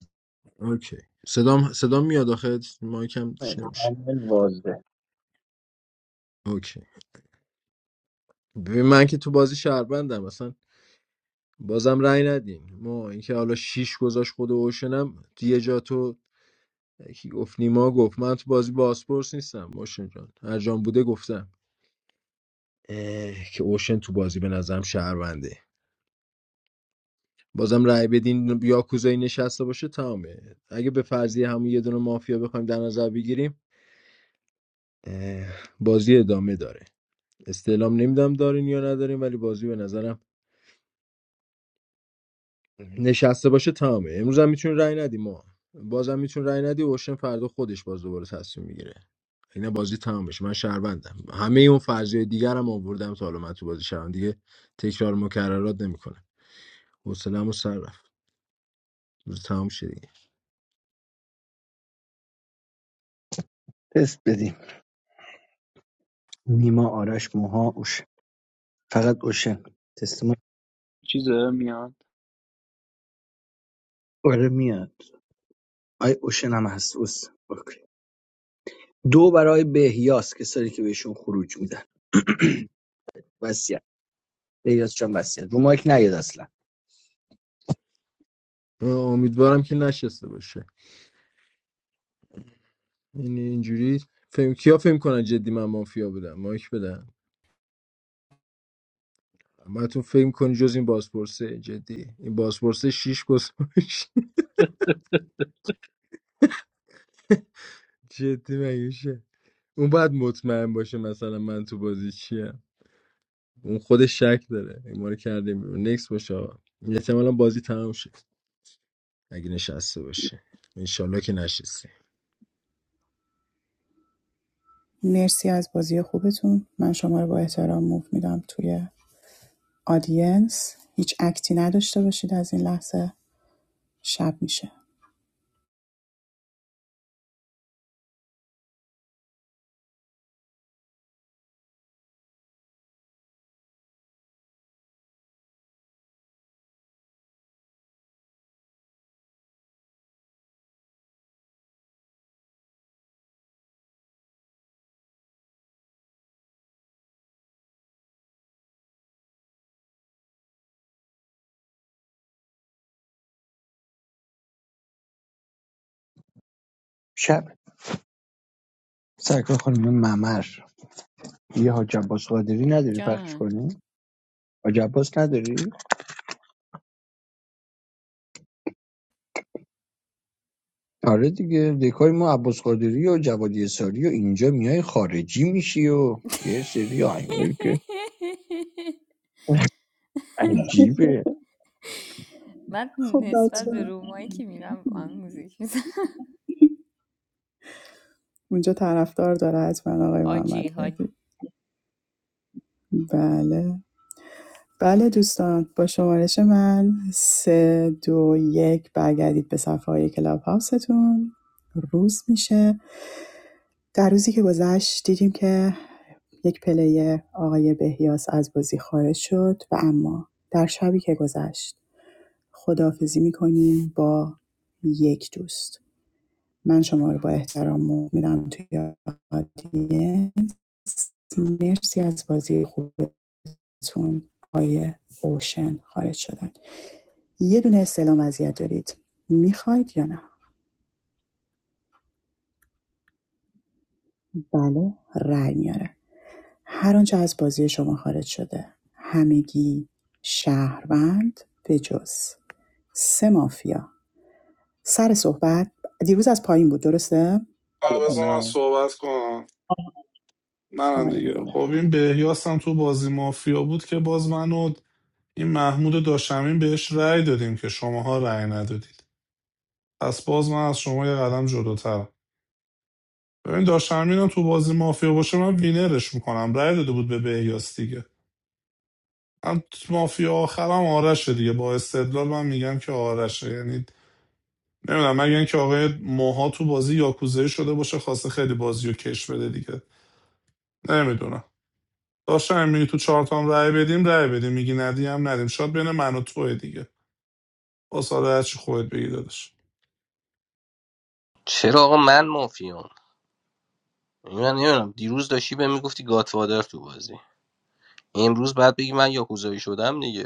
[SPEAKER 12] اوکی صدام صدام میاد آخه مایکم
[SPEAKER 20] بله.
[SPEAKER 12] چی نمیشه اوکی ببین من که تو بازی شهروندم مثلا بازم رأی ندین ما اینکه حالا شیش گذاشت خود اوشنم یه جا تو کی گفت نیما گفت من تو بازی باسپورس نیستم اوشن جان هر جام بوده گفتم که اوشن تو بازی به نظرم شهرونده بازم رأی بدین یا کوزایی نشسته باشه تمامه اگه به فرضیه همون یه دونه مافیا بخوایم در نظر بگیریم بازی ادامه داره استعلام نمیدم دارین یا ندارین ولی بازی به نظرم نشسته باشه تمامه امروز هم میتونین رأی ندیم ما بازم میتونین رأی ندی اوشن فردا خودش باز دوباره تصمیم میگیره اینا بازی تمام بشه من شهروندم همه اون فرضیه دیگرم آوردم تا حالا من تو بازی شهروند دیگه تکرار مکررات نمیکنه حوصله‌مو سر رفت روز تمام شه دیگه
[SPEAKER 20] تست بدیم نیما آرش موها اوشن فقط اوشن تست ما
[SPEAKER 16] چیز داره میاد
[SPEAKER 20] آره میاد آی اوشن هم هست اوس اوکی. دو برای بهیاس کسایی که بهشون خروج میدن وصیت بهیاس جان وصیت رو مایک نیاد اصلا
[SPEAKER 12] امیدوارم که نشسته باشه یعنی اینجوری فهم کیا فهم کنن جدی من مافیا بودم مایک بدم تو فهم کنی جز این بازپرسه جدی این بازپرسه شیش گذاشت جدی میشه اون باید مطمئن باشه مثلا من تو بازی چیم اون خودش شک داره این ما رو کردیم بیرون نکس باشه آقا. احتمالا بازی تمام شد اگه نشسته باشه انشالله که نشسته
[SPEAKER 1] مرسی از بازی خوبتون. من شما رو با احترام موو میدم توی آدینس. هیچ اکتی نداشته باشید از این لحظه شب میشه.
[SPEAKER 20] شب سرکار خانم ممر یه حاج عباس قادری نداری پخش کنی حاج عباس نداری آره دیگه دکای ما عباس قادری و جوادی اساری و اینجا میای خارجی میشی و یه سری آهنگایی که عجیبه
[SPEAKER 1] خب لطفا اونجا طرفدار داره حتما آقای محمد مهدی. بله بله دوستان با شمارش من سه دو یک برگردید به صفحه های کلاب هاوستون روز میشه در روزی که گذشت دیدیم که یک پلیر آقای بهیاس از بازی خارج شد و اما در شبی که گذشت خداحافظی میکنیم با یک دوست من شما رو با احترام میدم توی آدینس مرسی از بازی خوبتون آقای اوشن خارج شدن یه دونه استعلام وضعیت دارید میخواید یا نه بله رأی میاره هر آنچه از بازی شما خارج شده همگی شهروند به جز سه مافیا سر صحبت دیروز از پایین بود درسته
[SPEAKER 20] بله
[SPEAKER 9] آه،
[SPEAKER 20] بله
[SPEAKER 9] بذار من
[SPEAKER 16] نه
[SPEAKER 9] صحبت کنم منم
[SPEAKER 1] آقای
[SPEAKER 9] دیگه
[SPEAKER 1] نیما
[SPEAKER 9] خب
[SPEAKER 1] بفهم
[SPEAKER 9] این بهیاس هم تو بازی مافیا بود که باز منو این محمود و داشتمین بهش رأی دادیم که شماها رأی ندادید پس باز من از شما یه قدم جلوترم ببین داشتمین هم تو بازی مافیا باشه من وینرش میکنم رأی داده بود به بهیاس دیگه من مافیا آخرم آرشه دیگه با استدلال من میگم که آرشه یعنی نمیدونم مگر اینکه آقای موها تو بازی یاکوزایی شده باشه خواسته خیلی بازی رو کش بده دیگه نمیدونم داشتم میگی تو چهارتام رأی بدیم رأی بدیم میگی ندیم ندیم شاید بین من و توه دیگه باز حالا هرچی خودت بگی داداش
[SPEAKER 11] چرا آقا من مافیام من نمیدونم دیروز داشتی به میگفتی گاتفادر تو بازی امروز بعد بگی من یاکوزایی شدم دیگه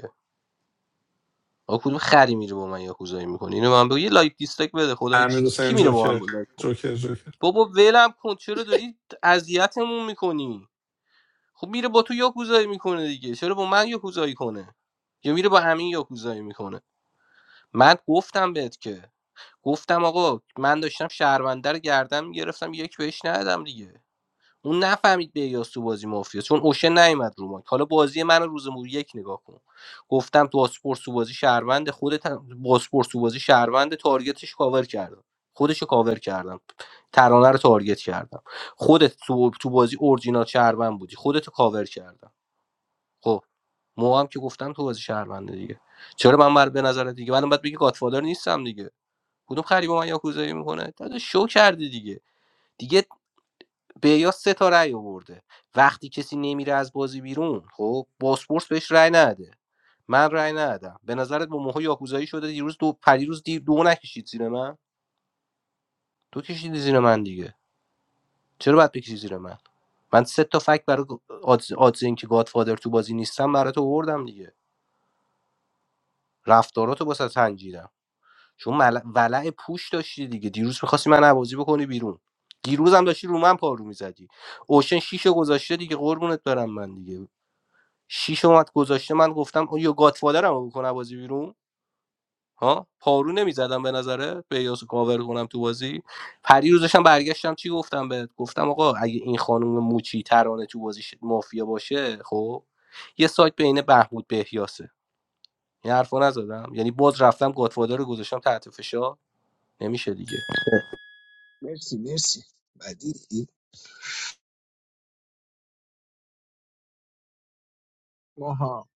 [SPEAKER 11] آقا کدوم خری میره با من یاکوزایی میکنه اینو من بگو یه لایک دیسلایک بده خدایی چی-
[SPEAKER 9] امیر
[SPEAKER 11] چی- کی
[SPEAKER 9] حسین
[SPEAKER 11] میره با من
[SPEAKER 9] جوکر
[SPEAKER 11] با لایک کن؟
[SPEAKER 9] جوکر جوکر
[SPEAKER 11] بابا ولم کن چرا داری اذیتمون میکنی خب میره با تو یاکوزایی میکنه دیگه چرا با من یاکوزایی کنه یا میره با همین یاکوزایی میکنه من گفتم بهت که گفتم آقا من داشتم شهرونده رو گردن میگرفتم یک بهش ندادم دیگه اون نفهمید به تو بازی مافیا چون اوشه نیومد رو مایک حالا بازی من روز مو یک نگاه کن گفتم تو اسپورت تو بازی شهروند خودت با باسپورس تو بازی شهروند تارگتش کاور کردم خودش کاور کردم ترانه رو تارگت کردم خودت تو, تو بازی اورجینال شهروند بودی خودت کاور کردم خب مو هم که گفتم تو بازی شهرونده دیگه چرا من بر به نظر دیگه من باید بگی گاتفادر نیستم دیگه کدوم خری با من یاکوزایی میکنه داده شو کردی دیگه دیگه بیا سه تا رأی آورده وقتی کسی نمیره از بازی بیرون خب باسپورس بهش رأی نده من رأی ندادم به نظرت با موها یاکوزایی شده دیروز دو پریروز دیر دو نکشید زیر من تو کشیدی زیر من دیگه چرا باید بکشی زیر من من سه تا فکت برای آدز, آدز اینکه گادفادر تو بازی نیستم برات آوردم دیگه رفتاراتو واسه سنجیدم چون مل... ولع پوش داشتی دیگه دیروز میخواستی من بازی بکنی بیرون دیروز هم داشتی رو من پارو میزدی اوشن شیشو گذاشته دیگه قربونت برم من دیگه شیش اومد گذاشته من گفتم او یا گاتفادرم بکنه بازی بیرون ها پارو نمیزدم به نظره به یاسو کاور کنم تو بازی پری روزشم برگشتم چی گفتم بهت گفتم آقا اگه این خانم موچی ترانه تو بازی ش- مافیا باشه خب یه سایت بین بهبود بهیاسه این حرفو نزدم یعنی باز رفتم گاتفادر رو گذاشتم تحت فشار نمیشه دیگه
[SPEAKER 20] مرسی مرسی بعدی ماها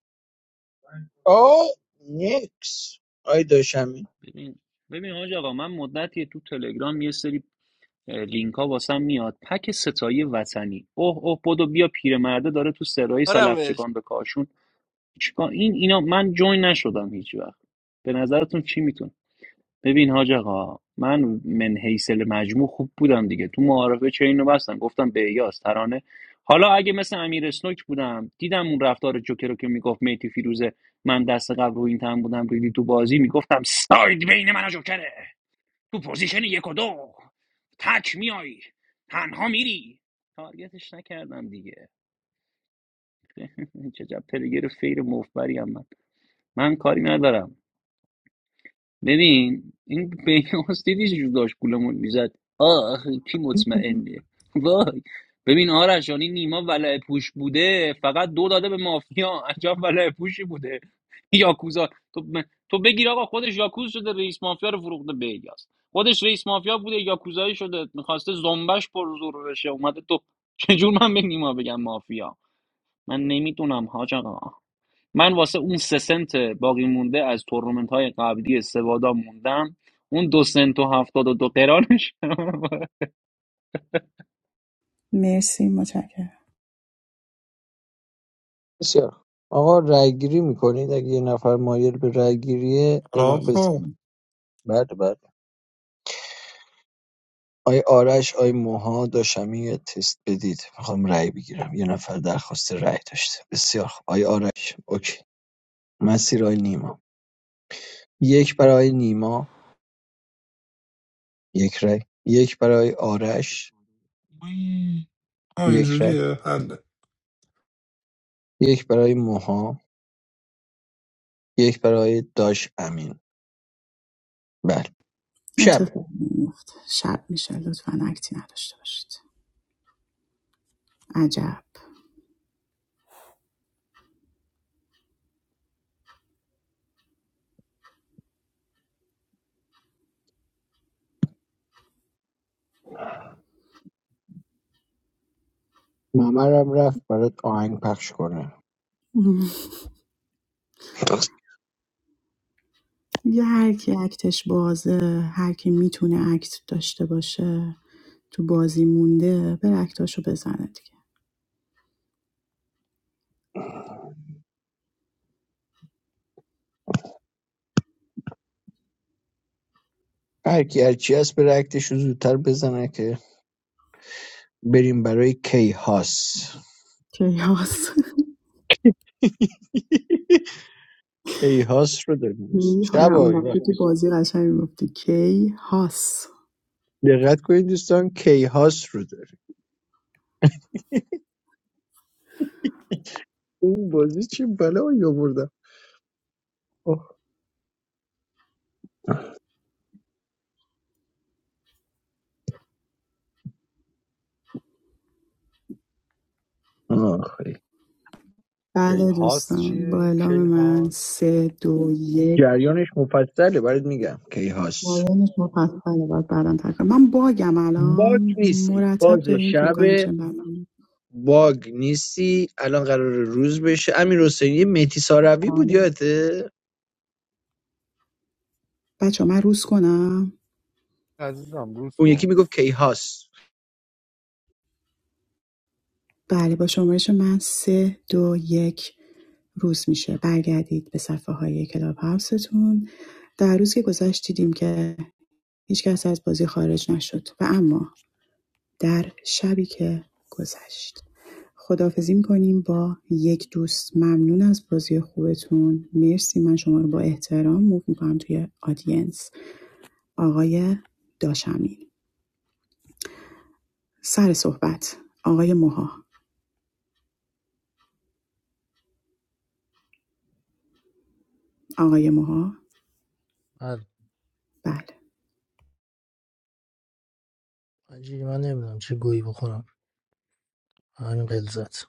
[SPEAKER 20] آه نیکس آی داشمی
[SPEAKER 16] ببین ببین حاج آقا من مدتی تو تلگرام یه سری لینک ها واسم میاد پک ستایی وطنی اوه اوه بدو بیا پیرمرده داره تو سرای
[SPEAKER 11] آرامش
[SPEAKER 16] سلفچکان به کاشون چیکار این اینا من جوین نشدم هیچ وقت به نظرتون چی میتونه ببین حاج آقا من من حیصل مجموع خوب بودم دیگه تو معارفه چه اینو بستم گفتم به یاس ترانه حالا اگه مثل امیر اسنوک بودم دیدم اون رفتار جوکر رو که میگفت میتی فیروزه من دست قبل رو این تن بودم ریدی تو بازی میگفتم ساید بین من و جوکره تو پوزیشن یک و دو تک میای تنها میری تارگتش نکردم دیگه چه جب پلگر فیر مفبری هم من من کاری ندارم ببین این بهنیاز دیدی چجور داشت گولمون میزد آه کی مطمئنه وای ببین آرش یعنی نیما ولع پوش بوده فقط دو داده به مافیا عجب ولع پوشی بوده یاکوزا تو, ب- تو بگیر آقا خودش یاکوز شده رئیس مافیا رو فروخته به الیاس خودش رئیس مافیا بوده یاکوزایی شده میخواسته زنبش پر زور بشه اومده تو چجور من به نیما بگم مافیا من نمیتونم حاج آقا من واسه اون سه سنت باقی مونده از تورنمنت های قبلی سوادا موندم اون دو سنت و هفتاد و دو قرانش
[SPEAKER 1] مرسی متشکرم
[SPEAKER 20] بسیار خوب. آقا رای گیری میکنید اگه یه نفر مایل به رای گیریه یه ما بس...
[SPEAKER 9] آقا
[SPEAKER 20] بله بله آی آرش آی موها داشمی یه تست بدید میخوام رای بگیرم یه نفر درخواست رای داشته بسیار خوب آی آرش اوکی مسیر آی نیما یک برای نیما یک رای یک برای آرش
[SPEAKER 9] وی. آه
[SPEAKER 20] یک رای
[SPEAKER 9] اینجوریه حله
[SPEAKER 20] یک برای موها یک برای داش امین بله شبه
[SPEAKER 1] اتفاق میفته شب میشه لطفا اکتی نداشته باشید عجب
[SPEAKER 20] ممرم رفت برات آهنگ پخش کنه
[SPEAKER 1] دیگه هر کی اکتش بازه هر کی میتونه اکت داشته باشه تو بازی مونده بر اکتاشو بزنه دیگه
[SPEAKER 20] هر کی هر چی هست بره اکتش رو زودتر بزنه که بریم برای کیهاس
[SPEAKER 1] کیهاس
[SPEAKER 20] کیهاس رو داریم دوست
[SPEAKER 1] کی حالا
[SPEAKER 20] شب آقای
[SPEAKER 1] اونا که
[SPEAKER 20] وقتی
[SPEAKER 1] تو بازی قشنگ میگفتی کیهاس
[SPEAKER 20] دقت کنید دوستان کیهاس رو داریم اون بازی چه بلایی آوردم آه. آخه.
[SPEAKER 1] بله
[SPEAKER 2] کیهاس
[SPEAKER 1] دوستان با
[SPEAKER 2] چیه
[SPEAKER 1] اعلام من
[SPEAKER 2] کیهاس
[SPEAKER 1] سه دو یک
[SPEAKER 20] جریانش مفصله برات میگم کیهاس
[SPEAKER 1] پایانش مفصله باید بعدا تکرار من باگم الان
[SPEAKER 20] باگ نیستی باز
[SPEAKER 1] مرتب داریم پور
[SPEAKER 20] شب
[SPEAKER 1] کانکشن برمیم
[SPEAKER 20] باگ نیستی الان قرار روز بشه امیر حسین یه متی ساروی بود
[SPEAKER 1] بله
[SPEAKER 20] یادته
[SPEAKER 1] بچه من روز کنم
[SPEAKER 2] عزیزم روز
[SPEAKER 20] اون
[SPEAKER 2] کن
[SPEAKER 20] یکی میگفت کیهاست.
[SPEAKER 1] بله با شمارش من سه دو یک روز میشه برگردید به صفحه های کلاب هاوستون در روز که گذشت دیدیم که هیچ کس از بازی خارج نشد و اما در شبی که گذشت خداحافظی میکنیم با یک دوست ممنون از بازی خوبتون مرسی من شما رو با احترام موو میکنم توی آدینس آقای داشمین سر صحبت آقای موها آقای موها
[SPEAKER 15] آره
[SPEAKER 1] بله
[SPEAKER 15] عجیلی من نمیدونم چه گویی بخورم همین قلزت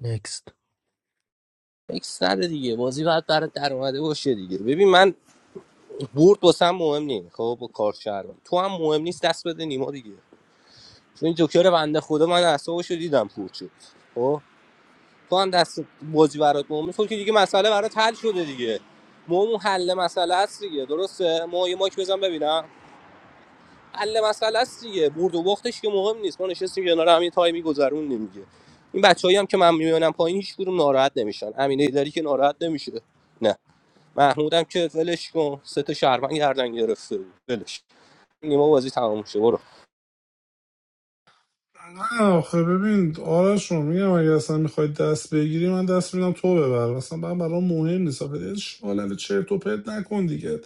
[SPEAKER 15] نکست
[SPEAKER 11] اکس نده دیگه بازی باید برات در اومده باشه دیگه ببین من برد واسم مهم نیست خب با کارت شهروند. تو هم مهم نیست دست بده نیما دیگه چون این جوکر بنده خدا من اعصابش رو دیدم پور شد خب تو هم دست بازی برات مهمه تو که دیگه مسئله برات حل شده دیگه مهم حل مسئله است دیگه درسته ما یه ماک بزن ببینم حل مسئله است دیگه برد و باختش که مهم نیست ما نشستیم کنار هم یه تایمی گذروندیم دیگه این بچه‌ای هم که من میبینم پایین هیچ کدوم ناراحت نمیشن امینه داری که ناراحت نمیشه نه محمودم که ولش کن سه تا شهروند گردن گرفته بود ولش نیمه بازی تمام شد برو
[SPEAKER 9] نه آخه ببین آرش رو میگم اگه اصلا میخوای دست بگیری من دست میدم تو ببر اصلا من برام مهم نیست آخه یه شالل چرت و پرت نکن دیگه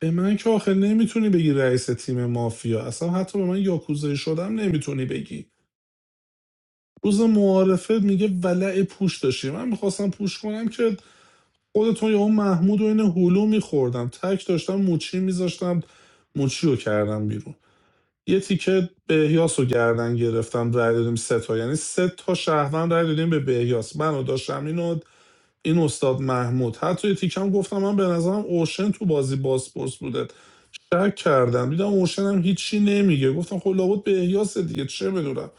[SPEAKER 9] به من که آخه نمیتونی بگی رئیس تیم مافیا اصلا حتی به من یاکوزایی شدم نمیتونی بگی روز معارفه میگه ولع پوش داشتی من میخواستم پوش کنم که خودتون یا اون محمود و این هلو میخوردم تک داشتم موچی میذاشتم موچی رو کردم بیرون یه تیکه بهیاس رو گردن گرفتم رای دادیم سه تا یعنی سه تا شهروند رای دادیم به بهیاس من و داشتم اینو این استاد محمود حتی یه تیکم گفتم من به نظرم اوشن تو بازی باسپورس بوده شک کردم دیدم اوشن هم هیچی نمیگه گفتم خب لابد به احیاس دیگه چه بدونم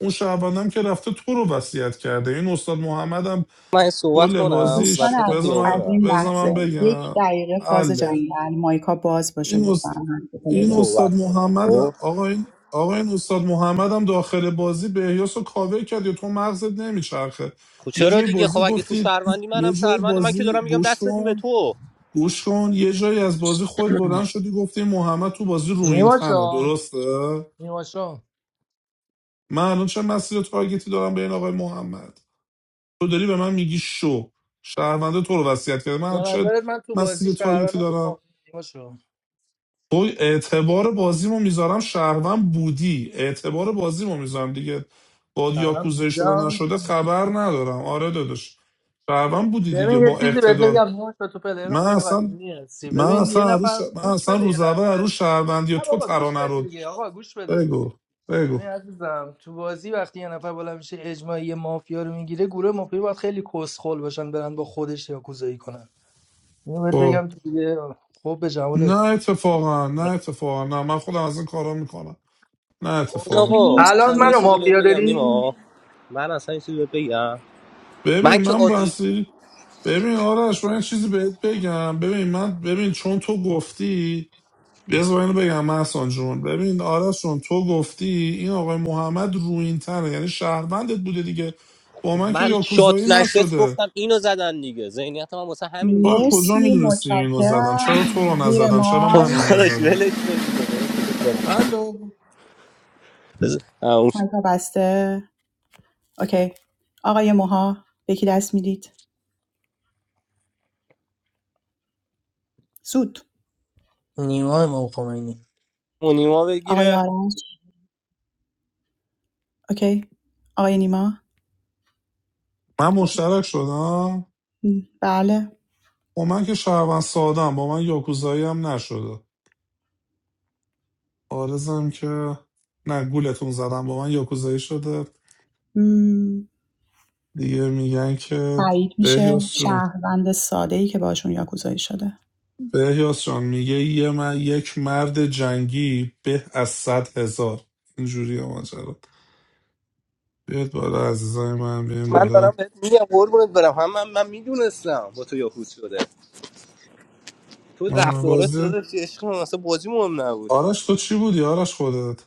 [SPEAKER 9] اون شهروندم که رفته تو رو وصیت کرده این استاد محمد هم
[SPEAKER 11] من صحبت
[SPEAKER 9] کل
[SPEAKER 11] کنم
[SPEAKER 1] دوستان
[SPEAKER 9] بازیش
[SPEAKER 11] وسط
[SPEAKER 9] بذار
[SPEAKER 1] عزیز
[SPEAKER 9] من,
[SPEAKER 1] از
[SPEAKER 11] خیابونم
[SPEAKER 1] این
[SPEAKER 9] بذار من
[SPEAKER 1] لحظه یک
[SPEAKER 9] بگم
[SPEAKER 1] دقیقه فاز
[SPEAKER 9] حله
[SPEAKER 1] جنگل مایکا باز باشه
[SPEAKER 9] این,
[SPEAKER 1] لطفا
[SPEAKER 9] است...
[SPEAKER 1] همه
[SPEAKER 9] این
[SPEAKER 1] پلیر.
[SPEAKER 9] استاد
[SPEAKER 11] صحبت کنم
[SPEAKER 9] محمد
[SPEAKER 11] خب
[SPEAKER 9] آقا این آقا این استاد محمد هم داخل بازی به احیاس رو کاور کرد یا تو مغزت نمیچرخه
[SPEAKER 11] خب
[SPEAKER 9] یه
[SPEAKER 11] چرا
[SPEAKER 9] جای
[SPEAKER 11] دیگه خب
[SPEAKER 9] بازی
[SPEAKER 11] اگه تو
[SPEAKER 9] گفتی
[SPEAKER 11] شهروندی منم
[SPEAKER 9] یه جای
[SPEAKER 11] شهروند من که
[SPEAKER 9] بازی
[SPEAKER 11] دارم میگم
[SPEAKER 9] گوش
[SPEAKER 11] دست بدیم به
[SPEAKER 9] کن
[SPEAKER 11] تو
[SPEAKER 9] گوش کن یه جایی از بازی خود بلند شدی گفتی محمد تو بازی روین تنه
[SPEAKER 15] نیماشا
[SPEAKER 9] درسته
[SPEAKER 15] نیماشا
[SPEAKER 9] من الان چه مسیر تارگتی دارم به این آقای محمد تو داری به من میگی شو شهرونده تو رو وصیت کرده
[SPEAKER 15] به
[SPEAKER 9] من چه
[SPEAKER 15] نظرت من تو بازی
[SPEAKER 9] مسیر تارگتی
[SPEAKER 15] شهروندم یا
[SPEAKER 9] دارم
[SPEAKER 15] مافیا؟ نیماشا
[SPEAKER 9] تو اعتبار بازیمو میذارم شهروند بودی اعتبار بازیمو میذارم دیگه با
[SPEAKER 15] شهروند
[SPEAKER 9] یاکوزه شده
[SPEAKER 15] بودم
[SPEAKER 9] نشده خبر ندارم آره داداش شهروند بودی دیگه
[SPEAKER 15] ببین یه
[SPEAKER 9] با
[SPEAKER 15] چیزی بهت
[SPEAKER 9] اقتدار
[SPEAKER 15] بگم نوش تو پلیر
[SPEAKER 9] من
[SPEAKER 15] خوب و
[SPEAKER 9] اصلا
[SPEAKER 15] قدیمی هستی
[SPEAKER 9] من
[SPEAKER 15] ببین
[SPEAKER 9] اصلا
[SPEAKER 15] یه
[SPEAKER 9] عروس
[SPEAKER 15] نفر
[SPEAKER 9] من
[SPEAKER 15] گوش
[SPEAKER 9] اصلا
[SPEAKER 15] بده یه
[SPEAKER 9] روز اول عروس
[SPEAKER 15] لحظه
[SPEAKER 9] شهروندی و
[SPEAKER 15] نه
[SPEAKER 9] تو
[SPEAKER 15] بابا گوش
[SPEAKER 9] ترانه
[SPEAKER 15] بده
[SPEAKER 9] رو
[SPEAKER 15] دیگه آقا گوش بده
[SPEAKER 9] بگو بگو
[SPEAKER 15] ببین عزیزم تو بازی وقتی یه نفر بالا میشه اجماعی مافیا رو میگیره گروه مافیا باید خیلی کسخل باشن برن با خودش یا کوزایی کنن اینو بهت
[SPEAKER 9] خب
[SPEAKER 15] بگم تو دیگه خب به
[SPEAKER 9] نه
[SPEAKER 15] جمالت
[SPEAKER 9] اتفاقا نه اتفاقا نه من خودم از این کارا میکنم نه اتفاقا
[SPEAKER 11] آقا
[SPEAKER 15] الان
[SPEAKER 11] اصلا یه
[SPEAKER 15] منو
[SPEAKER 1] مرسی
[SPEAKER 11] چیزی بهت
[SPEAKER 15] مافیا
[SPEAKER 11] بگم
[SPEAKER 15] داری
[SPEAKER 11] نیما من اصلا یه چیزی بهت بگم
[SPEAKER 9] ببین
[SPEAKER 11] من که
[SPEAKER 9] من
[SPEAKER 11] عادی
[SPEAKER 9] بسی ببین آرش من یه چیزی بهت بگم ببین من ببین چون تو گفتی بذار اینو بگم محسن جون ببین آرش جون تو گفتی این آقای محمد روینتره یعنی شهروندت بوده دیگه با من که
[SPEAKER 11] من شات
[SPEAKER 9] یاکوزایی
[SPEAKER 11] نشست
[SPEAKER 9] نشده
[SPEAKER 11] گفتم اینو زدن دیگه ذهنیت من واسه همین
[SPEAKER 9] تو از
[SPEAKER 11] بوده
[SPEAKER 9] کجا
[SPEAKER 1] مرسی
[SPEAKER 9] میدونستی اینو زدن چرا
[SPEAKER 1] متشکرم
[SPEAKER 9] تو رو
[SPEAKER 1] زیر
[SPEAKER 9] نزدن چرا
[SPEAKER 11] خب
[SPEAKER 9] منو
[SPEAKER 1] مایک
[SPEAKER 11] داداش
[SPEAKER 9] نزدن
[SPEAKER 11] ولش کن دیگه قربونت برم
[SPEAKER 9] الو
[SPEAKER 11] بذار اون
[SPEAKER 1] مایکا بسته اوکی آقای موها به کی دست میدید سود
[SPEAKER 15] نیما امام خمینی
[SPEAKER 11] اون نیما
[SPEAKER 1] آقای
[SPEAKER 11] بگیره
[SPEAKER 1] آرش اوکی آقای نیما
[SPEAKER 9] من مشترک شدم
[SPEAKER 1] م، بله
[SPEAKER 9] با من که شهروند سادم با من یاکوزایی هم نشده آرزم که نه گولتون زدم با من یاکوزایی شده
[SPEAKER 1] م،
[SPEAKER 9] دیگه میگن که
[SPEAKER 1] تایید میشه
[SPEAKER 9] بهیاس جون
[SPEAKER 1] شهروند ساده ای که باشون یاکوزایی شده
[SPEAKER 9] بهیاس جان میگه یه من یک مرد جنگی به از صد هزار اینجوری ماجرا بیاد بالا عزیزای من بیاین
[SPEAKER 11] من
[SPEAKER 9] بالا
[SPEAKER 11] دارم بهت میگم قربونت برم هم من, من میدونستم با تو یاکوس شده تو
[SPEAKER 9] آه،
[SPEAKER 11] رفتارات
[SPEAKER 9] بازی
[SPEAKER 11] داداش عشق من اصلا بازی مهم نبود که
[SPEAKER 9] آرش تو چی بودی آرش خودت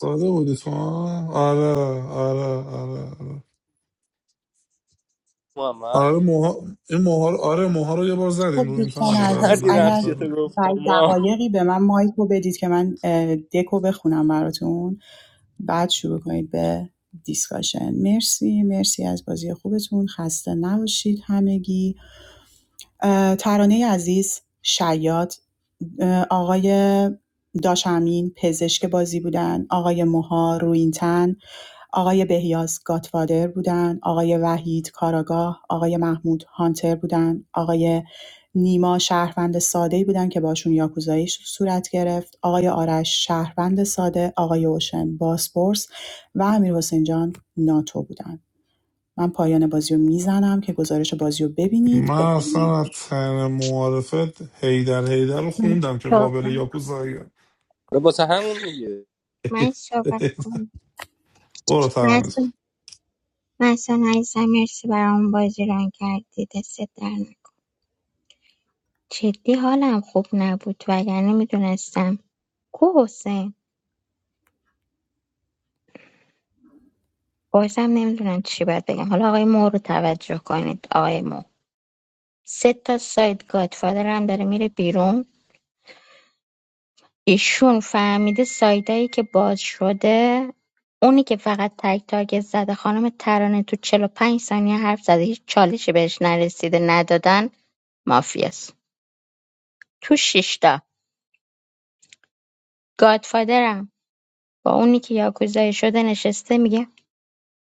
[SPEAKER 9] زاده بودی تو ها؟ آره آره آره آره
[SPEAKER 11] محمد
[SPEAKER 9] آره موها این موها رو آره موها رو یه بار
[SPEAKER 1] خب
[SPEAKER 9] زدیم رو این
[SPEAKER 1] دوستان
[SPEAKER 9] تن بود آره
[SPEAKER 1] عزیز
[SPEAKER 9] نه
[SPEAKER 11] فردی
[SPEAKER 1] اگر
[SPEAKER 9] مرده
[SPEAKER 11] نقشتو گفتم
[SPEAKER 1] بعد
[SPEAKER 11] ما
[SPEAKER 1] دقایقی به من مایک رو بدید که من اه، دکو بخونم براتون بعد شروع کنید به دیسکاشن مرسی مرسی از بازی خوبتون خسته نباشید همگی اه، ترانه عزیز شیاد آقای داشمین پزشک بازی بودن آقای موها روینتن آقای بهیاز گاتفادر بودن آقای وحید کاراگاه آقای محمود هانتر بودن آقای نیما شهروند ساده بودن که باشون یاکوزایی ش- صورت گرفت آقای آرش شهروند ساده آقای اوشن باسپورس و امیر حسین جان ناتو بودن من پایان بازی رو میزنم که گزارش بازی رو ببینید
[SPEAKER 9] من اصلا از تن معارفت هیدر هیدر رو
[SPEAKER 13] من
[SPEAKER 9] خوندم که قابل
[SPEAKER 13] صحبت
[SPEAKER 9] یاکوزاییه
[SPEAKER 11] واسه همون میگه
[SPEAKER 13] من صحبت کنم
[SPEAKER 9] برو ترانیز
[SPEAKER 13] مثلا عزیزم مرسی برام بازی ران کردی دست در نکنه. جدی حالم خوب نبود وگرنه میدونستم کو حسین بازم نمیدونم چی باید بگم حالا آقای مو رو توجه کنید آقای مو سه تا سایت گادفادر هم داره میره بیرون ایشون فهمیده سایدایی که باز شده اونی که فقط تک تارگت زده خانم ترانه تو چهل و پنج ثانیه حرف زده هیچ چالشی بهش نرسیده ندادن مافیاست تو شیشتا با اونی که یاکوزایی شده نشسته میگه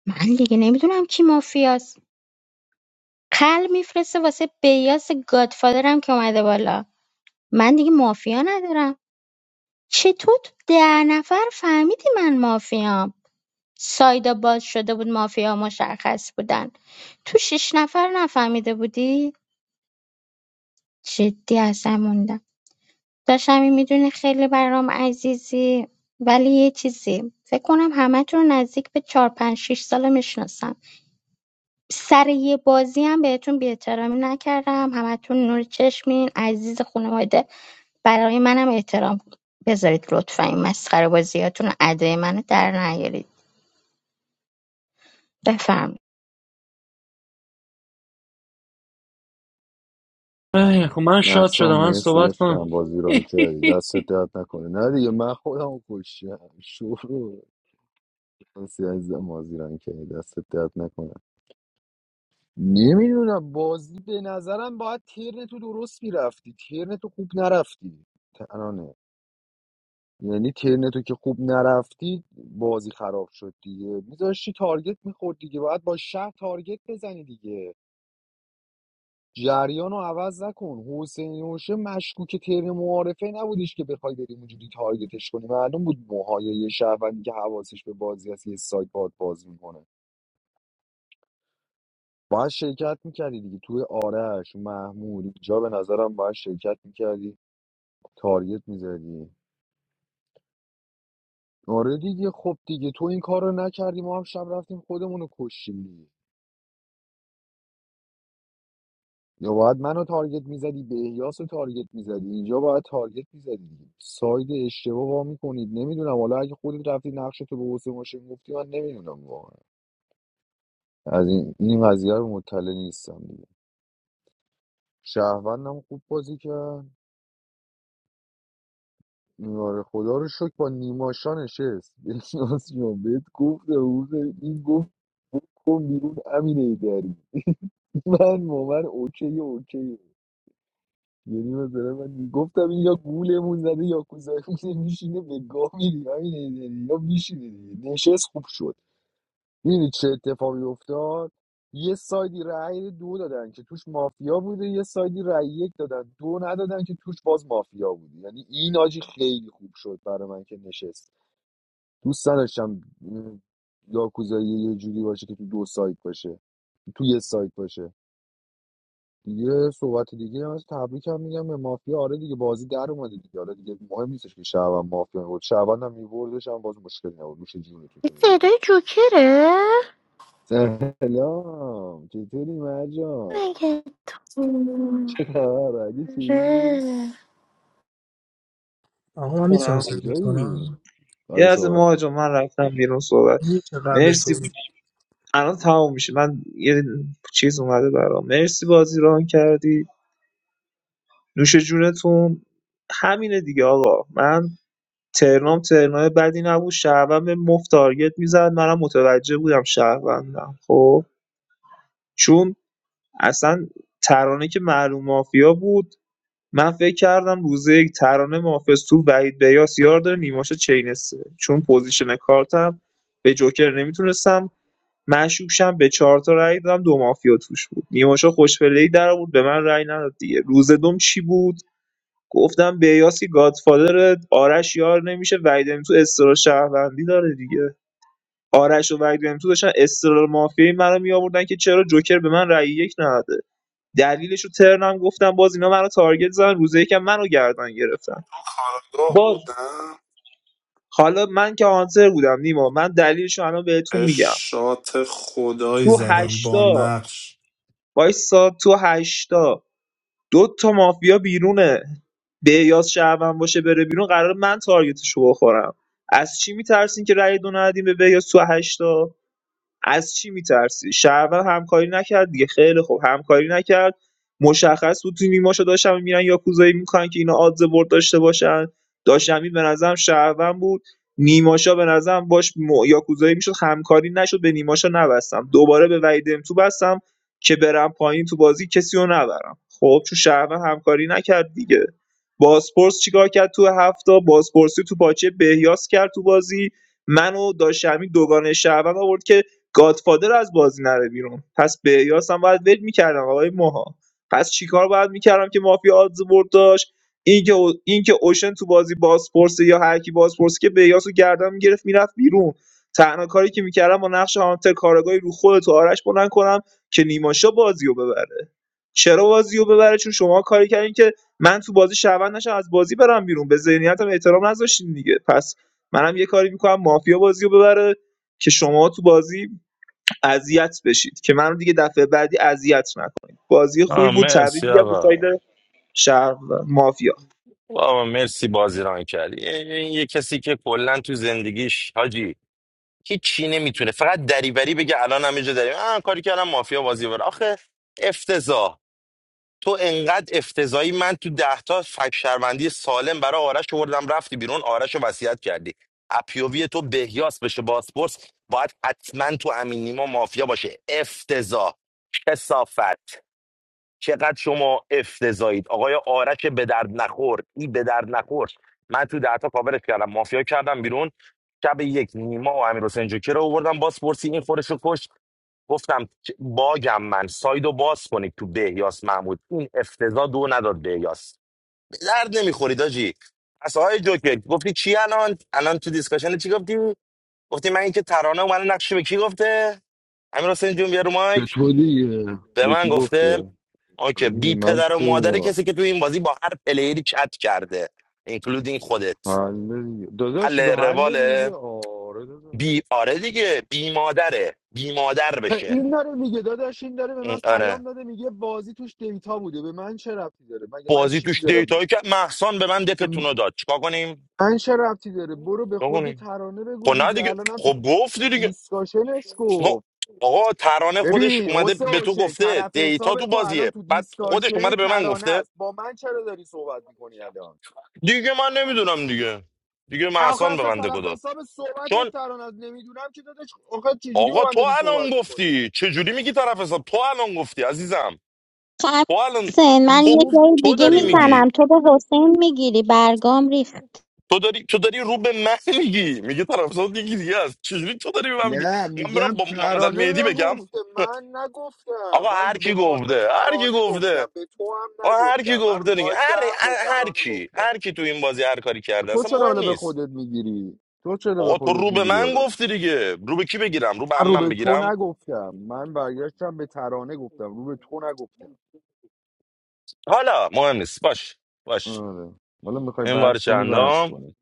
[SPEAKER 13] من دیگه نمیدونم کی مافیاست قلب میفرسته واسه بیاس گادفادرم که اومده بالا من دیگه مافیا ندارم چطور تو ده نفر فهمیدی من مافیام سایدا باز شده بود مافیا مشخص بودن تو شش نفر نفهمیده بودی جدی اصلا موندم داشتم میدونی خیلی برام عزیزی ولی یه چیزی فکر کنم همه تو نزدیک به چهار پنج شش ساله میشناسم سر یه بازی هم بهتون بی‌احترامی نکردم همتون نور چشمین عزیز خانواده برای منم احترام بذارید لطفا این مسخره بازیاتون ادای منو در نیارید بفرمایید
[SPEAKER 16] ای، خب من شاد
[SPEAKER 2] محسن
[SPEAKER 16] شدم من
[SPEAKER 2] مرسی
[SPEAKER 16] صحبت کنم
[SPEAKER 2] عشقم بازی ران کردی دستت درد نکنه نه دیگه من خودم رو کشتم شروع مرسی عزیزم بازی ران کردی دستت درد نکنه نمیدونم بازی به نظرم باید ترن تو درست میرفتی ترن تو خوب نرفتی ترانه یعنی ترن تو که خوب نرفتی بازی خراب شد دیگه میذاشتی تارگت میخورد دیگه باید با شهر تارگت بزنی دیگه جریان رو عوض نکن حسین هوشه مشکوک ترن معارفه نبودش که بخوای بری اونجوری تارگتش کنی معلوم بود موهای یه شهروندی که حواسش به بازی هست یه سایت باد باز میکنه باید شرکت میکردی دیگه توی آرش محمود اینجا به نظرم باید شرکت میکردی تارگت میزدی آره دیگه خب دیگه تو این کار رو نکردی ما هم شب رفتیم خودمون رو کشتیم دیگه یا باید منو تارگت میزدی به احیاس رو تارگت میزدی اینجا باید تارگت میزدی دیگه ساید اشتباه وا میکنید نمیدونم حالا اگه خودت رفتی نقش تو به حسین ماشین گفتی من نمیدونم واقعا از این این قضیه رو مطلع نیستم دیگه شهروندم خوب بازی کرد این آره خدا رو شکر با نیماشا نشست بهناز جان بهت گفت روز این گفت بکن بیرون امینه داری من مومن اوکی اوکی یعنی مثلا من میگفتم این یا گولمون زده یا کوزایمون میشینه به گاه میری امینه داری یا میشینه دیگه نشست خوب شد میدونی چه اتفاقی افتاد یه سایدی رأی دو دادن که توش مافیا بوده یه سایدی رأی یک دادن دو ندادن که توش باز مافیا بوده یعنی این آجی خیلی خوب شد برای من که نشست دوست نداشتم م، یاکوزایی یه جوری باشه که تو دو سایت باشه تو یه سایت باشه دیگه صحبت دیگه هم از تبریک هم میگم به مافیا آره دیگه بازی در اومده دیگه آره دیگه مهم نیستش که شعبان مافیا بود شعبان هم میبردش هم باز مشکل نبود میشه جونتون که
[SPEAKER 24] It's a
[SPEAKER 2] میبردی
[SPEAKER 24] little chilly.
[SPEAKER 2] سلام چطوری مرجان
[SPEAKER 24] My God, it's
[SPEAKER 2] آه، ردیفی
[SPEAKER 24] cold.
[SPEAKER 15] آقا من میتونم صحبت
[SPEAKER 2] کجایی
[SPEAKER 15] کنم
[SPEAKER 14] یه
[SPEAKER 2] آره
[SPEAKER 14] از
[SPEAKER 2] صحبت
[SPEAKER 14] ماه
[SPEAKER 2] کن.
[SPEAKER 14] من رفتم بیرون صحبت
[SPEAKER 15] میشه قبل از
[SPEAKER 14] مرسی
[SPEAKER 15] صحبت
[SPEAKER 14] الان تموم میشه من یه چیز اومده برام مرسی بازی ران کردی نوش جونتون همینه دیگه آقا من ترنام ترنای بدی نبود شهروند به مفت تارگت میزد منم متوجه بودم شهروندم خب چون اصلا ترانه که معلوم مافیا بود من فکر کردم روزه یک ترانه محافظ تو وحید بیاس یار داره نیماشه چینسه چون پوزیشن کارتم به جوکر نمیتونستم مشکوک شم به چهار تا رأی دادم دو مافیا توش بود نیماشا خوشفله در بود به من رای نداد دیگه روز دوم چی بود گفتم بیاسی گادفادر آرش یار نمیشه وحید تو استرال شهروندی داره دیگه آرش و وحید تو داشتن استرال مافیایی منو میآوردن که چرا جوکر به من رأی یک نداده دلیلشو ترنم گفتم باز اینا منو تارگت زدن روز یکم منو گردن گرفتن
[SPEAKER 9] کارگاه
[SPEAKER 14] باز
[SPEAKER 9] بودم
[SPEAKER 14] حالا من که آنتر بودم نیما من دلیلشو الان بهتون
[SPEAKER 9] به
[SPEAKER 14] میگم
[SPEAKER 9] شات خدایی
[SPEAKER 14] تو
[SPEAKER 9] زدم با
[SPEAKER 14] هشتا
[SPEAKER 9] نقش
[SPEAKER 14] وایسا تو هشتا دو تا مافیا بیرونه به یاس شهروند باشه بره بیرون قرار من تارگتشو بخورم از چی میترسین که رأی دو ندین به بیاس تو هشتا از چی می‌ترسی شهرور همکاری نکرد دیگه خیلی خوب همکاری نکرد مشخص بود تو نیماشو داشتن میرن یاکوزایی میکنن که اینا آدز برد داشته باشن داشتمی به نظرم شهروند بود نیماشا به نظرم باش م... یاکوزایی میشد همکاری نشد به نیماشا نبستم دوباره به وحید تو بستم که برم پایین تو بازی کسی رو نبرم خب چون شهروند همکاری نکرد دیگه باسپورس چیکار کرد تو هفته باسپورسی تو پاچه بهیاس کرد تو بازی منو داشتمی دوگانه شهروند آورد که گادفادر از بازی نره بیرون پس به یاس هم باید ول میکردم آقای موها پس چیکار باید میکردم که مافیا آدز برد داشت اینکه او- اینکه اوشن تو بازی بازپرسه یا هر کی بازپرسه که به یاس رو گردن میگرفت میرفت بیرون تنها کاری که میکردم با نقش هانتر کارگاهی رو خود تو آرش بلند کنم که نیماشا بازی رو ببره چرا بازی رو ببره چون شما کاری کردین که من تو بازی شهروند نشم از بازی برم بیرون به ذهنیتم احترام نذاشتین دیگه پس منم یه کاری میکنم مافیا بازی رو ببره که شما تو بازی اذیت بشید که منو دیگه دفعه بعدی اذیت نکنید بازی خوبی
[SPEAKER 17] آه
[SPEAKER 14] بود تبریک
[SPEAKER 17] مرسی
[SPEAKER 14] میگم به
[SPEAKER 17] آقا
[SPEAKER 14] ساید شهر مافیا
[SPEAKER 17] بابا مرسی بازی کردی یه, یه یه کسی که کلا تو زندگیش حاجی هیچی نمیتونه فقط دریوری بگه الان همینجا داریم آه کاری کردم مافیا بازی بره آخه افتضاح تو انقدر افتضایی من تو ده تا فک شهروندی سالم برای آرش آوردم رفتی بیرون آرش رو وصیت کردی اپیووی تو بهیاس بشه باسپورس باید حتما تو امین نیما مافیا باشه افتضاح کسافت چقدر شما افتضایید آقای آرش به درد نخور ای به درد نخور من تو ده تا کاورش کردم مافیا کردم بیرون شب یک نیما و امیر حسین جوکی رو آوردم باسپورسی این خورش رو کشت گفتم چ- باگم من سایدو باز کنید تو بهیاس محمود این افتضاح دو نداد بهیاس به درد نمیخورید آجی پس آقای جوکر گفتی چی الان الان تو دیسکشن چی گفتی گفتی من اینکه ترانه من نقشه به کی گفته امیر حسین جون بیا رو مایک
[SPEAKER 2] چطوری
[SPEAKER 17] به
[SPEAKER 2] به
[SPEAKER 17] من
[SPEAKER 2] کی
[SPEAKER 17] گفته
[SPEAKER 2] گفته
[SPEAKER 17] آکه
[SPEAKER 2] آره دیگه
[SPEAKER 17] بی
[SPEAKER 2] من
[SPEAKER 17] پدر و
[SPEAKER 2] چه
[SPEAKER 17] مادر
[SPEAKER 2] می‌دونم.
[SPEAKER 17] کسی که تو این بازی با هر پلیری چت کرده اینکلودینگ خودت
[SPEAKER 2] حل دیگه داداش
[SPEAKER 17] حل
[SPEAKER 2] به حل دیگه
[SPEAKER 17] رواله
[SPEAKER 2] آره داداش
[SPEAKER 17] بی آره دیگه بی مادره بی مادر بشه
[SPEAKER 2] این داره میگه داداش این داره به من
[SPEAKER 17] این- آره
[SPEAKER 2] پیام داده میگه بازی توش دیتا بوده به من چه ربطی داره مگه من
[SPEAKER 17] بازی
[SPEAKER 2] چیزی
[SPEAKER 17] توش
[SPEAKER 2] دارم میگه
[SPEAKER 17] دیتایی که محسان به من دفتون رو داد چیکار کنیم
[SPEAKER 2] من چه ربطی داره برو به
[SPEAKER 17] چیکار
[SPEAKER 2] خود
[SPEAKER 17] کنیم
[SPEAKER 2] ترانه بگو
[SPEAKER 17] خب نه
[SPEAKER 2] دیگه
[SPEAKER 17] دیگه
[SPEAKER 2] الانم تو
[SPEAKER 17] خب گفتی دیگه
[SPEAKER 2] دیسکاشنش کو
[SPEAKER 17] خب آقا ترانه خودش
[SPEAKER 2] ببین
[SPEAKER 17] اومده
[SPEAKER 2] حسین
[SPEAKER 17] به تو
[SPEAKER 2] حسین
[SPEAKER 17] گفته
[SPEAKER 2] طرف
[SPEAKER 17] دیتا
[SPEAKER 2] حساب
[SPEAKER 17] تو
[SPEAKER 2] تو الان
[SPEAKER 17] بازیه
[SPEAKER 2] تو
[SPEAKER 17] بعد خودش
[SPEAKER 2] دیسکاشن
[SPEAKER 17] اومده به من
[SPEAKER 2] ترانه
[SPEAKER 17] گفته
[SPEAKER 2] است با من چرا داری صحبت میکنی الان
[SPEAKER 17] دیگه من نمیدونم دیگه دیگه
[SPEAKER 2] آخه
[SPEAKER 17] محسان به
[SPEAKER 2] اصلا
[SPEAKER 17] من دکو
[SPEAKER 2] طرف
[SPEAKER 17] داد
[SPEAKER 2] حساب صحبت
[SPEAKER 17] چون
[SPEAKER 2] ترانه است نمیدونم که داداش آخه چجوری با
[SPEAKER 17] آقا
[SPEAKER 2] من
[SPEAKER 17] تو
[SPEAKER 2] داری
[SPEAKER 17] الان
[SPEAKER 2] صحبت می‌کنی؟
[SPEAKER 17] گفتی چجوری میگی طرف حساب تو الان گفتی عزیزم
[SPEAKER 13] خب،
[SPEAKER 17] تو الان
[SPEAKER 13] حسین من یه
[SPEAKER 17] تو,
[SPEAKER 2] ایشون
[SPEAKER 13] جای
[SPEAKER 17] تو
[SPEAKER 13] دیگه
[SPEAKER 17] داری
[SPEAKER 2] اه،
[SPEAKER 13] میزنم
[SPEAKER 17] میگی
[SPEAKER 13] تو به حسین میگیری برگام ریخت
[SPEAKER 17] تو داری تو داری رو به من میگی میگه طرف حساب دیگه دیگه است چجوری تو داری به من میگی
[SPEAKER 2] نه
[SPEAKER 17] من برم
[SPEAKER 2] میگم
[SPEAKER 17] با محمد
[SPEAKER 2] ترانه
[SPEAKER 17] المهدی
[SPEAKER 2] را
[SPEAKER 17] بگم
[SPEAKER 2] گفته من نگفتم
[SPEAKER 17] آقا
[SPEAKER 2] من
[SPEAKER 17] هر
[SPEAKER 2] به
[SPEAKER 17] کی
[SPEAKER 2] خانم
[SPEAKER 17] گفته هر کی
[SPEAKER 2] ترانه گفتم
[SPEAKER 17] گفته
[SPEAKER 2] به تو هم
[SPEAKER 17] آقا هر کی
[SPEAKER 2] نگفتم من رو
[SPEAKER 17] گفته دیگه هر
[SPEAKER 2] مایکم به
[SPEAKER 17] هر هر
[SPEAKER 2] ترانه
[SPEAKER 17] کی هر
[SPEAKER 2] گفتم
[SPEAKER 17] کی تو این بازی هر کاری کرده
[SPEAKER 2] تو
[SPEAKER 17] اصلا
[SPEAKER 2] چرا
[SPEAKER 17] مهم
[SPEAKER 2] حالا به
[SPEAKER 17] نیست
[SPEAKER 2] خودت میگیری تو چرا به
[SPEAKER 17] آقا تو
[SPEAKER 2] خودت
[SPEAKER 17] رو به
[SPEAKER 2] میگیری
[SPEAKER 17] من
[SPEAKER 2] حالا
[SPEAKER 17] گفتی دیگه رو به کی بگیرم رو به
[SPEAKER 2] من رو
[SPEAKER 17] عمم
[SPEAKER 2] به تو
[SPEAKER 17] بگیرم
[SPEAKER 2] نگفتم من برگشتم به ترانه گفتم رو به تو نگفتم
[SPEAKER 17] حالا مهم نیست باش باش
[SPEAKER 2] آره حالا میخوای
[SPEAKER 17] این بار
[SPEAKER 2] بحث کنی بحث
[SPEAKER 17] چندم
[SPEAKER 2] کنی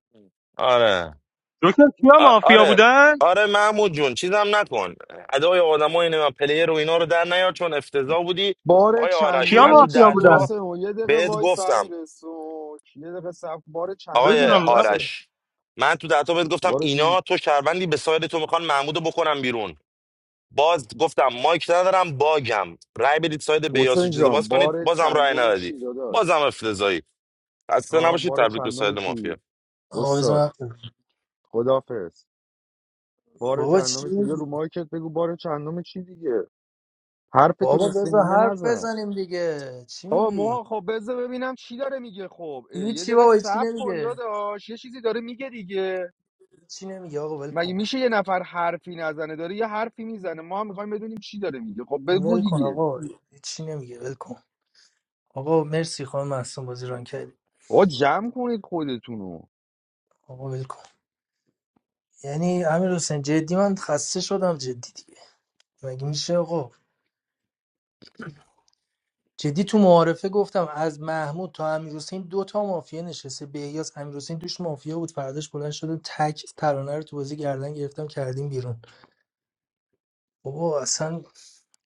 [SPEAKER 17] آره
[SPEAKER 3] جوکر کیا
[SPEAKER 17] آ-
[SPEAKER 3] مافیا
[SPEAKER 17] آره
[SPEAKER 3] بودن
[SPEAKER 17] آره محمود جون چیزم نکن ادای آدمای اینه من پلیر رو اینا رو در نیار چون افتضاح بودی
[SPEAKER 2] بار
[SPEAKER 17] آیا آرش
[SPEAKER 3] کیا
[SPEAKER 17] من
[SPEAKER 2] چندم
[SPEAKER 17] تو
[SPEAKER 3] مافیا
[SPEAKER 2] چی
[SPEAKER 3] بودن
[SPEAKER 17] دهتا
[SPEAKER 2] حسین یه دقیقه
[SPEAKER 17] بهت
[SPEAKER 2] وایس
[SPEAKER 17] گفتم
[SPEAKER 2] همین رسو یه دقیقه صبر کن. بار چندم
[SPEAKER 17] آقای
[SPEAKER 3] بدونم
[SPEAKER 2] چی
[SPEAKER 3] نبودن.
[SPEAKER 2] حسین
[SPEAKER 17] آرش من تو دهتا بهت گفتم
[SPEAKER 2] بار دیگه
[SPEAKER 17] اینا تو شهروندی به ساید تو میخوان محمودو بکنم بیرون باز گفتم مایک ندارم باگم رای بدید ساید بیاسو
[SPEAKER 2] حسین
[SPEAKER 17] چیزو
[SPEAKER 2] جان
[SPEAKER 17] باز کنید
[SPEAKER 2] بار
[SPEAKER 17] بازم رای
[SPEAKER 2] چندم
[SPEAKER 17] ندادی
[SPEAKER 2] چی داداش
[SPEAKER 17] بازم افتضایی خسته
[SPEAKER 2] ها
[SPEAKER 17] نباشید
[SPEAKER 2] بار
[SPEAKER 17] تبریک به
[SPEAKER 2] چندم
[SPEAKER 17] ساید مافیا
[SPEAKER 2] چی
[SPEAKER 15] آقا
[SPEAKER 2] استاد
[SPEAKER 15] بذار من-
[SPEAKER 2] خدافظ بار
[SPEAKER 15] بابا چی
[SPEAKER 2] چندم چی بیا رو
[SPEAKER 15] میگی
[SPEAKER 2] مایکت بگو بار چندم چی دیگه
[SPEAKER 15] بابا
[SPEAKER 2] حرفتون سه
[SPEAKER 15] بذار
[SPEAKER 2] نیمه
[SPEAKER 15] حرف
[SPEAKER 2] نزن
[SPEAKER 15] بزنیم دیگه چی
[SPEAKER 2] آقا
[SPEAKER 15] میگی
[SPEAKER 2] ما خب بذار ببینم چی داره میگه خب اه، یه
[SPEAKER 15] هیچی
[SPEAKER 2] دقیقه
[SPEAKER 15] بابا هیچی
[SPEAKER 2] صبر کن
[SPEAKER 15] نمیگه
[SPEAKER 2] داداش یه چیزی داره میگه دیگه
[SPEAKER 15] هیچی نمیگه آقا ول
[SPEAKER 2] مگه
[SPEAKER 15] کن
[SPEAKER 2] میشه یه نفر حرفی نزنه داره یه حرفی میزنه ما هم میخوایم بدونیم چی داره میگه خب بگو
[SPEAKER 15] ول کن
[SPEAKER 2] دیگه
[SPEAKER 15] آقا هیچی نمیگه ول کن آقا مرسی خانم محسن بازی ران کردی
[SPEAKER 2] آقا جمع کنید خودتونو
[SPEAKER 15] آقا ول کن یعنی امیر حسین جدی من خسته شدم جدی دیگه مگه میشه آقا جدی تو معارفه گفتم از محمود تا امیر حسین دو تا مافیا نشسته به احیاس امیر حسین توش مافیا بود فرداش بلند شده تک ترانه رو تو بازی گردن گرفتم کردیم بیرون بابا اصلا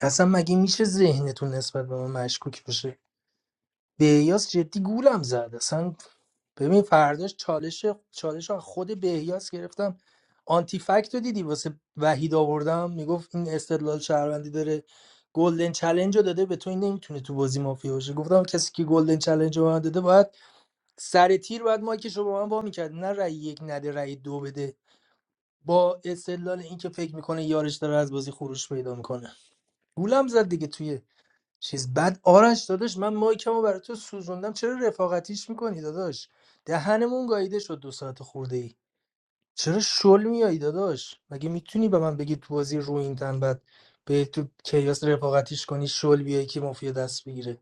[SPEAKER 15] اصلا مگه میشه ذهنتون نسبت به من مشکوک باشه به احیاس جدی گولم زد اصلا ببین فرداش چالش چالش رو از خود بهیاس گرفتم آنتی فکت رو دیدی واسه وحید آوردم میگفت این استدلال شهروندی داره گلدن چلنج رو داده به تو این نمیتونه تو بازی مافیا باشه گفتم کسی که گلدن چلنج رو به من داده باید سر تیر باید مایکش رو به من وا میکرد نه رأی یک نده رأی دو بده با استدلال اینکه فکر میکنه یارش داره از بازی خروج پیدا میکنه گولم زد دیگه توی چیز بعد آرش داداش من مایکمو برای تو سوزوندم چرا رفاقتیش میکنی داداش دهنمون گاییده شد دو ساعت خورده ای چرا شل میایی داداش مگه میتونی به من بگی تو بازی رو این تن بعد به تو کیاس رفاقتیش کنی شل بیای که مافیا دست بگیره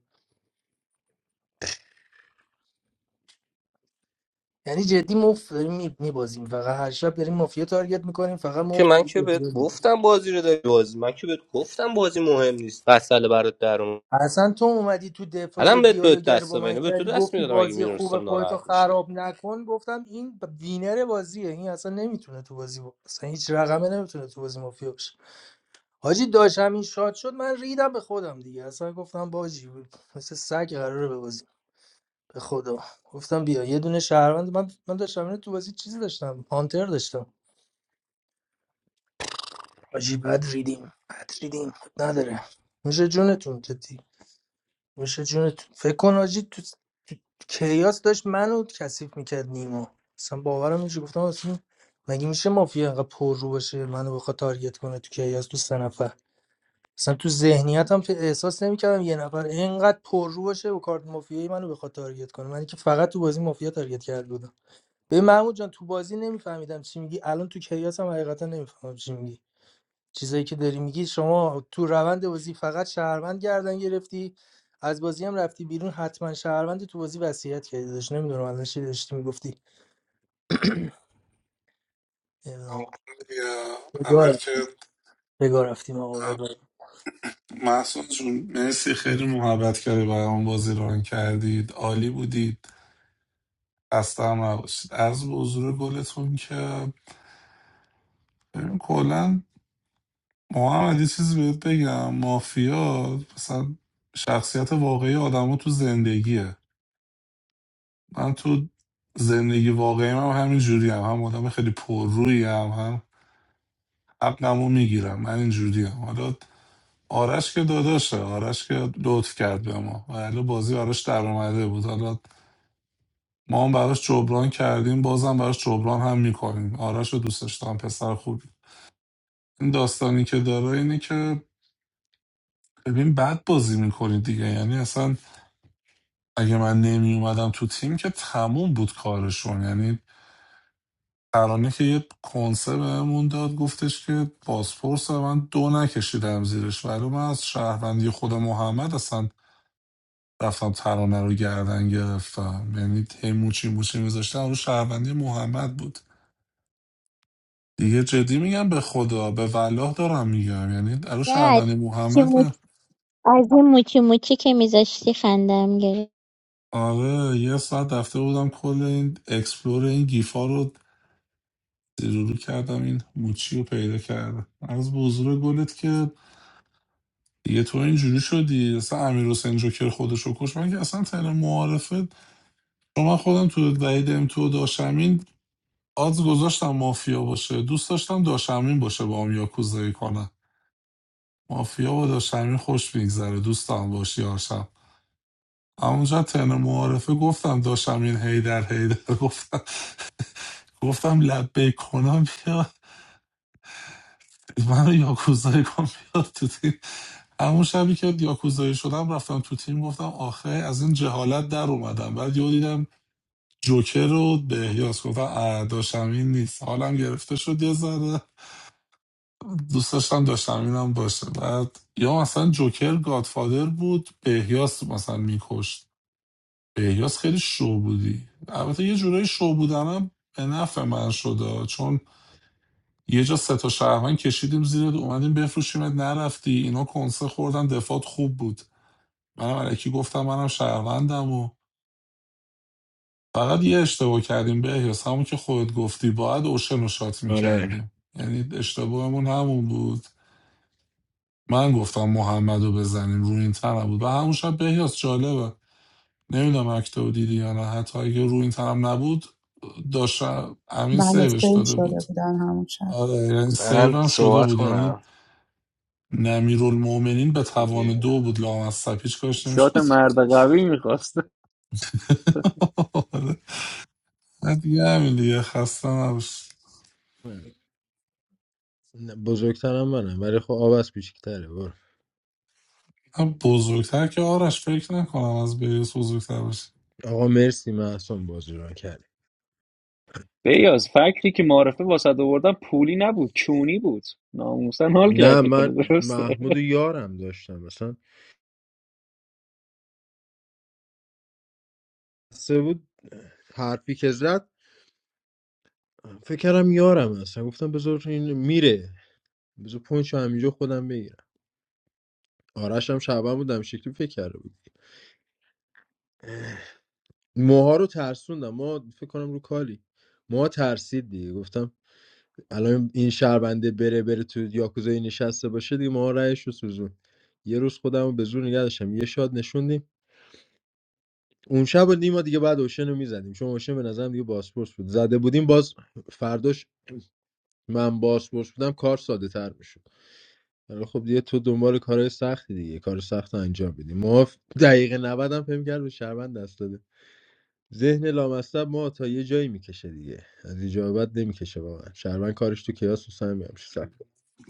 [SPEAKER 15] یعنی جدی مفت داریم میبازیم فقط هر شب داریم مافیا تارگت میکنیم فقط
[SPEAKER 11] که من که بهت
[SPEAKER 15] مفت
[SPEAKER 11] گفتم بازی رو داری بازی من که بهت گفتم بازی مهم نیست فصل برات در اومد.
[SPEAKER 15] اصلا تو اومدی تو دفاعی
[SPEAKER 11] الان بهت بهت
[SPEAKER 15] دیالوگر رو
[SPEAKER 11] دست
[SPEAKER 15] با من
[SPEAKER 11] بینه به تو
[SPEAKER 15] کردی
[SPEAKER 11] دست
[SPEAKER 15] گفتی
[SPEAKER 11] میدادم اگه
[SPEAKER 15] بازی خوب
[SPEAKER 11] میدونستم
[SPEAKER 15] خودتو
[SPEAKER 11] ناراحت میشی
[SPEAKER 15] خراب نکن گفتم این ب- وینر بازیه این اصلا نمیتونه تو بازی با... اصلا هیچ رقمه نمیتونه تو بازی مافیا باشه حاجی داشت همین شاد شد من ریدم به خودم دیگه اصلا گفتم باجی مثل سگ قراره بازی به خدا گفتم بیا یه دونه شهروند من من داشتم اینو تو بازی چیزی داشتم پانتر داشتم حاجی بد ریدیم بد ریدیم نداره میشه جونتون جدی میشه جونت فکر کن آجی تو, تو کیاس داشت منو کثیف میکرد نیما اصلا باورم نمیشه گفتم اصلا مگه میشه مافیا انقدر پر رو باشه منو بخواد تارگت کنه تو کیاس تو سه نفر اصلا تو ذهنیتم که احساس نمیکردم یه نفر اینقدر پر رو باشه و کارت مافیایی منو بخواد تارگت کنه من که فقط تو بازی مافیا تارگت کرده بودم به محمود جان تو بازی نمیفهمیدم چی میگی الان تو کیاس هم حقیقتا نمیفهمم چی میگی چیزایی که داری میگی شما تو روند بازی فقط شهروند گردن گرفتی از بازی هم رفتی بیرون حتما شهروند تو بازی وصیت کردی داشت نمیدونم الان چی داشتی میگفتی نمیدونم آقا.
[SPEAKER 9] یا،
[SPEAKER 15] بگاه
[SPEAKER 9] اول
[SPEAKER 15] رفت-
[SPEAKER 9] که
[SPEAKER 15] بگاه رفتیم
[SPEAKER 9] اه،
[SPEAKER 15] آقا
[SPEAKER 9] محسن جون مرسی خیلی محبت کردی برام بازی ران کردید عالی بودید خسته هم نباشید از به حضور گلتون که ببین کلا محمد یه چیزی بهت بگم مافیا مثلا شخصیت واقعی آدما تو زندگیه من تو زندگی واقعی هم همین جوری هم. هم آدم خیلی پررویی هم هم عقلمو میگیرم من این جوری هم. حالا آرش که داداشه آرش که لطف کرد به ما و حالا بازی آرش در اومده بود حالا ما هم براش جبران کردیم بازم براش جبران هم میکنیم آرش رو دوستش دارم پسر خوبی این داستانی که داره اینه که ببین بد بازی میکنی دیگه یعنی اصلا اگه من نمی اومدم تو تیم که تموم بود کارشون یعنی ترانه که یه کنسه بهمون داد گفتش که پاسپورت من دو نکشیدم زیرش ولی من از شهروندی خود محمد اصلا رفتم ترانه رو گردن گرفتم یعنی هی موچی موچی میذاشتم اون شهروندی محمد بود دیگه جدی میگم به خدا به والله دارم میگم یعنی الان
[SPEAKER 13] نه،
[SPEAKER 9] شهروندی
[SPEAKER 13] چی
[SPEAKER 9] محمد من
[SPEAKER 13] موچ- از این موچی موچی که میذاشتی خندم گرفت
[SPEAKER 9] آره یه ساعت رفته بودم کل این اکسپلور این گیفا رو زیرورو کردم این موچی رو پیدا کردم از به حضور گلت که دیگه تو اینجوری شدی اصلا امیر حسین جوکر خودشو کش من که اصلا تن معارفت چون من خودم تو وحید ام تو داشمین آدز گذاشتم مافیا باشه دوست داشتم داشمین باشه با هم یاکوزایی کنه. مافیا با داشمین خوش میگذره دوستم باشی آشم همونجا تن معارفه گفتم داشمین هیدر هیدر گفتم گفتم لبه کنم بیا من یاکوزای کن بیاد تو تیم همون شبی که یاکوزایی شدم رفتم تو تیم گفتم آخه از این جهالت در اومدم بعد یه دیدم جوکر رو به احیاس گفتم اه، داشتمین نیست حالم گرفته شد یه ذره دوست داشتم داشتمینم باشه بعد یا مثلا جوکر گادفادر بود به احیاس مثلا میکشت به احیاس خیلی شو بودی البته یه جورایی شو بودنم به نفع من شده چون یه جا سه تا شهروند کشیدیم زیر اومدیم بفروشیمت نرفتی اینا کنسه خوردن دفات خوب بود منم علکی گفتم منم شهروندم و فقط یه اشتباه کردیم به احیاس همون که خودت گفتی باید اوشن رو شات
[SPEAKER 12] آره
[SPEAKER 9] میکردیم یعنی اشتباهمون همون بود من گفتم محمد رو بزنیم روی این تنم بود و همون شب به احیاس جالبه نمیدونم اکتو دیدی یا نه حتی اگه روی این تنم نبود داشت امین
[SPEAKER 1] بله
[SPEAKER 9] سیوش
[SPEAKER 1] سیو
[SPEAKER 9] داده
[SPEAKER 1] شده
[SPEAKER 9] بود
[SPEAKER 1] بود همون شب
[SPEAKER 9] آره یعنی سیو
[SPEAKER 11] من
[SPEAKER 9] هم شده
[SPEAKER 11] صحبت
[SPEAKER 9] بود یعنی
[SPEAKER 11] کنم
[SPEAKER 9] نمیرالمومنین به توان
[SPEAKER 11] دیگه
[SPEAKER 9] دو بود لام از سپیچ کاش
[SPEAKER 16] شات
[SPEAKER 9] نمیشد
[SPEAKER 16] مرد قوی میخواست
[SPEAKER 9] آره. نه دیگه همین دیگه خسته نباش
[SPEAKER 12] بزرگترم منم ولی خب آب از کوچیک‌تره.
[SPEAKER 9] هم بزرگتر که آرش فکر نکنم از بریس بزرگتر باشه
[SPEAKER 12] آقا مرسی محسن بازی رو کرد
[SPEAKER 16] بیاز فکری که معرفه واسه آوردم پولی نبود چونی بود ناموسن حال
[SPEAKER 12] نه
[SPEAKER 16] کردی
[SPEAKER 12] من
[SPEAKER 16] خود درسته
[SPEAKER 12] محمود و یارم داشتم مثلا سه بود حرفی که زد فکر کردم یارم اصلا گفتم بذار این میره بذار پونچ رو همینجا خودم بگیرم آرش هم شعبان بودم شکلی فکر کرده بود موها رو ترسوندم ما فکر کنم رو کالی موها ترسید دیگه گفتم الان این شهربنده بره بره تو یاکوزایی نشسته باشه دیگه موها رأیش رو سوزون یه روز خودم رو به زور نگه داشتم یه شاد نشوندیم اون شب و نیما دیگه بعد اوشن رو میزدیم چون اوشن به نظرم دیگه باسپورس بود زده بودیم باز فرداش من باسپورس بودم کار ساده تر میشد ولی خب دیگه تو دنبال کارهای سختی دیگه کار سخت رو انجام بدیم ما دقیقه 90 هم فهم کرد به شهروند دست داده ذهن لامصب ما تا یه جایی میکشه دیگه از اینجا بعد نمیکشه واقعا شهروند کارش تو کیاس و سمی هم سخت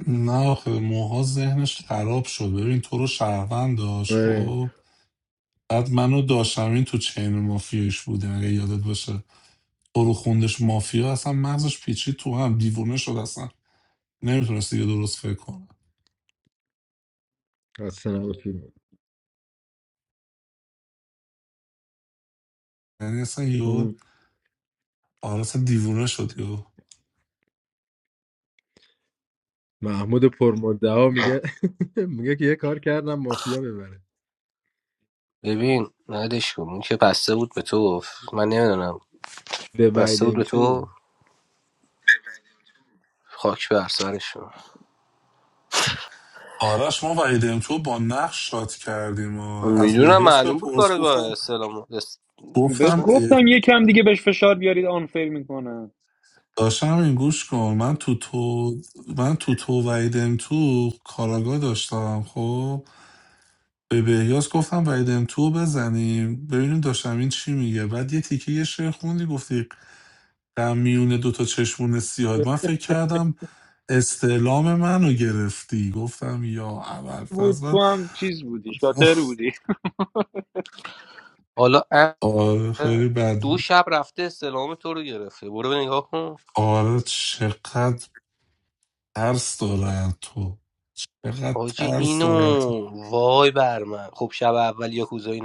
[SPEAKER 9] نه آخه موها ذهنش خراب شد ببین تو رو شهروند داشت
[SPEAKER 12] آره
[SPEAKER 9] خب بعد منو داشتم این تو چین مافیایش بودیم اگه یادت باشه تو رو خوندش مافیا اصلا مغزش پیچید تو هم دیوونه شد اصلا نمیتونست دیگه درست فکر کنه
[SPEAKER 12] اصلا نباشه.
[SPEAKER 9] یعنی اصلا یهو
[SPEAKER 12] اون
[SPEAKER 9] آره مثلا دیوونه شد یهو.
[SPEAKER 12] محمود پرمدعا میگه میگه که یه کار کردم مافیا ببره
[SPEAKER 11] ببین ندش کن اون که بسته بود به تو من نمیدونم
[SPEAKER 12] به بعد
[SPEAKER 11] بسته بود به
[SPEAKER 12] تو
[SPEAKER 11] تو خاک بر سرش
[SPEAKER 9] آرش ما وعیدم تو با نقش شات کردیم و از
[SPEAKER 11] میدونم
[SPEAKER 9] بهیاس به
[SPEAKER 11] معلوم بود
[SPEAKER 9] پرس
[SPEAKER 11] کار با
[SPEAKER 9] گفتم
[SPEAKER 11] استلام است-
[SPEAKER 16] بهت
[SPEAKER 9] گفتم اه،
[SPEAKER 16] گفتم یکم دیگه بهش فشار بیارید آنفر میکنم
[SPEAKER 9] داشتم این گوش کن من تو تو من تو تو وعیدم تو کاراگاه داشتم خب به بهیاس گفتم وحید ام تو رو بزنیم ببینیم داشتم این چی میگه بعد یه تیکه یه شعر خوندی گفتی در میون دوتا چشمون سیاد من فکر کردم استعلام منو گرفتی گفتم یا اول
[SPEAKER 16] بود
[SPEAKER 9] پس
[SPEAKER 16] تو
[SPEAKER 9] من
[SPEAKER 16] هم چیز بودی شاتر بودی
[SPEAKER 11] حالا اه،
[SPEAKER 9] آره خیلی بد
[SPEAKER 11] دو
[SPEAKER 9] بود
[SPEAKER 11] شب رفته استلام تو رو گرفته برو نگاه کن
[SPEAKER 9] آره چقدر ترس دارن تو چقدر
[SPEAKER 11] حاجی
[SPEAKER 9] ترس
[SPEAKER 11] اینو
[SPEAKER 9] دارن
[SPEAKER 11] وای بر من خب شب اول یا کوزایی